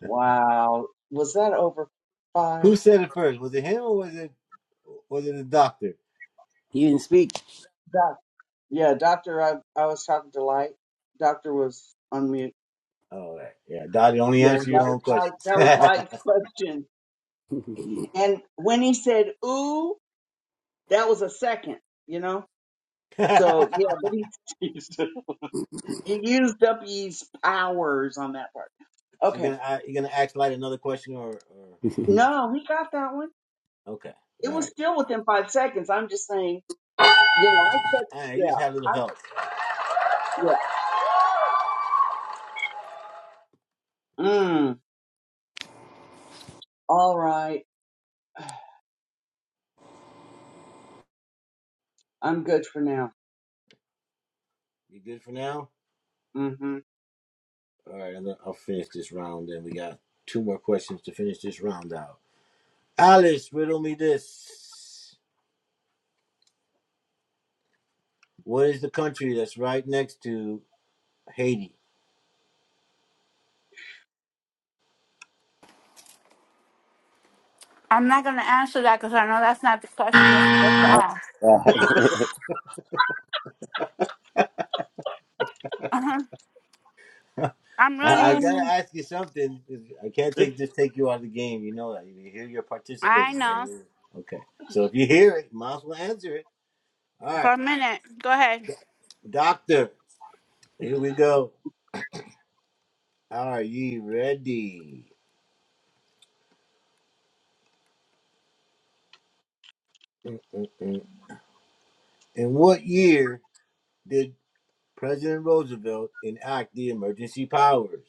S8: Wow. Was that over five?
S2: Who said it first? Was it him or was it was it the doctor?
S1: He didn't speak.
S8: Doc, yeah, Doctor, I, I was talking to Light. Doctor was on mute.
S2: All right. Yeah. Dottie, only
S8: Yeah, that
S2: answer your
S8: was
S2: own
S8: Mike.
S2: questions.
S8: That was Mike's question. And when he said "ooh," that was a second, you know. So yeah, but he he used up his powers on that part.
S2: Is you
S8: Okay,
S2: gonna uh, you gonna ask like another question or, or
S8: no, he got that one.
S2: okay. All
S8: It was
S2: right.
S8: still within five seconds. I'm just saying, you know, I said,
S2: All right. You just
S8: yeah,
S2: had a little
S8: I
S2: help.
S8: yeah. Mm, all right, I'm good for now.
S2: You good for now?
S8: Mm-hmm.
S2: All right, and then I'll finish this round. Then we got two more questions to finish this round out. Alice, riddle me this: What is the country that's right next to Haiti?
S3: I'm not gonna answer that because I know that's not the question you're supposed to
S1: Oh,
S3: ask.
S1: God.
S3: Uh-huh.
S2: I,
S3: I'm
S2: I
S3: running.
S2: gotta
S8: Oh,
S2: ask you something. I can't take just take you out of the game. You know that. You hear you're
S3: I
S2: participating.
S3: know.
S2: man. Okay, so if you hear it, you might as well answer it. All
S3: For
S2: right,
S3: a minute. Go ahead.
S2: doctor. Here we go. Are you ready? Mm-mm-mm. In what year? did President Roosevelt enact the emergency powers.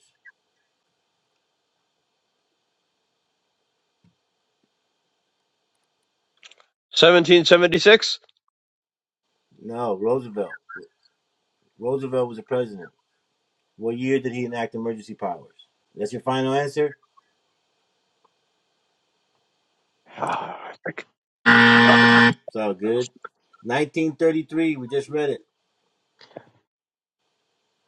S10: 1776.
S2: No, Roosevelt. Roosevelt was the president. What year did he enact emergency powers? That's your final answer? It's all good. 1933, we just read it.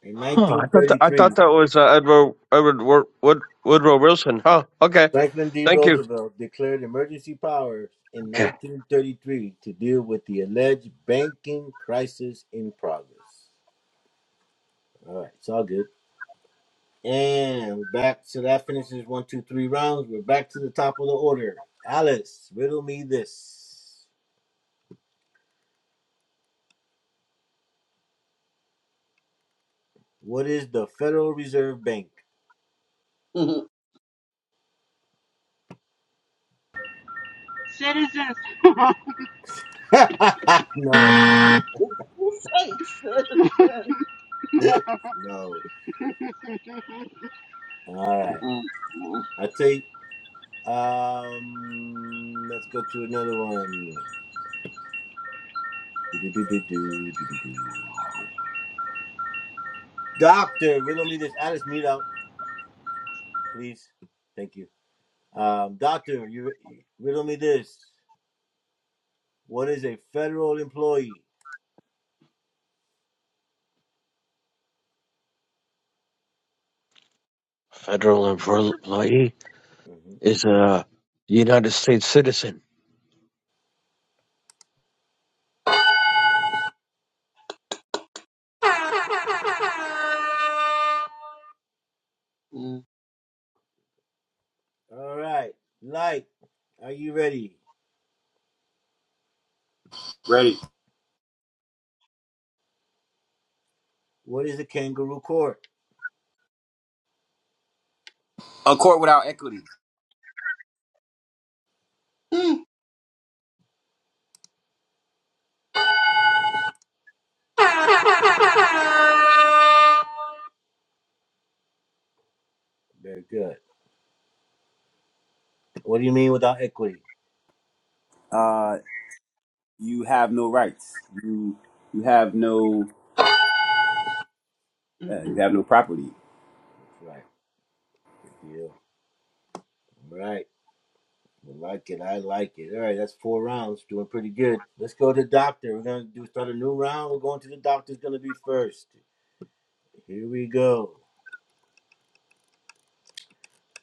S2: In
S10: Huh, I thought that, I
S2: 1933,
S10: thought that was uh, Edward Edward Wood, Wood, Woodrow Wilson. Huh. Okay.
S2: Franklin D.
S10: Thank you.
S2: Roosevelt declared emergency powers in
S10: Okay.
S2: 1933 to deal with the alleged banking crisis in progress. All right, it's all good. And we're back. So that finishes one, two, three rounds. We're back to the top of the order. Alice, riddle me this. What is the Federal Reserve Bank?
S3: Citizens
S2: no,
S8: you say citizen.
S2: no. All right.
S8: Mm,
S2: I take, um, let's go to another one. Do-do-do-do-do, do-do-do. Doctor, riddle me this. Alice, mute out, please. Thank you. Um, doctor, you riddle me this. What is a federal employee?
S10: Federal employee
S2: Mm-hmm.
S10: is a United States citizen.
S8: mm,
S2: All right. Light, are you ready?
S1: Ready.
S2: What is a kangaroo court?
S1: A court without equity.
S8: mm.
S2: Very good. What do you mean without equity?
S1: Uh, you have no rights. You you have no uh, you have no property.
S2: That's right. Good deal. All right. I like it. I like it. All right. That's four rounds. Doing pretty good. Let's go to doctor. We're going to do start a new round. We're going to the doctor's going to be first. Here we go.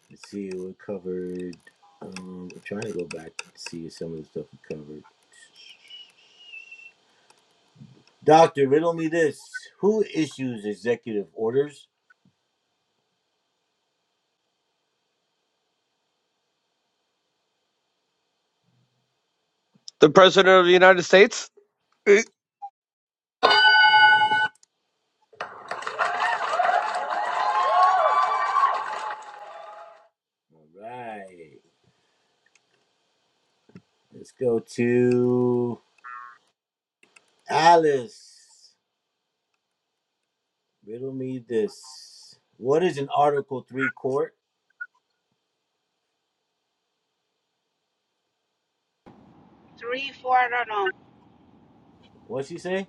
S2: Let's see. We're covered. Um, I'm trying to go back and see some of the stuff we covered. Doctor, riddle me this. Who issues executive orders?
S10: The President of the United States? Eh,
S2: All right. Let's go to Alice. Riddle me this. What is an Article 3 court?
S3: three, four, I don't
S2: What'd she say?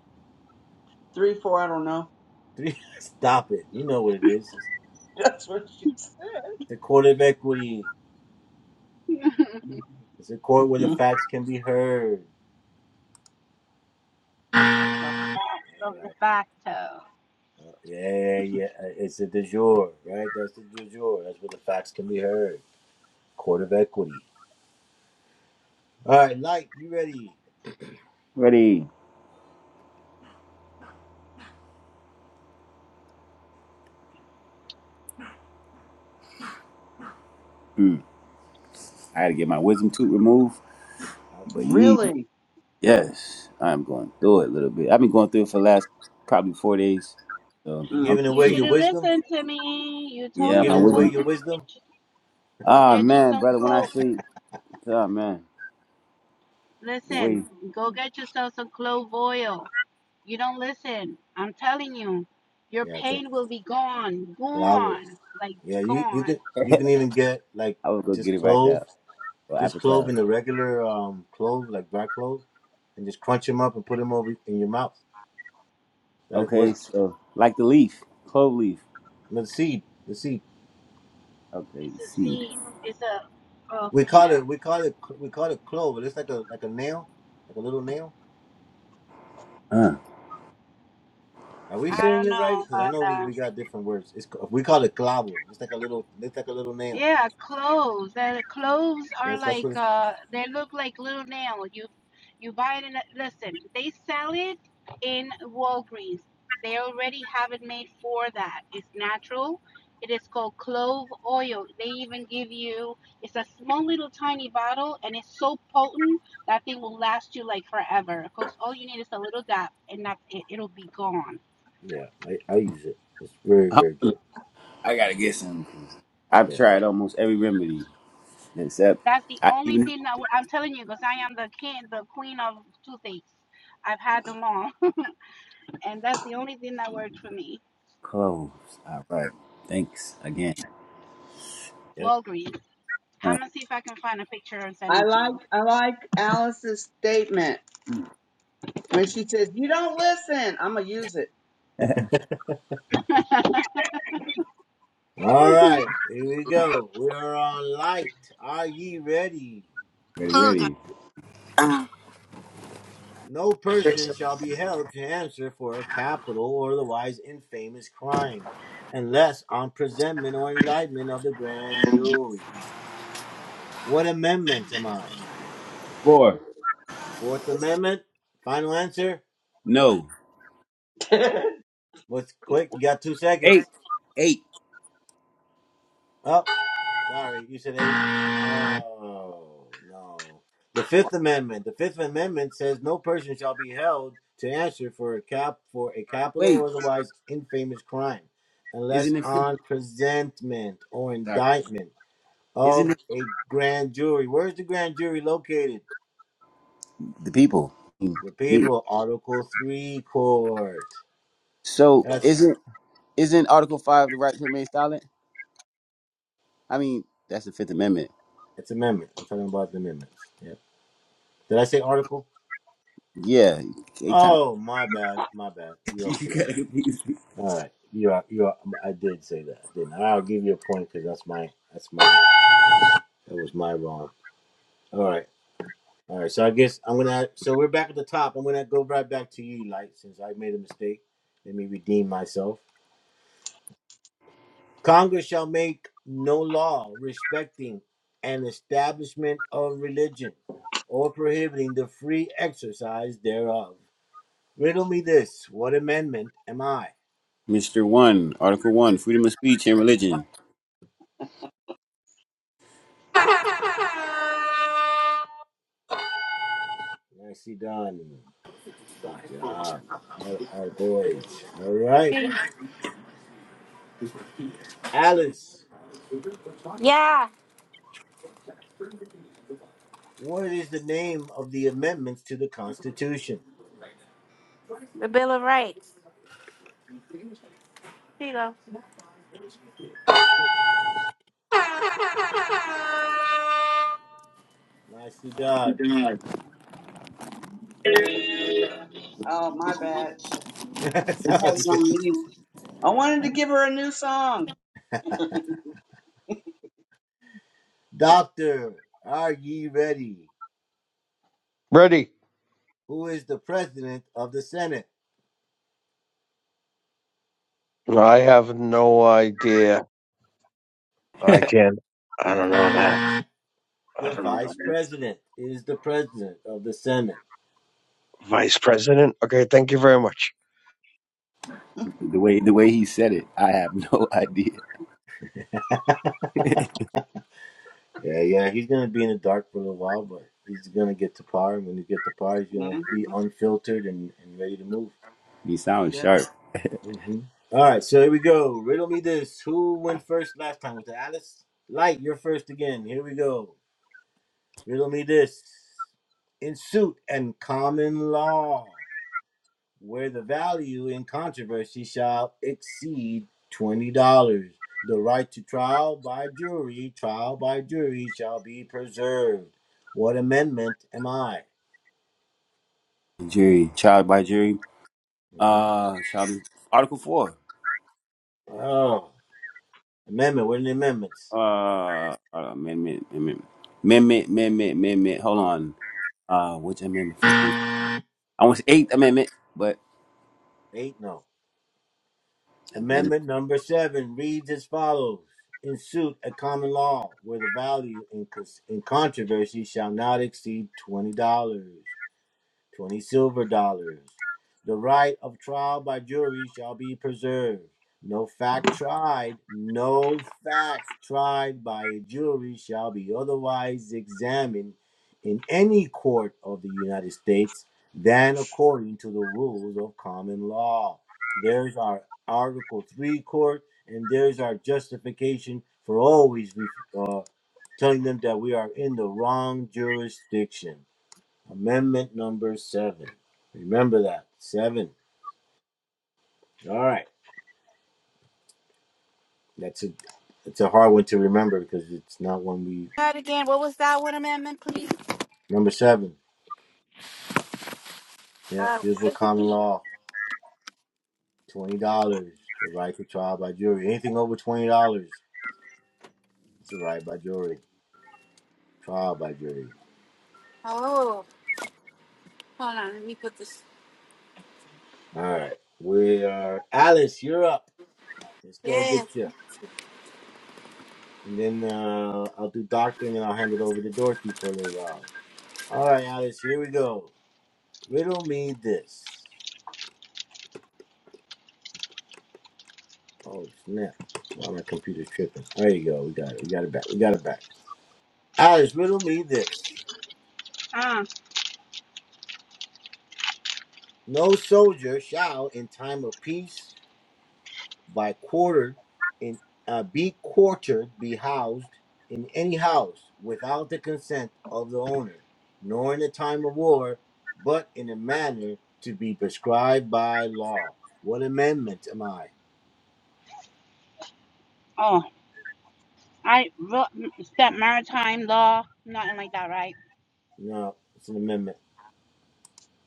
S8: three, four. I don't know.
S2: Three. Stop it. You know what it is. It's
S8: That's what she said.
S2: the court of equity.
S3: know.
S2: It's a court where the
S8: Mm,
S2: facts can be heard. Yeah, yeah. uh, It's a du jour, right? That's the du jour. That's where the facts can be heard. Court of equity. All right, Light, you ready?
S1: Ready. I had to get my wisdom tooth removed, but
S2: Ouch.
S1: yeah.
S8: Really?
S1: Yes, I'm going through it a little bit. I've been going through it for the last probably four days. So
S2: You're
S8: Mm.
S1: I'm
S2: giving
S3: you
S2: away
S3: should
S2: your
S3: have
S2: wisdom?
S3: listened to me. You
S2: You're
S1: yeah,
S3: told
S1: my
S3: I
S2: giving away
S3: told
S2: your
S3: you
S1: wisdom.
S3: go
S2: wisdom?
S3: get you, go
S1: Ah
S3: get you
S1: man,
S3: some
S1: brother, when I
S3: clothes.
S1: see oh man, the
S3: Listen,
S1: way
S3: go get yourself some clove oil. You don't listen. I'm telling you, your
S2: Yeah, bro.
S3: pain will be gone,
S2: bravo.
S3: gone, like
S2: Yeah, you you
S3: gone.
S2: could you can even get like
S1: I was go
S2: just
S1: get it right
S2: clove,
S1: now. Well
S2: just
S1: after
S2: clove
S1: class.
S2: in the regular um clove, like black clove, and just crunch them up and put them over in your mouth. That
S1: Okay,
S2: works.
S1: so like the leaf, clove leaf.
S2: And the seed, the seed.
S1: Okay,
S3: It's
S1: the
S3: a
S1: seed.
S3: seed. It's a, oh
S2: We call
S3: yeah.
S2: it we call it we call it clove. It looks like a like a nail, like a little nail.
S1: Uh,
S2: Are we
S1: I
S3: I
S2: saying
S3: don't
S2: it right?
S3: know
S2: Because I
S3: about
S2: know we,
S3: that.
S2: we got different words. It's ca- we call it clavo. It's like a little it's like a little nail.
S3: Yeah, cloves. The cloves are
S2: That's that's what.
S3: like
S2: It's,
S3: uh they look like little nail. You you buy it in a, listen, they sell it in Walgreens. They already have it made for that. It's natural. It is called clove oil. They even give you it's a small little tiny bottle and it's so potent that thing will last you like forever. Because all you need is a little dab and that's it. It'll be gone.
S2: yeah, I I use it. It's very
S1: got
S2: very good.
S1: I gotta get some 'cause I've
S2: Yeah,
S1: tried almost every remedy except
S3: That's the
S1: I
S3: only
S1: even
S3: thing that I'm telling you because I am the king, the queen of toothaches. I've had them all, and that's the only thing that worked for me.
S1: cloves. All right. Thanks again.
S2: yeah.
S3: Walgreens.
S1: Uh,
S3: I'm gonna see if I can find a picture and send
S8: I
S3: it to you.
S8: like I like Alice's statement when she says, "You don't listen." I'm gonna use it.
S2: All right, here we go. We are on light. Are ye ready?
S1: ready, ready.
S2: No person shall be held to answer for a capital or otherwise infamous crime, unless on presentment or indictment of the grand jury. What amendment am I?
S1: Four.
S2: Fourth Amendment? Final answer?
S1: No.
S2: What's quick? You got two
S1: Eight.
S2: seconds.
S1: Eight.
S2: Up. Sorry, you said eight. Oh no. The Fifth Amendment. The Fifth Amendment says no person shall be held to answer for a cap for a capital
S1: Wait.
S2: or otherwise infamous crime, unless
S1: Isn't it fifty?
S2: on presentment or
S1: Sorry.
S2: indictment
S1: Isn't
S2: of
S1: it
S2: a grand jury. Where's the grand jury located?
S1: the people?
S2: The
S1: Me.
S2: people. Article Three Court.
S1: So
S2: That's
S1: isn't isn't Article Five the right to remain silent? I mean, that's the Fifth Amendment.
S2: that's amendment. I'm talking about the amendments. Yeah. Did I say article?
S1: Yeah. It kind
S2: Oh my bad. My bad. You are
S1: you
S2: correct.
S1: gotta confuse me.
S2: All right, you are you are. I did say that, didn't I? I'll give you a point because that's my that's my that was my wrong. All right, all right. So I guess I'm gonna. So we're back at the top. I'm gonna go right back to you, Light, since I made a mistake. Let me redeem myself. Congress shall make no law respecting an establishment of religion or prohibiting the free exercise thereof. Riddle me this: What amendment am I?
S1: Mr. One, Article One, freedom of speech and religion.
S2: Nicely done. Good job. All right, boys. All right. Alice,
S3: Yeah,
S2: what is the name of the amendments to the Constitution?
S3: the Bill of Rights. Here you
S2: Nicely done.
S3: go.
S8: oh my bad. I had it on mute. I wanted to give her a new song. Okay.
S2: Doctor, are ye ready?
S10: Ready.
S2: Who is the president of the Senate?
S10: I have no idea. I can't. I don't know that. I
S2: The
S10: don't know
S2: vice
S10: that.
S2: president is the president of the Senate.
S10: Vice President? Okay, thank you very much.
S1: The way the way he said it, I have no idea.
S2: Yeah, yeah, he's going to be in the dark for a little while, but he's going to get to par. And when he gets to par, he's going to be
S8: hmm
S2: unfiltered and, and ready to move.
S1: He sounds
S8: Yeah.
S1: sharp.
S2: Mhm. All right, so here we go. Riddle me this. Who went first last time? Was it Alice? Light, you're first again. Here we go. Riddle me this. In suit and common law, where the value in controversy shall exceed $20, the right to trial by jury, trial by jury shall be preserved. What amendment am I?
S1: Jury, child by jury.
S2: Mhm.
S1: Uh, child. Article Four.
S2: Oh, amendment. What are the amendments?
S1: Uh, uh amendment, amendment, amendment, amendment, amendment. Hold on. Uh, which amendment? First I want to say Eighth Amendment, but
S2: Eight? No.
S1: amendment.
S2: Amendment number seven reads as follows. In suit at common law, where the value in, cons- in controversy shall not exceed $20. 20 silver dollars. The right of trial by jury shall be preserved. No fact tried, no fact tried by a jury shall be otherwise examined in any court of the United States than according to the rules of common law. There's our Article 3 court, and there's our justification for always ref- uh, telling them that we are in the wrong jurisdiction. Amendment number seven. Remember that seven. All right, that's a it's a hard one to remember because it's not one we
S3: Try it again. What was that one amendment, please?
S2: number seven. Yeah,
S3: Uh,
S2: this
S3: what
S2: was
S3: is the
S2: common
S3: key?
S2: law. Twenty dollars, the right to trial by jury. Anything over twenty dollars, it's a right by jury. Trial by jury.
S3: Oh, hold on. Let me put this.
S2: All right, we are Alice. You're up. Let's go
S3: Yeah.
S2: get you. And then uh, I'll do doctor, and then I'll hand it over to Dorothy for a little while. All right, Alice. Here we go. Riddle me this. Oh snap! Why my computer's tripping? There you go. We got it. We got it back. We got it back. Alice, riddle me this:
S3: Ah,
S2: No soldier shall, in time of peace, by quartered in uh, be quartered, be housed in any house without the consent of the owner, nor in a time of war, but in a manner to be prescribed by law. What amendment am I?
S3: oh, I ro- that maritime law, nothing like that, right?
S2: No, it's an amendment.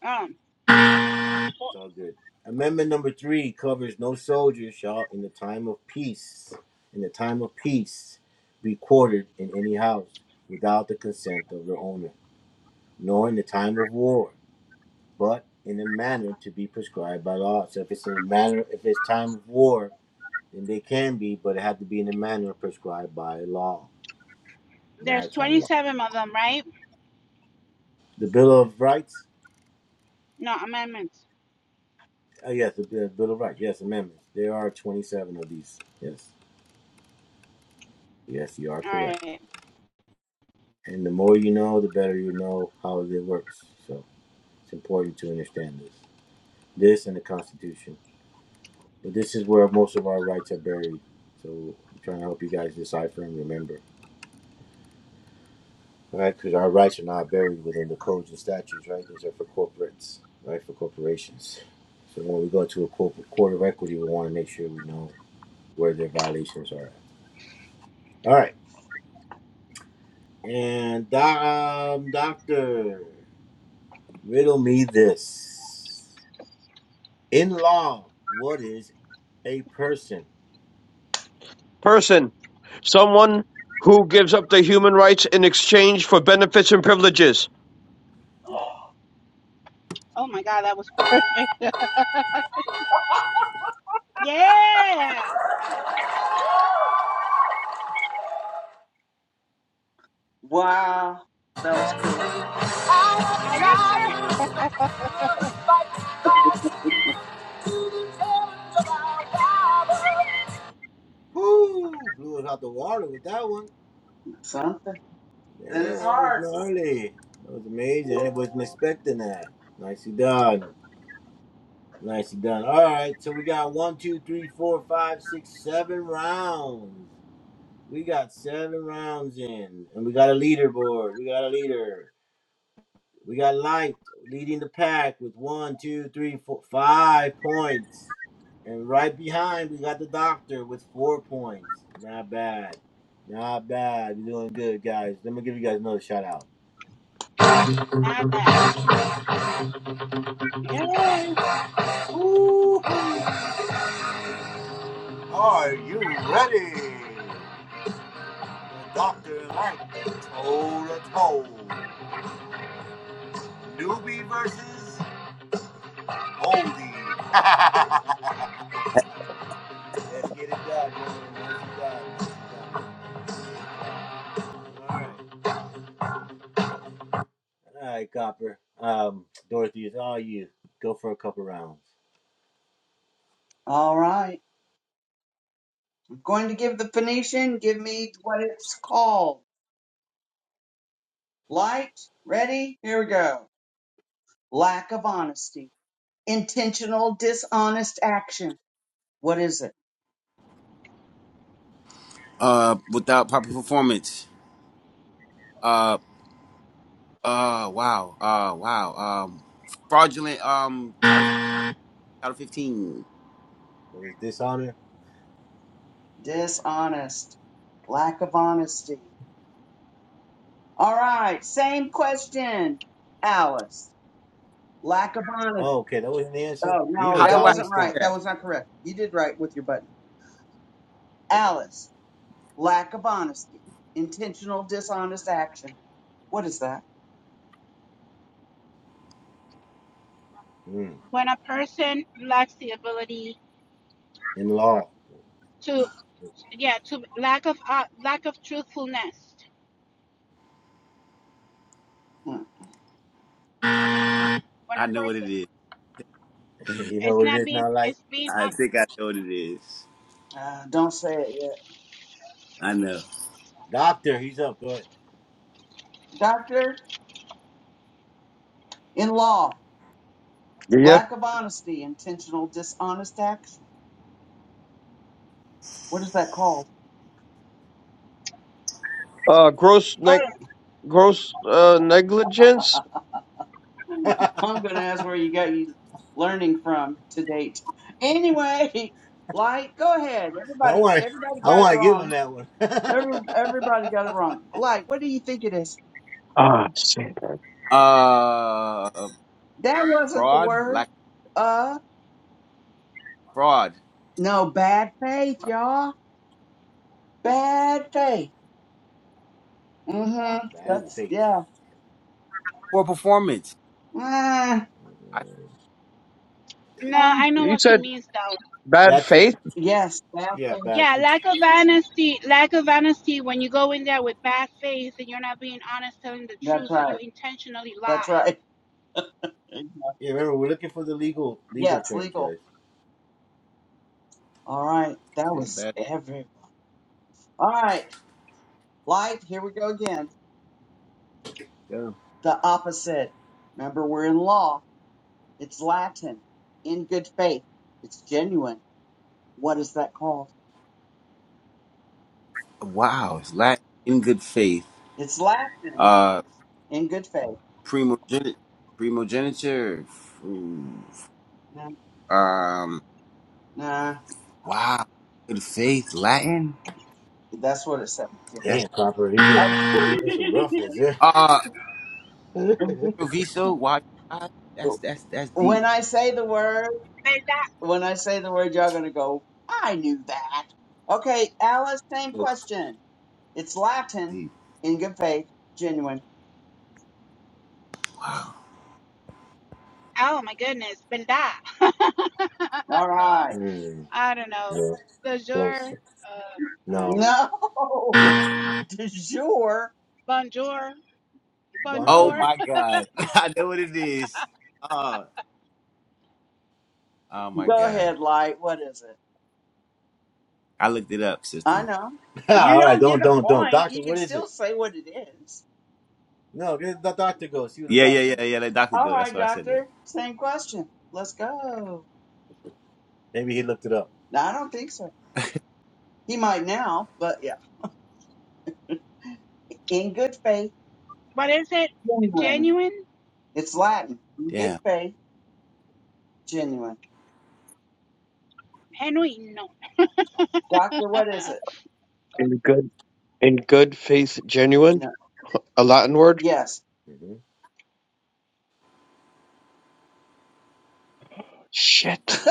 S3: Um,
S2: It's all good. Amendment number three covers no soldier shall, in the time of peace, in the time of peace, be quartered in any house without the consent of their owner, nor in the time of war, but in a manner to be prescribed by law. So if it's in a manner, if it's time of war, then they can be, but it had to be in a manner prescribed by law,
S3: There's
S2: maritime law.
S3: 27 of them, right?
S2: The Bill of Rights.
S3: No, amendments.
S2: Oh yes, the Bill Bill of Rights. Yes, amendments. There are twenty-seven of these. Yes, yes, you are
S3: All
S2: correct.
S3: right.
S2: And the more you know, the better you know how it works. So it's important to understand this. This and the Constitution. But this is where most of our rights are buried. So I'm trying to help you guys decipher and remember. Right? Because our rights are not buried within the codes and statutes, right? Those are for corporates, right? For corporations. So when we go to a court of equity, we want to make sure we know where their violations are at. All right. And um, doctor, riddle me this. In law, what is a person?
S10: Person. Someone who gives up their human rights in exchange for benefits and privileges.
S3: Oh my God, that was perfect. Yeah.
S8: Wow, that was cool.
S3: Are you sure?
S2: Whoo! Blew it out the water with that one.
S8: Something. Then
S2: Man,
S8: it's
S2: that was
S8: hard.
S2: gnarly. That was amazing. I wasn't expecting that. Nicely done. Nicely done. All right, so we got one, two, three, four, five, six, seven rounds. We got seven rounds in, and we got a leaderboard. We got a leader. We got light leading the pack with one, two, three, four, five points. And right behind, we got the doctor with four points. Not bad. Not bad. You're doing good, guys. Let me give you guys another shout out.
S3: Not bad. Yeah.
S2: Ooh, are you ready? Doctor Light, toe to toe. Newbie versus oldie. Let's get it done. Let's get it done. All right. All right, Copper. Um, Dorothy, it's all you. Go for a couple rounds.
S8: All right. I'm going to give the Phoenician. Give me what it's called. Light. Ready? Here we go. lack of honesty, intentional dishonest action. What is it?
S1: Uh, without proper performance. Uh, uh, wow. Uh, wow. Um, fraudulent. Um, title title fifteen.
S2: What is dishonor?
S8: Dishonest, lack of honesty. All right, same question, Alice. Lack of honesty.
S2: Oh, okay, that wasn't the answer.
S8: Oh,
S2: You
S8: no,
S2: even
S1: How
S8: that
S1: do
S2: got
S1: I?
S2: me
S8: wasn't right.
S2: stumped.
S8: That
S1: Yeah,
S8: was not correct. You did right with your button.
S2: Okay.
S8: Alice, lack of honesty, intentional dishonest action. What is that?
S2: Mm,
S3: When a person lacks the ability
S2: in law,
S3: to, yeah, to lack of uh, lack of truthfulness.
S8: Hmm,
S3: When
S1: I
S3: a
S1: know what
S3: person,
S1: it is.
S2: Shit, you know
S3: it's
S2: what it
S3: not
S2: is
S3: being,
S2: now. Like
S3: it's being.
S1: I
S3: Uh,
S1: think I know what it is.
S8: Uh, don't say it yet.
S1: I know.
S2: doctor, he's up. Go ahead.
S8: Doctor in law,
S10: Yeah.
S8: lack of honesty, intentional dishonest action. What is that called?
S10: Uh, gross neg-
S3: oh,
S10: gross uh, negligence?
S8: Well, I'm gonna ask where you got you learning from to date. Anyway, light, go ahead.
S2: I
S8: Everybody,
S2: want,
S8: everybody
S2: I
S8: got it
S2: want to give him
S8: wrong.
S2: that one.
S8: Every,
S2: bad
S8: everybody got it wrong. Light, what do you think it is?
S10: Ah, shit.
S1: Uh,
S8: That wasn't the
S1: fraud.
S8: word.
S1: Lack
S8: Uh,
S1: of fraud.
S8: no, bad faith, y'all. Bad faith. Mm-hmm.
S1: Oh,
S8: That's
S2: faith.
S8: yeah.
S1: poor performance.
S8: Ah,
S1: I
S8: ah.
S3: no, I know
S10: You
S3: what she
S10: said
S3: means though.
S10: bad
S2: That's it.
S10: faith?
S8: yes, bad
S2: Yeah,
S8: faith.
S2: bad.
S3: Yeah,
S2: Faith.
S3: lack of honesty, lack of honesty. When you go in there with bad faith and you're not being honest, telling the
S8: That's
S3: truth, so you
S8: right.
S3: intentionally
S8: That's
S3: lie.
S8: right.
S2: Yeah, remember we're looking for the legal legal
S8: Yes,
S2: terms, guys.
S8: legal. All right. That
S1: okay,
S8: was
S1: bad.
S8: every. All right. Light. Here we go again.
S1: Yeah.
S8: the opposite. Remember, we're in law. It's Latin. In good faith. It's genuine. What is that called?
S1: Wow, it's lack in good faith.
S8: It's Latin.
S1: Uh,
S8: In good faith.
S1: Primogenitor. Primogeniture. Ooh.
S8: Nah,
S1: Um.
S8: nah,
S1: Wow. Good faith. Latin.
S8: that's what it says.
S1: That's
S2: Damn, Copper, he
S8: Yeah.
S2: was, that's a rough one, there.
S1: uh.
S8: Okay.
S1: Proviso. Why? why- That's that's that's deep.
S8: When I say the word,
S3: But that
S8: when I say the word, y'all gonna go, I knew that. Okay, Alice, same
S2: Oh,
S8: question. It's Latin.
S1: Deep.
S8: In good faith. Genuine.
S1: Wow.
S3: Oh my goodness, benda. no,
S8: All right.
S2: mm,
S3: I don't know.
S2: yeah,
S3: Bonjour,
S2: close.
S3: uh, I don't
S2: No,
S3: know.
S1: What?
S8: No. Du jour.
S3: Bonjour,
S1: Oh
S2: bonjour.
S3: bonjour.
S1: my God. I know what it is. Uh. Oh my
S8: Go
S1: God.
S8: ahead, Light. What is it?
S1: I looked it up,
S8: I
S1: sister.
S8: know.
S2: Ah,
S8: You
S2: All right,
S8: don't get
S2: don't,
S8: a
S2: don't, don't.
S8: point.
S2: Doctor,
S8: You can
S2: what is it?
S8: still say what it is.
S2: No, where did the doctor go? See what the
S1: Yeah, yeah,
S2: doctor
S1: yeah,
S2: goes.
S1: yeah. Let doctor
S8: All
S1: go. That's
S8: right,
S1: why I said that.
S8: doctor. Same question. Let's go.
S2: Maybe he looked it up.
S8: No, I don't think so. He might now, but yeah. In good faith,
S3: What is it?
S8: genuine.
S3: Genuine?
S8: It's Latin. In good
S1: Damn.
S8: faith, genuine.
S3: Genuino.
S8: Doctor, what is it?
S10: In good. In good faith, genuine?
S8: No.
S10: A Latin word?
S8: Yes.
S10: Shit.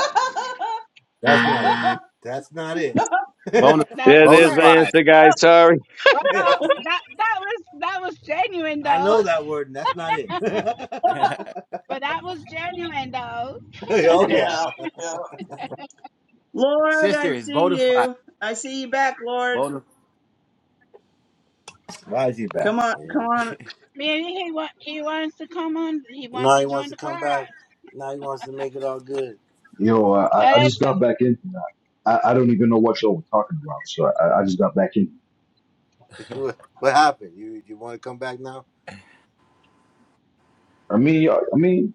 S2: That's Not it. That's not it.
S8: yeah.
S1: Bona.
S3: That's
S10: Yeah,
S3: the
S1: Bona
S10: there's
S3: word.
S10: my
S1: fide.
S10: answer, guys. Sorry.
S3: Well, that that was that was genuine
S2: I know
S3: though.
S2: that word, and that's not it.
S3: But that was genuine though.
S2: oh yeah.
S8: yeah. Lord, I
S1: sister is
S8: see
S1: bona fide.
S8: you. I see you back, Lord.
S1: Bona.
S2: Why is he
S8: Come
S2: back,
S8: on, come
S2: man?
S8: on.
S3: Man, he wa- he wants to come on. He wants
S2: now
S3: to
S2: he wants
S3: join
S2: to
S3: the
S2: come
S3: club.
S2: back. Now he wants to make it all good.
S7: Yo, uh,
S3: Now
S7: I, I
S3: Let's
S7: just
S3: go.
S7: got back in. I, I don't even know what y'all were talking about, so I, I just got back in.
S2: what what happened? You you want to come back now?
S7: I mean, I I mean,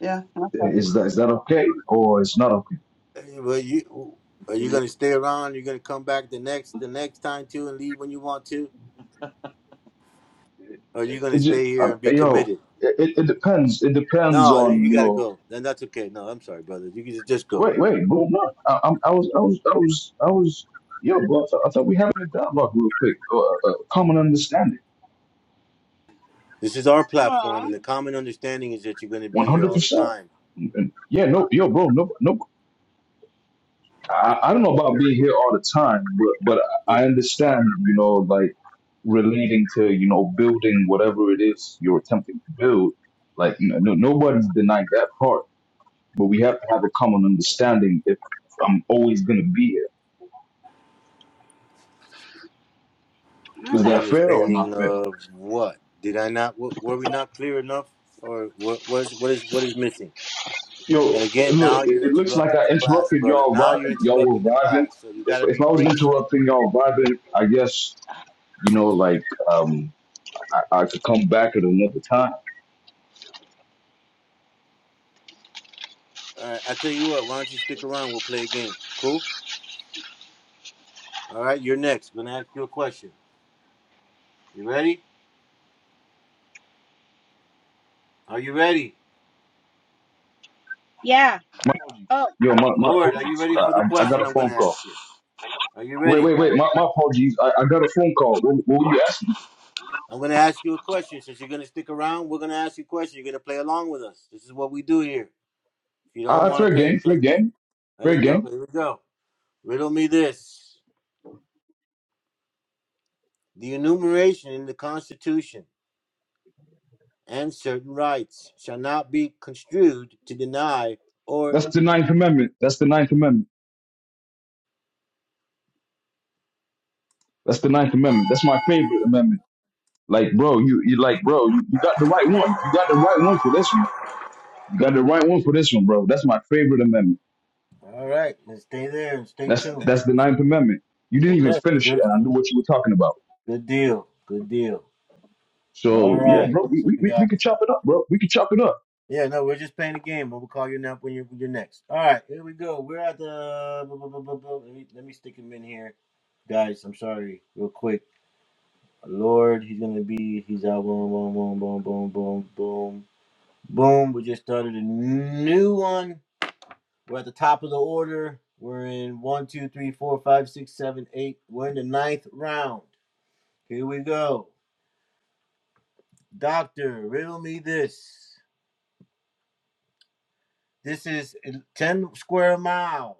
S8: Yeah.
S7: is that is that okay or it's not okay?
S2: Eh, Well, you are you gonna stay around? You're gonna come back the next the next time too, and leave when you want to, or are you
S7: It,
S2: gonna
S7: it just,
S2: stay here
S7: um,
S2: and be
S7: yo,
S2: committed?
S7: it, it it depends. It depends
S2: No,
S7: on
S2: you
S7: you
S2: got to
S7: know.
S2: go. Then that's okay. No, I'm sorry, brother. You can just go.
S7: Wait, wait, bro, no, I, I'm, I was, I was, I was, I was. Yo, bro, I, thought I thought we having a dialogue real quick, uh, uh, common understanding.
S2: This is our platform,
S3: Oh,
S2: and the common understanding is that you're going to
S7: One
S2: be here
S7: hundred
S2: all the
S7: percent.
S2: time.
S7: And yeah, no, yo, bro, no, no. I, I don't know about being here all the time, but but
S2: The
S7: I understand, you know, like relating to you know building whatever it is you're attempting to build. Like, you know, no, nobody's denying that part, but we have to have a common understanding if I'm always gonna be here. Is
S2: common
S3: okay.
S7: that fair or not
S2: understanding
S7: fair?
S2: of what? Did I not? w- Were we not clear enough, or what? What is what is what is missing? And
S7: Yo,
S2: again, now
S7: look, it,
S2: you're
S7: it looks like
S2: interrupting
S7: I
S2: the class,
S7: interrupted
S2: brother.
S7: y'all
S2: Now you're
S7: vibing. Y'all were
S2: interrupting the
S7: vibing.
S2: class, so you got
S7: If
S2: to
S7: if
S2: be
S7: I was
S2: brief.
S7: interrupting y'all vibing, I guess you know, like um I, I could come back at another time.
S2: All right, I tell you what. Why don't you stick around? We'll play a game. Cool. All right, you're next. I'm gonna ask you a question. You ready? Are you ready,
S3: Yeah.
S7: My apologies.
S3: Oh.
S7: Yo, my, my
S2: Lord? Are you
S7: apologies.
S2: ready
S7: I,
S2: for the
S7: I, I got
S2: question
S7: a
S2: I'm gonna
S7: phone
S2: ask
S7: call.
S2: you? Are you
S7: Wait,
S2: ready?
S7: wait, wait.
S3: Oh.
S7: My, my apologies. I, I got a phone call. What, what were you asking?
S2: I'm going to ask you a question. Since you're going to stick around, we're going to ask you a question. You're going to play along with us. This is what we do here. If you don't
S7: Uh,
S2: want to
S7: fair
S2: play,
S7: game, fair
S2: play.
S7: game,
S2: There
S7: fair
S2: you go.
S7: game.
S2: Here we go. Riddle me this. The enumeration in the Constitution and certain rights shall not be construed to deny or.
S7: That's the Ninth Amendment. That's the Ninth Amendment. That's the Ninth Amendment. That's my favorite amendment. Like, bro, you, you like, bro, you, you got the right one. You got the right one for this one. You got the right one for this one, bro. That's my favorite amendment.
S2: All right. Then stay there and stay
S7: That's
S2: tuned.
S7: that's the Ninth Amendment. You didn't even
S2: Okay.
S7: finish it,
S2: Good.
S7: and I knew what you were talking about.
S2: Good deal. Good deal. All
S7: So yeah,
S2: right.
S7: bro, we,
S2: So
S7: we,
S2: we
S7: we
S2: got
S7: we could chop it up, bro. We could chop it up.
S2: Yeah, no, we're just playing a game, but we'll call you up when you're, when you're next. All right, here we go. We're at the. Let me, let me stick him in here. Guys, I'm sorry, real quick. Lord, he's going to be. He's out. Boom, boom, boom, boom, boom, boom, boom. Boom. We just started a new one. We're at the top of the order. We're in one, two, three, four, five, six, seven, eight. We're in the ninth round. Here we go. Doctor, riddle me this. This is 10 square miles.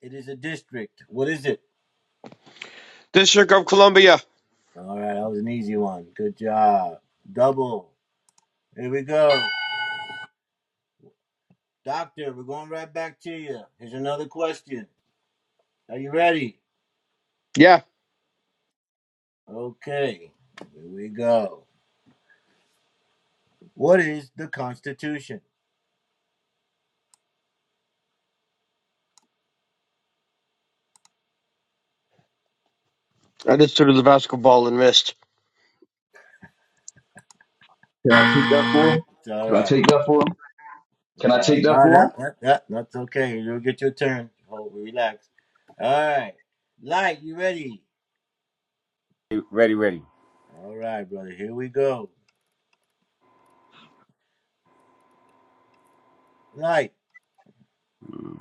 S2: It is a district. What is it?
S10: District of Columbia.
S2: All right, that was an easy one. Good job. Double. Here we go. Doctor, we're going right back to you. Here's another question. Are you ready?
S10: Yeah,
S2: Okay. Here we go. What is the Constitution?
S10: I just threw the basketball and missed.
S7: Can I take that for him?
S2: It's all
S7: Can I
S2: right.
S7: take that for him? Can
S2: It's
S7: I
S2: all
S7: take
S2: right.
S7: that
S2: No,
S7: for him?
S2: that, that, that, that's okay. You'll get your turn. Hold, relax. All right. Light, you ready?
S1: Ready, ready.
S2: All right, brother. Here we go. Light.
S1: Mm.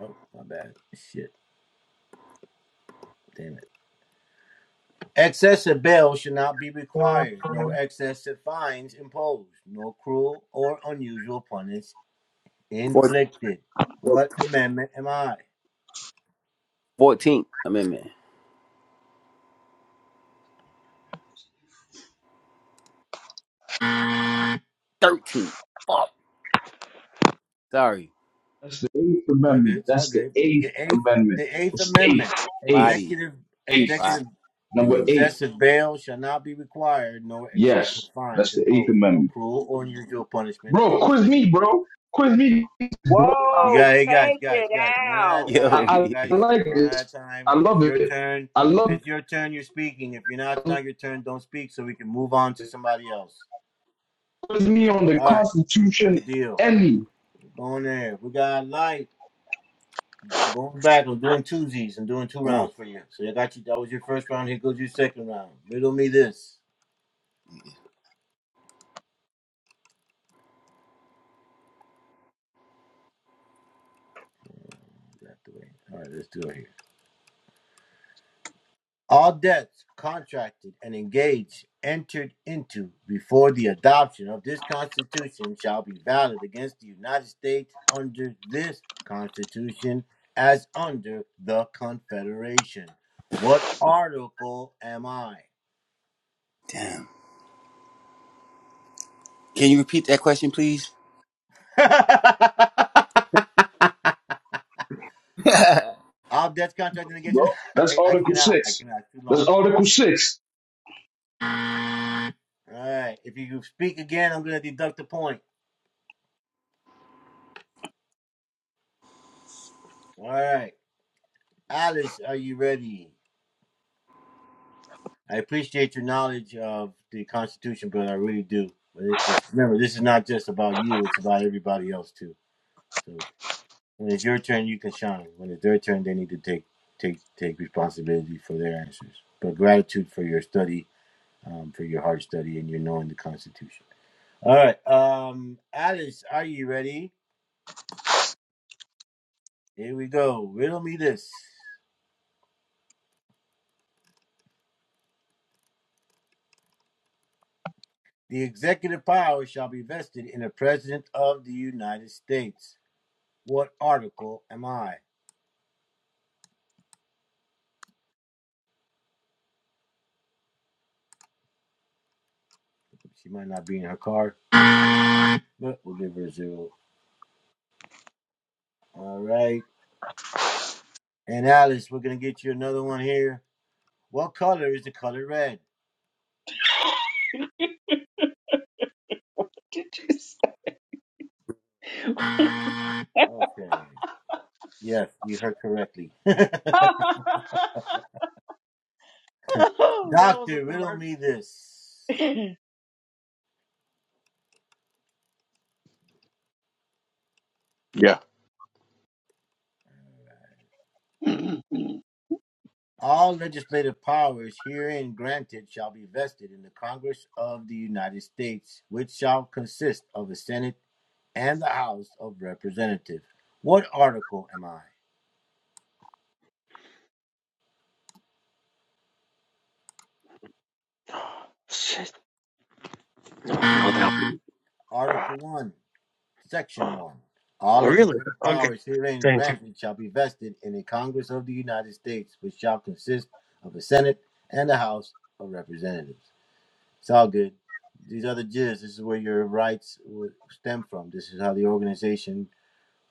S2: Oh, my bad. Shit. Damn it. Excessive bail should not be required, nor excessive fines imposed, nor cruel or unusual punishment inflicted. What amendment am I?
S1: Fourteenth Amendment. 13. Fuck. Sorry.
S7: That's the Eighth
S2: It's all good.
S7: Amendment.
S2: It's all
S7: That's the
S2: good.
S7: Eighth
S2: The eighth,
S7: Amendment.
S2: the eighth
S7: It's eighth,
S2: amendment.
S7: eighth,
S1: Body.
S2: Executive,
S1: The
S7: eighth,
S1: body.
S2: executive,
S7: number
S1: Mm.
S7: eight.
S2: excessive bail shall not be required, nor excessive
S7: Yes,
S2: fines
S7: that's the Eighth
S2: imposed, nor
S7: Amendment.
S2: cruel or unusual punishment
S7: Bro, quiz
S2: inflicted.
S7: me, bro. Quiz me, bro. I,
S2: You
S8: Whoa,
S2: got hey guys,
S8: take
S2: guys,
S8: it
S2: guys, one at
S8: out.
S2: a
S1: Yo.
S2: time. You
S7: I, I
S2: guys
S7: like
S2: one at a
S7: this.
S2: time.
S7: I
S2: If it's
S7: love
S2: your
S7: it.
S2: turn,
S7: I
S2: if
S7: love
S2: it's your turn, you're speaking. If you're not, it's
S7: it.
S2: not your turn. Don't speak, so we can move on to somebody else.
S7: Quiz me on the
S2: All right,
S7: Constitution
S2: good deal.
S7: and me,
S2: We're going there. We got light. I'm going back. I'm doing twosies. I'm doing two
S1: Come on.
S2: rounds for you. So I got you. That was your first round. Here goes your second round. Riddle me this. Get the way. All right, let's do it. here. All debts contracted and engaged entered into before the adoption of this Constitution shall be valid against the United States under this Constitution as under the Confederation. What article am I?
S1: Damn. Can you repeat that question, please? yeah.
S2: All debts contracted and engaged.
S7: bro. That's
S2: I, I
S7: Article
S2: cannot. I
S7: 6.
S2: cannot. It's Too
S7: That's
S2: long.
S7: Article 6.
S2: All right. If you speak again, I'm going to deduct a point. All right. Alice, are you ready? I appreciate your knowledge of the Constitution, brother. I really do. But it- it's remember, this is not just about you; it's about everybody else too. So when it's your turn, you can shine. When it's their turn, they need to take take take responsibility for their answers. But gratitude for your study, um, for your hard study, and your knowing the Constitution. All right, um, Alice, are you ready? Here we go. Riddle me this: The executive power shall be vested in the President of the United States. What article am I? She might not be in her car, but we'll give her a zero. All right. And Alice, we're gonna get you another one here. What color is the color red?
S8: Did you say?
S2: Okay. Yes, you heard correctly. Doctor,
S8: oh, that was
S2: riddle
S8: a
S2: me this.
S8: commercial.
S10: Yeah.
S2: All legislative powers herein granted shall be vested in the Congress of the United States, which shall consist of a Senate and the House of Representatives. What article am I?
S10: Oh, Shit. No, no, that one.
S2: Article 1. Section
S10: Oh,
S2: 1. All
S10: oh, really?
S2: legislative
S10: Okay.
S2: powers herein
S10: Thank you.
S2: granted shall be vested in a Congress of the United States, which shall consist of a Senate and a House of Representatives. It's all good. These are the jizz, this is where your rights will stem from. This is how the organization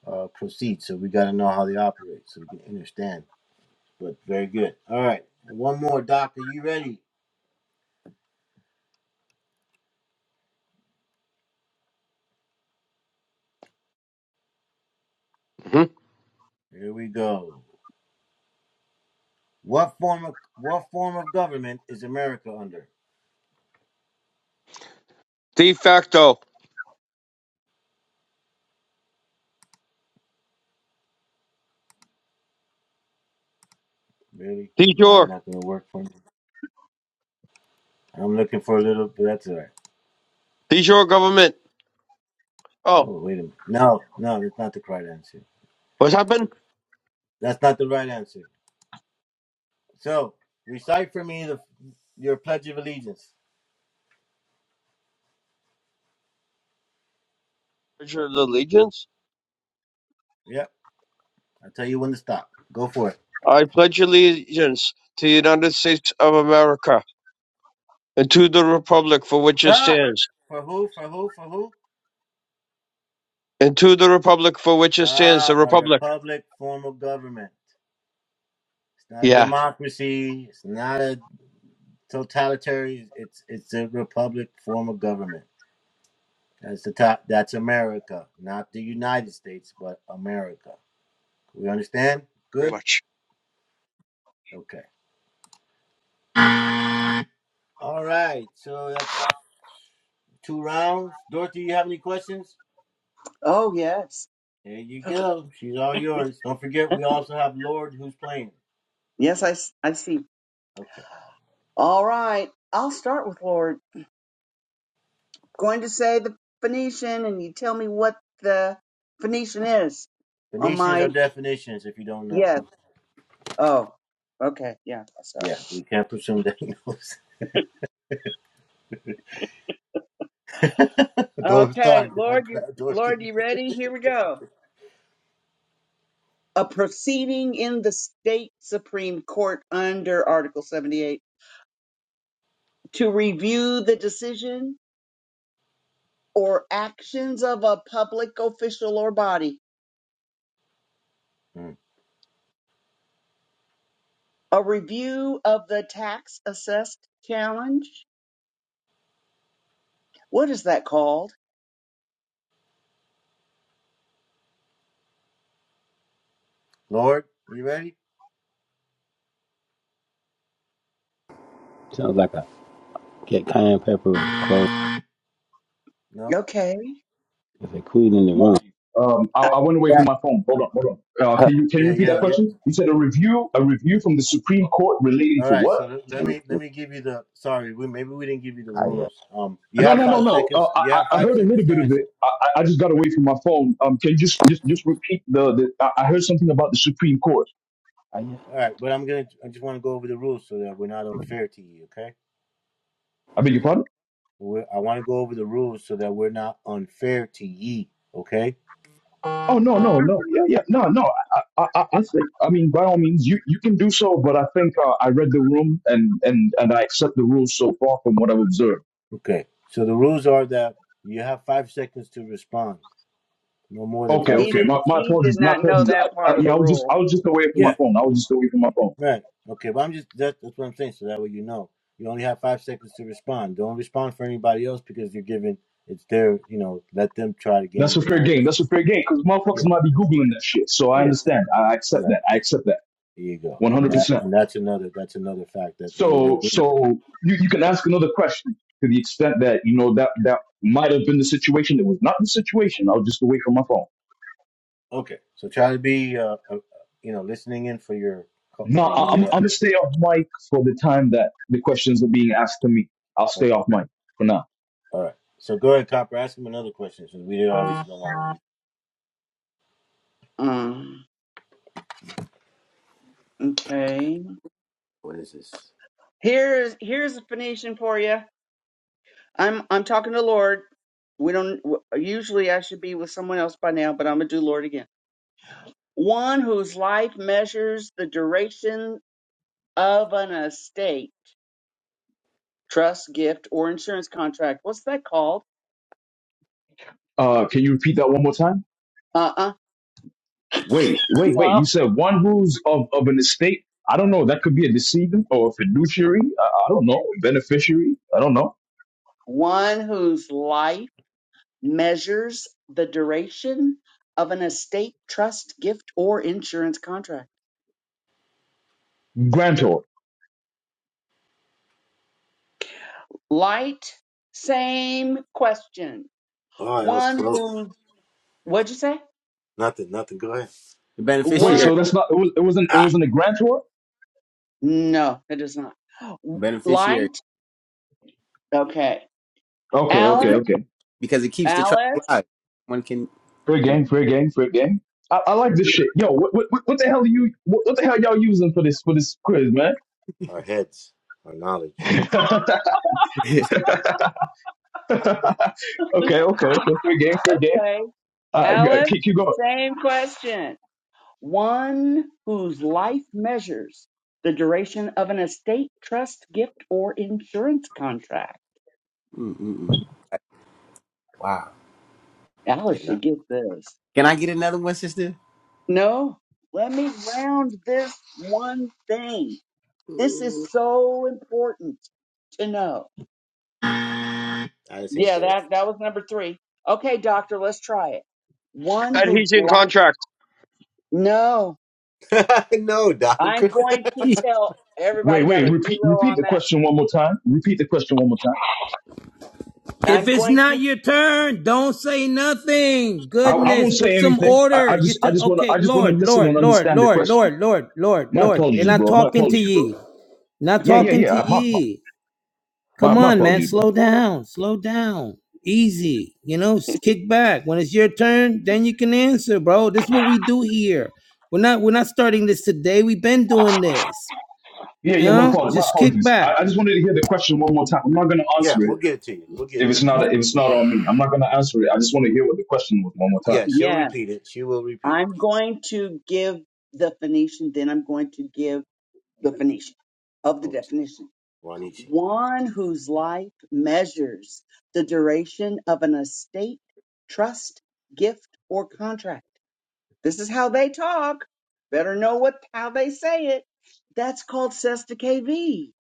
S2: uh, proceeds. So we got to know how they operate so we can understand. But very good. All right. One more, Doctor. You ready?
S10: hmm
S2: Here we go. What form of what form of government is America under?
S10: De facto.
S2: Really?
S10: De
S2: No, you're
S10: jure.
S2: not going to work for me. I'm looking for a little bit. That's all right.
S10: De jure government. Oh,
S2: Oh, wait a minute. No, no, that's not the right answer.
S10: what's happened?
S2: That's not the right answer. So, recite for me the your Pledge of Allegiance.
S10: Pledge of allegiance?
S2: Yep. I'll tell you when to stop. Go for it.
S10: I pledge allegiance to the United States of America and to the republic for which it
S2: Ah!
S10: stands.
S2: For who? For who? For who?
S10: And to the republic for which it stands, the
S2: Ah, a
S10: republic.
S2: republic form of government. It's not a
S10: Yeah.
S2: democracy. It's not a totalitarian. It's it's a republic form of government. That's the top. That's America, not the United States, but America. We understand?
S10: Very
S2: Good.
S10: much.
S2: Okay. All right. So that's two rounds. Dorothy, you have any questions?
S8: oh, yes.
S2: There you go. She's all yours. Don't forget, we also have Lord who's playing.
S8: Yes, I, s- I see.
S2: Okay.
S8: All right. I'll start with Lord. Going to say the Phoenician, and you tell me what the Phoenician is on
S2: Phoenicians are
S8: my.
S2: definitions if you don't know.
S8: Yes. Oh, okay. Yeah. Sorry.
S2: Yeah, we can't presume that he knows. Those
S8: Okay.
S2: times I
S8: Lord, you,
S2: grabbed
S8: Lord,
S2: Dorothy.
S8: you ready? Here we go. A proceeding in the state Supreme Court under Article 78 to review the decision or actions of a public official or body.
S2: Mm.
S8: A review of the tax assessed challenge. What is that called?
S2: Lord, you ready?
S1: Sounds like a get cayenne pepper with clothes.
S2: No.
S8: Okay.
S1: There's a queen in the room.
S7: Um, I,
S8: Uh,
S7: I went away from
S1: And
S7: my phone. Hold on, hold on. Uh, can you can you
S2: Yeah,
S7: repeat
S2: yeah,
S7: that
S2: you.
S7: question? You said a review, a review from the Supreme Court relating
S2: All
S7: to
S2: right,
S7: what?
S2: so let let
S1: it's
S2: me let
S1: just
S2: me give you the sorry, we maybe we didn't give you the
S1: Kaya.
S2: rules. Um, you
S7: No,
S2: have
S7: no, no,
S2: five
S7: no. Uh,
S2: seconds.
S7: I,
S2: You
S7: I
S2: have
S7: I
S2: five
S7: heard a
S2: seconds
S7: little
S2: to
S7: bit of
S2: answer.
S7: it. I, I I just got away from my phone. Um, can you just just just repeat the, the I I heard something about the Supreme Court.
S1: Kaya.
S2: All right, but I'm gonna. I just want to go over the rules so that we're not unfair to ye. Okay.
S7: I beg your pardon.
S2: We're, I want to go over the rules so that we're not unfair to ye. Okay.
S7: Oh no, no, no. Yeah, yeah, no, no. I, I, I I think. I mean, by all means, you you can do so. But I think uh, I read the room and and and I accept the rules so far from what I've observed.
S2: Okay. So the rules are that you have five seconds to respond. No more than
S7: Okay,
S8: He
S2: five
S7: okay.
S8: did,
S7: My,
S2: seconds.
S7: my
S8: he did
S7: apologies. My
S8: not know
S7: apologies.
S8: that
S7: I, I,
S8: part of
S7: yeah,
S8: the
S7: I was just
S8: rule.
S7: I was just away from my
S2: Yeah.
S7: phone. I was just away from my phone.
S2: Right. Okay. But I'm just that, that's what I'm saying. So that way you know you only have five seconds to respond. Don't respond for anybody else because you're giving. It's their. You know. Let them try to
S7: That's
S2: gain
S7: a
S2: the
S7: fair
S2: knowledge.
S7: game. That's a fair game because
S2: Yeah.
S7: motherfuckers might be googling that shit. So I
S2: Yeah.
S7: understand. I accept
S2: Right.
S7: that. I accept that.
S2: There you go.
S7: One
S2: And
S7: hundred
S2: that.
S7: percent.
S2: And that's another. That's another fact that maybe they're.
S7: So
S2: Googling.
S7: so you, you can ask another question to the extent that you know that that might have been the situation. It was not the situation. I was just away from my phone.
S2: Okay, so try to be, uh, uh, uh, you know, listening in for your co-
S7: No,
S2: for you
S7: I,
S2: when
S7: I'm
S2: you're
S7: I'm
S2: up.
S7: gonna stay off mic for the time that the questions are being asked to me. I'll stay
S2: Okay,
S7: off mic for now.
S2: all right. So go ahead, Copper. Ask him another question since we did obviously no longer use.
S8: Um, okay. Here's here's a Phoenician for you. I'm I'm talking to Lord. We don't w- usually I should be with someone else by now, but I'm gonna do Lord again. One whose life measures the duration of an estate trust, gift, or insurance contract. What's that called?
S7: Uh, can you repeat that one more time?
S8: Uh uh
S7: Wait, wait, wait. You
S8: No.
S7: said one who's of, of an estate? I don't know. That could be a decedent or a fiduciary. I, I don't know. Beneficiary. I don't know.
S8: One whose life measures the duration of an estate, trust, gift, or insurance contract.
S7: Grantor.
S8: Light, same question.
S2: Oh, that was
S8: One
S2: close.
S8: who, what'd you say?
S2: Nothing, nothing. Go ahead.
S1: The
S7: Wait,
S8: What?
S1: beneficiary.
S7: so that's not, it, was, it wasn't, it wasn't a grantor?
S8: No, it does not.
S1: Beneficiary.
S8: Light, okay.
S7: Okay, okay,
S8: Alice,
S7: okay.
S1: Because it keeps the trust
S8: Alice,
S1: alive. One can.
S7: Fair
S1: No.
S7: game, fair game, fair game. I, I like this shit. Yo, what, what, what the hell are you, what, what the hell y'all using for this, for this quiz, man?
S2: Our heads, our knowledge.
S7: okay, okay, okay. Fair game, fair game.
S8: okay.
S7: Uh, g-
S8: Alice,
S7: keep, keep going.
S8: same question. one whose life measures the duration of an estate, trust, gift, or insurance contract.
S1: Mm-mm-mm. Wow.
S2: Yeah,
S8: Alice
S2: no,
S8: should get this.
S1: Can I get another one, sister?
S8: No, let me round this one thing. This is
S1: Ooh.
S8: so important to know.
S2: I just ain't
S8: Yeah,
S2: there.
S8: that, that was number three. Okay, doctor, let's try it. One whose
S10: Adhesion
S8: life.
S10: contract.
S8: No,
S2: no, Doc.
S8: I'm going to tell
S7: Wait,
S8: everybody got
S7: wait,
S8: a
S7: repeat,
S8: zero
S7: repeat
S8: on
S7: the
S8: that.
S7: question one more time. Repeat the question one more time.
S11: If
S8: I'm
S11: it's
S8: going
S11: not
S8: to.
S11: your turn, don't say nothing.
S7: I, I
S11: Goodness,
S7: won't
S11: put
S7: say
S11: some
S7: anything. I, I
S11: order. You
S7: just I
S11: t-
S7: just want to
S11: okay,
S7: I just want to
S11: Lord,
S7: listen
S11: Lord,
S7: and
S11: Lord,
S7: understand the
S11: Lord,
S7: question.
S11: Lord, Lord, Lord,
S7: My
S11: Lord. They're
S7: apologies,
S11: not
S7: bro. My
S11: talking to
S7: apologies, bro.
S11: ye. Not
S7: Yeah, yeah,
S11: talking to
S7: yeah. My
S11: ye.
S7: my
S11: Come
S7: my
S11: on, man.
S7: apologies, bro.
S11: Slow down. Slow down. Easy. You know, s- kick back. When it's your turn, then you can answer, bro. This is what we do here. We're not we're not starting this today. We've been doing this.
S7: Yeah,
S11: You
S7: yeah. My
S11: know?
S7: apologies. My
S11: Just kick
S7: apologies. I,
S11: back.
S7: I just wanted to hear the question one more time. I'm not gonna
S2: yeah,
S7: answer
S2: we'll
S7: it
S2: get it to you. We'll get
S7: if
S2: it to
S7: it's
S2: you.
S7: not if it's not on me. I'm not gonna answer it. I just want to hear what the question was one more time.
S2: Yeah, she'll
S8: yeah.
S2: repeat it. She will repeat it.
S8: I'm going to give the Phoenician, then I'm going to give the Phoenician of the
S2: Oh, it's
S8: definition.
S2: Juanishi.
S8: One whose life measures the duration of an estate, trust, gift, or contract. This is how they talk. Better know what how they say it. That's called Sesta KV.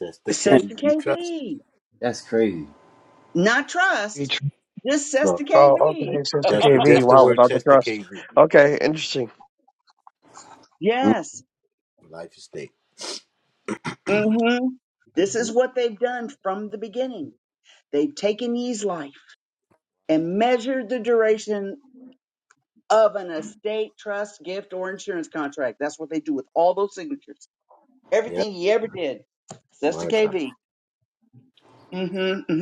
S2: That's the
S1: Man,
S2: K
S8: Sesta
S2: you trust.
S8: KV.
S1: That's crazy.
S8: Not trust, just
S2: Bro.
S8: Sesta
S10: Oh, okay.
S8: KV.
S10: So it's the
S2: That's the
S10: KV.
S2: just the
S10: Wow,
S2: word.
S10: without the
S2: Chester the
S10: trust.
S2: KV.
S10: Okay, interesting.
S1: Mm.
S8: Yes.
S2: Life estate.
S8: hmm This is what they've done from the beginning. They've taken ye's life and measured the duration of an estate, trust, gift, or insurance contract. That's what they do with all those signatures.
S2: Yeah,
S8: Everything he ever did. Sister
S2: monetize.
S8: KV. Mm-hmm.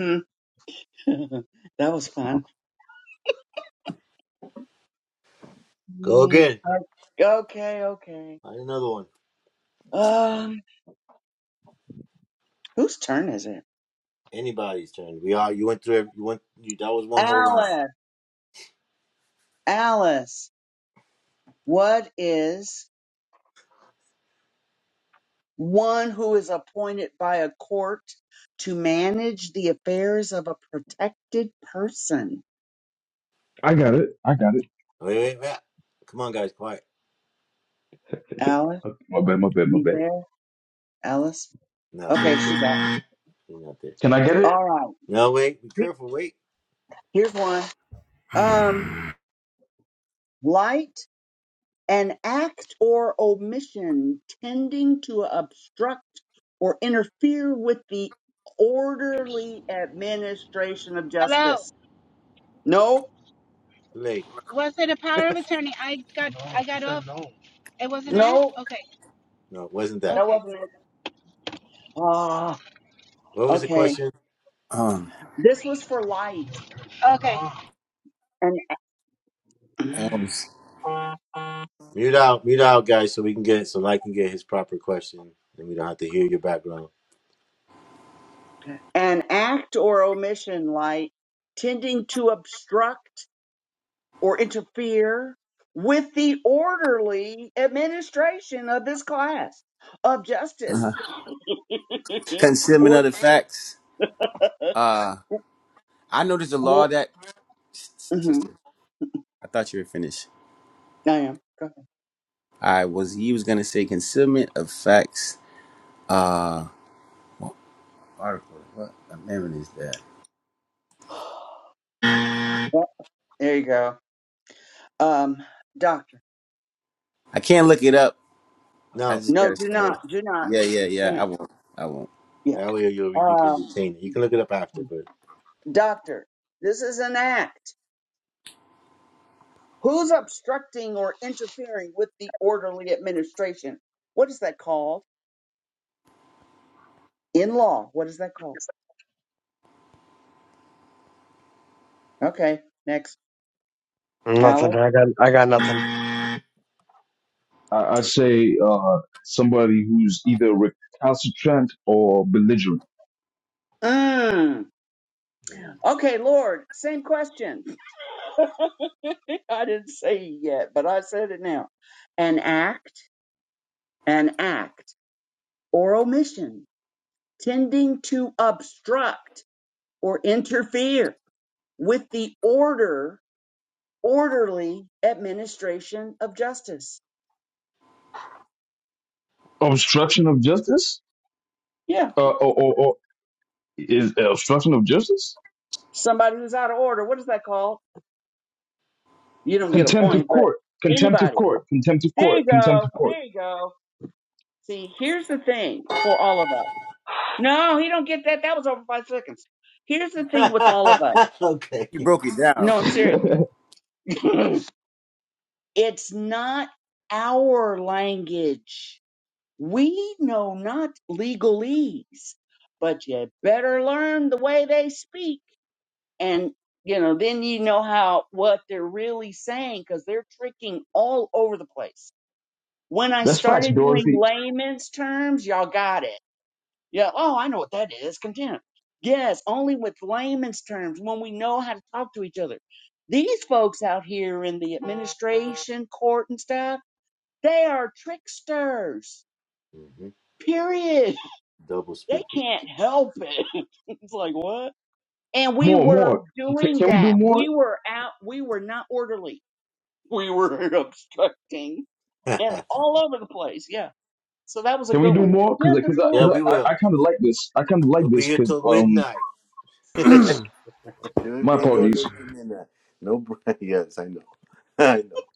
S8: Mm-hmm. that was fun.
S2: Go
S8: Mm,
S2: again.
S8: okay, okay.
S2: Find another one.
S8: Um, whose turn is it?
S2: Anybody's turn. We all you went through. every- You went. You, that was one whole round.
S8: Alice. Alice. What is one who is appointed by a court to manage the affairs of a protected person?
S7: I got it. I got it.
S2: Wait, wait, wait. Come on, guys, quiet.
S7: My bad. My bad. My
S8: You
S7: bad.
S8: there, Alice?
S2: No, she
S8: Okay,
S2: ain't
S8: she's out.
S2: there. She's not there.
S7: Can I get it?
S8: All right.
S2: No, wait. Be careful. Wait.
S8: Here's one. Um, light, an act or omission tending to obstruct or interfere with the
S3: Me.
S8: orderly administration of
S3: Hello.
S8: justice. No,
S2: Too late.
S3: Was it a power of attorney? I got no, I got off. No. It wasn't
S2: No,
S3: that?
S8: no,
S3: Okay.
S2: no, it wasn't that.
S8: that
S3: Okay.
S8: wasn't it. Ah,
S2: What was the
S8: okay.
S2: question?
S1: Um,
S8: This was for light.
S3: Okay. No.
S8: An
S1: um,
S2: Mute out, mute out, guys, so we can get so Light can get his proper question, and we don't have to hear your background.
S8: an act or omission, light, tending to obstruct. or interfere with the orderly administration of this class of justice
S1: uh-huh. concealment
S8: or,
S1: of the facts. I noticed a law
S8: or
S1: that
S8: mhm,
S1: sister. I thought you were finished.
S8: I am. Go ahead.
S1: I was. He was gonna say concealment of facts. Uh, article. What amendment is that?
S8: Yep, there you go. Um, doctor.
S1: I can't look it up. I
S2: No,
S1: just
S8: No,
S1: gotta
S8: do
S2: not
S8: not,
S1: study.
S2: yet.
S8: do not,
S1: Yeah, yeah,
S8: do
S1: yeah. I
S8: not.
S1: won't. I won't.
S8: Yeah.
S2: That way you you can
S8: Um,
S2: retain it. You can look it up after, but
S8: doctor, this is an act. Who's obstructing or interfering with the orderly administration? What is that called? In law, what is that called? Okay, next.
S10: Nothing.
S8: Alice.
S10: I got. I got nothing.
S7: I, I say uh, somebody who's either recalcitrant or belligerent.
S8: Mm. Okay, Lord, same question. I didn't say it yet, but I said it now. An act, an act, or omission tending to obstruct or interfere with the order, orderly administration of justice.
S7: Obstruction of justice.
S8: Yeah,
S7: Uh, or, or, or is uh, obstruction of justice?
S8: somebody who's out of order. What is that called? You don't get a
S7: Contempt of
S8: point, but
S7: court. Contempt of
S8: anybody.
S7: court. Contempt of
S8: There
S7: court.
S8: you
S7: Contempt
S8: go.
S7: of court.
S8: There you go. See, here's the thing for all of us. No, he don't get that. That was over five seconds. Here's the thing with all of us.
S2: okay.
S1: You broke it down.
S8: No, I'm serious. it's not our language. We know not legalese, but you better learn the way they speak. And, you know, then you know how, what they're really saying because they're tricking all over the place. When I
S7: That's facts,
S8: started doing
S7: Dorothy.
S8: layman's terms, y'all got it. Yeah, oh, I know what that is contempt. Yes, only with layman's terms when we know how to talk to each other. These folks out here in the administration, court, and stuff, they are tricksters,
S2: hmm
S8: period.
S2: Double
S8: They
S2: speakers.
S8: can't help it. it's like, what? And we
S7: More,
S8: were
S7: more. Can,
S8: doing
S7: can we do
S8: that.
S7: more?
S8: We were out, we were not orderly. We were obstructing and all over the place. Yeah. So that was a
S7: Can we
S8: good
S7: do
S8: one.
S7: more? Because
S8: Contempt of
S7: cause, I-
S2: Yeah,
S8: court.
S7: cause
S2: we
S7: I, I,
S2: will.
S7: I kind of like this. I kind of like
S2: We'll be
S7: this
S2: here
S7: because
S2: till
S7: um
S2: midnight. We'll
S7: my
S2: be doing this
S7: apologies.
S2: till midnight. No, br- yes, I know. I know.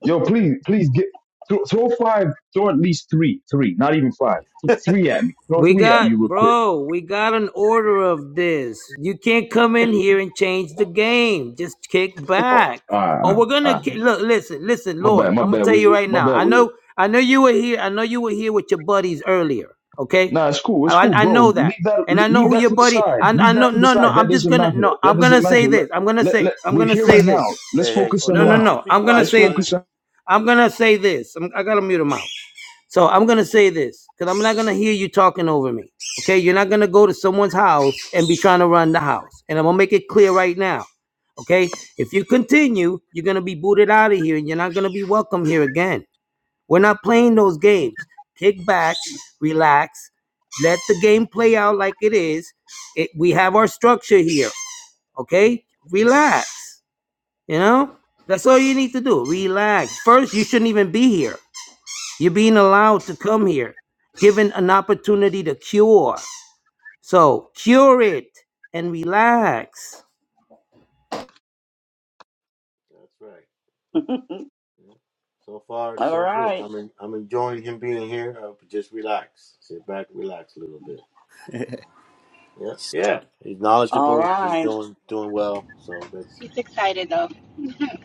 S7: Yo, please, please get throw, throw five. Throw at least three, three, not even five. Th- three at me. Throw
S11: We
S7: three at me
S11: got,
S7: real quick.
S11: bro, we got an order of this. You can't come in here and change the game. Just kick
S7: Oh,
S11: back.
S7: all right, all
S11: Oh,
S7: right.
S11: we're
S7: all
S11: gonna
S7: right.
S11: ki- look. Listen, listen,
S7: My bad,
S11: Lord.
S7: my
S11: I'm gonna
S7: bad,
S11: tell you
S7: wizard.
S11: right
S7: My
S11: now.
S7: bad,
S11: I
S7: wizard.
S11: know, I know you were here. I know you were here with your buddies earlier. Okay,
S7: Nah, it's cool.
S11: I,
S7: It's cool,
S11: I I know
S7: bro.
S11: that,
S7: Leave that.
S11: and I know
S7: Leave
S11: who
S7: that
S11: your
S7: to the
S11: buddy.
S7: side.
S11: I,
S7: Leave
S11: I
S7: that
S11: know.
S7: to the
S11: No,
S7: side.
S11: no.
S7: That
S11: I'm just
S7: doesn't
S11: gonna.
S7: matter.
S11: No,
S7: That
S11: I'm
S7: doesn't
S11: gonna
S7: matter.
S11: say
S7: Let,
S11: this. I'm gonna
S7: let,
S11: say.
S7: let.
S11: I'm
S7: We're
S11: gonna
S7: here
S11: say
S7: and
S11: this.
S7: now. Let's
S2: Hey, hey,
S7: focus
S2: oh
S7: on
S11: No, no,
S2: Lord,
S7: now.
S2: just
S11: no.
S2: be
S11: I'm gonna
S7: Let's
S2: quiet,
S11: say.
S2: brother.
S7: focus on.
S11: I'm gonna say this. I'm, I gotta mute him out. So I'm gonna say this because I'm not gonna hear you talking over me. Okay, you're not gonna go to someone's house and be trying to run the house. And I'm gonna make it clear right now. Okay, if you continue, you're gonna be booted out of here, and you're not gonna be welcome here again. We're not playing those games. Kick back, relax, let the game play out like it is. It, we have our structure here. Okay, relax. You know that's all you need to do. Relax. First, you shouldn't even be here. You're being allowed to come here, given an opportunity to cure. So cure it and relax.
S2: That's right. Yeah. So far,
S8: all
S2: so good.
S8: right.
S2: I'm en- I'm enjoying him being here. Uh, just relax, sit back, relax a little bit. Yeah. Yeah. He's
S8: All
S2: knowledgeable. He's
S8: right.
S2: doing doing well. So that's
S3: He's excited though.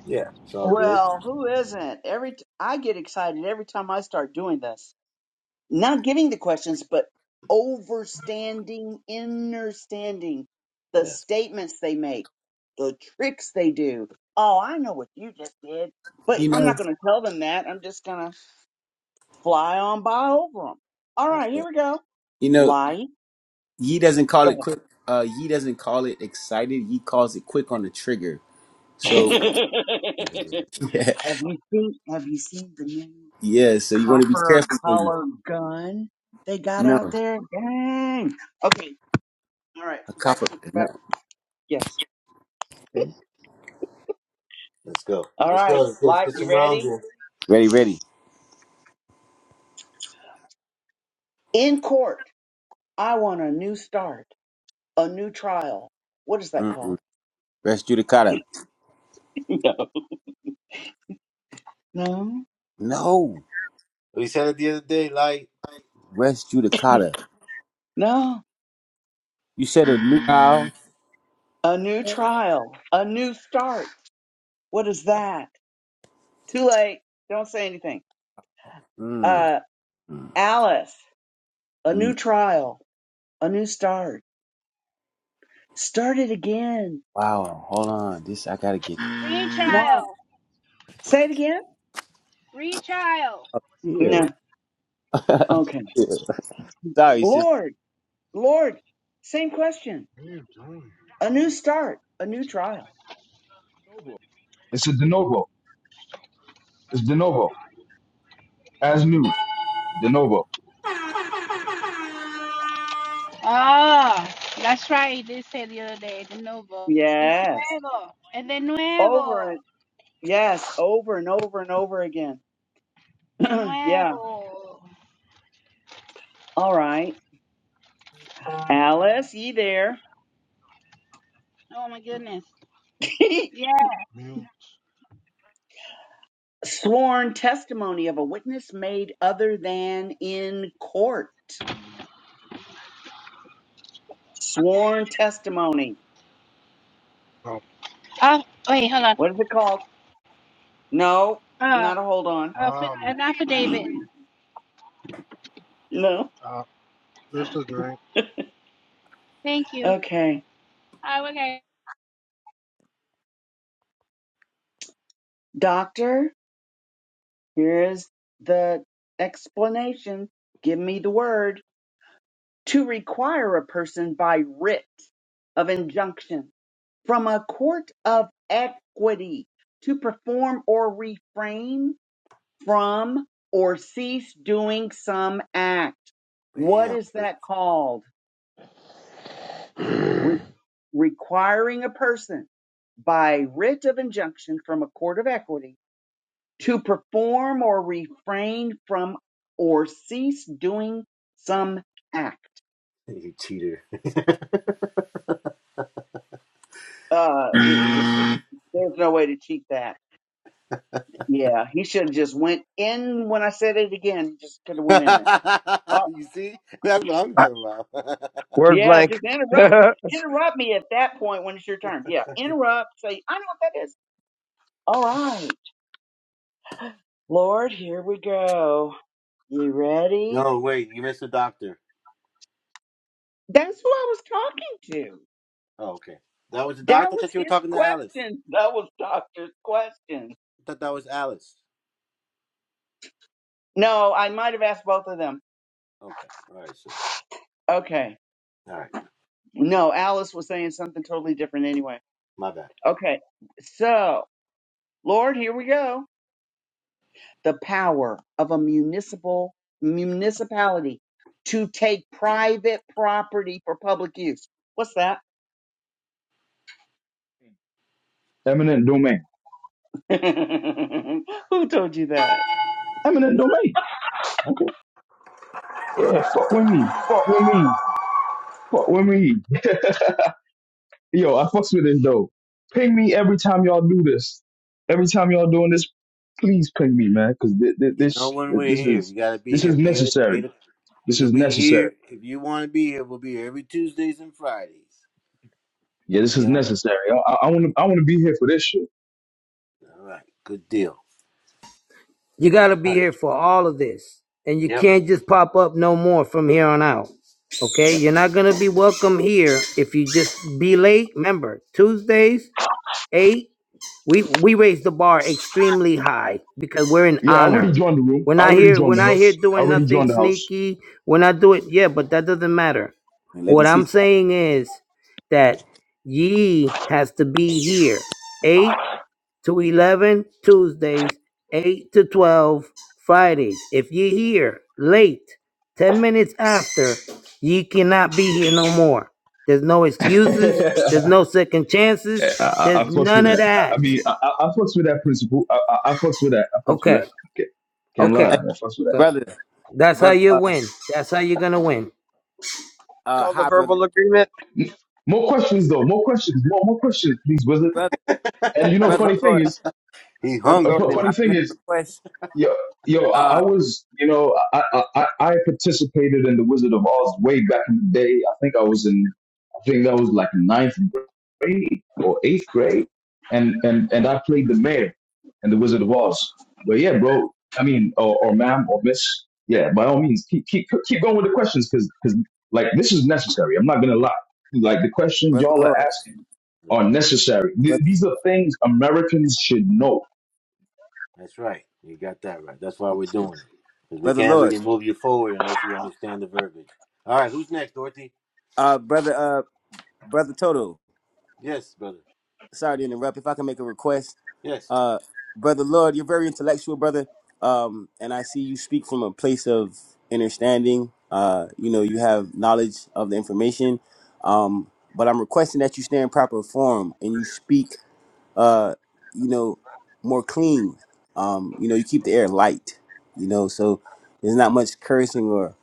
S2: Yeah. it's all good.
S8: Well, who isn't? Every t- I get excited every time I start doing this. Not giving the questions, but overstanding, understanding the statements they make, the tricks they do. Oh, I know what you just did, but
S1: You
S8: I'm
S1: know.
S8: not going to tell them that. I'm just going to fly on by over them. All right, here we go.
S1: You know.
S8: Lie.
S1: He doesn't call
S8: Go
S1: it quick. Uh, he doesn't call it excited. He calls it quick on the trigger.
S8: ahead.
S1: So yeah,
S8: have you seen? Have you seen the new?
S1: yeah. So you want to be
S8: copper
S1: careful when
S8: collar gun they got
S1: you
S8: out
S1: no
S8: there. Dang. Okay. All right.
S1: a
S8: Back
S1: copper.
S8: to
S1: No.
S8: back. Yes.
S1: Okay.
S2: Let's go.
S8: All
S2: Let's go.
S8: right.
S2: Let's, let's
S8: Light,
S2: get
S8: you
S2: some rounds
S8: ready?
S2: in.
S1: Ready, ready.
S8: In court. I want a new start, a new trial. What is that
S1: Mm-mm.
S8: called?
S1: Res judicata.
S8: No. No.
S1: No,
S2: We said it the other day, like,
S1: West Judicata.
S8: No.
S1: You said a new trial.
S8: A new trial, a new start. What is that? Too late. Don't say anything.
S1: Mm,
S8: Uh,
S1: mm,
S8: Alice, a new
S1: mm.
S8: trial, a new start. Start it again.
S1: Wow, hold on. This I gotta get
S8: Why?
S3: Retrial.
S8: Say it again?
S3: Retrial.
S1: up here.
S8: No.
S1: Up
S8: Okay.
S1: here. Sorry, sister.
S8: Lord, Lord, same question. A new start, a new trial.
S7: de novo. It's a de novo. It's de novo. As new. De novo.
S3: Ah, oh, that's right. They said the other day, de nuevo. It's
S8: Yes.
S3: nuevo. Es de
S8: Over
S3: nuevo.
S8: and yes, over and over and over again.
S3: De
S8: yeah.
S3: nuevo.
S8: All right. Alice, ye there.
S3: Oh my goodness. Yeah.
S8: Sworn testimony of a witness made other than in court. Sworn testimony.
S3: Uh, wait, hold on.
S8: What is it called? No,
S3: Uh,
S8: not a hold on.
S3: affi- an affidavit.
S8: no.
S3: uh, Just a drink. Thank you.
S8: Okay.
S3: Oh, okay.
S8: Doctor? Here's the explanation. Give me the word to require a person by writ of injunction from a court of equity to perform or refrain from or cease doing some act. What
S2: bam,
S8: is that called? Re-
S10: I,
S8: requiring a person by writ of injunction from a court of equity to perform or refrain from or cease doing some act.
S2: you cheater.
S8: Uh, he, he-
S2: you
S8: there's no way to cheat that. Yeah, he should have just went in when I said it again. Just could have went in there. Uh,
S2: see? That's what I'm talking about.
S10: word
S8: yeah,
S10: blank.
S8: just interrupt,
S10: Called
S8: interrupt me at that point when it's your turn. Yeah, interrupt. Say, I know what that is. All right, Lord, here we go. You ready?
S2: no, wait, you missed the doctor.
S8: That's who I was talking to.
S2: Oh, okay. That was the
S8: That
S2: doctor I
S8: was
S2: thought you were
S8: his
S2: talking to Alice.
S8: question. That was Doctor's question.
S2: I thought that was Alice.
S8: No, I might have asked both of them.
S2: Okay. All right, so
S8: Okay.
S2: all right.
S8: No, Alice was saying something totally different anyway.
S2: My bad.
S8: Okay. So, Lord, here we go. The power of a municipal municipality to take private property for public use. What's that?
S7: Eminent domain.
S8: Who told you that?
S7: Eminent domain. Okay. Yeah. Fuck with me. Fuck with me. Fuck with me. Yo, I fucks with this though. Ping me every time y'all do this. Every time y'all doing this, please ping me, man, because
S2: You know
S7: this
S2: when we're
S7: this
S2: here. You
S7: is
S2: gotta be
S7: this is
S2: here eight eight
S7: necessary. This
S2: You'll
S7: is
S2: be
S7: necessary.
S2: here if you want to be here. We'll be here every Tuesdays and Fridays.
S7: Yeah, this
S2: Be
S7: is
S2: on.
S7: necessary. I want to. I want to be here for this shit.
S2: All right, good deal.
S11: You got to
S2: All
S11: be
S2: right,
S11: here for all of this. And you
S2: Yep.
S11: can't just pop up no more from here on out. Okay? You're not going to be welcome here if you just be late. Remember, Tuesdays, 8 We we raise the bar extremely high because we're in
S7: Yeah, I already
S11: honor.
S7: joined the room.
S11: We're
S7: I
S11: not
S7: already
S11: here. We're
S7: joined the
S11: not here
S7: house. I
S11: doing
S7: already
S11: nothing
S7: joined the house.
S11: sneaky. We're not doing yeah, but that doesn't matter.
S1: Let me
S11: What I'm
S1: teach.
S11: saying is that ye has to be here eight to eleven Tuesdays, eight to twelve Fridays. If ye here late, ten minutes after, ye cannot be here no more. There's no excuses. There's no second
S7: I,
S11: chances.
S7: I, I
S11: There's
S7: fucks with
S11: none of
S7: that. I, I
S11: that.
S7: mean, I, I I fucks with that principle. I, I, I fucks with that. I fucks with that.
S11: Okay.
S7: Okay, can't
S11: Okay.
S7: lie.
S1: Hey,
S7: I fucks with
S11: So
S1: brother,
S11: that's how
S1: brother.
S11: you
S1: Uh,
S11: win. That's how you're gonna win.
S1: uh,
S10: a
S1: hi, brother,
S10: verbal agreement.
S7: that. More questions though. More questions. More more questions, please, wizard.
S1: brother,
S7: And you know,
S1: brother.
S7: funny thing
S1: Lord,
S7: is,
S2: He's
S1: brother,
S7: f-
S2: hungry,
S1: Lord.
S7: f-
S1: If
S2: boy.
S1: I
S7: funny
S1: can
S7: thing
S1: make
S7: is,
S1: a request,
S7: Yo, yo, I, I
S1: uh,
S7: was, you know, I, I I I participated in the Wizard of Oz way back in the day. I think I was in, I think that was like ninth grade or eighth grade, and and and I played the mayor in the Wizard of Oz. But yeah, bro, I mean, or, or ma'am or miss, yeah, by all means, keep keep keep going with the questions because because like this is necessary. I'm not gonna lie, like the questions
S1: brother,
S7: y'all are
S1: Lord,
S7: asking are necessary. Th-
S1: brother,
S7: these are things Americans should know
S2: That's right. You got that right. That's why we're doing it because we
S1: brother,
S2: can't
S1: Lord,
S2: really move you forward unless you understand the verbiage. All right, who's next, Dorothy?
S1: uh, brother, uh, brother Toto.
S2: Yes, brother.
S1: Sorry to interrupt. If I can make a request,
S2: Yes,
S1: Uh, brother Lord, you're very intellectual, brother. Um, and I see you speak from a place of understanding. Uh, you know, you have knowledge of the information. Um, but I'm requesting that you stay in proper form and you speak, uh, you know, more clean. Um, you know, you keep the air light. You know, so there's not much cursing or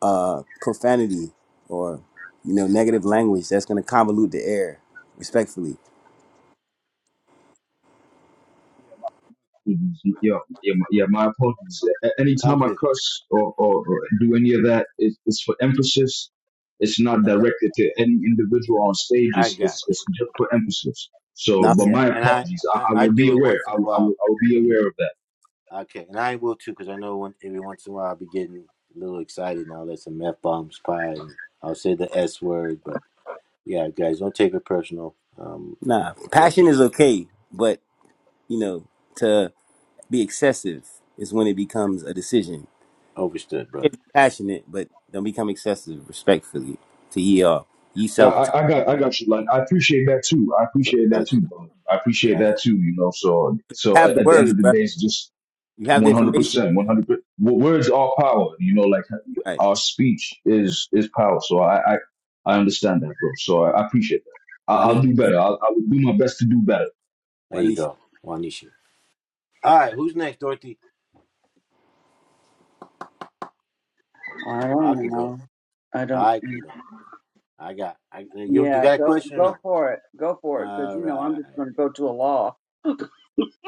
S1: uh, profanity or you know negative language that's going to convolute the air. Respectfully,
S7: Mhm. Yeah, yeah, my, yeah. My apologies. A-
S2: I'm
S7: Anytime I
S2: good.
S7: cuss or, or, or do any of that, it's, it's for emphasis. It's not
S2: I got.
S7: directed to any individual on stage.
S2: I
S7: It's,
S2: got
S7: it's, it's just for emphasis. So,
S1: nah,
S7: but
S2: you. Yeah,
S7: my
S2: and I,
S7: apologies. I,
S2: I
S7: I
S2: I
S7: will be
S2: do it
S7: aware.
S2: once in
S7: I,
S2: a
S7: will- I, will,
S2: while.
S7: I will be aware of that.
S2: Okay, and I will too because I know one, every once in a while I'll be getting a little excited and I'll let some f bombs fly and I'll say the s word, but. Yeah, guys, don't take it personal. Um,
S1: nah. Passion
S2: overstood,
S1: is okay, but you know, to be excessive is when it becomes a decision.
S2: overstood,
S1: Be
S2: brother.
S1: passionate, but don't become excessive respectfully to ye all. Ye
S7: I,
S2: All
S1: self
S2: right,
S1: to
S7: I I got, I got you. Like, I appreciate that too. I appreciate that too,
S2: gratitude,
S7: brother. I appreciate
S2: gratitude.
S7: that too. You know, so, so
S1: have
S7: at,
S1: the
S7: at the end
S1: words,
S7: of the
S1: brother.
S7: day, it's just
S1: You have the
S7: One hundred
S1: information.
S7: percent, one hundred. Words are power. You know, like
S1: Right.
S7: our speech is is power. So I I, I understand that, bro. So I, I appreciate that. I,
S1: Wanisha, need
S7: I'll do
S1: brother?
S7: better. I'll, I will do my best to do better.
S2: There
S1: Why
S2: you
S1: need you?
S2: go, Wanisha. All right, who's next, Dorothy?
S8: I
S2: I
S8: don't
S2: can go.
S8: know. I don't.
S2: I can go. I got. I you. You
S8: Yeah,
S2: got a
S8: go
S2: question or
S8: go
S2: no?
S8: for it. Go for it, because
S2: All
S8: you know I'm
S2: right.
S8: just going to go to a law.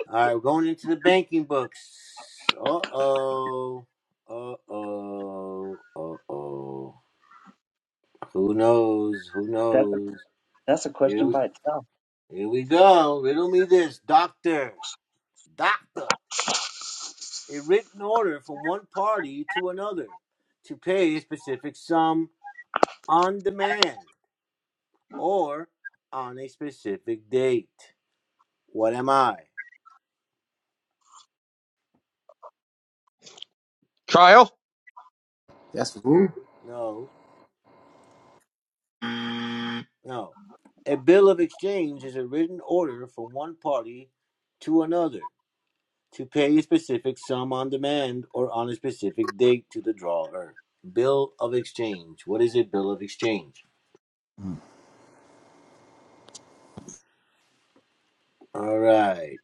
S2: All right. We're going into the banking books. Uh oh. Uh oh. Uh oh. Who knows? Who
S8: That's a
S2: knows?
S8: that's a
S2: Here
S8: question
S2: we,
S8: by
S2: here we go. Riddle me this, doctor. Doctor. a written order from one party to another to pay a specific sum on demand or on a specific date. What am I?
S10: Trial.
S1: That's who?
S2: No, no. A bill of exchange is a written order from one party to another to pay a specific sum on demand or on a specific date to the drawer. Bill of exchange. What is a bill of exchange? All right,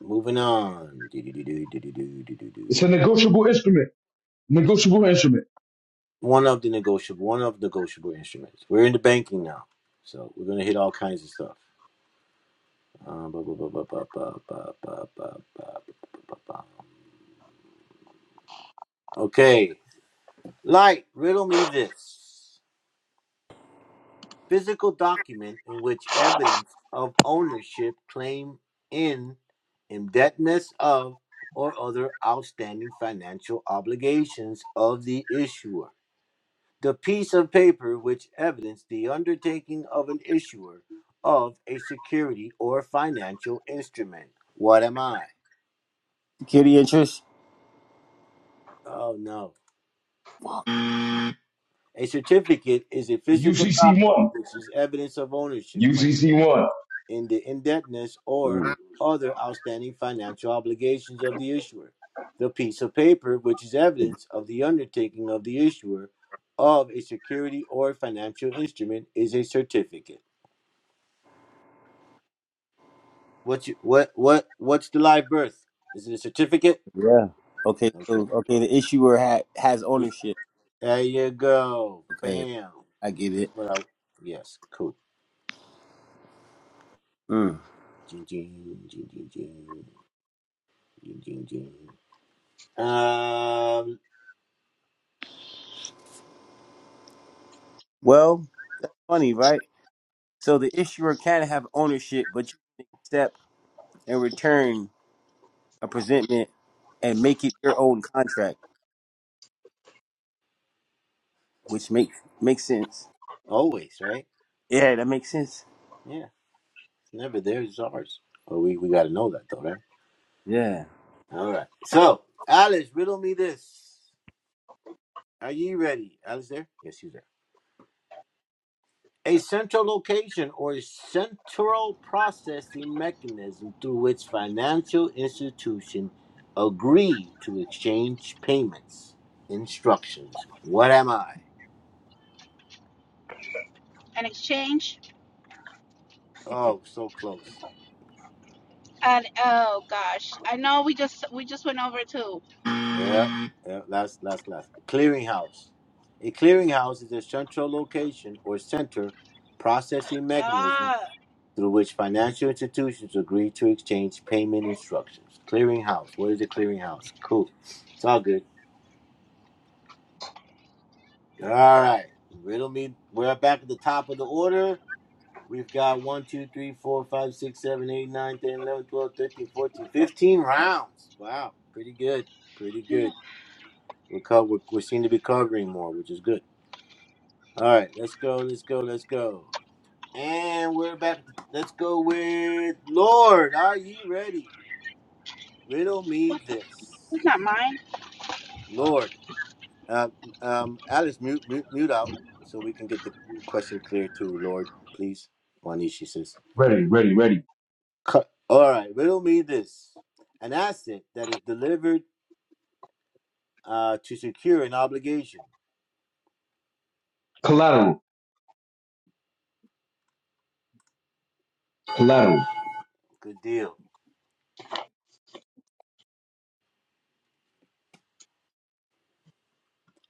S2: moving on. Do, do, do, do, do, do, do, do, do.
S7: It's a negotiable instrument. Negotiable instrument.
S2: one of the negotiable one of the negotiable instruments. We're into banking now, so we're gonna hit all kinds of stuff. Um, Okay, light. Riddle me this: physical document in which evidence of ownership, claim in, indebtedness of, or other outstanding financial obligations of the issuer. the piece of paper which evidenced the undertaking of an issuer of a security or financial instrument. What am I?
S1: Security interest?
S2: Oh no. A certificate is a physical
S7: UCC
S2: document
S7: one.
S2: which is evidence of ownership claim
S7: UCC one.
S2: in the indebtedness or
S1: Mm.
S2: other outstanding financial obligations of the issuer. The piece of paper which is evidence of the undertaking of the issuer of a security or financial instrument is a certificate. What you what what what's the live birth? Is it a certificate?
S1: Yeah. Okay,
S2: Okay.
S1: so okay, the issuer ha- has ownership.
S2: There you go.
S1: Okay,
S2: Bam.
S1: I get it.
S2: That's what I yes, cool.
S1: Mm.
S2: Jing jing jing jing jing jing jing jing. Um
S1: Well, funny, right? So the issuer can have ownership, but you accept in return a presentment and make it your own contract, which makes makes sense.
S2: always, right?
S1: Yeah, that makes sense.
S2: Yeah. It's never theirs, ours. Well we, we gotta know that though, right?
S1: Yeah.
S2: All right. So Alice, riddle me this. Are you ready? Alice there? Yes, she's there. A central location or central processing mechanism through which financial institutions agree to exchange payments. Instructions. What am I?
S3: An exchange.
S2: Oh, so close.
S3: And oh gosh, I know we just we just went over to
S2: Yeah, yeah last, last, last. Clearinghouse. A clearinghouse is a central location or center processing mechanism
S3: ah
S2: through which financial institutions agree to exchange payment instructions. Clearinghouse. What is a clearinghouse? Cool. It's all good. All right. Riddle me. We're back at the top of the order. We've got one, 2, 3, 4, 5, 6, 7, 8, 9, 10, 11, 12, 13, 14, 15 rounds. Wow. Pretty good. Pretty good. We're co- we we seem to be covering more, which is good. All right. Let's go. Let's go. Let's go. And we're back. Let's go with Lord. Are ye ready? Riddle me
S3: what?
S2: this.
S3: It's not mine? I
S2: Lord. Uh, um, Alice, mute, mute, mute out so we can get the question clear too, Lord, please. Wanishi says,
S7: Ready, ready, ready.
S2: All right, riddle me this an asset that is delivered uh, to secure an obligation.
S7: Collateral, collateral.
S2: Good deal.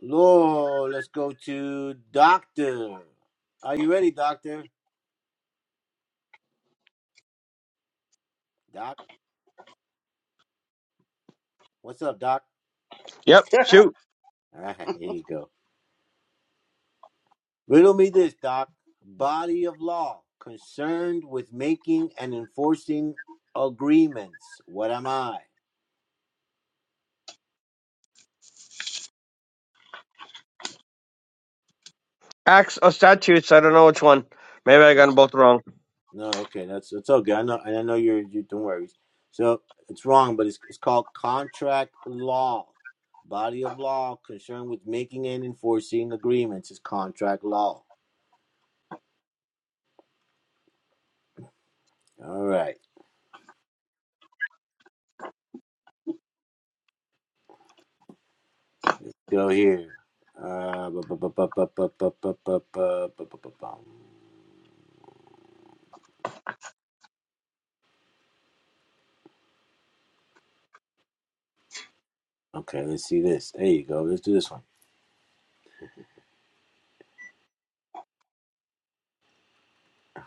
S2: Lord, let's go to Doctor. Are you ready, Doctor? Doc, what's up, Doc?
S10: Yep.
S8: itself.
S10: Shoot.
S2: All right, here you go. Riddle me this, Doc. Body of law concerned with making and enforcing agreements. What am I?
S10: Acts or statutes. I don't know which one. Maybe I got them both wrong.
S2: No, okay, that's it's okay. I know, and I know you're. You, don't worry. So it's wrong, but it's it's called contract law. Body of law concerned with making and enforcing agreements is contract law. All right, go here. Uh, bu- bu- bu- bu- bu- bu- bu- bu- bu- bu- bu- bu- bu- bum. Okay, let's see this. There you go. Let's do this one.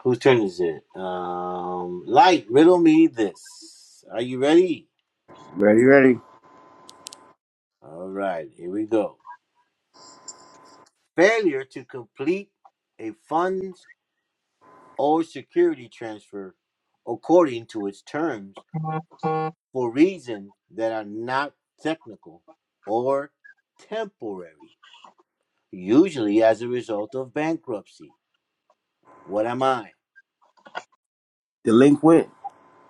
S2: Whose turn is it? Um, light, riddle me this. Are you ready?
S1: Ready, ready.
S2: All right, here we go. Failure to complete a funds or security transfer according to its terms for reasons that are not technical or temporary, usually as a result of bankruptcy. What am I?
S1: Delinquent.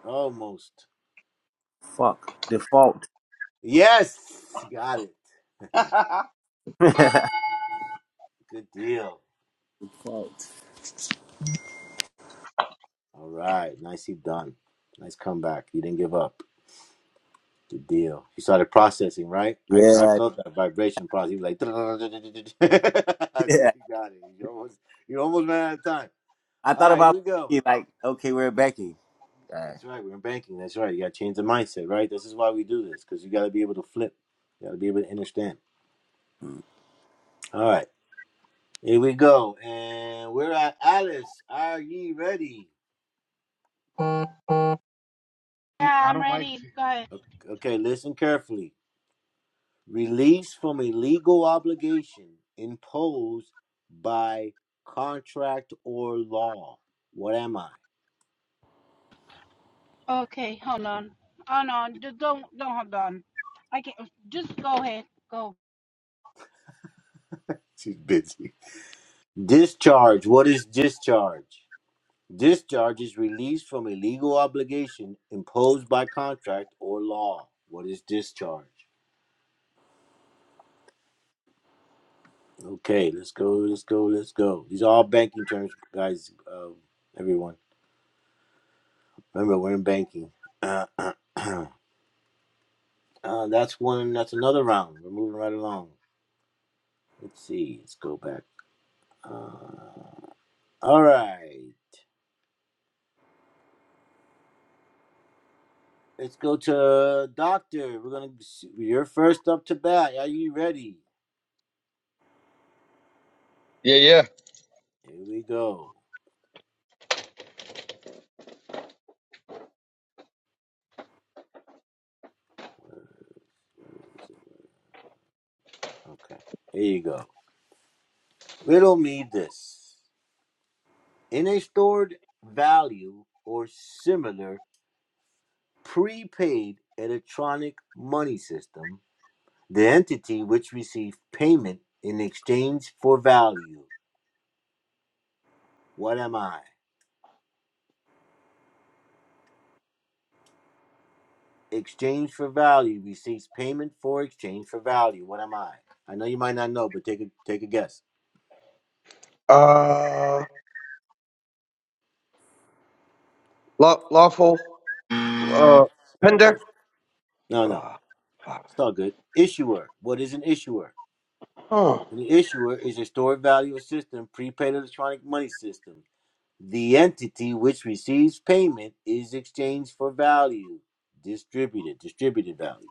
S2: Almost.
S1: Fuck. Default.
S2: Yes, got it. Good deal.
S1: Fault.
S2: All right, nicely done. Nice comeback. You didn't give up. Good deal. You started processing, right? I, I
S1: yeah.
S2: felt that vibration process. He was like, you
S1: Yeah.
S2: got it. You almost, you almost ran out of time.
S1: I
S2: All
S1: thought
S2: right, here
S1: about
S2: we go.
S1: Becky, like, okay, we're Becky. All right.
S2: That's right. We're in banking. That's right. You got to change the mindset, right? This is why we do this because you got to be able to flip. You got to be able to understand.
S1: Hmm.
S2: All right, here we go. And we're at Alice. Are ye ready?
S3: Yeah, I I'm don't like ready. to. Go ahead.
S2: Okay, listen carefully. Release from a legal obligation imposed by contract or law. What am I?
S3: Okay, hold on. Hold on. D- Don't don't hold on. I can not just go ahead. Go.
S2: She's busy. Discharge. What is discharge? This charge is release from a legal obligation imposed by contract or law. What is discharge? Okay, let's go, let's go, let's go. These are all banking terms, guys. Uh, everyone, remember we're in banking. Uh, uh, uh, that's one. That's another round. We're moving right along. Let's see. Let's go back. Uh, all right. Let's go to doctor. We're gonna. You're first up to bat. Are you ready?
S10: Yeah. Yeah.
S2: Here we go. Okay. Here you go. We don't need this. In a stored value or similar prepaid electronic money system, the entity which receives payment in exchange for value. What am I? Exchange for value receives payment for exchange for value. What am I? I know you might not know, but take a take a guess.
S10: Uh. Law, lawful. Uh.
S2: It's all
S10: Pender.
S2: good. No, no,
S10: Uh, fuck.
S2: it's all good. Issuer. What is an issuer?
S10: Huh.
S2: An issuer is a stored value system, prepaid electronic money system. The entity which receives payment is exchanged for value, distributed, distributed value.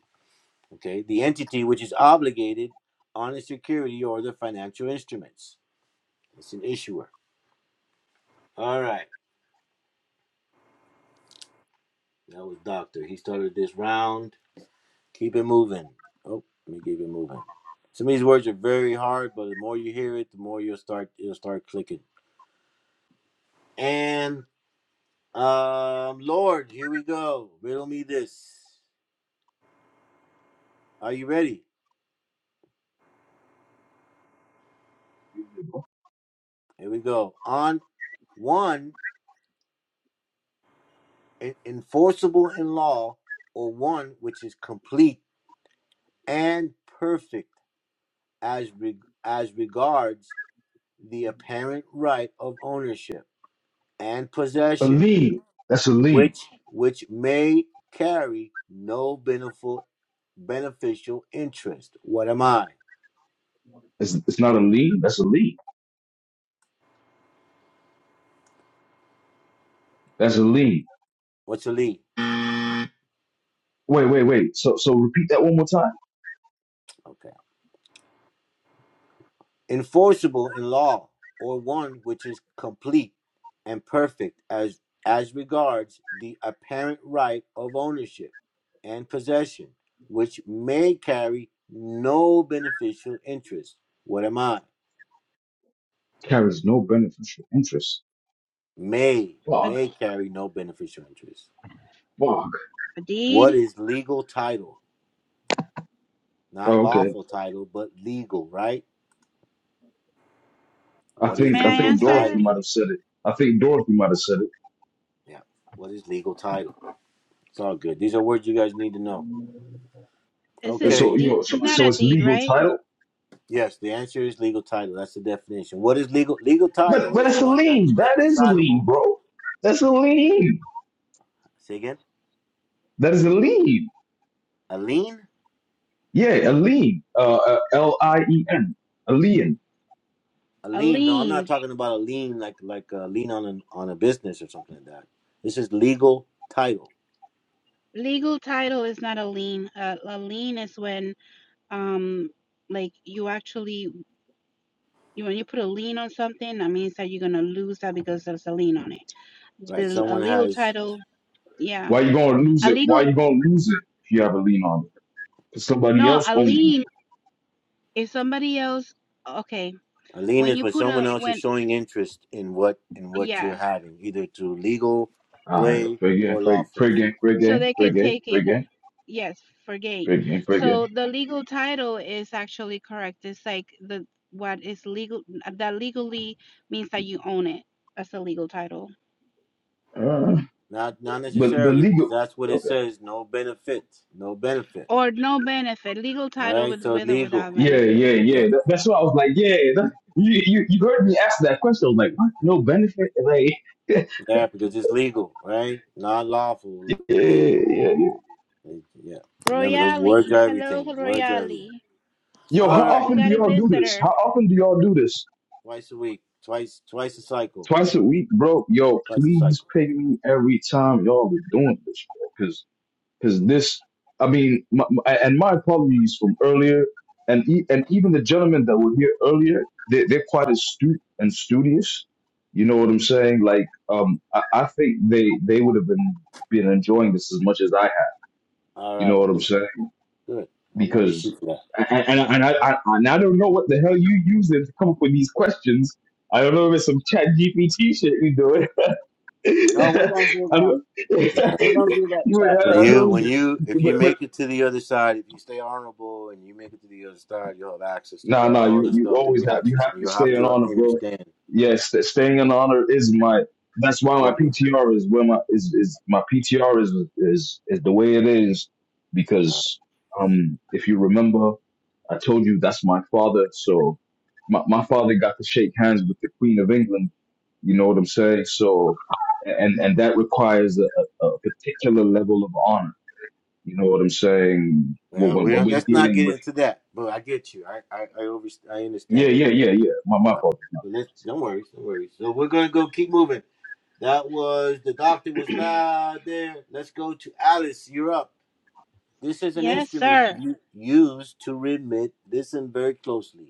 S2: Okay. The entity which is obligated on a security or the financial instruments. It's an issuer. All right. That was Doctor. He started this round. Keep it moving. Oh, let me keep it moving. Some of these words are very hard, but the more you hear it, the more you'll start you'll start clicking. And um Lord, here we go. Riddle me this. Are you ready? Here we go. On one e, enforceable in law, or one which is complete and perfect as re- as regards the apparent right of ownership and
S7: A
S2: possession,
S7: lean. That's a lean.
S2: which which may carry no beneficial beneficial interest. What am I?
S7: It's it's not a lean. That's a lean. That's a lean.
S2: What's a lead?
S7: Wait, wait, wait. So so repeat that one more time.
S2: Okay. enforceable in law, or one which is complete and perfect as, as regards the apparent right of ownership and possession, which may carry no beneficial interest. What am I?
S7: Carries no beneficial interest.
S2: May,
S7: Fuck.
S3: A,
S2: may carry no beneficial interest.
S7: Fuck.
S3: a deed?
S2: What is legal title? Not
S7: Oh, okay.
S2: lawful title, but legal, right?
S7: I
S2: What is
S3: May
S7: think I
S3: I
S2: legal
S7: think Dorothy
S3: answer?
S2: title?
S7: might have said it. I think Dorothy might have said it.
S2: Yeah. What is legal title? It's all good. These are words you guys need to know.
S3: It's
S7: And
S3: a
S7: so
S2: Okay.
S7: you
S3: deed.
S7: know, so
S3: It's not
S7: so
S3: a
S7: it's
S3: deed,
S7: legal
S3: right?
S7: title,
S2: Yes, the answer is legal title. That's the definition. What is legal? Legal
S7: but
S2: title
S7: but
S2: is
S7: that's a
S2: one that's
S7: lien. That is a lien,
S2: reconcilable.
S7: bro. That's a lien.
S2: Say again.
S7: That is a lien.
S2: A lien.
S7: Yeah, a lien. Uh, uh, L I E N. A lien.
S2: A
S3: A
S2: lien. No, I'm not
S3: lien.
S2: talking about a lien like like a lien on an, on a business or something like that. This is legal title,
S3: Legal title is not a lien. A, a lien is when um like you actually you when you put a lien on something, that means that you're gonna lose that because there's a lien on it.
S2: right?
S3: the a
S2: Someone
S3: legal
S2: has
S3: title. Yeah,
S7: Why you gonna lose
S3: a
S7: it? Why
S3: legal.
S7: you gonna lose it if you have a lien on it? Because somebody
S3: No,
S7: else
S3: a
S7: owns it.
S3: lien is somebody else. Okay,
S2: a lien
S3: when
S2: is
S3: you
S2: when
S3: put a
S2: someone else
S3: when
S2: is showing interest in what in what you're
S3: yeah,
S2: having, either through legal
S7: All right,
S2: way
S7: fair game,
S2: or
S7: fair,
S2: lawful.
S7: fair game, fair
S3: so
S7: game,
S3: they
S7: fair
S3: can
S7: game,
S3: take
S7: fair
S3: it.
S7: game,
S3: Yes, for
S7: fair
S3: gain.
S7: game, fair
S3: So
S7: game.
S3: the legal title is actually correct. It's like the what is legal that legally means that you own it. That's a legal title
S7: Uh,
S2: Not not
S7: but but
S2: necessarily because
S7: legal.
S2: that's what it
S7: okay.
S2: says. No benefit. No benefit.
S3: or no benefit. Legal title
S2: Right.
S3: with
S2: So
S3: with or without
S2: legal.
S7: Yeah,
S3: benefit.
S7: yeah, yeah.
S2: Yeah.
S7: That, that's why I was like, yeah. that- you, you you heard me ask that question. I was like, what? No benefit? Like, yeah,
S2: Yeah, because it's legal, right? Not lawful, legal.
S7: yeah, yeah.
S2: Like, Yeah. Remember, those words
S3: Royale,
S2: are
S3: hello
S2: everything. Words are
S3: Royale.
S2: everything.
S7: Yo,
S2: All
S7: how
S2: right.
S3: We
S7: often do
S3: got a
S7: y'all do this?
S3: visitor.
S7: How often do y'all do this?
S2: Twice a week. Twice twice a cycle.
S7: Twice a week, bro. Yo,
S2: Twice a
S7: please
S2: cycle.
S7: pay me every time y'all are doing this, bro. because this i mean my, my- and my apologies from earlier and e- and even the gentlemen that were here earlier they, they're quite astute and studious you know what i'm saying like um i, I think they they would have been been enjoying this as much as i have
S2: All
S7: you know
S2: right.
S7: what i'm
S2: Good.
S7: saying
S2: Good. I want to issue
S7: because
S2: for that.
S7: and, and, and I, I and i don't know what the hell you using to come up with these questions I don't know if it's some chat GPT shit you doing. I
S8: Oh, we don't do
S7: don't,
S8: them.
S2: All
S8: We
S2: right.
S8: don't do that
S7: you,
S8: chat
S2: When
S7: I
S8: thing.
S2: you
S7: don't,
S2: when you if you
S7: But
S2: make it to the other side, if you stay honorable and you make it to the other side, you'll have access to
S7: No, no,
S2: all
S7: you
S2: the
S7: you
S2: stuff that we
S7: always have you
S2: access,
S7: have
S2: and
S7: to
S2: you'll have
S7: stay in
S2: to
S7: honor, bro.
S2: understand
S7: Yes, st- staying in honor is my. That's
S2: it's
S7: why my
S2: everything.
S7: PTR is where my is is my PTR is is is the way it is
S2: All right.
S7: because um if you remember I told you that's my father so my my father got to shake hands with the Queen of England you know what I'm saying so and and that requires a, a a particular level of honor you know what I'm saying when
S2: Well,
S7: when,
S2: we
S7: when
S2: don't.
S7: we're
S2: Let's not
S7: dealing
S2: get
S7: with
S2: into that. But I get you. I I I, over, I
S7: yeah
S2: understand.
S7: yeah yeah yeah my my
S2: Uh,
S7: fault
S2: so that's, don't worry, don't worry. So we're gonna go keep moving. That was the doctor was loud there. Let's go to Alice. You're up. This is an
S3: Yes,
S2: instrument
S3: sir.
S2: u- used to remit. Listen very closely.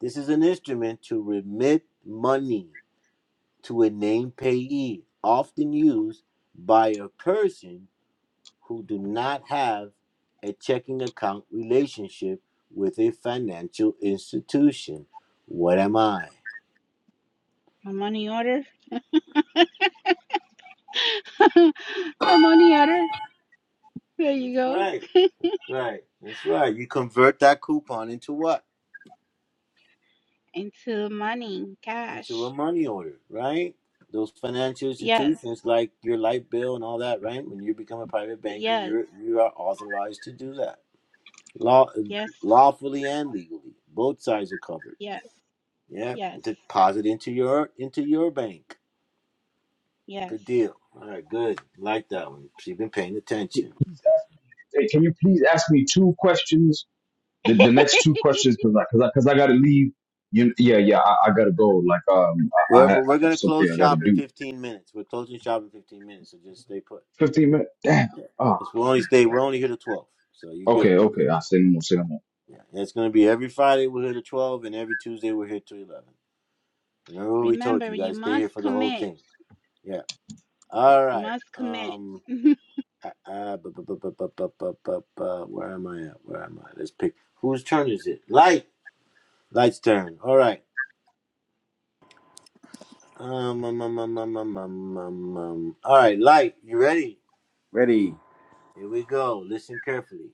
S2: This is an instrument to remit money to a named payee, often used by a person who do not have a checking account relationship with a financial institution. What am I?
S3: A money order? a money order? There you
S2: That's
S3: go.
S2: right. Right. That's right. You convert that coupon into what?
S3: Into money,
S2: Into a
S3: cash.
S2: money order, right? Those financial
S3: Yes,
S2: institutions like your light bill and all that, right? When you become a private banker,
S3: yes,
S2: you're you are authorized to do that. Law
S3: yes,
S2: lawfully and legally. Both sides are covered.
S3: yes,
S2: Yeah.
S3: yes,
S2: Deposit into your into your bank.
S3: yes.
S2: Good deal. All right, good. Like that one. She's been paying attention.
S7: please ask me, hey, can you please ask me two questions? The, the next two questions, because I, cause I, cause I gotta leave. You, yeah, yeah, I, I gotta go. Like, um, I, I,
S2: We're,
S7: ha- I
S2: we're
S7: have
S2: gonna
S7: something
S2: close
S7: I gotta
S2: shop in
S7: do.
S2: fifteen minutes. We're closing shop in fifteen minutes, so just stay put.
S7: 15 minutes? Damn.
S2: Yeah,
S7: Oh,
S2: It's, we only stay. We're only here to twelve, so you're good.
S7: okay, okay. I'll say no more, say no more.
S2: Yeah, and it's gonna be every Friday we're here to twelve, and every Tuesday we're here to eleven. Remember what we told
S3: Remember,
S2: you, you
S3: you
S2: guys. Stay here
S3: must
S2: for the whole
S3: commit.
S2: thing. Yeah.
S3: You
S2: All right.
S3: must commit.
S2: Um.
S3: oh,
S2: Uh, uh, bu- bu- bu- bu- bu- bu- bu- bu- bu- where am I at? Where am I? Let's pick. Whose turn is it? Light. Light's turn. All right. Um, um, um, um, um, um, um, um, um. All right, Light. You ready?
S1: Ready.
S2: Here we go. Listen carefully.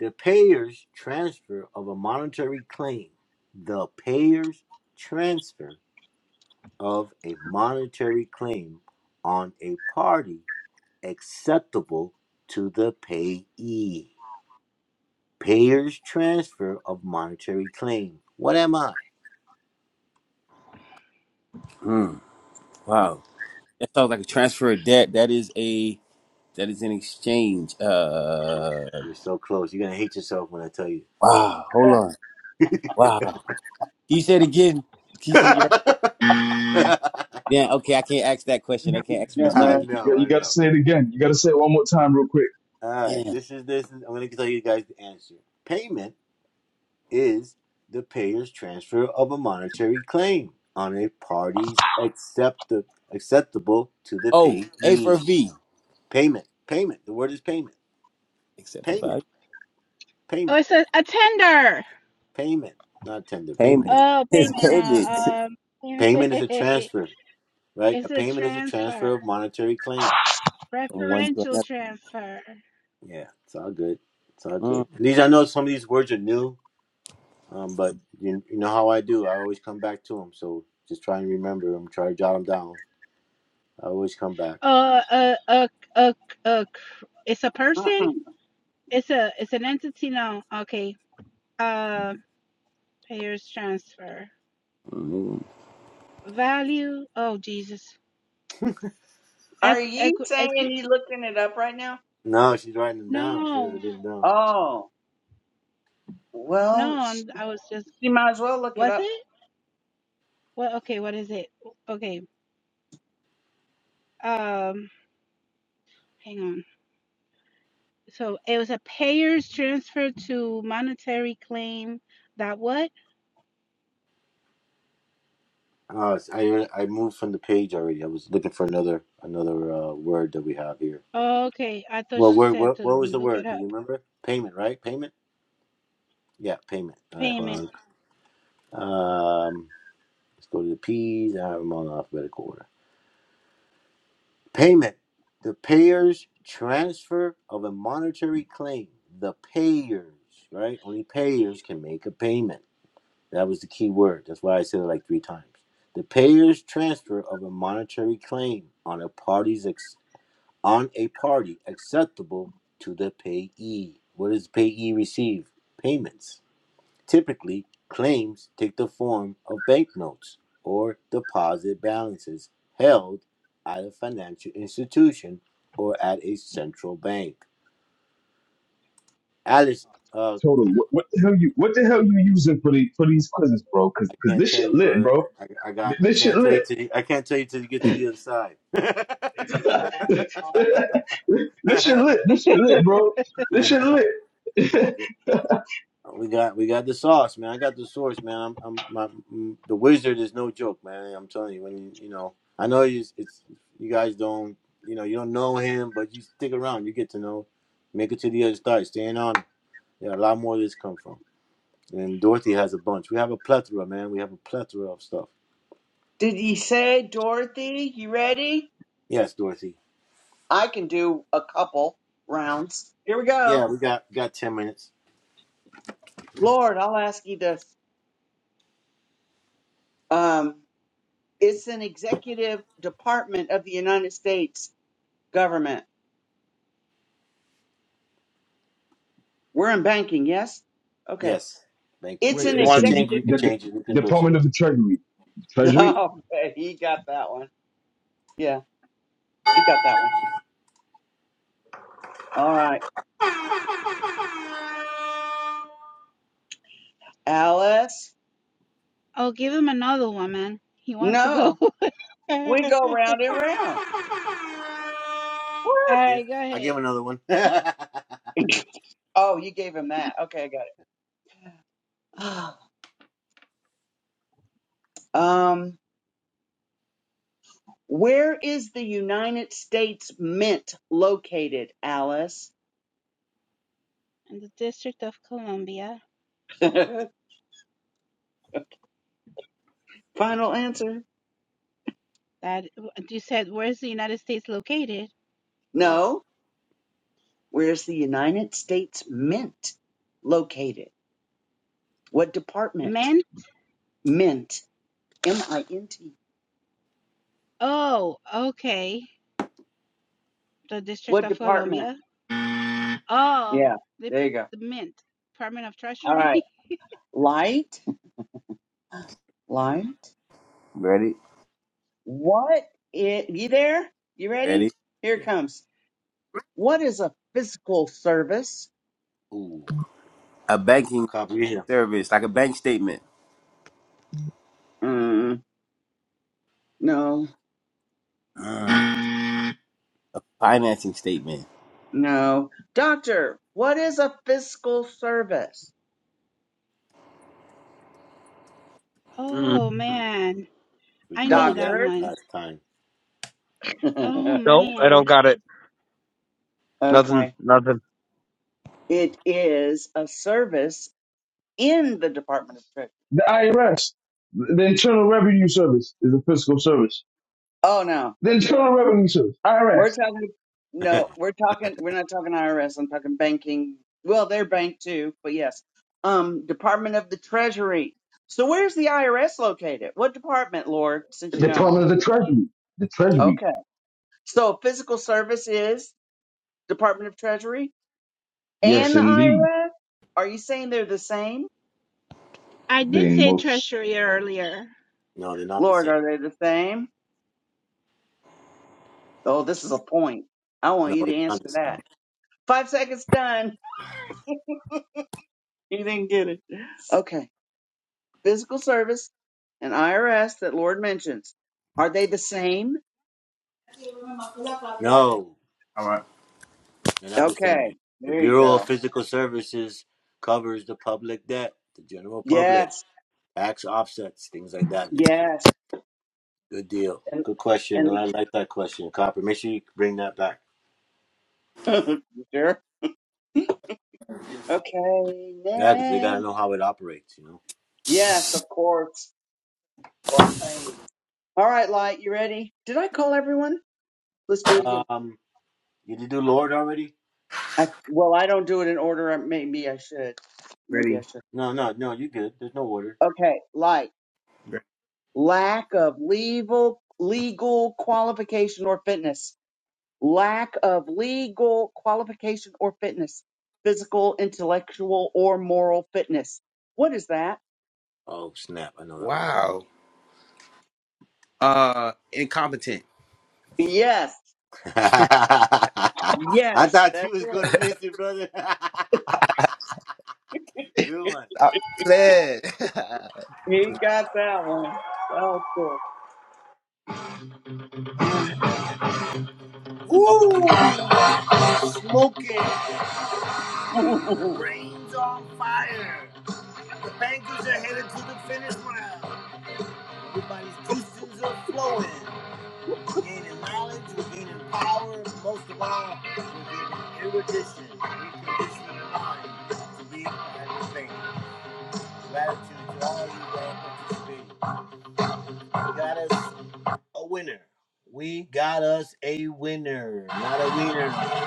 S2: The payer's transfer of a monetary claim. The payer's transfer of a monetary claim on a party acceptable to the payee. Payer's transfer of monetary claim. What am I?
S1: Hmm. Wow. That sounds like a transfer of debt. That is a that is an exchange. Uh
S2: You're so close. You're going to hate yourself when I tell you.
S1: wow, hold
S8: Yeah,
S1: on. Wow. Can you say it again? Can you say it again? Right? Yeah,
S2: no,
S1: okay, I can't ask that
S7: You
S1: question. I
S7: gotta say
S1: can't
S7: it
S1: ask
S7: again,
S1: you to say it
S2: I
S1: again.
S7: man. You
S2: know,
S7: got you
S2: I
S7: gotta
S2: know.
S7: say it again. You gotta say it one more time real quick.
S2: All right,
S1: Damn.
S2: this is this is. I'm gonna tell you guys the answer. Payment is the payer's transfer of a monetary claim on a party's accept- acceptable to the
S1: Oh, A for
S2: payee.
S1: V.
S2: Payment, payment. The word is payment.
S1: Except for
S2: Payment,
S1: value.
S2: payment,
S3: it's a, a tender.
S2: payment. Not tender, payment.
S1: Payment.
S3: Oh,
S1: His
S3: payment.
S1: payment
S3: Uh, um,
S2: Payment is a transfer, right? A
S3: it's a
S2: payment is a transfer
S3: transfer,
S2: of monetary claim.
S1: from one to
S3: preferential
S1: another.
S3: transfer.
S2: Yeah, it's all good. It's all good.
S1: Mm,
S2: And these, I know some of these words are new, um, but you, you know how I do. I always come back to them. So just try and remember them. Try to jot them down. I always come back.
S3: Uh, a, a, a, a, it's a person.
S8: Mm-mm.
S3: It's a it's an entity now. Okay. Uh payers transfer.
S1: mm.
S3: Value. Oh Jesus. Equ,
S8: Are
S3: equ,
S8: you
S3: equ,
S8: saying you looking it up right now?
S2: No, she's writing them down. She has
S3: no.
S2: it written down.
S8: Oh, well,
S3: No,
S8: sh-
S3: I'm I was just
S8: you might as well look it
S3: was
S8: up.
S3: it? Well okay, what is it? Okay. Um hang on. So it was a payers transfer to monetary claim that what?
S2: Uh, I I moved from the page already. I was looking for another another uh, word that we have here.
S3: Oh, okay. I thought
S2: Well,
S3: she
S2: word,
S3: said
S2: what
S3: to
S2: what was the
S3: look it
S2: word? Do you
S3: up.
S2: remember? Payment, right? Payment. Yeah, payment. All right,
S3: Payment.
S2: hold on. Um, let's go to the P's. I have them all in alphabetical order. Payment. The payer's transfer of a monetary claim. The payers, right? Only payers can make a payment That was the key word. That's why I said it like three times. The payer's transfer of a monetary claim on a party's ex- on a party acceptable to the payee. What does payee receive? Payments. Typically, claims take the form of banknotes or deposit balances held at a financial institution or at a central bank. Alice, uh,
S7: Total. What, what the hell you what the hell you using for the for these quizzes, bro? Cause
S2: I
S7: cause
S2: can't
S7: this
S2: tell
S7: shit
S2: you,
S7: lit,
S2: brother.
S7: bro.
S2: I, I got.
S7: Th-
S2: I
S7: This shit
S2: can't tell
S7: lit.
S2: you till. You, I can't tell you till you get to the other side.
S7: this shit lit. This shit lit, bro. This shit lit.
S2: we got. We got the sauce, man. I got the source, man. I'm. I'm. My, m- the wizard is no joke, man. I'm telling you. When you. You know. I know you. It's. You guys don't. You know. You don't know him, but you stick around. You get to know. Make it to the other side. Staying on. Yeah, a lot more of this come from. And Dorothy has a bunch. We have a plethora, man. We have a plethora of stuff.
S8: Did you say, Dorothy, you ready?
S2: Yes, Dorothy.
S8: I can do a couple rounds. Here we go.
S2: Yeah, we got got ten minutes.
S8: Lord, I'll ask you this. Um, it's an executive department of the United States government. We're in banking, yes? Okay.
S2: Yes, thank you.
S8: It's
S7: Wait,
S2: If
S8: an
S2: you
S7: it's
S2: want
S7: an
S2: to
S7: ex-
S2: change it, you
S8: executive.
S2: can
S7: the, the
S2: change it. We can go to
S7: Department
S2: something.
S7: of the Treasury, Treasury,
S8: Okay, he got that one. Yeah. He got that one. All right. Alice?
S3: Oh, give him another one, man. He wants to go.
S8: No. We
S3: All
S8: go round and round. What?
S2: Yeah,
S3: right, go
S2: I
S3: ahead.
S2: give another one.
S8: oh, you gave him that. Okay, I got it. um, where is the United States Mint located, Alice?
S3: in the District of Columbia.
S8: Final answer.
S3: That you said, where's the United States located?
S2: no.
S8: No. Where's the United States Mint located? What department?
S3: Men?
S8: Mint. M I N T.
S3: Oh, okay. The District
S8: What
S3: of
S8: department?
S3: Columbia. Oh,
S8: Yeah,
S3: the,
S8: there you go.
S3: the Mint, Department of
S8: All
S3: Treasury.
S8: right. Light?
S2: Mm,
S8: Light?
S1: Ready?
S8: What is, you there? You
S1: Ready?
S8: ready? Here it
S2: yeah.
S8: comes. What is a physical service?
S2: Ooh,
S1: A banking
S2: copy. Yeah,
S1: service, like a bank statement.
S8: Mm, no,
S1: Mm. Financing statement.
S8: no. Doctor, what is a physical service?
S3: oh
S10: Mm.
S3: man,
S2: we
S3: I know
S2: covered that
S3: that
S8: Doctor.
S3: one.
S2: last time.
S3: Oh
S10: No, I
S3: man,
S10: don't got it. Nothing.
S8: okay.
S10: Nothing.
S8: It is a service in the Department of Treasury.
S7: the IRS, the Internal Revenue Service is a fiscal service.
S8: Oh, no.
S7: The Internal Revenue Service, IRS,
S8: We're talking no, we're talking we're not talking IRS, I'm talking banking. Well, they're bank too, but yes. Um Department of the Treasury. So where's the IRS located? What department, Lord, since you know?
S7: Department of the Treasury, the Treasury.
S8: Okay. So physical service is Department of Treasury
S7: Yes,
S8: and the
S7: indeed.
S8: IRS? Are you saying they're the same?
S3: I did
S7: Then
S3: say
S7: most
S3: Treasury earlier.
S2: No, they're not the
S8: Lord,
S2: same.
S8: are they the same? Oh, this is a point. I want
S2: No,
S8: you to
S2: it's not the
S8: answer that.
S2: same.
S8: Five seconds done. You didn't get it. Okay. physical service and IRS that Lord mentions, are they the same?
S2: No,
S1: All right.
S2: they're not the
S8: Okay,
S2: same. The
S8: there you
S2: Bureau
S8: go.
S2: of Physical Services covers the public debt, the general public,
S8: Yes,
S2: tax offsets, things like that nature.
S8: yes,
S2: Good deal.
S8: and
S2: Good question.
S8: and
S2: I like that question, Copper. Make sure you bring that back.
S8: You sure. Okay,
S2: Yeah, because they got to
S8: next.
S2: know how it operates, you know.
S8: Yes, of course. All right, Light, you ready? Did I call everyone? Let's do it again.
S2: Um, did you do Lord already?
S8: I well, I don't do it in order. I- Maybe I should. Maybe I
S1: Ready?
S8: should.
S2: No, no, no. You good? There's no order.
S8: Okay, Light.
S1: Ready.
S8: Lack of legal legal qualification or fitness. lack of legal qualification or fitness, physical, intellectual, or moral fitness. What is that?
S2: Oh snap! I know that one.
S1: Wow. Uh, incompetent.
S8: Yes,
S2: I
S8: yes,
S2: thought you
S8: that's
S2: was
S8: it.
S2: gonna miss it, brother. good one.
S1: I fled.
S8: He got that one. That was cool.
S2: The brain's on fire. The bankers are headed to the finish line. Everybody's juices are flowing. We're gaining knowledge. We're gaining power. Most of all, we're gaining erudition. Reconditioning the mind to lead and think. Gratitude to all you that participated. We got us a winner. We got us a winner. Not a winner,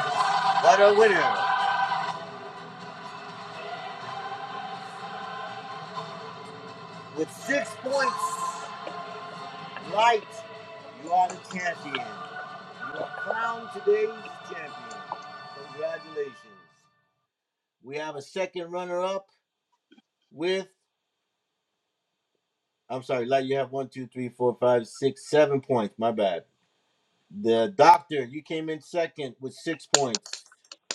S2: but a winner. With six points, right, you are the champion. You are crowned today's champion. Congratulations. We have a second runner up with, I'm sorry, Light, you have one, two, three, four, five, six, seven points. My bad. The doctor, you came in second with six points.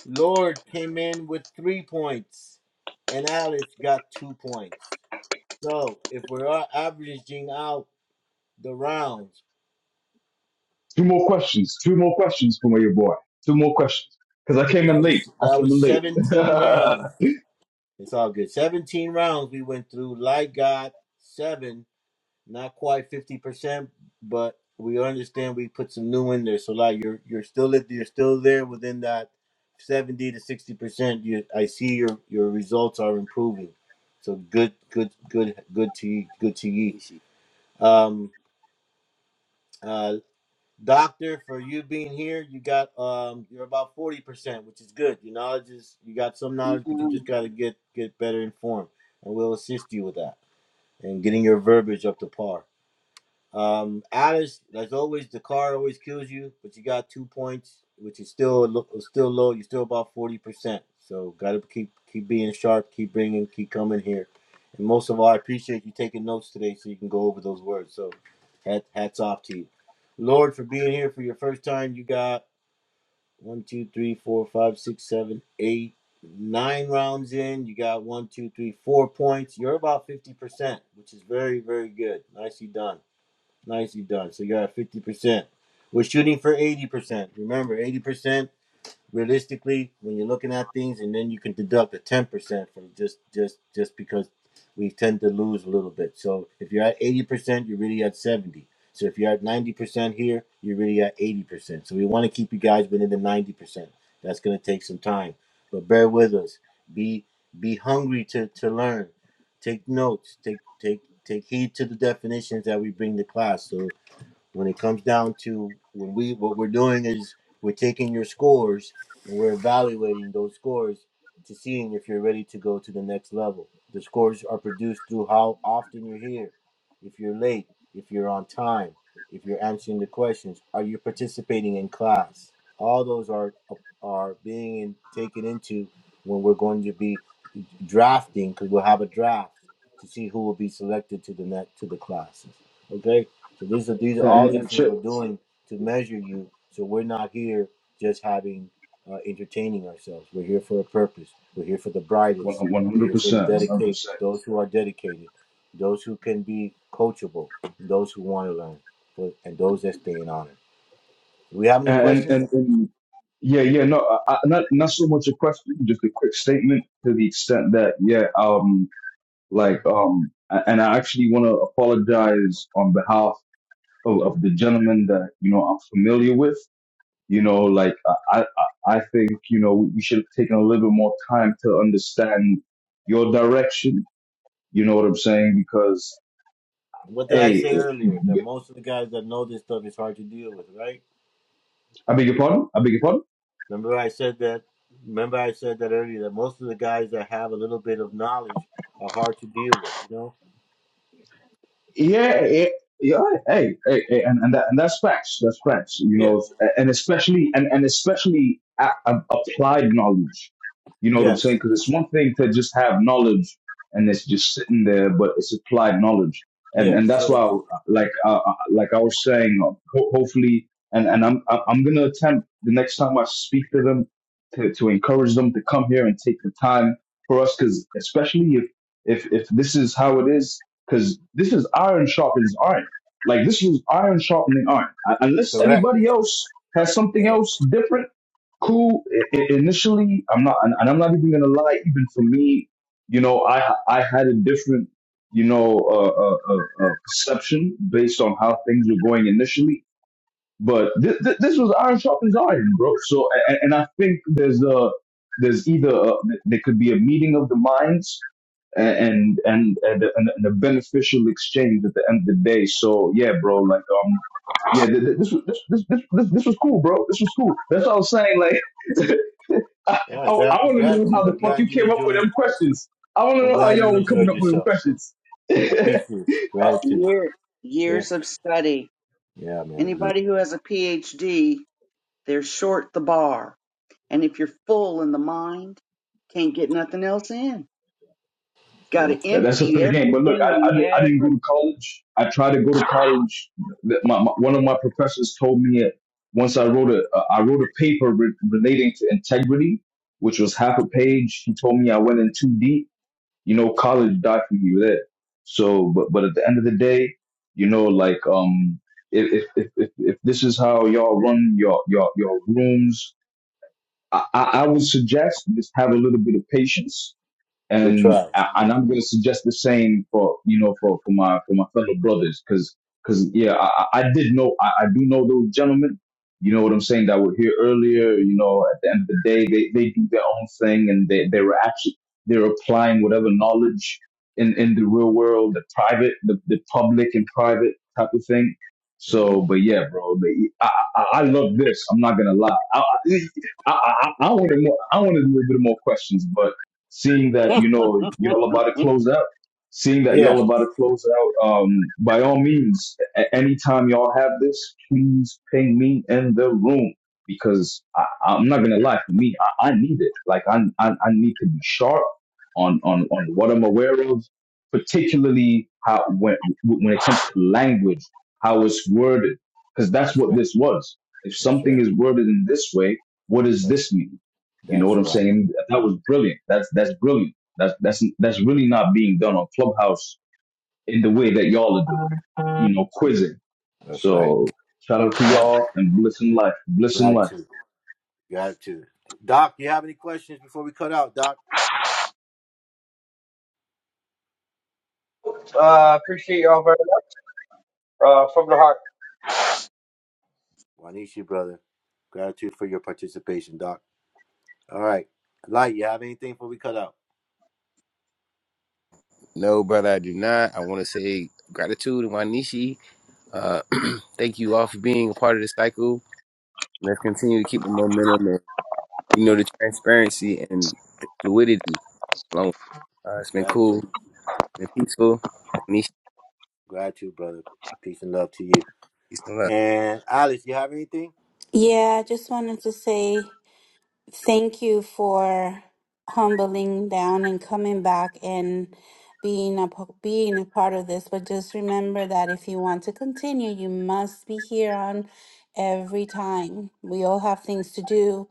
S2: Lord came in with three points, and Alex got two points. So if we're a- averaging out the rounds,
S7: two more questions, two more questions from your boy. Two more questions. Cause I came
S2: that
S7: in late.
S2: was
S7: I
S2: that
S7: came
S2: was
S7: in late.
S2: 17 rounds.
S7: and,
S2: It's all good. 17 rounds we went through. Light got seven. Not quite fifty percent, but we understand we put some new in there. So like you're you're still at you're still there within that seventy to sixty percent. You I see your your results are improving. So good good good good to you good to you.
S1: Nishi.
S2: Um uh Doctor, for you being here, you got um you're about forty percent, which is good. Your knowledge is you got some knowledge, but you just gotta get get better informed and we'll assist you with that and getting your verbiage up to par. Um, Alice, as always, the car always kills you, but you got two points, which is still still low. You're still about forty percent, so gotta keep keep being sharp, keep bringing, keep coming here. And most of all, I appreciate you taking notes today, so you can go over those words. So, hat, hats off to you, Lord, for being here for your first time. You got one, two, three, four, five, six, seven, eight, nine rounds in. You got one, two, three, four points. You're about fifty percent, which is very very good. Nicely done. Nicely done. So you got 50%. We're shooting for 80%. Remember, 80% realistically when you're looking at things and then you can deduct a 10% from just just just because we tend to lose a little bit so if you're at 80% you're really at 70 so if you're at 90% here you're really at 80% so we want to keep you guys within the 90% that's going to take some time but bear with us be be hungry to to learn take notes take take take heed to the definitions that we bring to class so when it comes down to when we what we're doing is we're taking your scores and we're evaluating those scores to seeing if you're ready to go to the next level. The scores are produced through how often you're here, if you're late, if you're on time, if you're answering the questions, are you participating in class? All those are are being in, taken into when we're going to be drafting because we'll have a draft to see who will be selected to the net to the classes. Okay so these are these are all these
S7: and
S2: things
S7: shit,
S2: we're doing to measure you. So we're not here just having uh, entertaining ourselves. We're here for a purpose. We're here for the brightest.
S7: one
S2: We're
S7: hundred
S2: here for the
S7: percent, one hundred
S2: dedicate
S7: percent.
S2: those who are dedicated, those who can be coachable, those who want to learn, but- and those that stay in honor. Do we have
S7: Uh,
S2: any
S7: And
S2: questions?
S7: and, and yeah, yeah, no, I, I- not not so much a question, just a quick statement to the extent that yeah, um, like um, a- and I actually want to apologize on behalf of, of the gentleman that you know I'm familiar with. You know, like I I, I I think you know we should have taken a little bit more time to understand your direction. You know what I'm saying? Because
S2: What did I
S7: hey,
S2: say earlier? That most of the guys that know this stuff is hard to deal with, right?
S7: I beg your pardon. I beg your pardon.
S2: Remember I said that. Remember I said that earlier. That most of the guys that have a little bit of knowledge are hard to deal with. You know,
S7: Yeah, yeah, yeah. Hey, hey, hey, and and, that, and that's facts. That's facts. You
S2: Yeah.
S7: know, and especially and and especially a, a- applied knowledge. You know what I'm
S2: Yes.
S7: saying? Because it's one thing to just have knowledge and it's just sitting there, but it's applied knowledge, and and
S2: Yes.
S7: that's
S2: So
S7: why, like, uh, uh, like I was saying, uh, ho- hopefully, and and I'm I'm I'm gonna attempt the next time I speak to them to to encourage them to come here and take the time for us, because especially if if if this is how it is because this is iron sharpens iron. Like this was iron sharpening iron. I- Unless
S2: correct.
S7: anybody else has something
S2: Correct.
S7: else different, cool. I- I- initially, I'm not, and and I'm not even gonna lie. Even for me, you know, I I had a different, you know, uh, uh, uh, uh, perception based on how things were going initially but th- th- this was iron sharpens iron, bro. So, and, and I think there's a there's either a, there could be a meeting of the minds and and and, and, and a beneficial exchange at the end of the day. So yeah, bro, like um, yeah, th- th- this was this this this this this was cool, bro. This was cool. That's what I was saying. Like, I
S2: All
S7: I,
S2: right. Gra-
S7: I want to know how
S2: gratitude. I'm
S7: the fuck
S2: glad
S7: you
S2: you
S7: came up with
S2: enjoyed.
S7: them questions. I want to
S2: I'm
S7: know how
S2: glad you
S7: y'all were coming
S2: enjoyed
S7: up with them
S2: yourself.
S7: questions.
S2: I appreciate it. gratitude.
S8: Year,
S2: Yeah.
S8: years of study.
S2: Yeah, man. We,
S8: Anybody who has a PhD, they're short the bar. And if you're full in the mind, can't get nothing else in. Got
S2: yeah.
S8: to
S7: That, that's a
S8: empty
S7: fair game. But look,
S8: everything
S7: I,
S8: you
S7: I, di- I didn't go
S8: ever.
S7: to college. I tried to go to college. Th- My, my, one of my professors told me it once I wrote a, uh, I wrote a paper re- relating to integrity, which was half a page. He told me I went in too deep. You know, college died for you there. So, but, but at the end of the day, you know, like, um, if, if, if, if if this is how y'all run your, your, your rooms, I, I I would suggest just have a little bit of patience
S2: We
S7: and
S2: try.
S7: uh, and I'm gonna suggest the same for you know for for my for my fellow brothers because because yeah I, I did know I, I do know those gentlemen you know what I'm saying that were here earlier you know at the end of the day they they do their own thing and they they were actually they're applying whatever knowledge in in the real world the private the the public and private type of thing
S2: hmm
S7: so but yeah bro but I I, I love this I'm not gonna lie I I, I I wanted more I wanted a little bit more questions but seeing that you know y'all about to close out, seeing that
S2: Yeah.
S7: y'all about to close out, um, by all means, a- anytime y'all have this, please ping me in the room because I, I'm not gonna lie, for me, I, I need it. Like I, I I need to be sharp on on on what I'm aware of, particularly how when when it comes to language, how it's worded, because that's
S2: That's
S7: what
S2: right.
S7: this was. If
S2: That's
S7: something
S2: right.
S7: is worded in this way, what does
S2: That's,
S7: this mean? You know what
S2: that's
S7: I'm
S2: right.
S7: saying? That was brilliant. That's that's brilliant. That's that's that's really not being done on Clubhouse in the way that y'all are doing it. You know, quizzing.
S2: That's right.
S7: So shout out to
S2: All right.
S7: y'all and bliss in life, bliss in life,
S2: Gratitude. Gratitude. Doc, you have any questions before we cut out, Doc?
S10: Uh. Appreciate y'all very much. Uh. From the heart.
S2: Wanishi, brother. Gratitude for your participation, Doc. All right. Light, you have anything before we cut out?
S1: no, brother, I do not. I want to say gratitude to Wanishi. Uh, thank you all for being a part of this cycle. Let's continue to keep the momentum you know, the transparency and the fluidity. Along with, it. uh, it's been
S2: Gratitude.
S1: cool, It's been peaceful. Peace
S2: Gratitude, brother. Peace and love to you.
S1: and love.
S2: And Alice, you have anything?
S3: Yeah, I just wanted to say. thank you for humbling down and coming back and being a p- being a part of this but just remember that if you want to continue you must be here on every time we all have things to do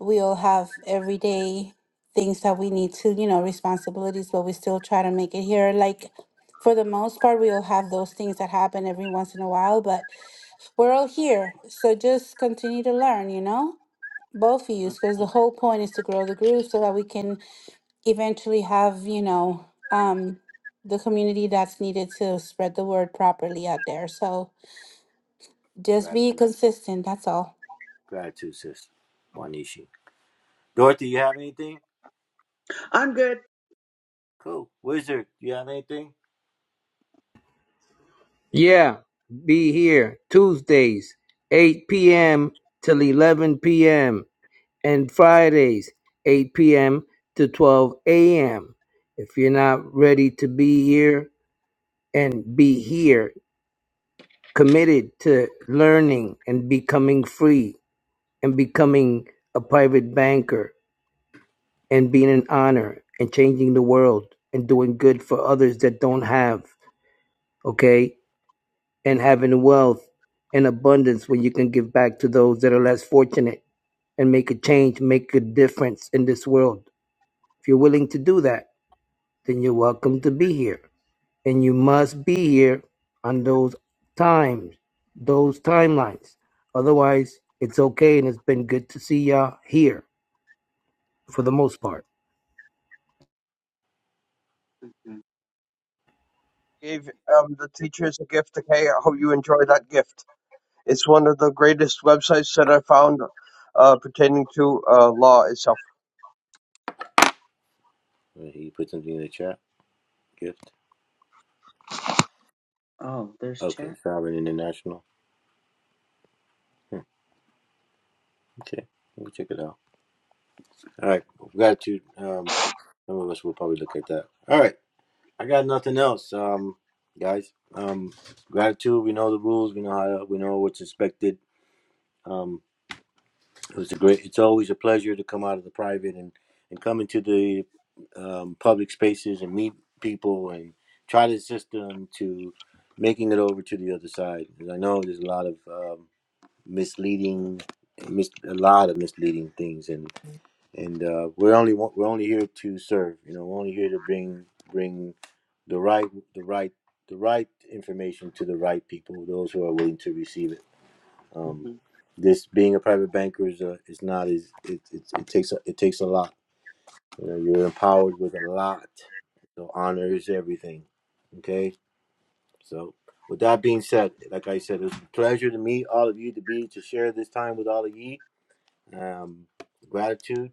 S3: we all have everyday things that we need to you know responsibilities but we still try to make it here like for the most part we all have those things that happen every once in a while but we're all here so just continue to learn you know both of you because the whole point is to grow the group so that we can eventually have you know um the community that's needed to spread the word properly out there so just be
S2: Gratitude.
S3: consistent that's all
S2: Gratitude, sis. Wanishi. Dorothy, you have anything?
S8: I'm good.
S2: Cool. Wizard, you have anything?
S11: Yeah. Be here Tuesdays, 8 p.m. till 11 p.m. and Fridays, 8 p.m. to 12 a.m. If you're not ready to be here and be here, committed to learning and becoming free and becoming a private banker, and being an honor and changing the world and doing good for others that don't have, okay? And having wealth and abundance when you can give back to those that are less fortunate and make a change, make a difference in this world. If you're willing to do that, then you're welcome to be here. And you must be here on those times, those timelines. Otherwise, it's okay and it's been good to see y'all here for the most part.
S10: gave um, the teachers a gift. Okay, I hope you enjoy that gift. It's one of the greatest websites that I found uh, pertaining to uh, law itself.
S2: Uh, He put something in the chat. Gift.
S8: Oh, there's
S2: Okay.
S8: chat.
S2: Sovereign International. Okay. We'll check it out. All right. Gratitude. Um, some of us will probably look at that. All right. I got nothing else. Um, guys. Um, gratitude. We know the rules. We know how. We know what's expected. Um, It was a great. It's always a pleasure to come out of the private and and come into the um, public spaces and meet people and try the system to making it over to the other side. 'Cause I know there's a lot of um, misleading, mis- a lot of misleading things, and and uh, we're only wa- we're only here to serve. You know, we're only here to bring bring the right the right the right information to the right people, those who are willing to receive it. Um,
S8: hmm
S2: this being a private banker is uh, is not is it, it it takes a, it takes a lot. You know, you're empowered with a lot. So honor is everything. Okay. So with that being said, like I said, it's a pleasure to meet all of you to be to share this time with all of you. Um, gratitude,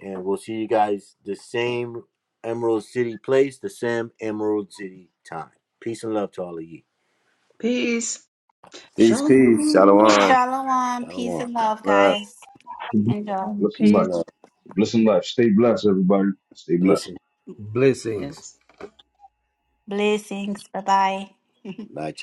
S2: and we'll see you guys the same Emerald City place, the same Emerald City time. Peace and love to all of you.
S8: Peace.
S1: Peace, peace.
S8: Shalom.
S1: Shalom.
S3: shalom peace
S2: Elwan.
S3: and love
S1: Love.
S3: guys
S7: bliss
S3: enjoy
S7: in life,
S3: Mm.
S7: bliss
S2: Peace
S7: in life.
S2: and
S8: Peace.
S2: love.
S7: Bliss in life. Stay blessed, everybody. Stay blessed.
S2: Listen.
S11: Blessings.
S8: Yes.
S3: blessings bye bye
S2: Bye, child.